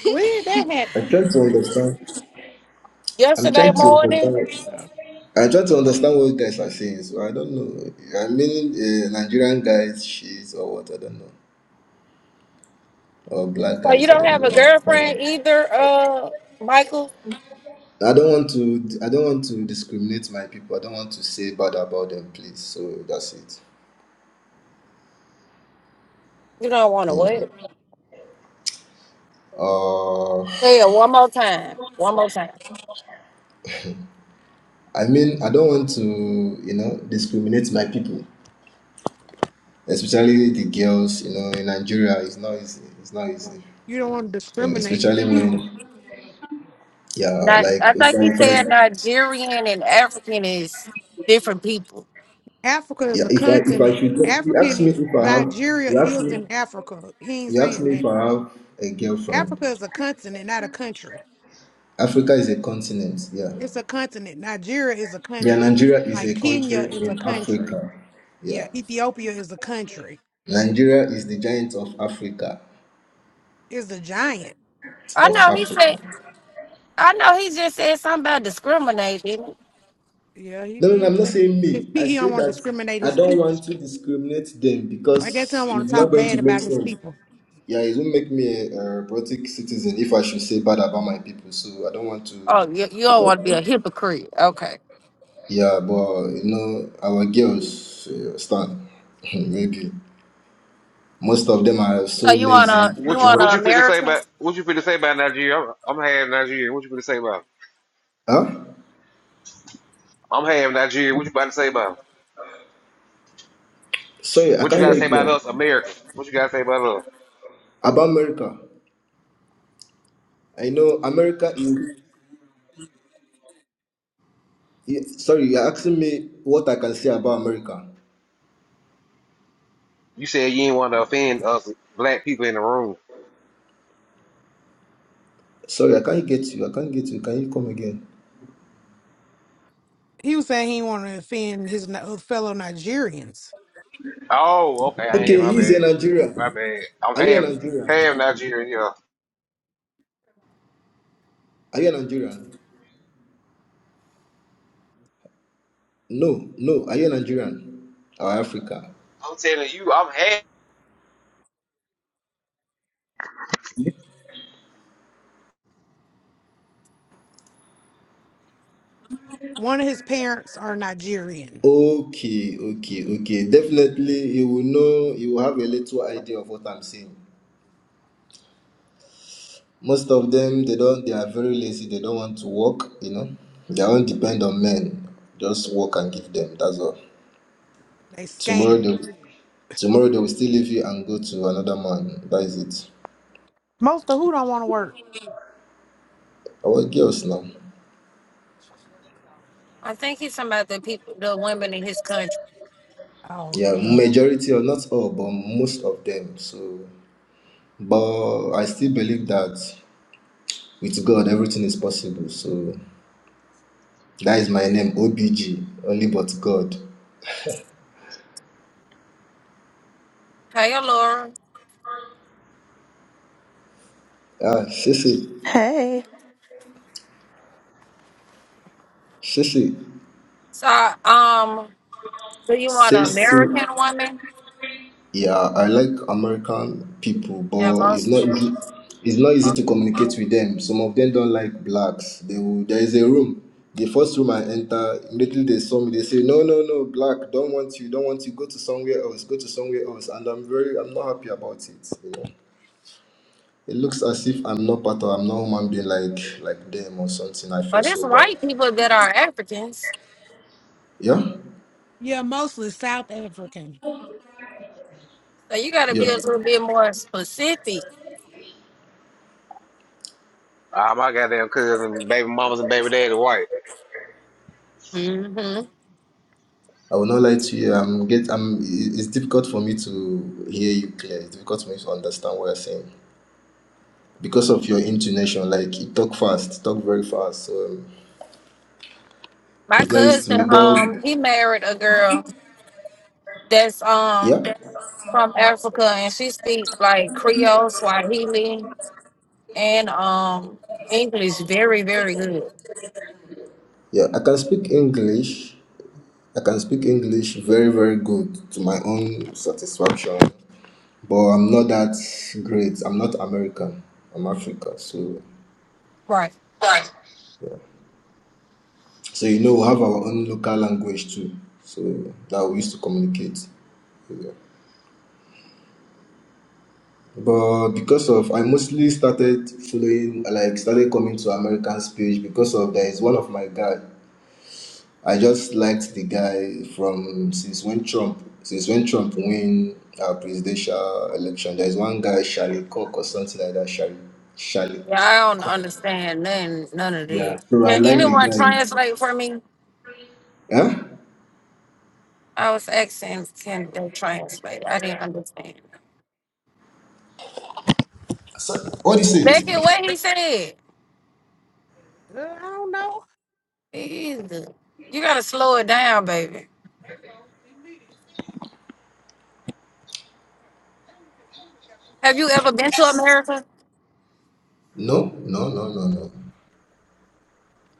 M: Where did that
S: I'm
M: happen?
S: trying to understand. I'm
A: yesterday
S: trying to
A: morning,
S: understand.
M: Uh,
S: I try to understand what you guys are saying, so I don't know. I mean, uh, Nigerian guys, shit, or what? I don't know. Or black
A: so you
S: guys, I
A: don't
S: don't
A: have
S: know.
A: a girlfriend
S: I
A: either, uh, Michael?
S: don't want to. I don't want to discriminate my people. I don't want to say bad about them, please. So that's it.
A: You don't want to
S: You know.
A: wait.
S: Uh,
A: Say it one more time. One more time.
S: I mean, I don't want to, you know, discriminate my people. especially the girls, you know, in Nigeria, it's not easy. It's not easy,
M: You don't want to
S: and
M: discriminate your
S: especially
M: people.
S: when, yeah,
A: Not,
S: like
A: I
S: if
A: think he
S: I, if I
A: said Nigerian and African is different.
M: Africa is
S: yeah,
M: a
S: if I, if I
M: continent.
S: should, you ask
M: African
S: me if I have,
M: Nigeria
S: you ask
M: is
S: me,
M: in Africa. He ain't
S: you ask
M: saying
S: me if
M: that.
S: I have a girlfriend.
M: Africa is a continent, not a country.
S: Africa is a continent, yeah.
M: It's a continent. Nigeria is a
S: Yeah,
M: country.
S: Nigeria is
M: Like
S: a
M: Kenya
S: country
M: is a
S: in
M: country.
S: Africa, yeah.
M: Yeah, Ethiopia is a country.
S: Nigeria is the giant of Africa,
M: It's a giant.
A: I
S: of
A: know he said,
S: Africa.
A: I know he just said something about discriminating.
M: Yeah, he
S: No, no, no,
M: did.
S: I'm not saying
M: His
S: me.
M: pe-
S: I
M: he don't
S: say
M: want to
S: that
M: discriminate
S: I
M: his
S: don't
M: people.
S: want to discriminate them
M: I guess he
S: because
M: don't want
S: it's
M: to
S: not
M: talk
S: going
M: bad
S: to make
M: about his
S: sense.
M: people.
S: Yeah, it will make me a, a robotic citizen if I should say bad about my people. So I don't want
A: Oh, you, you don't want to be a
S: to.
A: hypocrite. Okay.
S: Yeah, but you know, our girls uh, stand. Maybe most of them are so
A: So you want
S: lazy.
A: to you
S: you
J: What you
A: want
J: what
S: know.
A: to
J: you feel to say
A: American?
J: about what you feel to say about Nigeria? I'm, I'm half Nigerian. What you feel to say about? it?
S: Huh?
J: I'm half Nigerian. What you about to say about? it?
S: Sorry, I
J: What you
S: can't
J: got
S: hear
J: to say
S: you
J: about
S: clear.
J: us, Americans? What you got to say about us?
S: About America, I know America is. yeah, Sorry, you're asking me what I can say about America.
J: You said you ain't want to offend us black people in the room.
S: Sorry, I can't get you. I can't get you. Can you come again?
M: He was saying he want to offend his Ni- uh, fellow Nigerians.
J: Oh, okay. I ain't
S: Okay,
J: my
S: he's a
J: bad. My
S: Nigerian.
J: bad. I'm
S: Are you a
J: half
S: Nigerian?
J: half Nigerian. Yeah.
S: Are you a Nigerian? No, no. Are you Nigerian or Africa?
J: I'm telling you, I'm half.
M: One of his parents are Nigerian.
S: Okay, okay, okay. Definitely, you will know. You will have a little idea of what I'm saying. Most of them, they don't. They are very lazy. They don't want to work. You know, they don't depend on men. Just work and give them. That's all.
M: They
S: Tomorrow
M: scam.
S: they, tomorrow they will still leave you and go to another man. That is it.
M: Most of who don't want to work.
S: Our girls now.
A: I think he's talking about the people, the women in his country.
M: Oh,
S: Yeah, majority or not all, but most of them. So, but I still believe that. With God, everything is possible. So that is my name, OBG, only but God.
A: Hey, Laura.
S: Ah, Sissy,
T: Hey.
S: Sissy,
A: So, um, do you want an American
S: Sissy.
A: woman?
S: Yeah, I like American people,
A: Yeah,
S: but it's
A: most.
S: not easy. It's not easy to
A: But
S: communicate with them. Some of them don't like blacks. They will, there is a room. The first room I enter, immediately they saw me. They say, "No, no, no, black. Don't want you. Don't want you. Go to somewhere else. Go to somewhere else." And I'm very, I'm not happy about it. You know? It looks as if I'm not part of I'm not human being like like them or something. I feel
A: it's
S: so bad.
A: white people that are Africans.
S: Yeah,
M: yeah, mostly South African.
A: So you got to be a
S: yeah.
A: little bit more specific.
J: Ah, my goddamn cousin, baby mamas, and baby daddy white.
A: hmm
S: I will not lie to you. I'm get. I'm. i- It's difficult for me to hear you clear. It's difficult for me to understand what you're saying because of your intonation. Like you talk fast, talk very fast. So um,
A: My
S: it's nice to me.
A: cousin,
S: But
A: um, he married a girl that's um
S: yeah,
A: from Africa, and she speaks like Creole, Swahili, and um English very, very good.
S: yeah. I can speak English. I can speak English very very good to my own satisfaction. But I'm not that great. I'm not American. I'm Africa. So
A: Right.
S: Right. So you know we have our own local language too. So that we used to communicate. Yeah. But because of I mostly started following like started coming to American speech because of there is one of my guy. I just liked the guy from since when Trump since when Trump win uh, presidential election. There is one guy Charlie Cook or something like that. Charlie Charlie
A: Yeah, I don't
S: Cook.
A: understand none none of this.
S: So I
A: Can
S: like the
A: anyone
S: guy.
A: translate for me?
S: Huh?
A: I was asking, can they translate? I didn't understand.
S: So, what do you
A: Becky,
S: say?
A: what he said?
M: Uh, I don't know.
A: Jesus. You gotta slow it down, baby. Have you ever been to America?
S: No, no, no, no, no.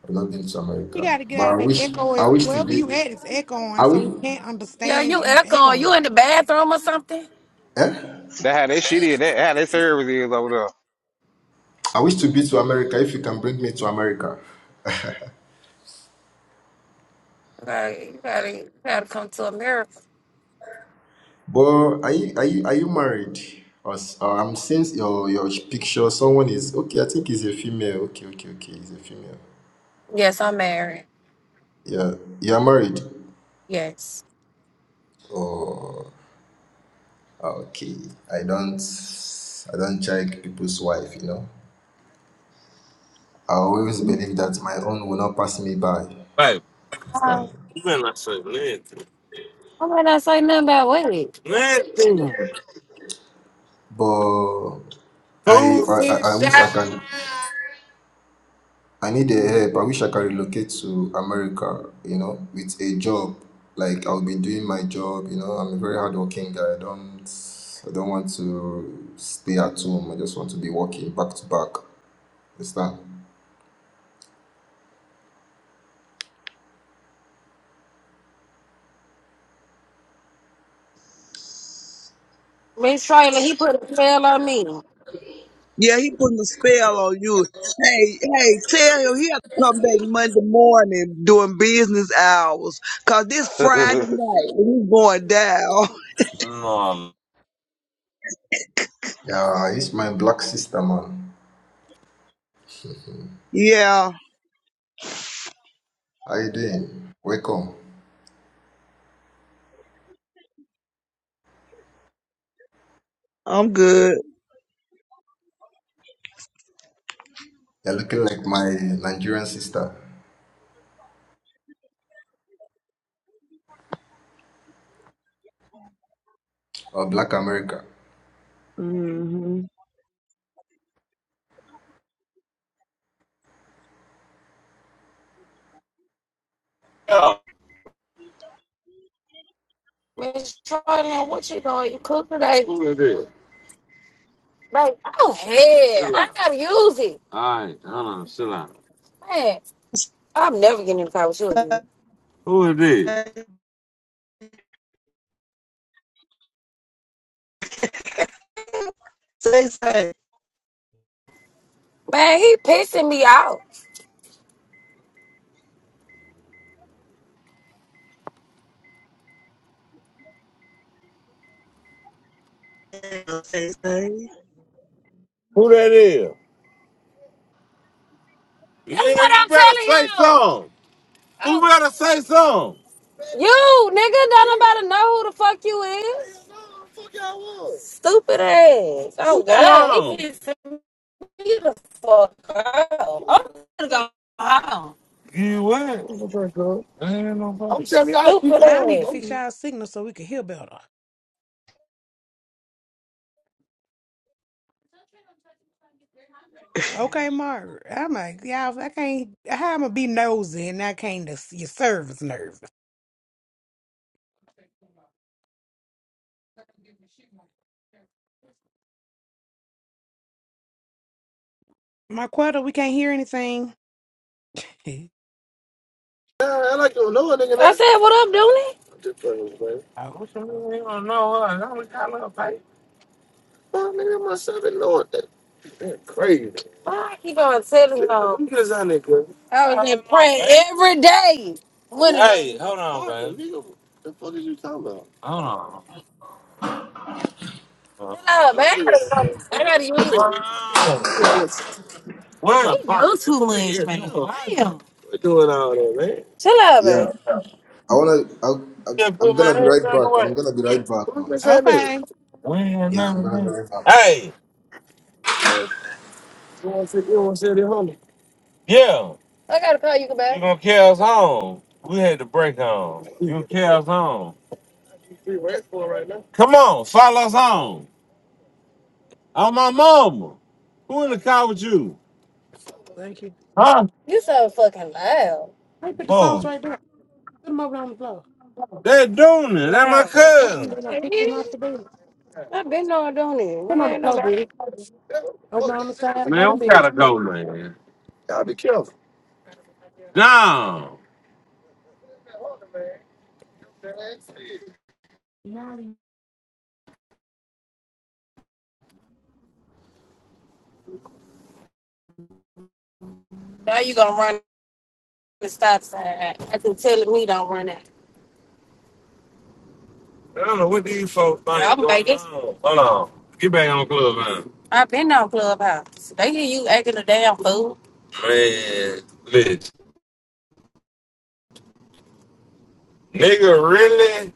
S: I've not been to
M: We
S: America,
M: got to get
S: but
M: out
S: I
M: of the
S: wish
M: echo.
S: I
M: and
S: wish to
M: Wherever you
S: be.
M: at, it's echoing,
S: I
M: so
S: wish,
M: we can't
A: Yeah,
M: understand
A: you
M: you
A: echoing. You
M: echoing.
A: in the bathroom or something? You
S: eh?
J: That's how They shitty. their shit in. They service is over
S: I wish to be to America. If you can bring me to America,
A: gotta, you gotta, you gotta come to America.
S: but are you are you are you married? Or, s- or I'm seeing your your picture. Someone is okay. I think he's a female. Okay, okay, okay. He's a female.
A: Yes, I'm married.
S: Yeah, you are married.
A: Yes.
S: Oh, ah, okay. I don't I don't check people's wife. You know, I always believe that my own will not pass me by.
A: Right. Oh,
S: Understand?
A: You better not Why might not say nothing about Willie? Nothing.
S: But I
A: Who's
S: I, I I
A: this
S: wish
A: shot?
S: I can I need a help. I wish I can relocate to America, you know, with a job. Like I'll be doing my job, you know. I'm a very hardworking guy. I don't I don't want to stay at home. I just want to be working back to back. Understand?
A: Miss Trailer, he put a spell on me.
U: Yeah, he putting a spell on you. Hey, hey, tell him he have to come back Monday morning during business hours. Cause this
J: there.
U: Friday night and he's going down.
A: No.
S: Yeah, it's my black sister, man.
U: Yeah,
S: How you doing? Welcome.
U: I'm good.
S: You're looking like my Nigerian sister or black America.
A: no. Miss Trailer, what you doing? You cook today? Who it is this? Like, oh hell, I gotta use it. All right, hold on, chill out. Man, I'm never getting in the car with you again. Who it is this? Man, he pissing me off. Who that is? That's Yeah, what you I'm better telling you. say something. Who better say something. You nigga, don't nobody know who the fuck you is. Stupid ass. Oh Leave that God, down. it alone. gets me the fuck out. I'm gonna go home. You what? I'm telling you, I Stupid that.
M: Y'all
A: I'm,
M: need to
A: ass. I'm
M: fix y'all signal so we can hear better. Okay, Margaret. I'm like, y'all, I can't, how I'm going to be nosy and I can't, just- your service nervous. Marquetta, we can't hear anything.
A: bringing I that. said, what up, Dooley?
M: oh,
A: I'm telling you, don't know. what? I don't got a little pay. I keep on telling him. I was in prayer every day. When Hey, hold on, baby. Hold on. Hold Hello, man. I gotta go. I gotta use it. on. Where You fuck? too much, man. Damn. Chill out,
S: Yeah.
A: baby.
S: I wanna I, I I'm gonna be right back. I'm gonna be right back, man.
M: okay.
A: We ain't
S: Yeah, I'm
A: never
S: gonna be
A: met.
S: right back.
A: Hey. Yeah, I gotta call you back. you gonna carry us home. We had to break home. You gonna carry us home. Come on, follow us home. I'm my mama. Who in the car with you?
M: Thank you.
A: Huh? You so fucking loud.
M: Hey, put the sodas
A: Oh,
M: right there. Put them over on the floor.
A: that Dooney, that
M: Put them
A: my
M: over there, And
A: cousin.
M: then I pick them off the bed.
A: I've been on doing
M: Put
A: it.
M: 'em
A: He
M: on the
A: ain't
M: floor,
A: nobody.
M: baby. Over on the side by the
A: Man, we gotta
M: bed.
A: go, man. Down.
M: Yep.
A: Now you gonna run the stop sign. I can tell me don't run it. I don't know what these folks think Yeah, I'm going like, they, on. Hold on. Get back on club, man. I've been on Clubhouse. They hear you acting a damn fool. Man, bitch. Nigga really?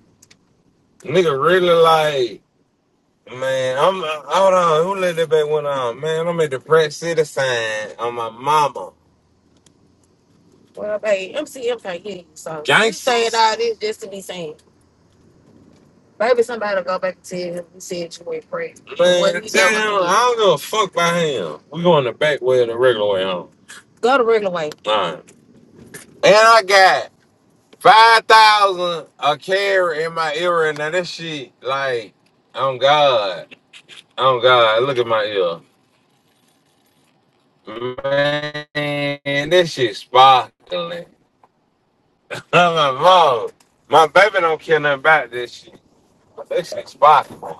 A: Nigga really like man, I'm uh, hold on, who let that back went on? Man, I'm at the Pratt City sign on my mama. Well, babe, MCM can't hear you, so you Gangsters. saying all this just to be saying. Maybe somebody will go back and tell him he said you ain't pregnant. Man, damn, I don't give a fuck about him. We going the back way or the regular way home. Go the regular way. All right. And I got 5,000 a carry in my ear. and Now that shit, like, oh God. oh God. Look at my ear. Man, This shit sparkling. I'm like, mom, my baby don't care nothing about this shit. That shit sparkling.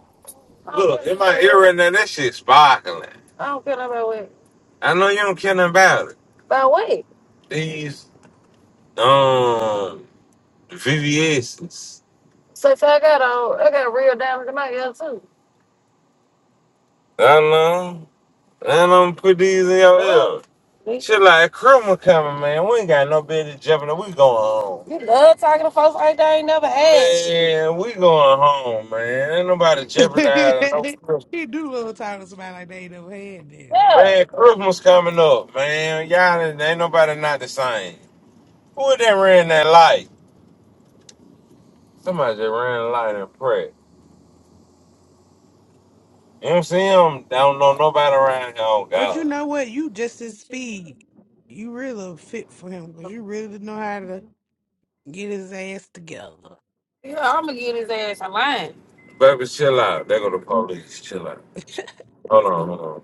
A: Look, in my ear and then that shit sparkling. I don't care about what. I know you don't care nothing about it. About what? These um VVS's. So, so I got uh, I got real diamonds in my ear too. I know. And I'm put these in your ear. Bitch, Shit like criminal coming, man. We ain't got no business jumping. We going home. You love talking to folks like they ain't never asked you. Man, we going home, man. Ain't nobody
M: he
A: jeopardizing no.
M: do little talk to somebody like they ain't never had this.
A: Yeah.
M: Lord.
A: Man, Christmas coming up, man. Y'all ain't ain't nobody not the same. Who that ran that light? Somebody just ran the light and prayed. MCM I don't know nobody around here on
M: But you
A: God.
M: know what? You just his speed. You really a fit for him because you really know how to get his ass together.
A: Yeah, I'm gonna get his ass a line. Baby, chill out. There go the police. Chill out. Hold on, hold on.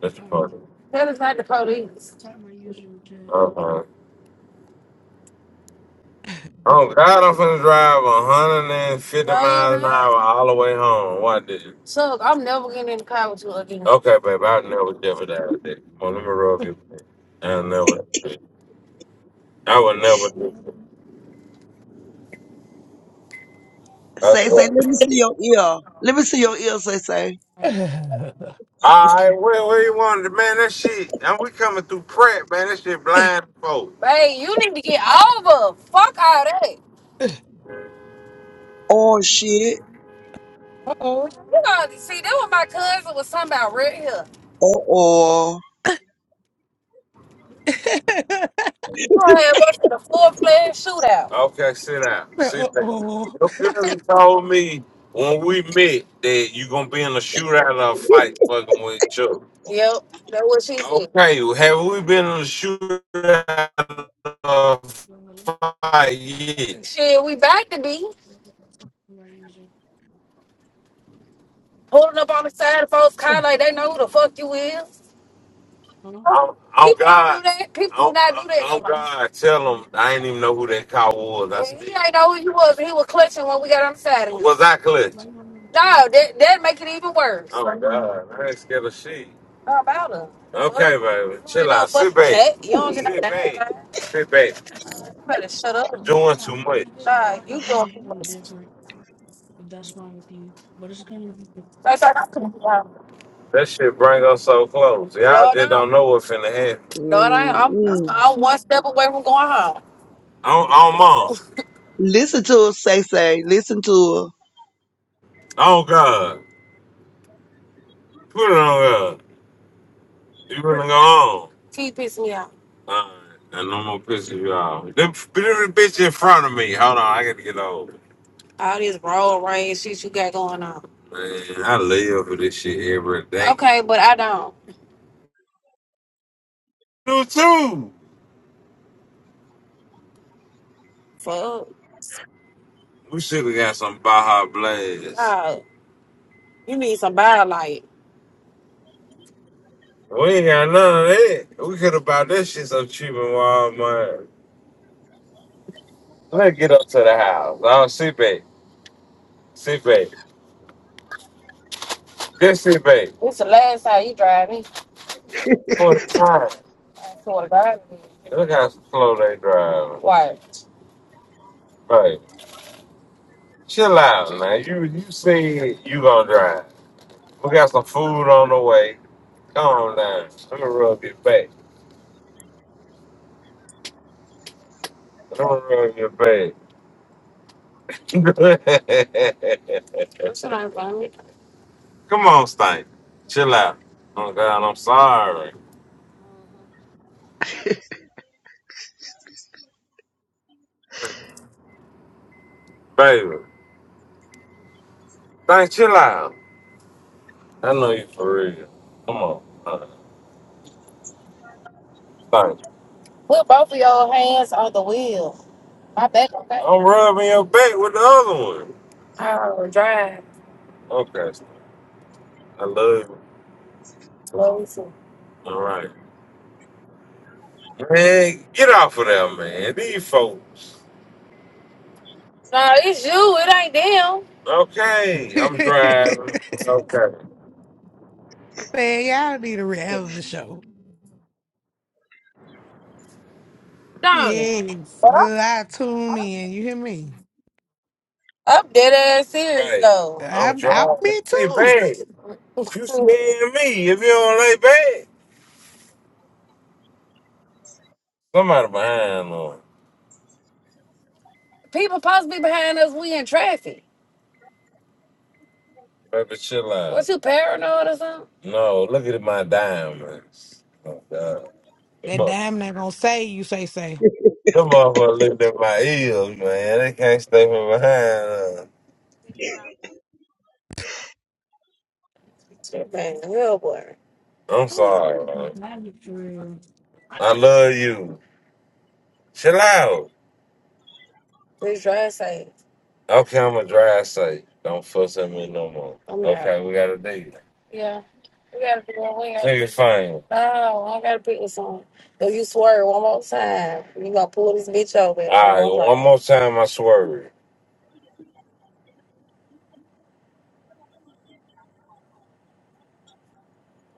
A: That's the
M: Um,
A: police.
M: it's
A: That is not the police.
M: not my usual to
A: Uh-huh. Oh God, I'm finna drive 150 No, miles an hour all the way home. What did you? So I'm never getting in the car with you again. Okay, baby, I'll never do that. Come on, let me rub you. I'll never. I would never do it. That's
M: what?
U: Say, say, let me
A: right.
U: see your ear. Let me see your ear, say, say.
M: Uh-oh.
A: All right, where, where you wanted, man? That shit, and we coming through Pratt, man. That shit blind folk. Babe, you need to get over. Fuck all that.
U: Oh shit.
A: You gotta see that what my cousin was talking about right here.
U: Uh oh.
A: You had us in a full fledged shootout. Okay, sit down.
M: Uh-oh.
A: Sit down. Your cousin told me when we met that you gonna be in a shootout or a fight fucking with each other. Yep, that's what she said. Okay, well, have we been in a shootout or a fight yet? Shit, we back to be pulling up on the side of folks' car like they know who the fuck you is. Oh, oh People do God. that. People do Oh, not oh do that oh, in life. God. Tell him I didn't even know who that cow was. I And he said, ain't know who he was. He was clutching when we got on Saturday. was I clutch? No, that that make it even worse. Oh, God. I ain't scared of shit. How about her? The fuck? Okay, baby. You Chill ain't no out. Sit fucking back. cat. You don't get no Sit damn back. man. Sit back. You better shut up. Doing too much. Nah, you doing too much. That's like I'm gonna get out. That shit bring us so close. Y'all No, just no. don't know what's finna happen. No, I ain't. I'm,
U: Mm-mm.
A: I'm one step away from going home. On, on mom.
U: Listen to her, say, say. Listen to her.
A: Oh God. Put it on God. You really go on. T pissed me off. Alright. And I'm gonna piss you off. Them the bitch in front of me. Hold on, I gotta get over. All this road rage shit you got going on. Man, I live for this shit every day. Okay, but I don't. You too. Fuck. We should have got some Baja Blast. Nah, you need some body light. We ain't got none of that. We could have bought that shit so cheap in Walmart. Let's get up to the house. Oh, see, babe. See, babe. This see, babe. This the last time you drive me. For the time. I swear to God. Look how slow they drive. Why? Hey, chill out, man. You you said you gonna drive. We got some food on the way. Come on down. Let me rub your back. Let me rub your back. Come on, Stank. Chill out. Oh God, I'm sorry, baby. Stank, chill out. I know you for real. Come on. Uh, Thanks. Put both of your hands on the wheel. My back okay. I'm rubbing your back with the other one. Oh, drive. Okay. Steve. I love you. Love you too. All right. Man, get off of there, man. These folks. No, it's you. It ain't them. Okay. I'm driving. It's okay.
M: Man, y'all need a
A: Shit,
M: reality show.
A: Don't it?
M: Yes,
A: But I'm,
M: good. I tune in. You hear me?
A: I'm dead ass serious Hey, though.
M: I
A: I'm
M: I
A: driving.
M: me
A: See,
M: too.
A: babe. You scaring me if you don't lay back. Somebody behind on. People supposed to be behind us. We in traffic. Baby, chill out. Was you paranoid or something? No, look at my diamonds. Oh, God. Them
M: That
A: mo-
M: dime not gonna say you say say.
A: them motherfuckers looked at my ears, man. They can't stay from behind us. Shit, man, real boy. I'm sorry, man. I love you. Chill out. Please try to say. it. Okay, I'm a dry say. Don't fuss at me no more. I'm not. Okay, we got a date. Yeah. We gotta be one way. Sing it fine. No, I gotta pick this song. If you swerve one more time, you gonna pull this bitch over All right, one right, more one time. more time, I swerve.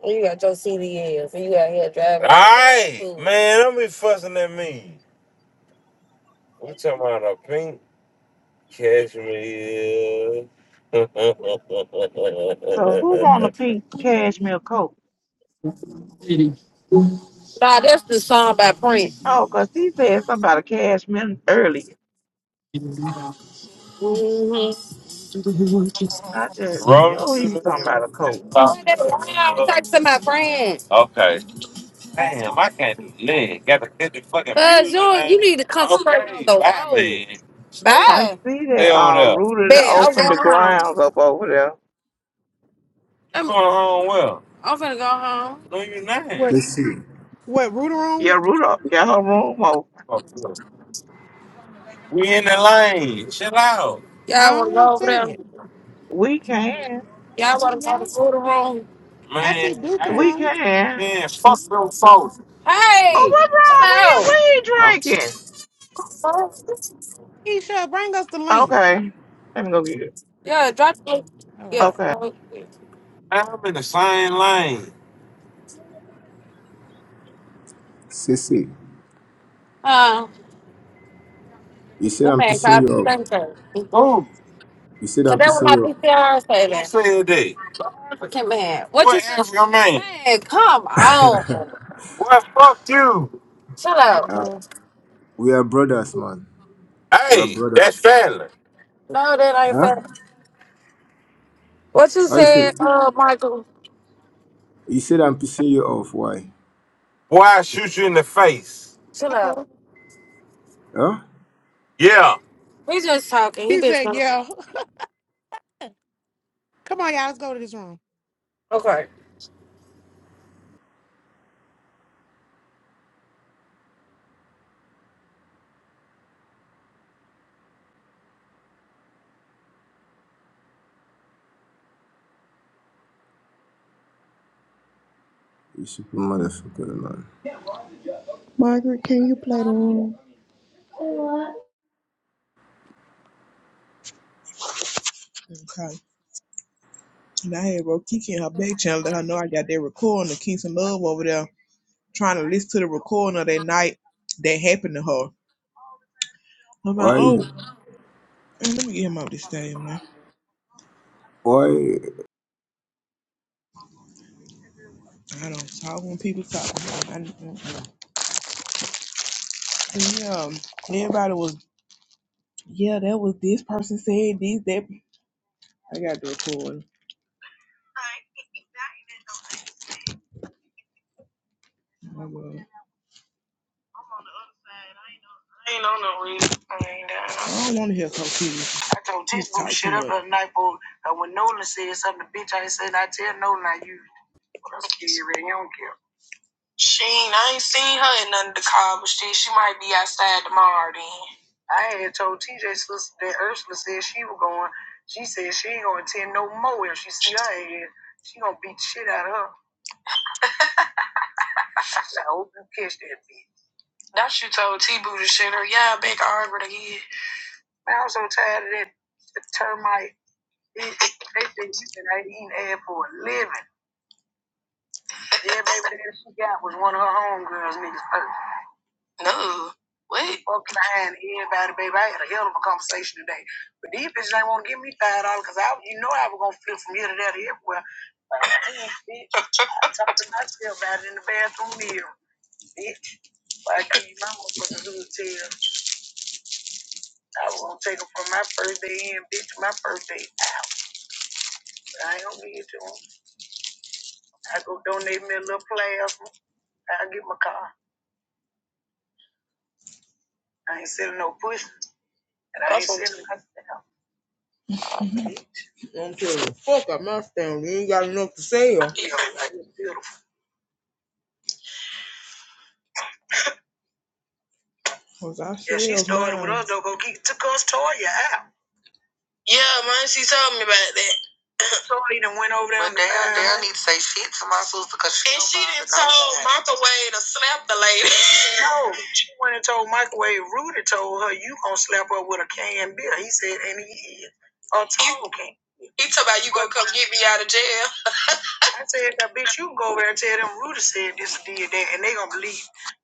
A: And you got your CDs and you out here driving All right, a right, man, don't be fussing at me. We talking about a pink cashmere.
G: So who want a pink cashmere coat?
A: Nah, that's the song by Prince.
G: Oh, 'cause he said something about a cashmere earlier. I just
A: Rolling
G: knew he
A: through
G: was
A: the
G: talking about
A: hood.
G: a coat.
A: that's why I was talking to my friend. Okay. Damn, I can't live. Got to hit the fucking Cause music, you, you man. need to concentrate on Okay, the bye, road. man. Stay,
G: I
A: Bye.
G: see
A: stay
G: that
A: over
G: uh
A: there.
G: Ruta done
A: Bet I'm
G: opened the
A: going home. You
G: grounds up over there.
A: I'm, going home well? I'm finna go home. No, you not.
S: Sissy.
M: What Rooter
G: Yeah,
M: room?
G: Ruta, got her room open.
A: Fuck you. We in the lane. Chill out, Y'all
M: I
A: wanna go
M: don't
A: over there?
M: see it.
G: We can.
A: Y'all
M: Hey,
A: wanna go to the
M: y'all.
A: food room?
M: I
A: man.
M: see Duka
A: Hey,
G: We
M: room.
G: can.
A: man. Fuck them folks.
G: Oh,
A: Hey,
G: what's
A: chill
G: wrong with him?
A: out.
G: What he drinking?
M: He should bring us the link.
G: Okay. Let me go get it.
A: Yeah, drop it. yeah.
G: Okay.
A: Uh, I'm in the same lane.
S: Sissy.
A: Uh,
S: You said
A: that
S: I'm
A: man tried
S: pissing you off.
A: everything to
S: You said
A: Cause
S: I'm
A: that was
S: pissing
A: my
S: you off.
A: PCR Who saving. Who said that? African man. What you What say? African man? Man, come on. Well, fuck you. Shut up.
S: Ah, we are brothers, man. We are
A: Hey,
S: brothers.
A: that's family. No, that ain't
S: Huh?
A: fair. What you
S: How you say?
A: said, uh, Michael?
S: You said I'm pissing you off. Why?
A: Why I shoot you in the face. Chill
M: Oh,
A: out.
S: Huh?
A: Yeah. We just talking. He
M: he
A: been
M: said,
A: talking.
M: "Yeah, come on, y'all, let's go to this room."
A: Okay.
S: You super motherfucker, man.
O: Margaret, can you play the room?
H: Okay. And I had wrote Kiki in her back channel let her know I got that recording of Kingston Love over there trying to listen to the recording of that night that happened to her. I'm like,
S: Why?
H: oh, man, let me get him out this thing, man.
S: Why?
H: I don't talk when people talk. I, I, I, um, everybody was, yeah, that was this person said this, that. I got the recording. I will. uh, I don't want to hear confusion. I told He's textbook typing shut up last night, boy. And when Nolan said something, the bitch, I ain't saying I tell Nolan I you. I'm scared, and you don't care. She ain't, I ain't seen her in none of the car, but she, she might be outside tomorrow. I had told TJ sister that Ursula said she was going. She said she ain't gonna attend no more if she see her ass. She gonna beat the shit out of her. I said, I hope you catch that bitch. That you told T Boo to shut her. Yeah, back I again. Man, I'm so tired of that termite Bitch, they said you said I eat ass for a living. The baby that she got was one of her homegirls niggas first. Fuck lying to everybody, baby. I had a hell of a conversation today. But these bitches ain't wanna give me five dollars because I you know I was gonna flip from here to there to everywhere. I bitch. I talked to myself about it in the bathroom mirror. Bitch, I gave you my motherfucking hood tail. I was gonna take them from my first day in, bitch, my first day out. But I ain't gonna give it to 'em. I go donate me a little plasma. I get my car. I ain't selling no pussy. And I ain't That's what- sitting myself. like, Was I yeah, she started with us though, but he took us Toya out. Toya done went over there. But and damn, damn, need to say shit to my sister because she. no, she went and told Microwave. Rudy told her, "You gonna slap her with a can beer?" He said, and he is a tall can. I said, now, bitch, you can go over there and tell them Rudy said this and did that, and they gonna believe.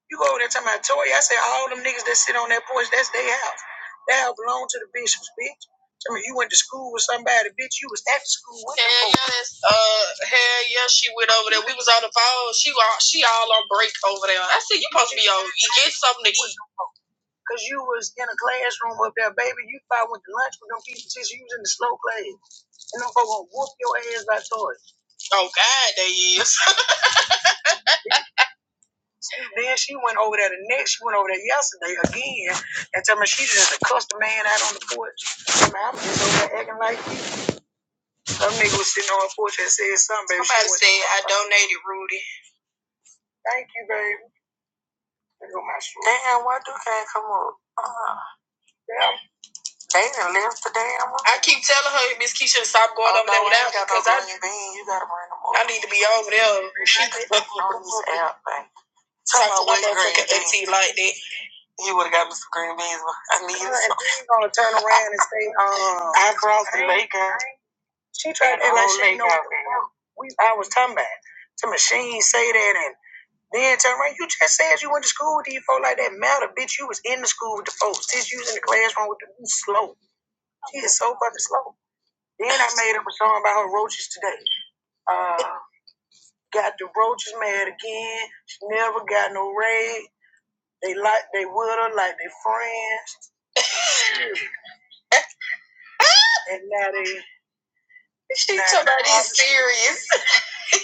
H: You go over there and tell my Tory. I said, all them niggas that sit on that porch, that's their house. That house belong to the bishops, bitch. Tell me, you went to school with somebody, bitch. You was at the school with, cause you was in a classroom up there, baby. You probably went to lunch with them people since you was in the slow class, and them folks gonna whoop your ass by Tory. Then she went over there the next. She went over there yesterday again, and tell me she just cussed a man out on the porch. Tell me, I'm just over there acting like you. Some nigga was sitting on a porch and said something, baby. Somebody She said, I don't. Thank you, baby. go my shoe. I told you, Miss Keisha, stop going need to be over there. On like. You would have got me some green beans, I need you. She's gonna turn around and say, um. I brought the Laker. She tried to and I should know. We, I was talking about. Some machine say that and. Then turn around. You just said you went to school with these folks like that. Matter, bitch. You was in the school with the folks. Since you was in the classroom with the you slow. She is so fucking slow. Then I made up a song about her roaches today. Uh, got the roaches mad again. She never got no raid. They like they with her like they friends. And now they she now told they,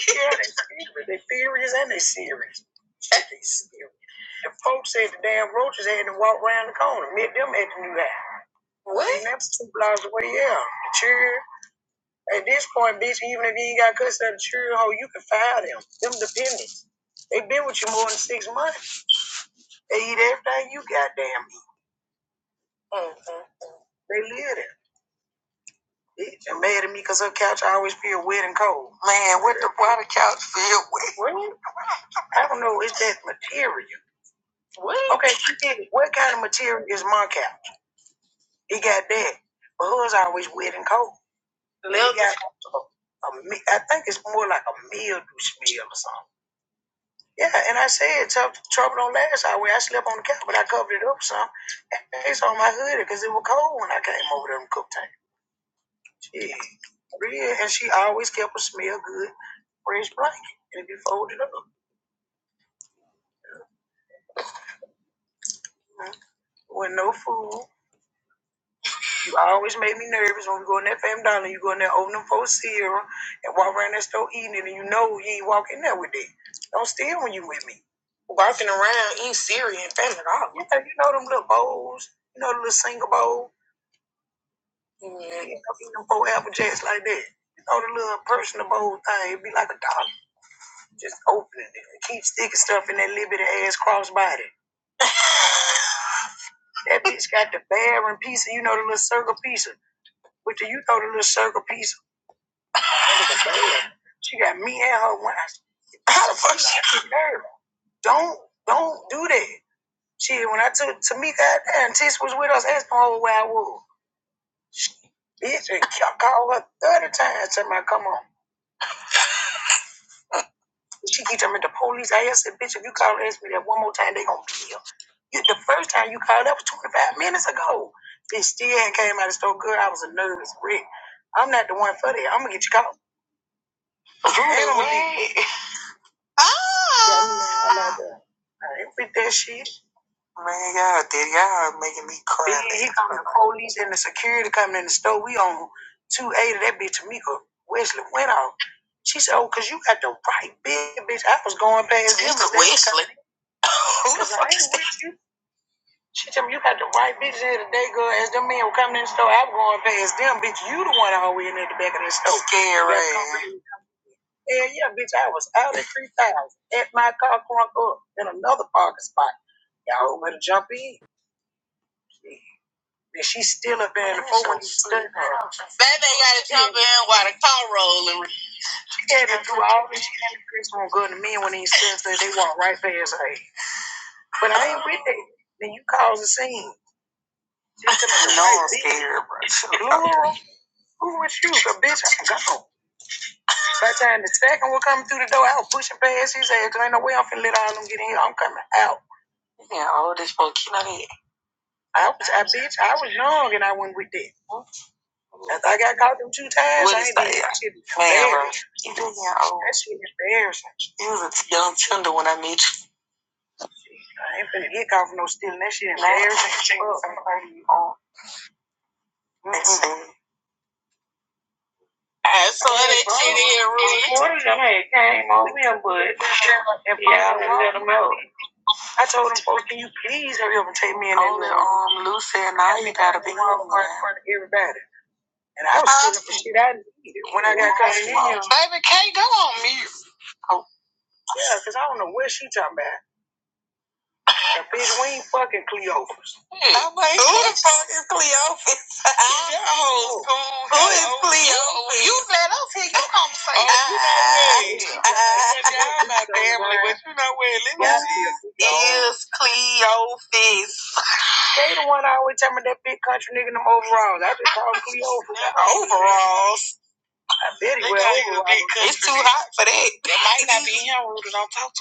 H: yeah, they serious. They furious and they serious. Shit, they serious. The folks said the damn roaches had to walk around the corner, meet them at the new house. What? And that's two blocks away, yeah. The children, at this point, bitch, even if you ain't got custody of the children, ho, you can file them. Them dependents. They been with you more than six months. They eat everything you goddamn eat. hmm They live there. Bitch, I'm mad at me because her couch always feel wet and cold. Man, what the why the couch feel wet? Really? I don't know. It's that material. Okay, she did it. What kind of material is my couch? It got that, but hers always wet and cold. Lil got a, I think it's more like a mildew smell or something. Yeah, and I said "Tough trouble don't last our way. I slept on the couch, but I covered it up some. it's on my hoodie because it was cold when I came over there and cooked tank. Yeah, real. And she always kept a smell good, fresh blanket, and if you fold it up, mm, with no food. You always made me nervous when we go in that family dollar. You go in there, open them for Sierra, and walk around that store eating it, and you know you ain't walking there with it. Don't steal when you with me. Walking around eating cereal and family dollar. Yeah, you know them little bowls. You know the little single bowl. Yeah. You know, eating them four apple jacks like that. You know the little personal bowl thing. It'd be like a dollar. Just opening it and keep sticking stuff in that little bit of ass crossbody. That bitch got the bearing pizza, you know, the little circle pizza. But do you know the little circle pizza? She got me and her when I how the fuck she prepared? Don't don't do that. She when I took Tamika out there and Tish was with us, asked my whole where I was. She, Bitch, I called her thirty times, tell me I come on. She keep telling me the police. I said, bitch, if you call and ask me that one more time, they gonna kill. You, the first time you called up was 25 minutes ago. Bitch, still hadn't came out of the store good. I was a nervous wreck. I'm not the one for that. I'm gonna get you caught. Who the I'm gonna be- I'm not doing that I Ain't with that shit. He, he come the police and the security coming in the store. We on 280. That bitch Tamika Wesley went off. She said, oh, because you got the right bitch, bitch. I was going past. with you. She told me you got the right bitch here today, girl. As them men were coming in the store, I was going past them, bitch. You the one over in at the back of that store. Hell yeah, bitch. I was out at 3,000 at my car crunk up in another parking spot. Y'all better jump in. And she's still up there in the phone. when you stood there. Yeah, but through all this, you think it's gonna go to men when these says that they want right for his age. But I ain't with it. Then you cause a scene. No, I'm right, scared, bro. Laura, who with you? The bitch, I'm gone. By the time the second will come through the door, I was pushing past his ass. 'cause ain't no way I'm finna let all them get in here. I'm coming out. Yeah, all this for kid on it. I was, I bitch, I was young and I went with it. After I got caught them two times, what I ain't did that shit. Man, bro, you been here old. That shit embarrassing. You was a young tender when I met you. I ain't finna get caught for no stealing. That shit embarrassing. I saw that shit in Rue. One of them had came over him, but yeah, I let him out. I told him, folks, can you please hurry up and take me in there? Only um, Lucy and I, you gotta be home. In front of everybody. And I was stealing for shit I needed when I got caught in here. Baby, can't go on mute. Yeah, cause I don't know what she talking about. And bitch, we ain't fucking Cleophas. Hmm. I'm like, who the fuck is Cleophas? Your whole school. Who is Cleophas? You know, you know what? You're my family, but you know what? Let me see. Is Cleophas. They the one I always tell me that big country nigga in them overalls. I just call him Cleophas. Overalls. I bet he wear overalls. It's too hot for that. That might not be him, Rudy.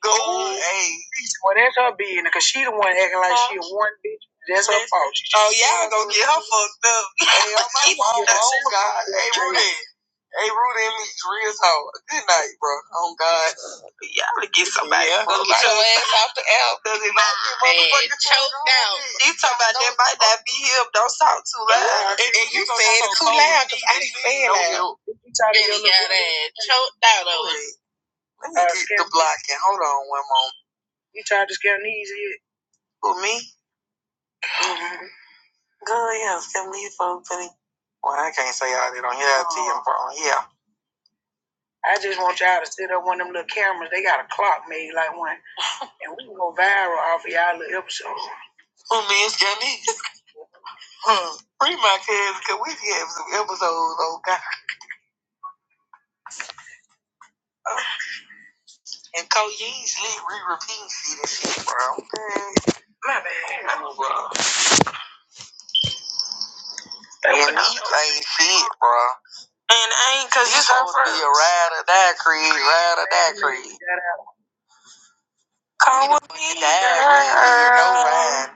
H: Go. Hey. Well, that's her being, because she the one acting like she a one bitch. That's her fault. Oh, y'all gonna get her fucked up. Hey, oh my mom, Yeah. oh God. Hey, Rudy. Hey, Rudy and me, real hoe. Good night, bro. Oh, God. Y'all to get somebody. Yeah. ass off the air, does it not? He talking about that might not be him. Don't talk too loud. And, and you said it too loud because I didn't say it loud. Let me get the block and hold on one moment. you tried to scare knees yet? For me? Girl, yeah, family opening. Well, I can't say all that on here. I'll tell you in Portland. Yeah. I just want y'all to sit up one of them little cameras. They got a clock made like one, and we can go viral off of y'all little episodes. And Cole Yee's lit re-repeating shit and shit, bro. Yeah. No, bro. And he ain't shit, bro. Cause it's supposed to Be a ride or die creed, ride or die creed. Come with me, girl. No man.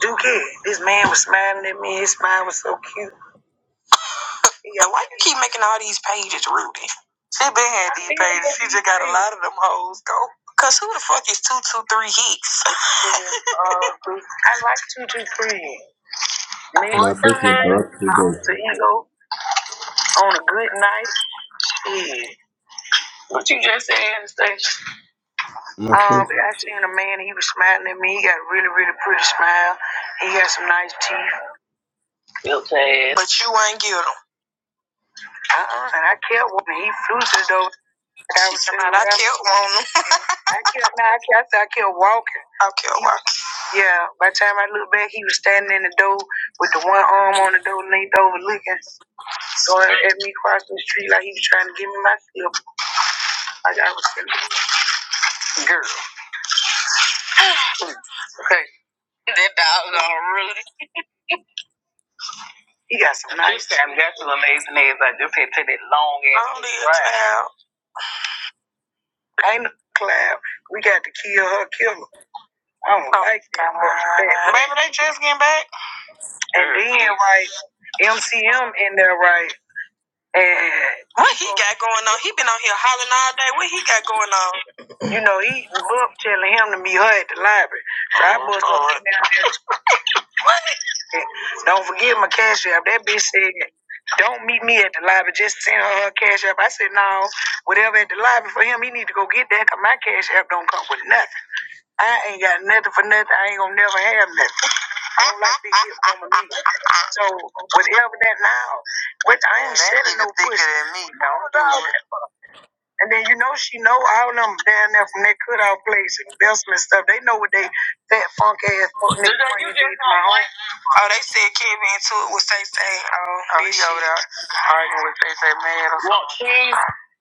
H: Duke, this man was smiling at me. His smile was so Yeah, why you keep making all these pages, Rudy? She been had these pages. She just got a lot of them hoes go. Cause who the fuck is two two three hits? Uh, I like two two three. Man, what
S: My
H: the
S: first
H: hell?
S: interrupt
H: My
S: you guys.
H: alter ego on a good night. Yeah. What you just said and
S: My
H: Um,
S: first.
H: I seen a man. He was smiling at me. He got a really really pretty smile. He got some nice teeth. Built ass. But you ain't get him. Uh uh And I kept wanting. He flew to the door. I, was I kept wanting. him. I kept, nah, I kept, I kept walking. I kept walking. Yeah, by the time I looked back, he was standing in the door with the one arm on the door, leaned over looking, going at me crossing the street like he was trying to give me my slip. Like I was sitting. there. I was on Rudy. He got some nice. Damn, got some amazing nails. I just had to take that long ass. I don't need a ride. clown. Ain't no clown. We got to kill her, kill her. I don't oh, like that. Baby, they just getting back. And then, right, MCM in there, right? And what he got going on? He been on here hollering all day. What he got going on? You know, he Book telling him to meet her at the library. So I bust up down there. Don't forget my cash app. That bitch said, "Don't meet me at the library. Just send her her cash app." I said, "No, whatever at the library for him, he need to go get that because my cash app don't come with nothing. I ain't got nothing for nothing. I ain't gonna never have nothing. I don't like big gifts coming to me. So whatever that now, but I ain't selling no pussy. No, no, And then you know she know all them down there from that cutout place and Belsman stuff. They know what they fat funk ass folk niggas wanna my home. Oh, they said Kevin too with Say Say. Oh, oh he over there arguing with Say Say man or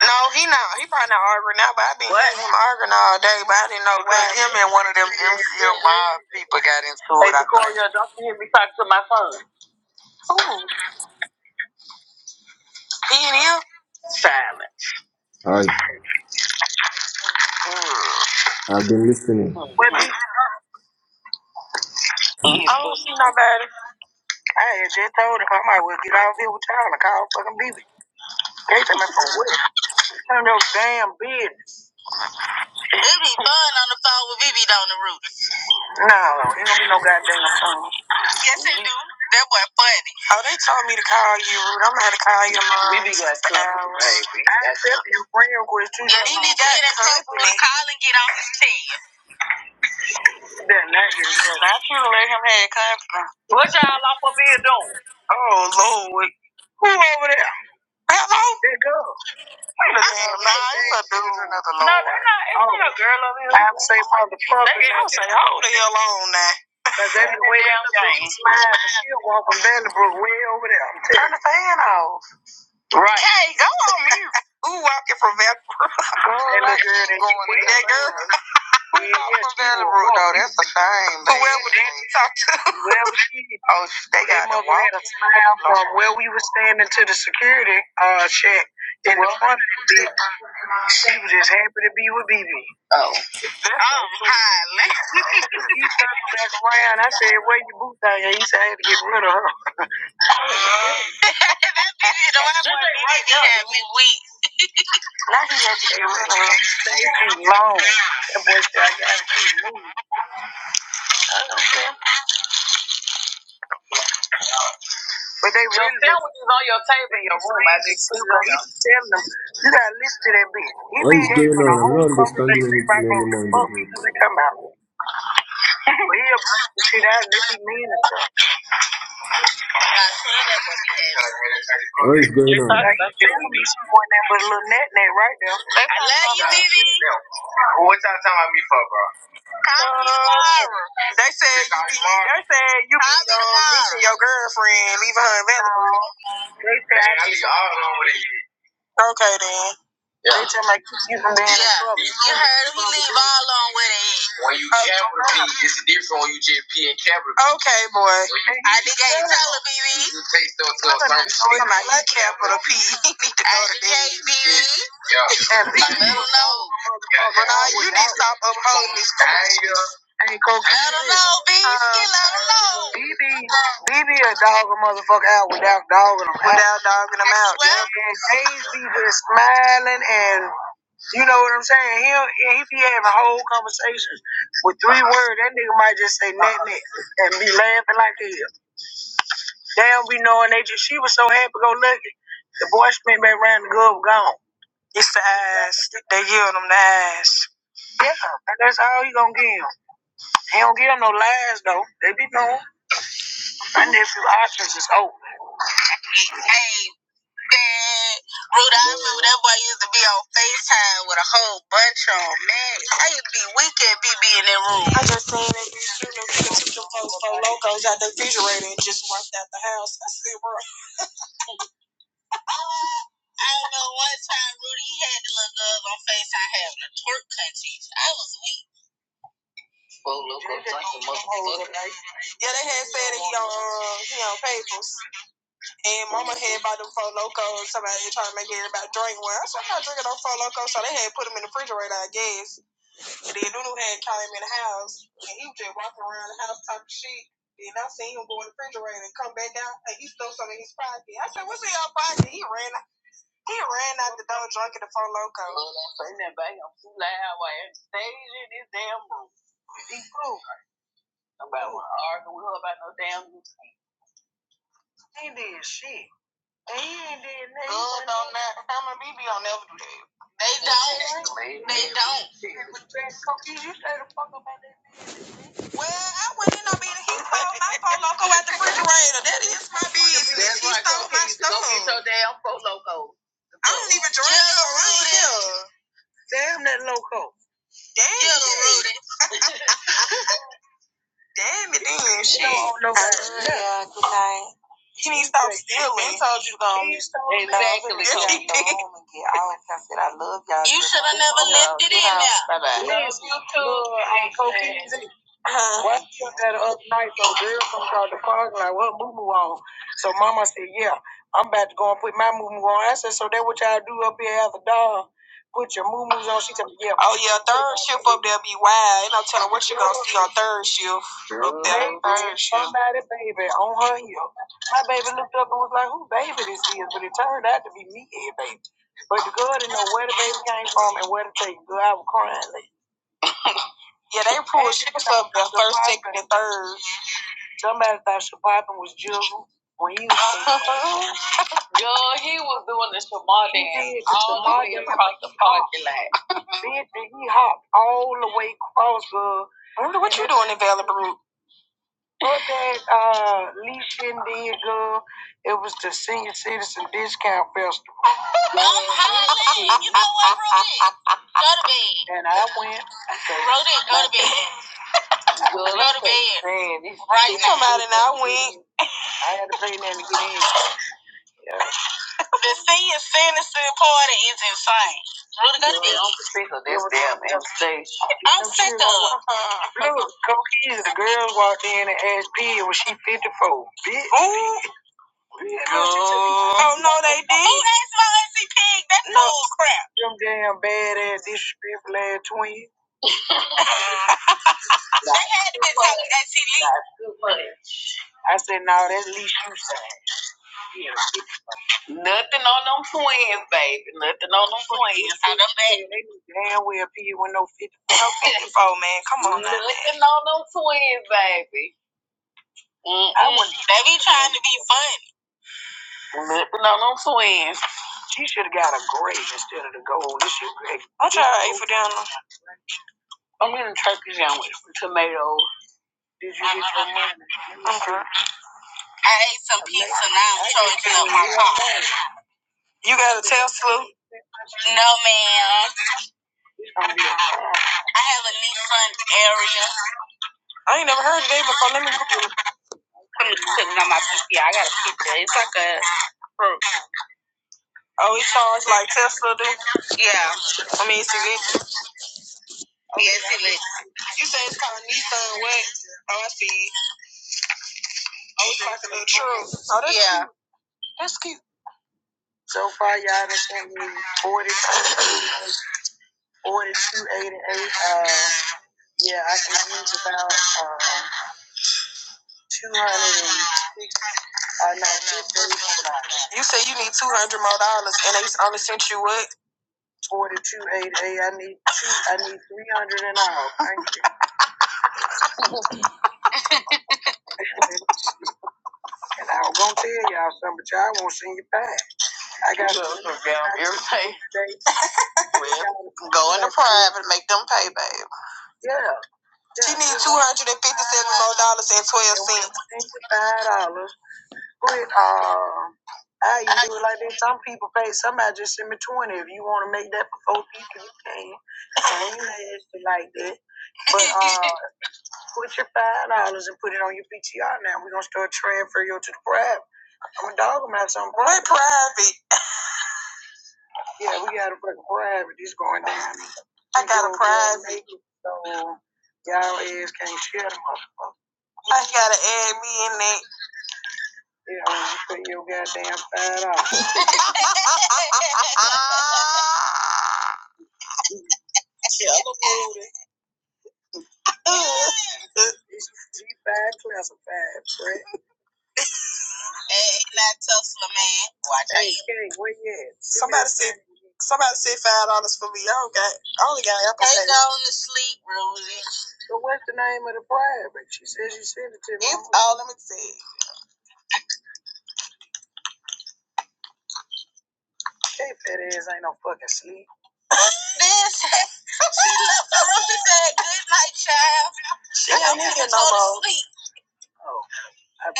H: No, he not. He probably not arguing now, but I been what? him arguing all day, but I didn't know why. Him and one of them MCMI people got into it. I think. He in here?
S: Hi. I've been listening.
H: I
S: What
H: don't see nobody. I had just told him I might well get out of here with y'all and call fucking BB. No kid. No, shit. ain't gonna be no goddamn We be got company, baby. I That's accept you friend request too. should let him have company. Oh Lord, who over there? Hello. This is a damn nah, it's a dude. no, they're not. It's oh. not a girl over here. I would say for the fuck. They gonna say, hold the hell on now. Cause they be way down Turn the fan off. Hey, go on mute. Who walking from that? Girl, that girl, that, I'm from though. That's a shame. Whoever did you talk to? Whoever she Oh, they got the water. smile from where we were standing to the security uh check in the front of the bitch. She was just happy to be with BB. Oh. He turned back around. I said, where your boots out here? He said, I had to get rid of her. Uh, too long. But they really Don't your room. I just telling them, you got to listen to that bitch. He be
S: is going
H: having a
S: on? I'm
H: whole
S: not understanding
H: conversation. Everybody
S: anything
H: knows the
S: anymore in the
H: fuck you
S: group.
H: come out. We a- see that Vivi? mean it.
S: What is going on?
H: Like, you feel pointing that with a little net net right there. I What y'all talking about me for, bro? Call me They said you be, they said you be Call um, bitching your girlfriend, leaving her available. They said I leave all alone with you. Okay then. Yeah. They tell me keep you from being in Yeah, trouble. You You capital B, you Okay, boy. I think I ain't telling me. You take those little something. Somebody capital P. Yeah. And B. But now you need to stop upholding this foolishness. Hey, Coach, I don't know, B. Uh, I don't know. BB, BB a dog a motherfucker out without dogging them out. Without dogging them out. yeah. And James be just smiling and, you know what I'm saying? He'll, if he be having whole conversations with three words. That nigga might just say net net and be laughing like hell. They don't be knowing they just, she was so happy go lucky. The boy spent back around the club gone. It's the eyes. They yield them the eyes. Yeah, and that's all he gonna give him. He don't give him no lies though. They be knowing. My nephew Ostrich is old. I just seen that you shooting took them folks four locos out the refrigerator and just walked out the house. I said, bro. Yeah, they had said that he on uh, he on papers. And mama had bought them four locos, somebody trying to make everybody drink one. I said, I'm not drinking no four locos, so they had put them in the refrigerator, I guess. Then Nunu had came in the house and he was just walking around the house talking shit. Then I seen him go in the refrigerator and come back out and he stole something in his pocket. I said, What's in your pocket? He ran he ran out the door drunk in the phone loco. Putting that back on too loud while I'm staging in this damn room. About what? All about he did shit. He ain't did nothing. Good on that. I'm a BB. I'll never do that. Man, You stay the fuck up Well, I went in on being he stole my phone loco out the refrigerator. That is my business. That's he right, stole my stuff. So I don't even drink yeah, so I here. Damn yeah, it. Damn it She shit. don't know He needs to stop stealing. He told you to go on. Exactly. Yes, Go home and get out. I said I love y'all. Bye bye. Love you too. Well, I took that other night, some girl comes out the park like, what moo moo on? So mama said, yeah, I'm about to go and put my moo moo on. I said, so that what y'all do up here as a dog? Put your moo moos on. She told me, yeah. Oh yeah, third shift up there be wild. Ain't no telling what you are gonna see on third shift up there. Third shift. Somebody baby on her heel. My baby looked up and was like, who baby this is? But it turned out to be me and baby. But the girl didn't know where the baby came from and where to take. Girl, I was crying. Like, Yeah, they pulled shifts up there, first, second, and third. Somebody thought surviving was Jizzle when he was bitch, and he hopped all the way across the. What you doing? What that uh Lee Shin did, girl. It was the senior citizen discount festival. And I went well, man, these and I went. I had to pay that to get in. Yeah. It was- This damn stage. Look, Coke Easy, the girls walked in and asked P was she fifty four. Bitch. Oh, oh no, they did. Them damn badass disrespectful ass twins. I said, no, nah, that's least you saying. Yeah. Nothing on them twins, baby. Nothing on them twins. They knew damn well P with no 50. She should have got a gray instead of the gold. This shit great. Did you get your pizza? I ate some pizza now. I'm trying to my car. You got a Tesla? I ain't never fucked. Oh, it charged like Tesla do? Yeah. I mean, it's electric. Yeah, it's electric. You say it's called Nissan what? Oh, I see. Oh, it's like a little truck. Oh, that's yeah. So far, y'all done sent me 42, 42, eighty-eight. Uh, yeah, I can use about um, 200 and, uh, no, 50, I need two, I need 300 and all. Thank you. and I was going to tell y'all something, but y'all won't send you back. I got Look, Go into private. Yeah. She needs 200 dollars. But um, I even do it like that? Some people pay. Somebody just send me twenty. If you want to make that for four people, you can. I you mad at like that. But uh, put your five dollars and put it on your PTR. Now we gonna start transferring you to the private. I'm a dog. I'm not something private. we private. Yeah, we got a fucking private. It's going down. I got a private. So y'all ass can't share the motherfucker. I gotta add me in there. Yeah, you put your goddamn five dollars. G5 classified, Brett. Okay, where you at? Somebody said, somebody said five dollars for me. I don't got, I only got Apple. So what's the name of the prior? But she said she sent it to me. Hey, fat ass ain't no fucking sleep. Oh, I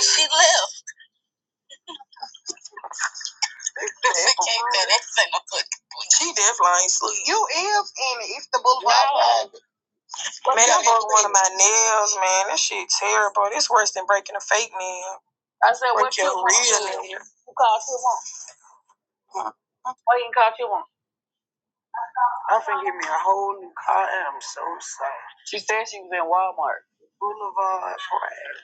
H: bet. You is in it. It's the boulevard. Wow. Man, I broke one of my nails, man. That shit terrible. It's worse than breaking a fake nail. So what Break you your want? real nail. I'm finna give me a whole new car and I'm so sorry. Boulevard Parade.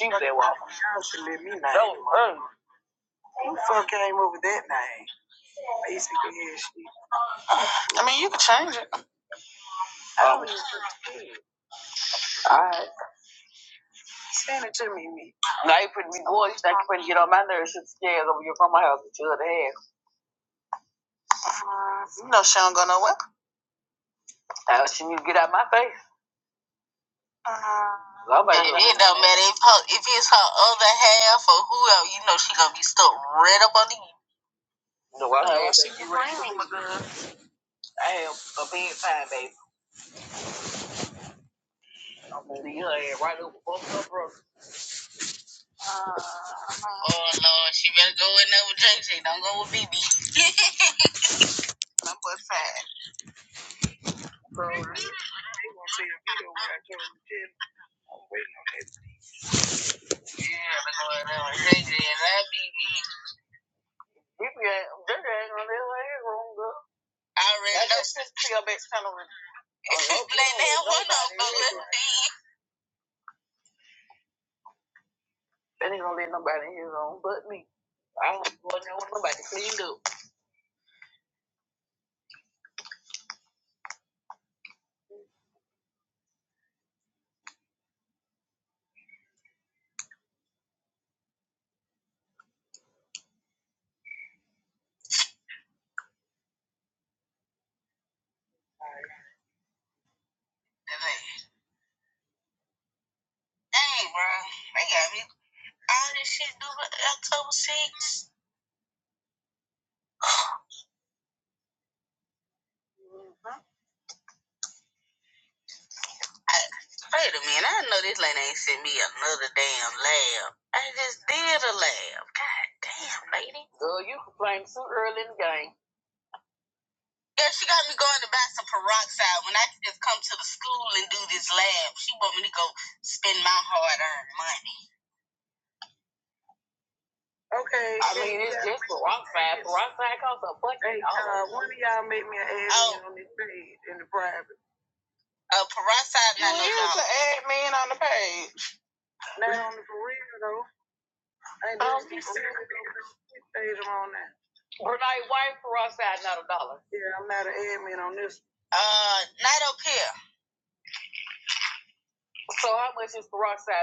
H: She said, well, Johnson let No, uh, Who the fuck came up with that name? Basically, yeah, I mean, you could change it. I don't Well, I don't think you ready for baby. I'm gonna leave her ass right over both of her brothers. So, they gonna see a video where I told them, "Jim, we they're at on their way, wrong girl." I already That That's just sent to your back channel. Let them one up, let them be. Let me do. Girl, you complained too early in the game. Okay. I mean, it's just peroxide. Peroxide costs a buck. Hey, uh, one of y'all make me an on this page in the private. is ad man on the page. Not on the for real though. I ain't Um, doing this for real stays on that. Yeah, I'm not an admin on this.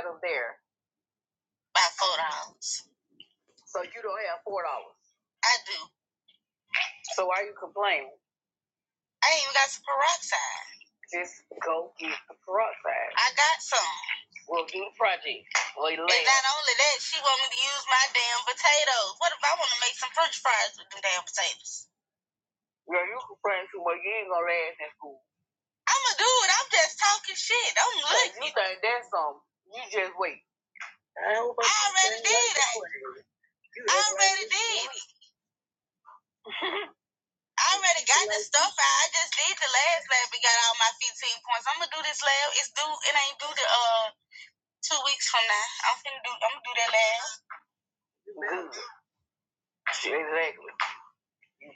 H: Up there. Go get the peroxide. We'll do the project. Wait, Yeah, you complain too much. You ain't gonna last in school. think that's some? You just wait. I it. Good.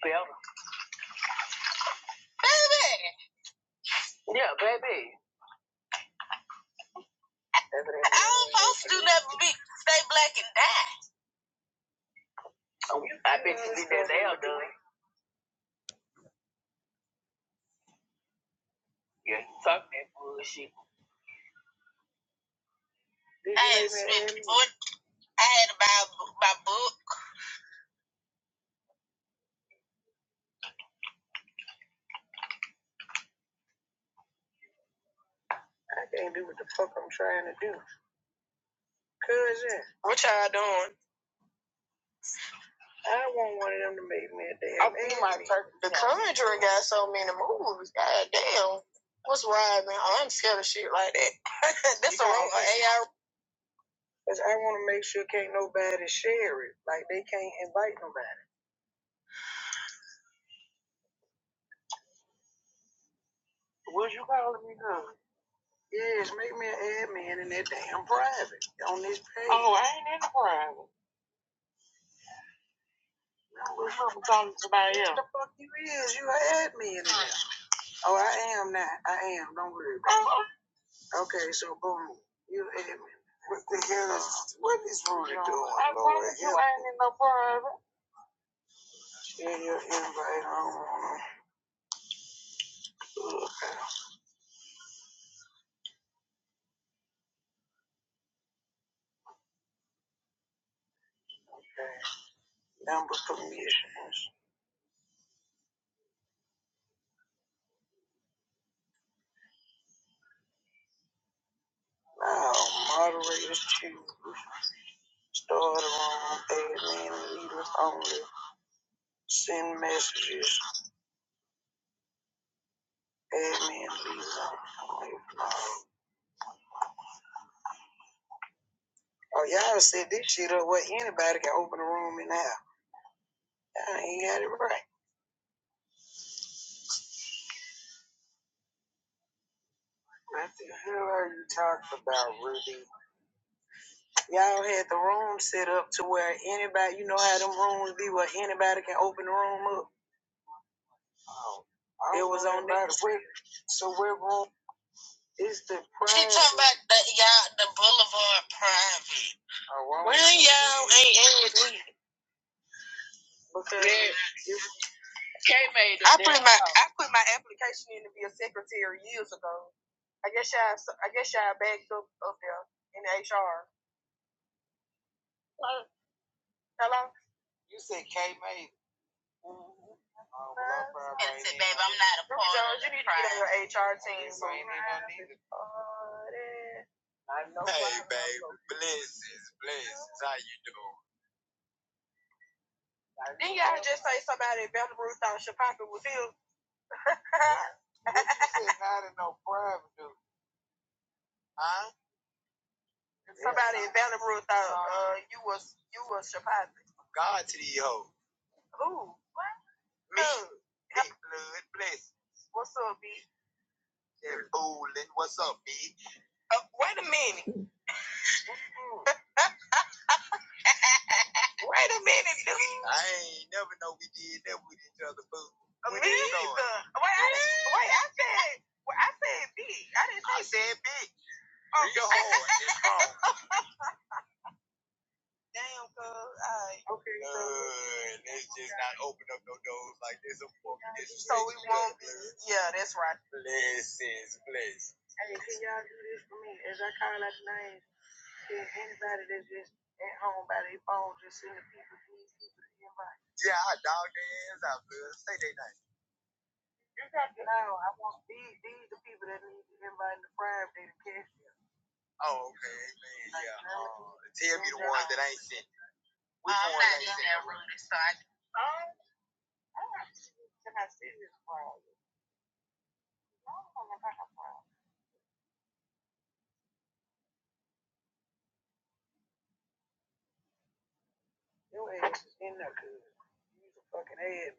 H: Bella. Yeah. I bet you did that now, done. I can't do what the fuck I'm trying to do. Cousin, Which one? I want one of them to make me a damn I think my Anthony. per- Cause I want to make sure can't nobody share it. Like they can't invite nobody. What you calling me now? Yes, make me an admin in that damn private on this page. Oh, I ain't in the private. No, we're talking to somebody else. What The fuck you is? You an admin in there? Oh, I am not. I am. Don't worry about it. Okay, so boom, you an admin. What the hell is? What is Rudy no, doing? I Lord, promise you, I ain't in no private. Share your invite. I don't wanna. Ugh. Number permissions. Now, moderators choose. Start room, admin, leaders only. Send messages. Admin. Oh, y'all said this shit up where anybody can open a room and have. Y'all ain't got it right. What the hell are you talking about, Ruby? Y'all had the room set up to where anybody, you know how them rooms be where anybody can open the room up. It was don't on there. So where room is the pri- Oh, Because yeah. you said K May. Uh, well, HR team. So You ain't even need I know Hey, baby, blessings, blessings. How you doing? Then y'all just say somebody at Bethel Ruth thought Shapaka was him. What you said not in no private dude, huh? somebody at Bethel thought. God to these hoes. Me, Hey, big blood, blessings. And fooling, what's up, B? Uh, wait a minute. Wait a minute, dude. I ain't never know we did that with each other, boo. Me When it neither. I said big. Real hard. It's hard. Okay. Uh, let's just not open up no doors like this. Of course, so we won't be. Blessings, blessings. Hey, can y'all do this for me? As I call out the names, can anybody that's just at home by their phone, just send the people, these people to invite. Yeah, I dog their hands out, blood. Say they name. You got to know. I want these, these the people that need to invite in the prime day to catch you. Oh, okay, man, yeah. Uh, tell me the ones that ain't sent. We Your ass is in there, cuz. You's a fucking ad.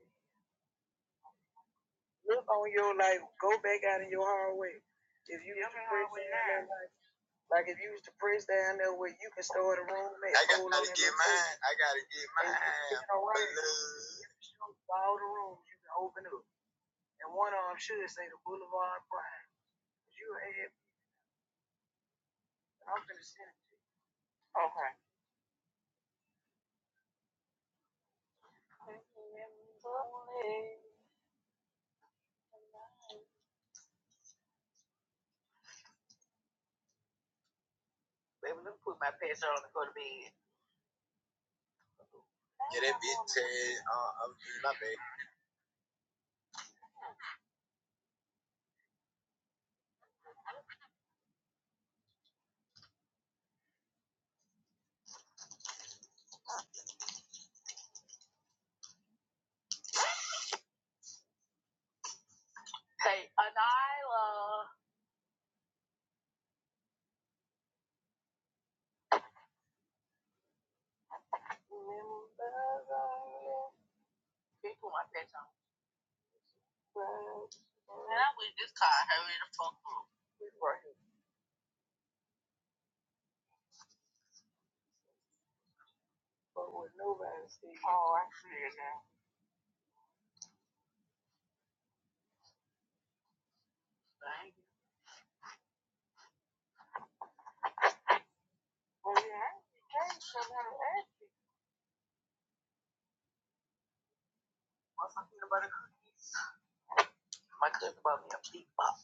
H: Look on your life. Go back out in your hallway. If you was press down like if you was to press down there where you can start a room I gotta hold on get that mine. Place. I gotta get mine. you know what? All the rooms you can open up. And one of them should say the Boulevard Prime. You an ad. I'm finna send it. Okay. Baby, let me put my pants on and go to bed. Gerebite Abdulabe. Big Bud, we brought him forward. Nobody said, oh, I see it now. Thank you. Well, Yeah, Queremite, uh, um, my cousin bought me a big now.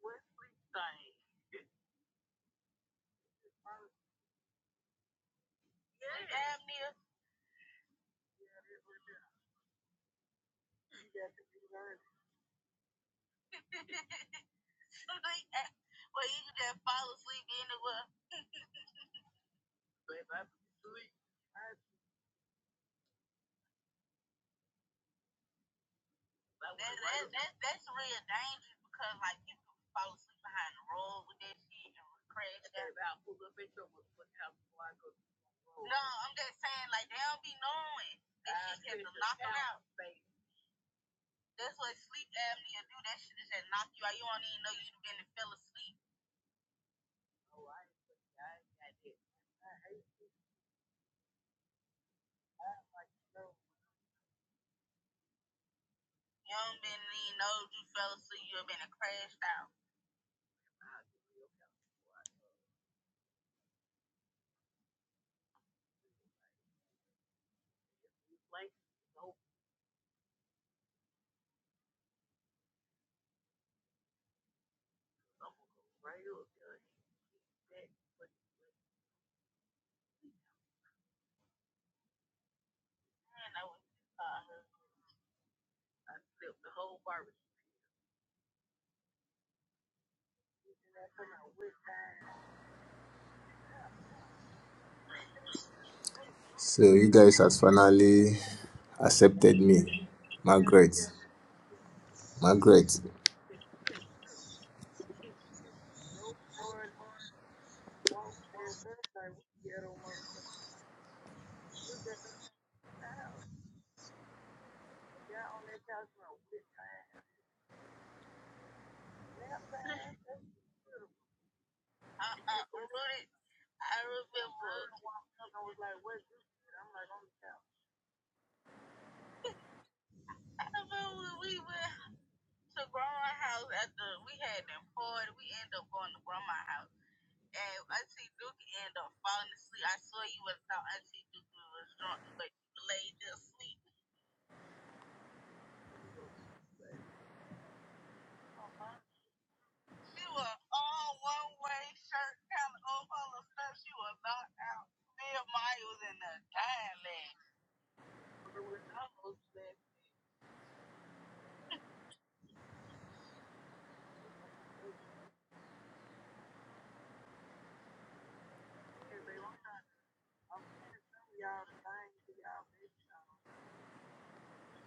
H: what's bad. Yeah. Damn Yeah, Like, so, I'm gonna go right up there But then I was tired. I flipped the whole barbecue. And I come out with time.
S: So you guys has finally accepted me,
H: Yeah, we
S: Margaret. Margaret.
H: get No party, walk chairs, nothing like we ghetto motherfuckers. You just in the house. And got on that couch and I with time. Now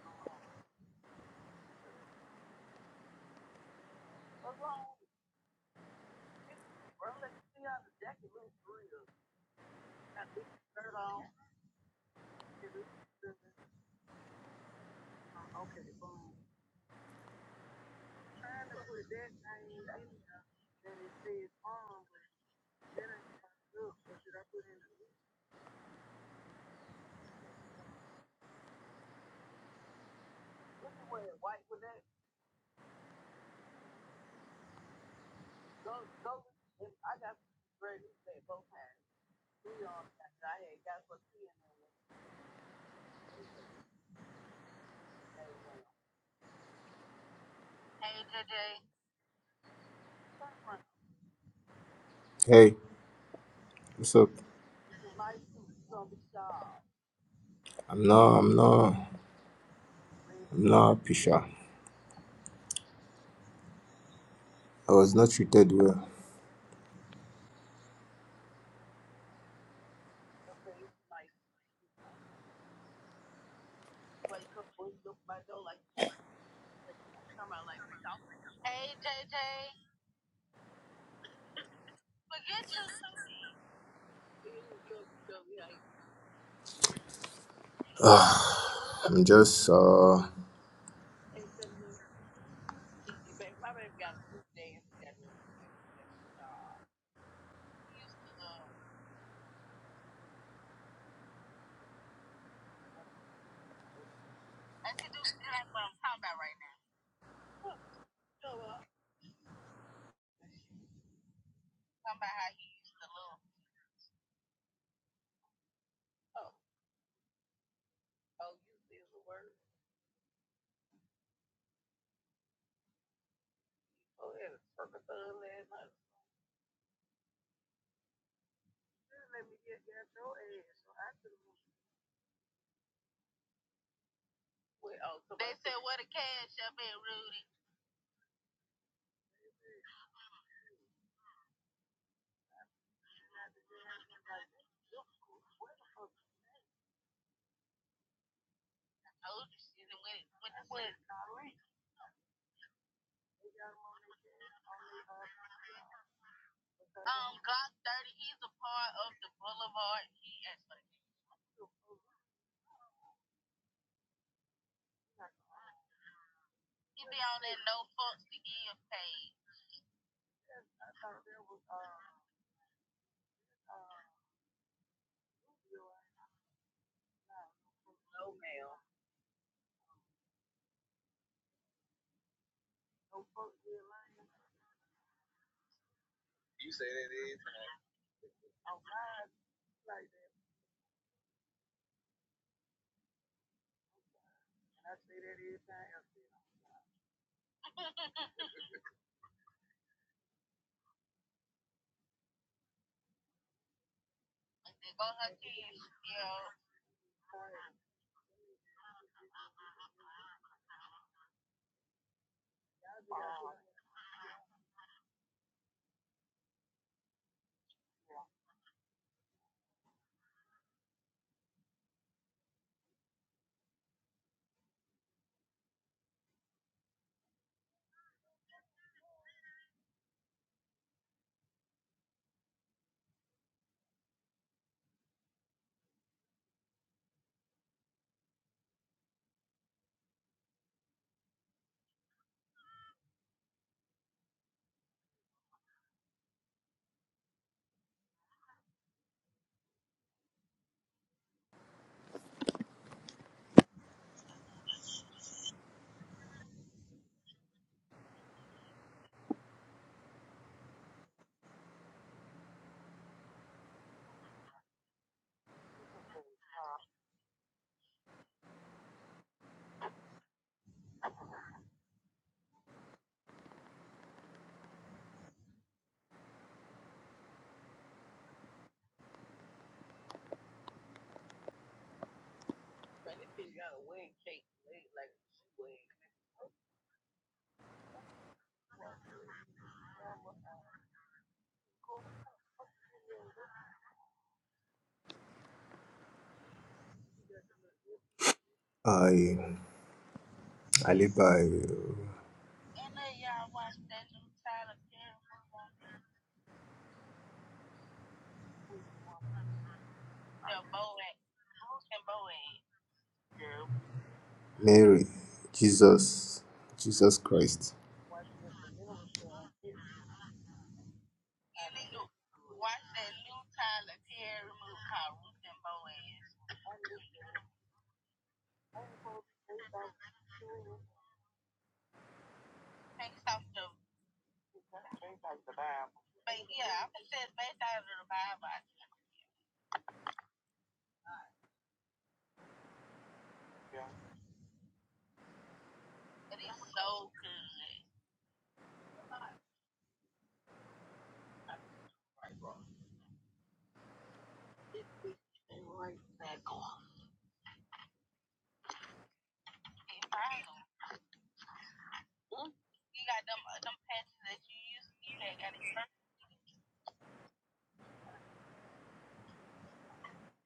H: come on. What's let me see how the jacket looks real. Got this shirt on. Uh, okay, boom. I'm trying to put that name in there that it says on, but that ain't fucking up. But should I put in the least? What's the word? White with that? Go, go. If I got great who that both hands. Three on that. And I had got for three in there when he put the they go. And they went on. Turn around.
S: Hey, what's up? I'm not, I'm not, I'm not happy, sha. I was not treated well. Ah, I'm just, uh,
H: Oh, yeah, the fucking house. Well, man, this bitch got a wedding cake leg like she wearing.
S: I, I live by Mary, Jesus, Jesus Christ.
H: Seems like the Bible, yeah.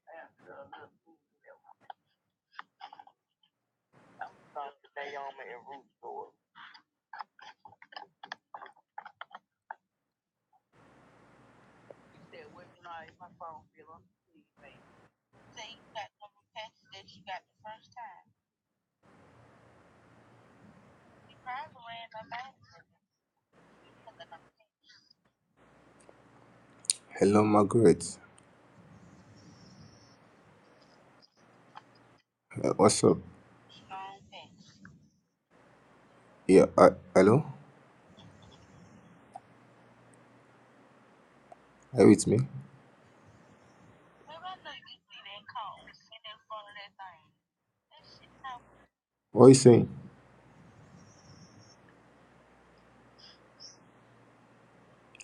H: Yeah, girl, look. I'm starting today on me at Root Store.
S: Hello, Margaret. Uh, what's up? Yeah, uh, hello? Are you with me? What are you saying?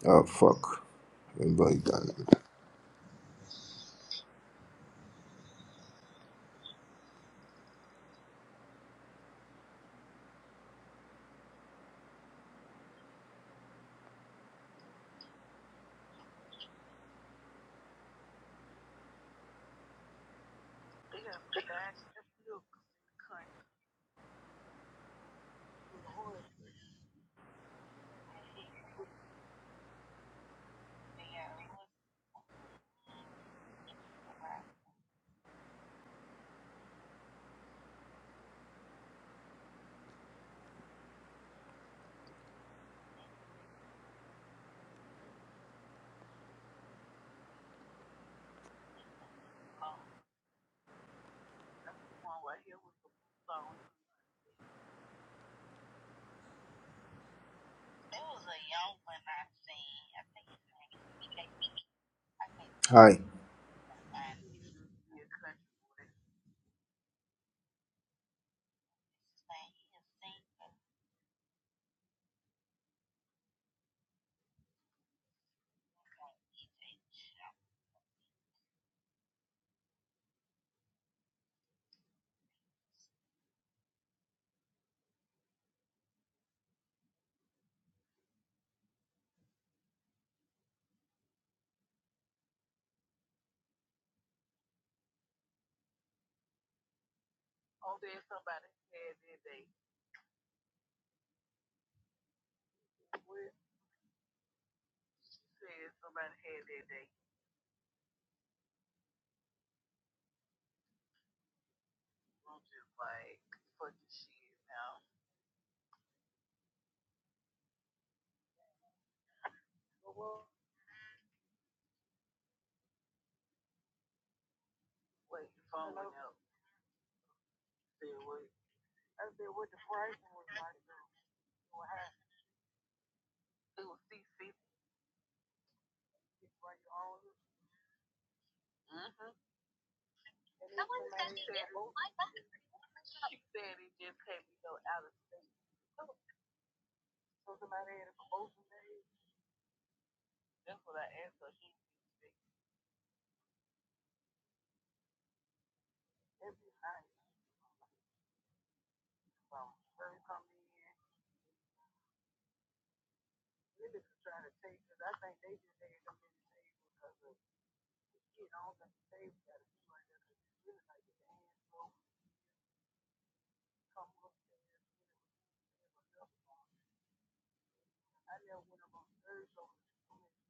S: Oh, fuck. Remember it, darling.
H: They got some fast ass milk.
S: Hi.
H: Oh, then somebody had their day. What you said somebody had their day. I'm just like, fucking shit now. Wait, the phone went Hello? out. Said what? I said what the pricing was like. What happened? It was CC. It's like your own. Mm-hmm. And then she said, oh, she said it just had me go out of state. So so somebody had a promotion day. That's what I asked her. She didn't speak. It'd be nice. So, her come in. niggas is trying to take, because I think they just had them in the table because of the shit. I don't think the table got to be like that because it's really like the hands So I never went up on third, so the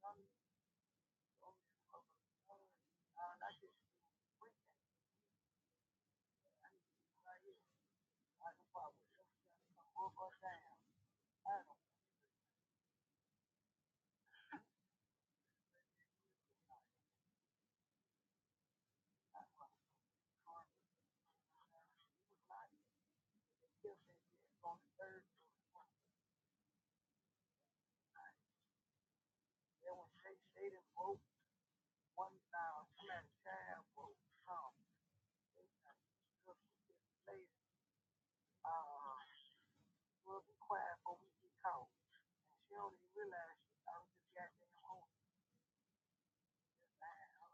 H: young pop was up or down. I fucking trying to It was not even the gift that you on the third. Then when they say did vote, one now, she had a child vote, something. They done took this lady, uh, we'll be quiet before we get caught. And she don't even realize she, I was just goddamn home. Just, I, I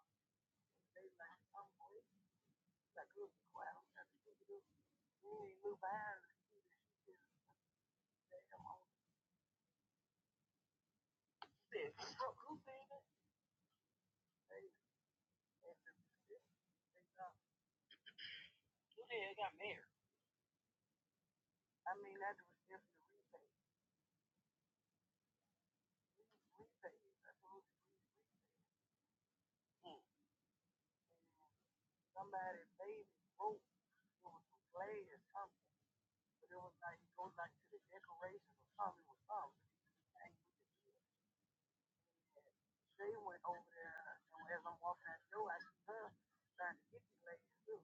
H: Over there, and as I'm walking out the door, I see her trying to get the lady too.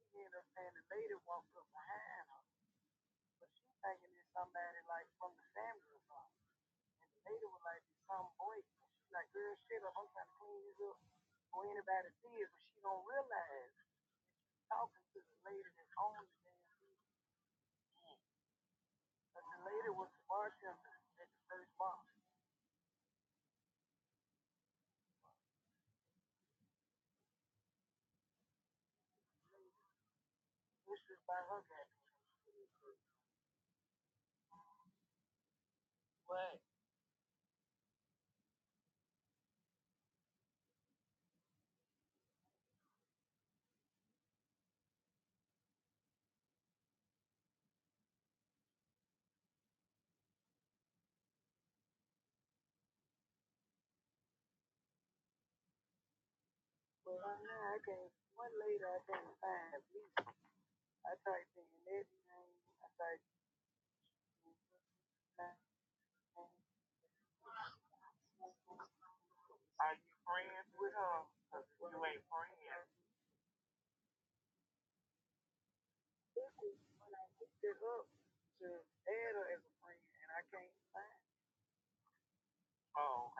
H: she ended up saying the lady walked up behind her, but she thinking it's somebody like from the family or something. And the lady was like, it's some boy. And she like, girl, shit up. I'm trying to clean this up for anybody to see it, but she don't realize talking to the lady that owns the damn business, that the lady was the bartender at the first bar. I came one lady I had like, are you friends with her? if you ain't friends. I stood up to add her as a friend, and I can't. Oh,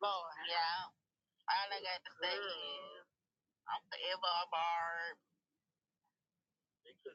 H: Lord. they could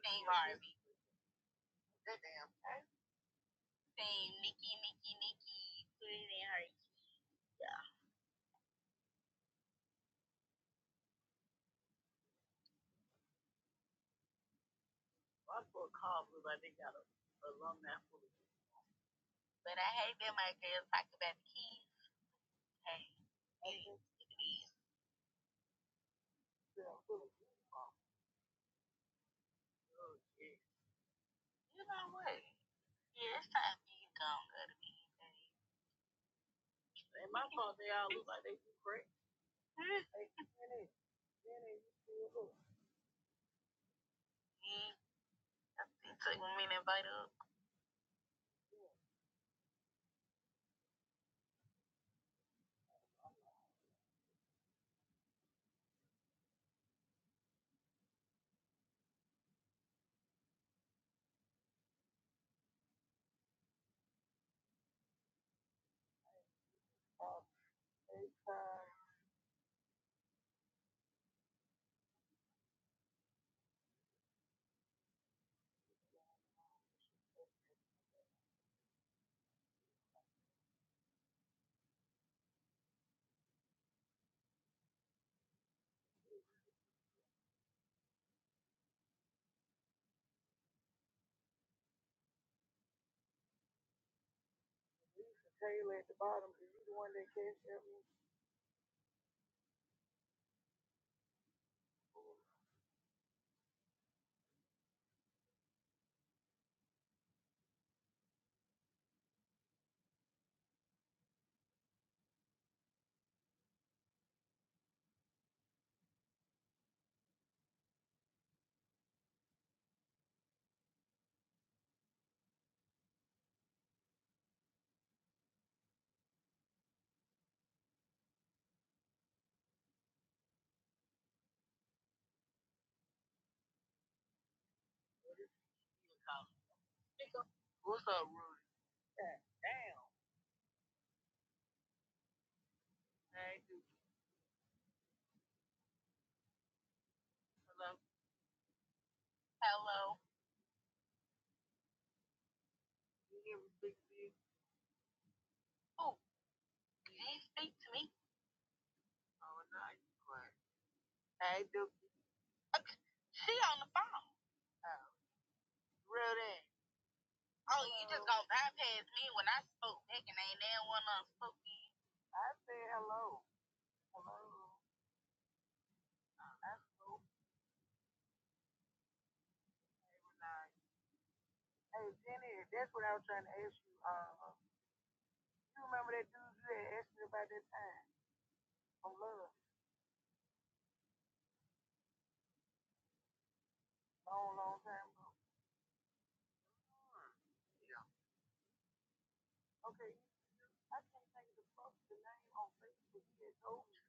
H: Hey, Jenny, that's what I was trying to ask you. Uh, you remember that dude you had asked me about that time from Love, long, long time ago? Hmm, yeah. Okay, I can't think of the fuck the name on Facebook. He had told me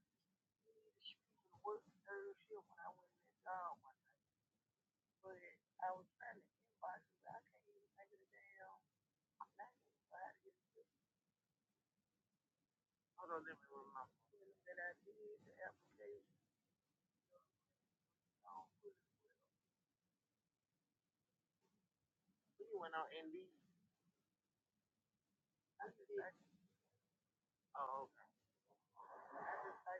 H: he needed shoes to speak the work third shift when I went in that job one night. But I was trying to inbox him, but I can't even think of the damn name. But Hold on, let me remember. That I did the application. We went on Indeed. I- Oh, okay. I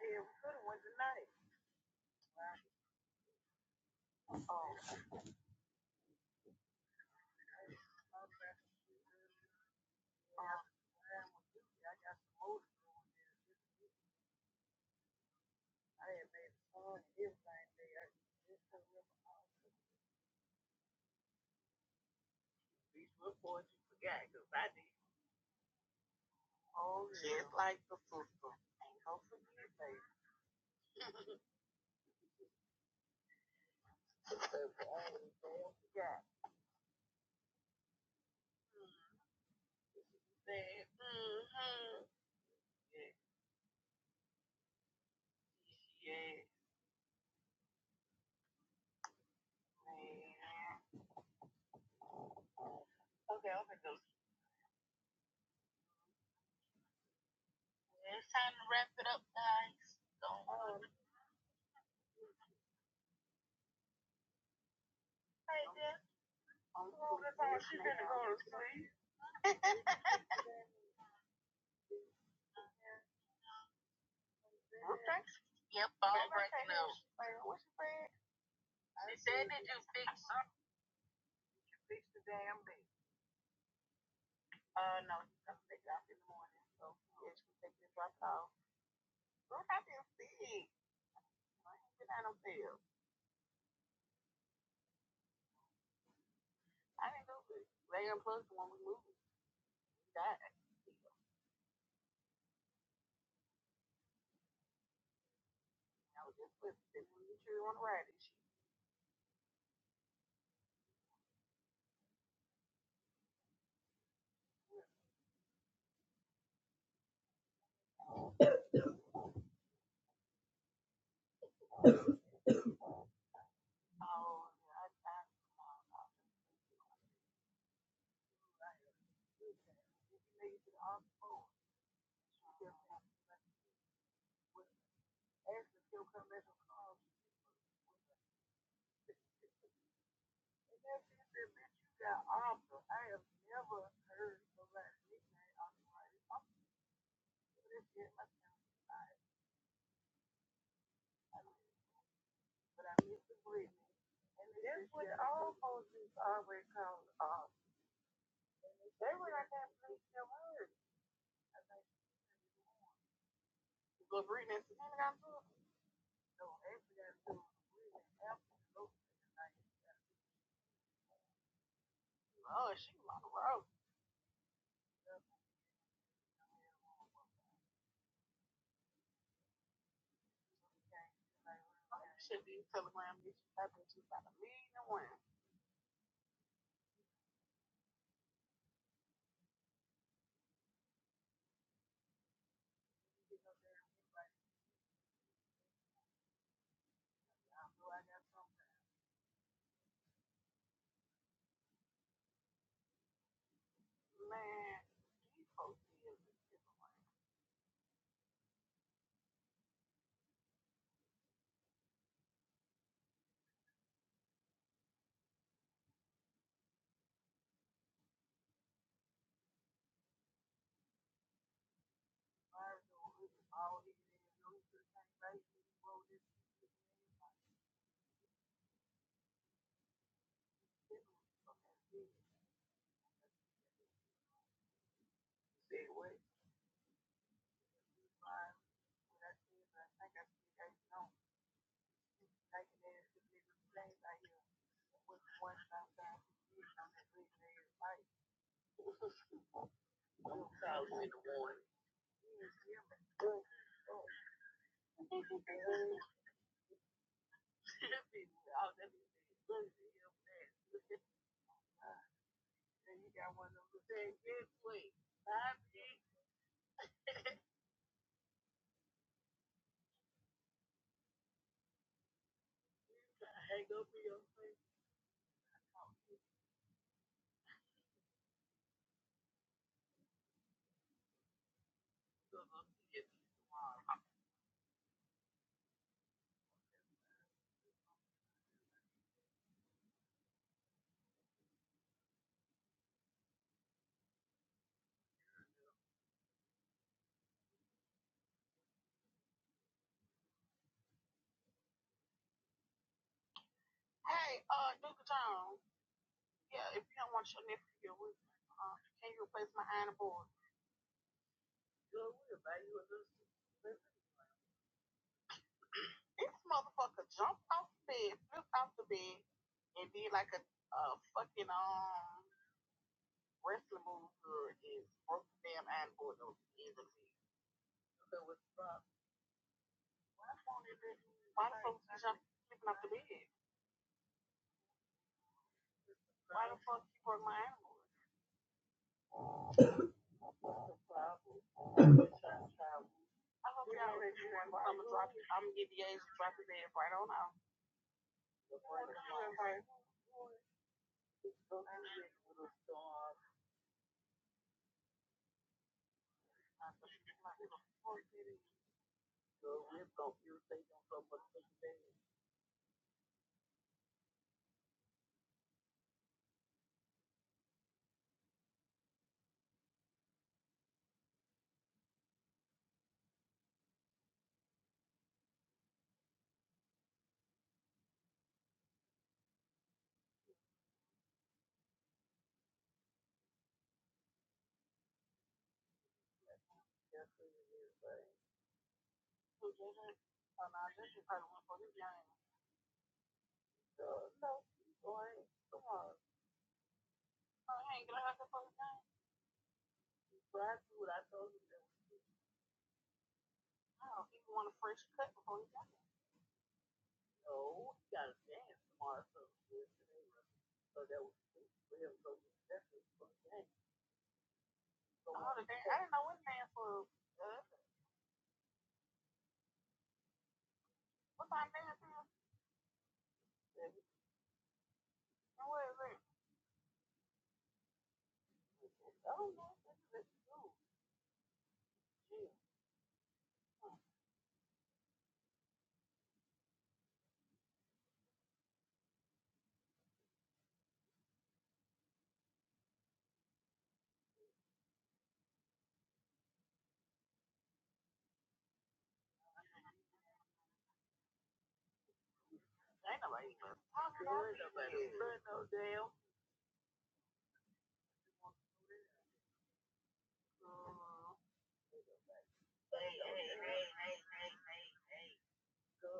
H: said we could have went tonight. Oh. Just like the sister. Don't forget, baby. yeah. Mm-hmm. Yeah. Mmm. Hey, Okay, I'm gonna go It's time to wrap it up, guys. Don't. Hey, Dad. She's gonna go to sleep. Okay. Like, what's your favorite? They did you fix? I fix the damn thing. Uh, no, I'm taking off in the morning, so yeah, to take this drop off. Look, I didn't fix. I ain't been out on field. I didn't do it. They unplugged when we moved. She died. I was just with this when the tree on the right. She oh, they to the office. Oh, asked if she will come back and call. And then she said, "Bitch, you got offer. I have never heard of that nickname on the right." I'm doing this shit myself, but I miss the blitz. And that's what all policies always come off. They were like that police their word. Look, Brittany and Sabina got to it. No, Avery got to it. Brittany, absolutely. Like, oh, she my road. Should be telegram bitch. I bet you about a million and one. I think I see that you know, like it is the biggest thing out here with one stop on that big nigga's life. Thousand and one. That bitch, oh, look at him fast. And he got one of them saying, get quick. Bye, bitch. You gotta hang up in your face. Hey, uh, Duke Jones. Yeah, if you don't want your nephew here, with me, uh, can you replace my iron board? Good, we buy you a little This motherfucker jumped off the bed, flipped off the bed, and did like a, a fucking, um, wrestling move good is broke the damn iron board over easily. Okay, what's the problem? Why the fuck was he jumping off the bed? Why the fuck you broke my animal? I hope y'all ready for one. I'm gonna drop I'm gonna give you A's and drop it dead right on out. What did you invite? Who did it? Oh, no, this is probably one for the game. No, come on. Oh, you ain't gonna have to for the game? No, people want a fresh cut before the game. No, you got to dance tomorrow, so that we can go to the best game.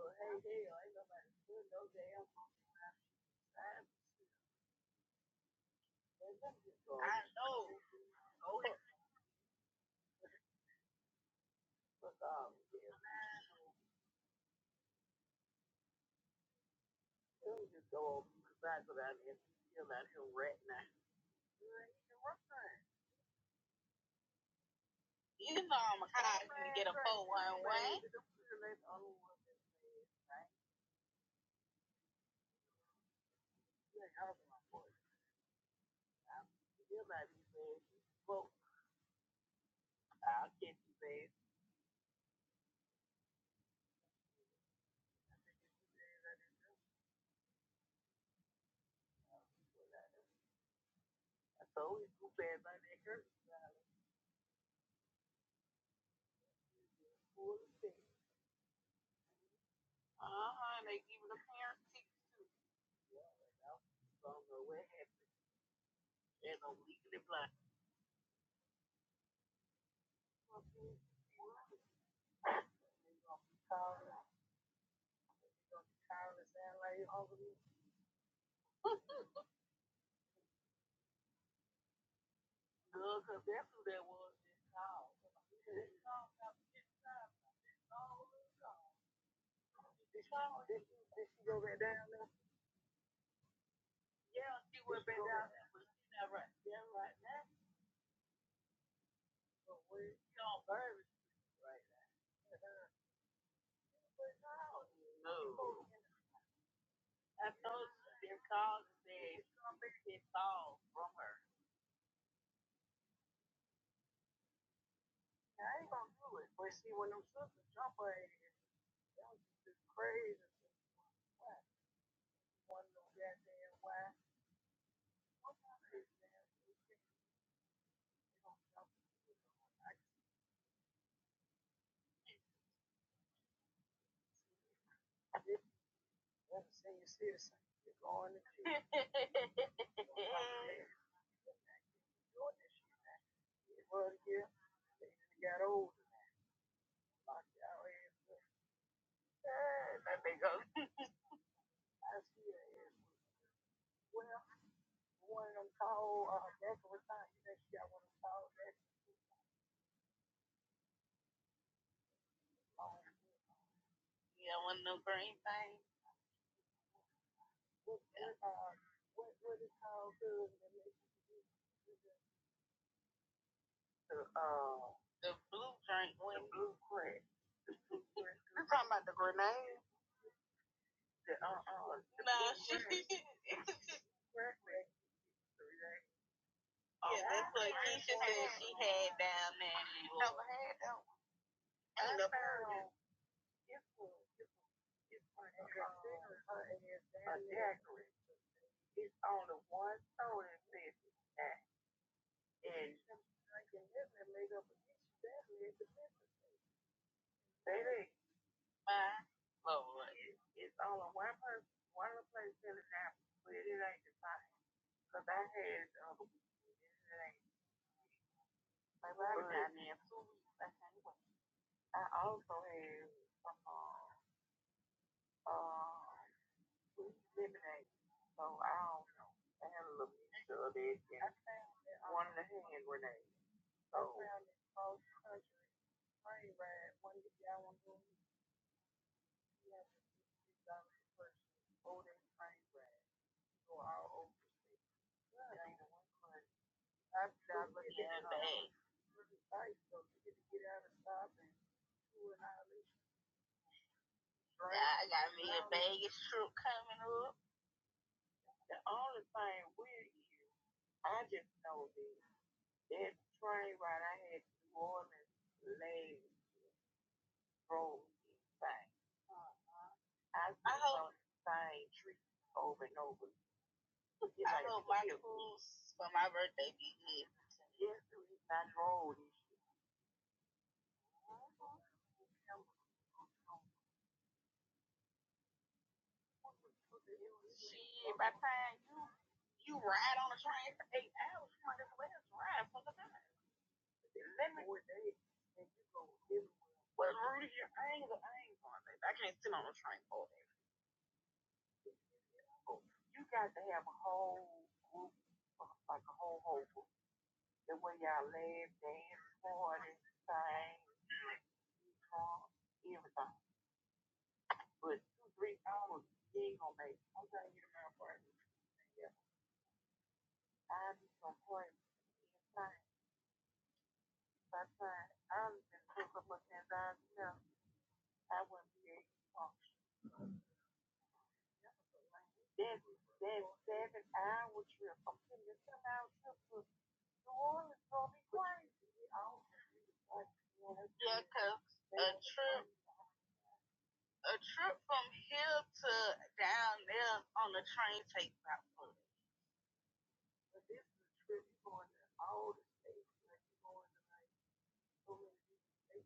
H: Hey hey, I know that soon, no damn. Soon you go, cause that's about it. You feel that he'll rat now. You can run, you can put your legs on. I'll catch you, babe. I'm always cool, babe. I make her smile. Uh huh, they even the pants too. I don't know what happened, and I'm leaking it black. You gonna be tired. You gonna be tired and sound like you hungry. Good, 'cause that's who that was that called. Did she, did she, go back down there? Yeah, she went back down there, but she not right there right now. But where she on Bourbon Street right now. But no. No. I told you, they called and said, it's all from her. Yeah, I ain't gonna do it. But see, when them sisters jump her ass, that was just crazy. Why? One of them goddamn why? What kind of crazy damn you think they gonna jump you? This one senior citizen, you're going to jail. doing this shit now. It was here. They got older. Locked y'all ass up. Hey, there they go. I see her ass. Well, one of them tall, uh, decorative things. You know, she got one of them tall decorative. things. Um, what what is called good and perfect. If it's considered a daiquiri, it's only one soda in this. And baby, Lord, it- it's only one person, one other place selling that, but it ain't the same. Cause I had it It ain't. Like I got two weeks. I can't wait. I also had some uh, uh, lemonade. So I don't know. I had a little mixture of it and um, one of the hand grenades. So I found that most country train ride when the guy was doing he had to be done with person over train ride. So all over the state. I've never decided to get out of stop and drink. The only thing with you, I just know this. That train ride I had to New Orleans last road is fine. I was I hope- on the same tree over and over. again. Shit, by the time you you ride on a train for eight hours, you might as well just ride for the time. Let me and you go everywhere. Well, Rudy, I ain't, I ain't going there. I can't sit on a train for that. You got to have a whole group, like a whole whole group. The way y'all laugh, dance, party, sing, talk, everything. But two, three hours, he ain't gonna make it. I'm trying to get him out for it. Yeah. I be some point inside. By time I've been through so much, like,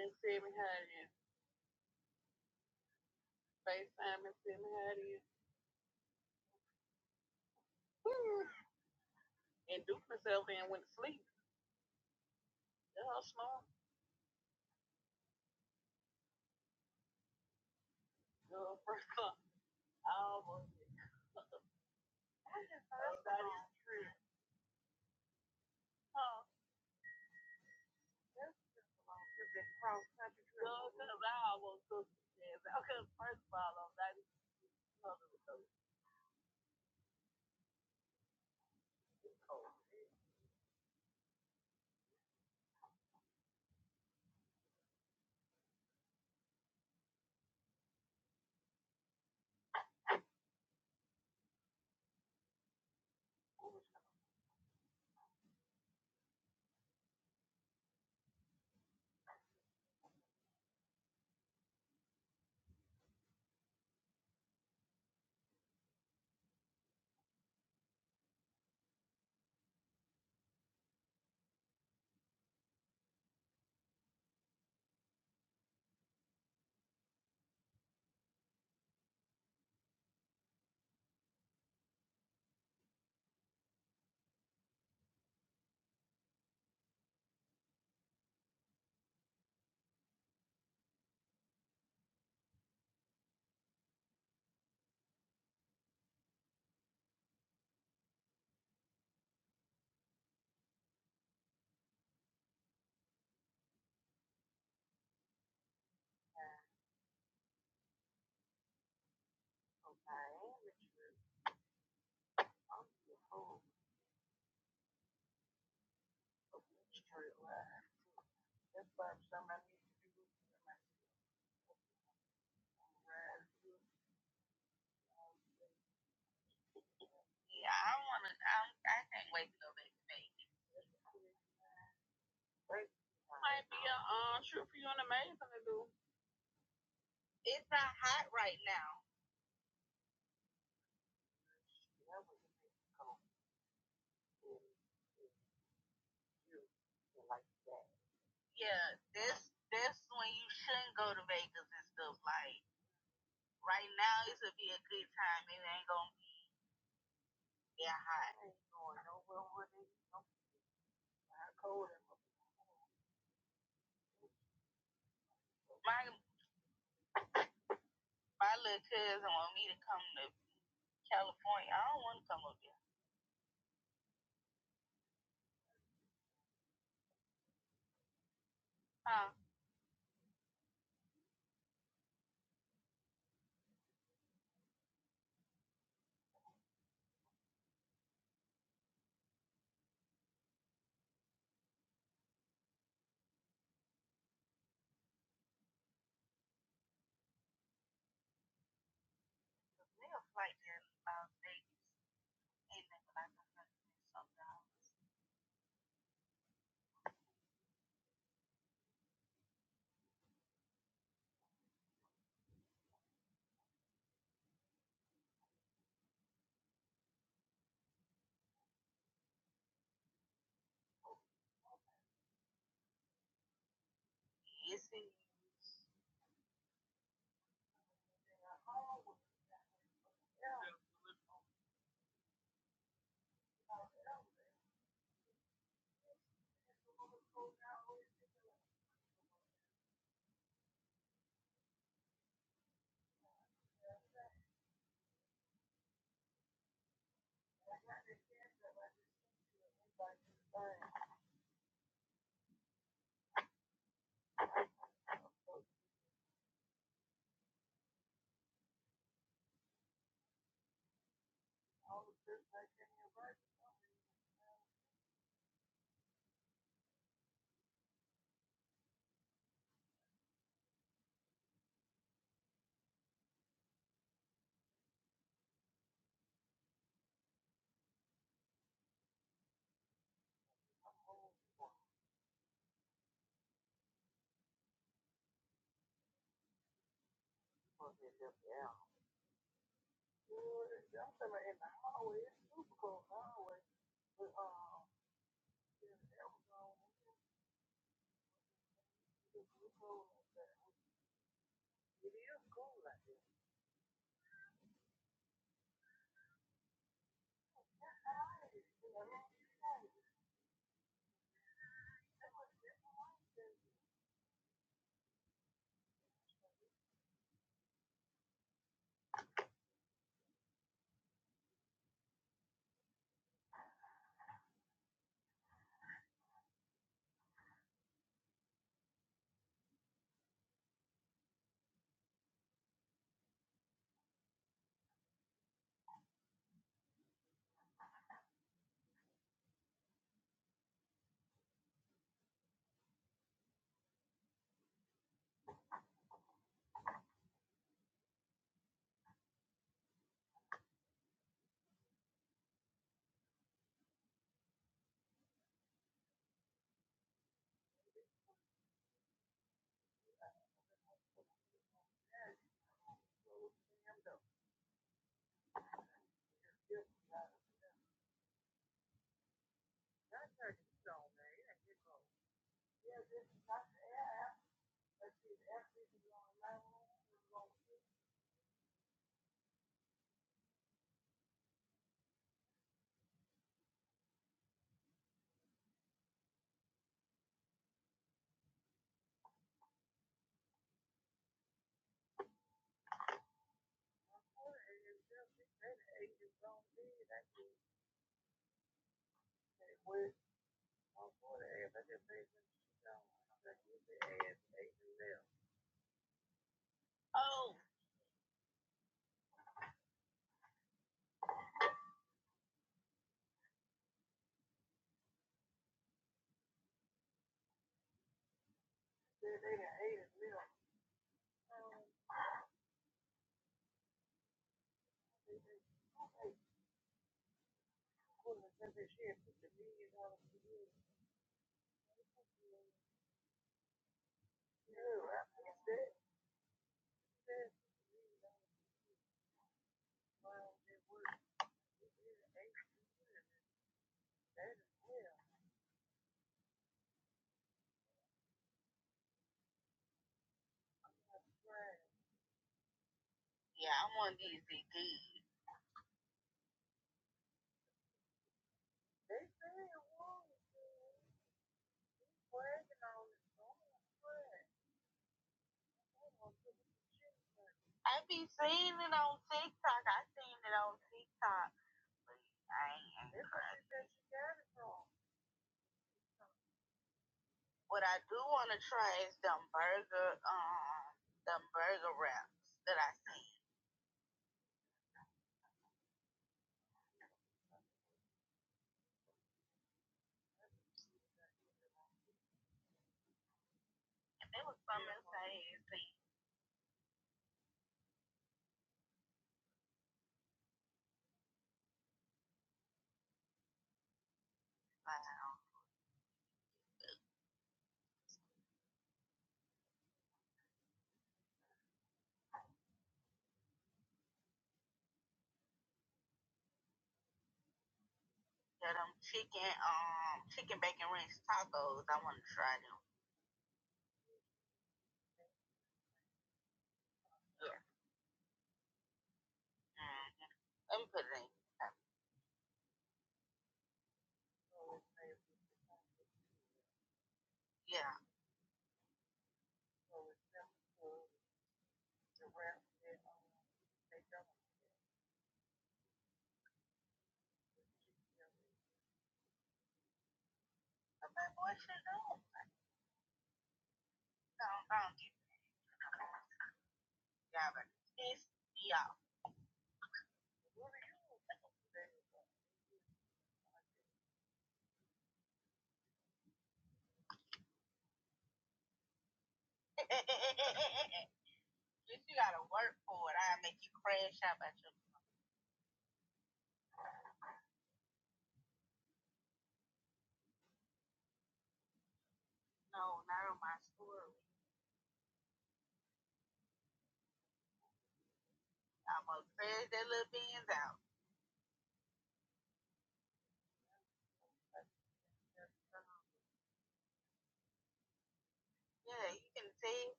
H: and see me how it is. FaceTime and see me how it is. And Duke myself and went to sleep. Girl, small? Girl, first up. I was. I just thought about this Huh? That's just a long trip. That cross country trip. Well, because I almost took it. Because first of all, I'm not even going to do it. Uh, shoot for you on the main thing to do.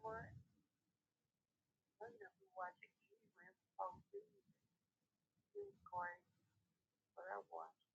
H: maze, honey,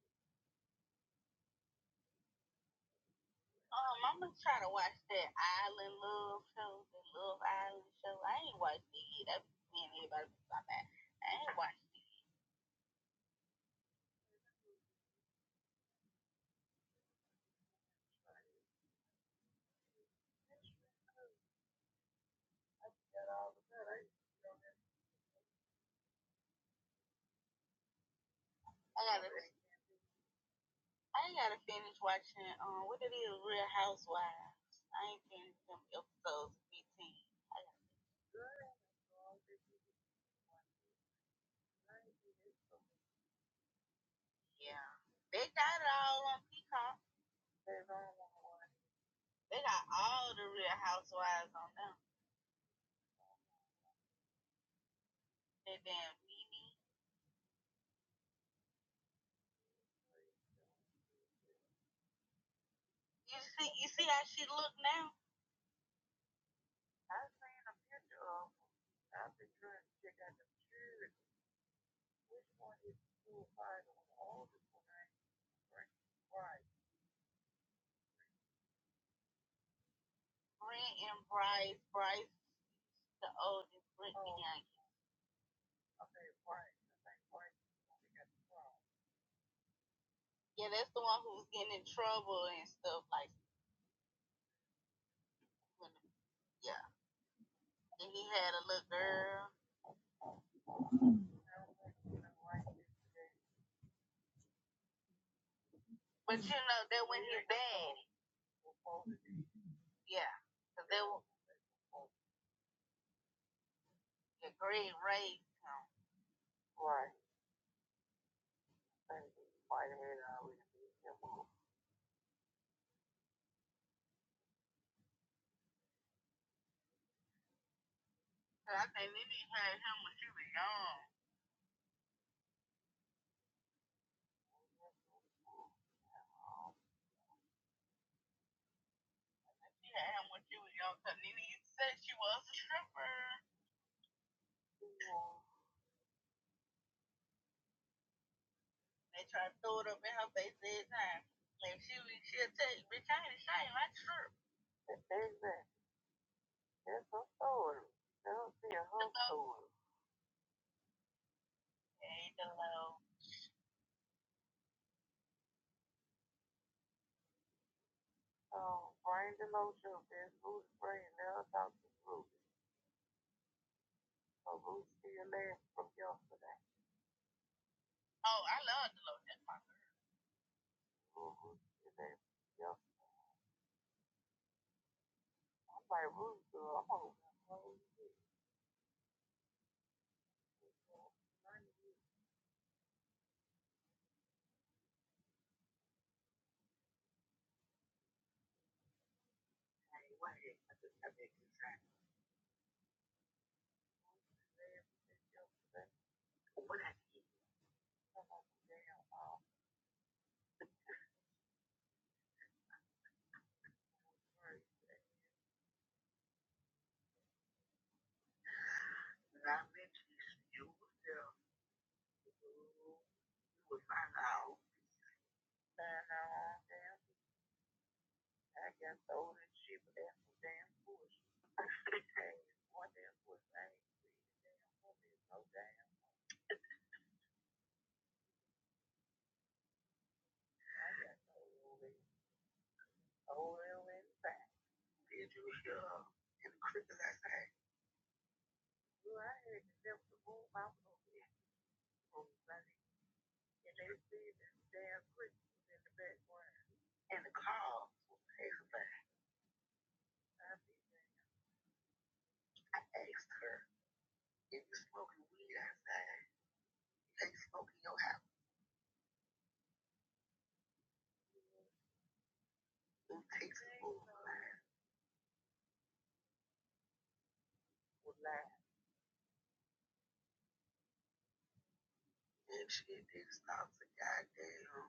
H: dude. That's her story. See, her uh, brain delusion is Ruth's brain. Now talking to Ruth. So Ruth still there from yesterday. Ruth Ruth still there from yesterday. Like Ruth, girl, I'm over. Ruth, Hey, wait, I just got back to sleep since yesterday. What I eat? I'm like, damn, all Thursday. And I mentioned you you was there. You you was find out. And, uh, damn. I got sold and shit, but that's some damn bullshit. Hey, one damn bullshit. I ain't seen the damn woman in no damn. I got sold and sold and back. Did you hear her in the crib last night? Well, I had to left the room. I was over there and they see that damn Chris was in the background. And the car was passing by. I I asked her, if you smoking weed outside, you can smoking smoke in your house. It takes a fool. If she thinks not to goddamn.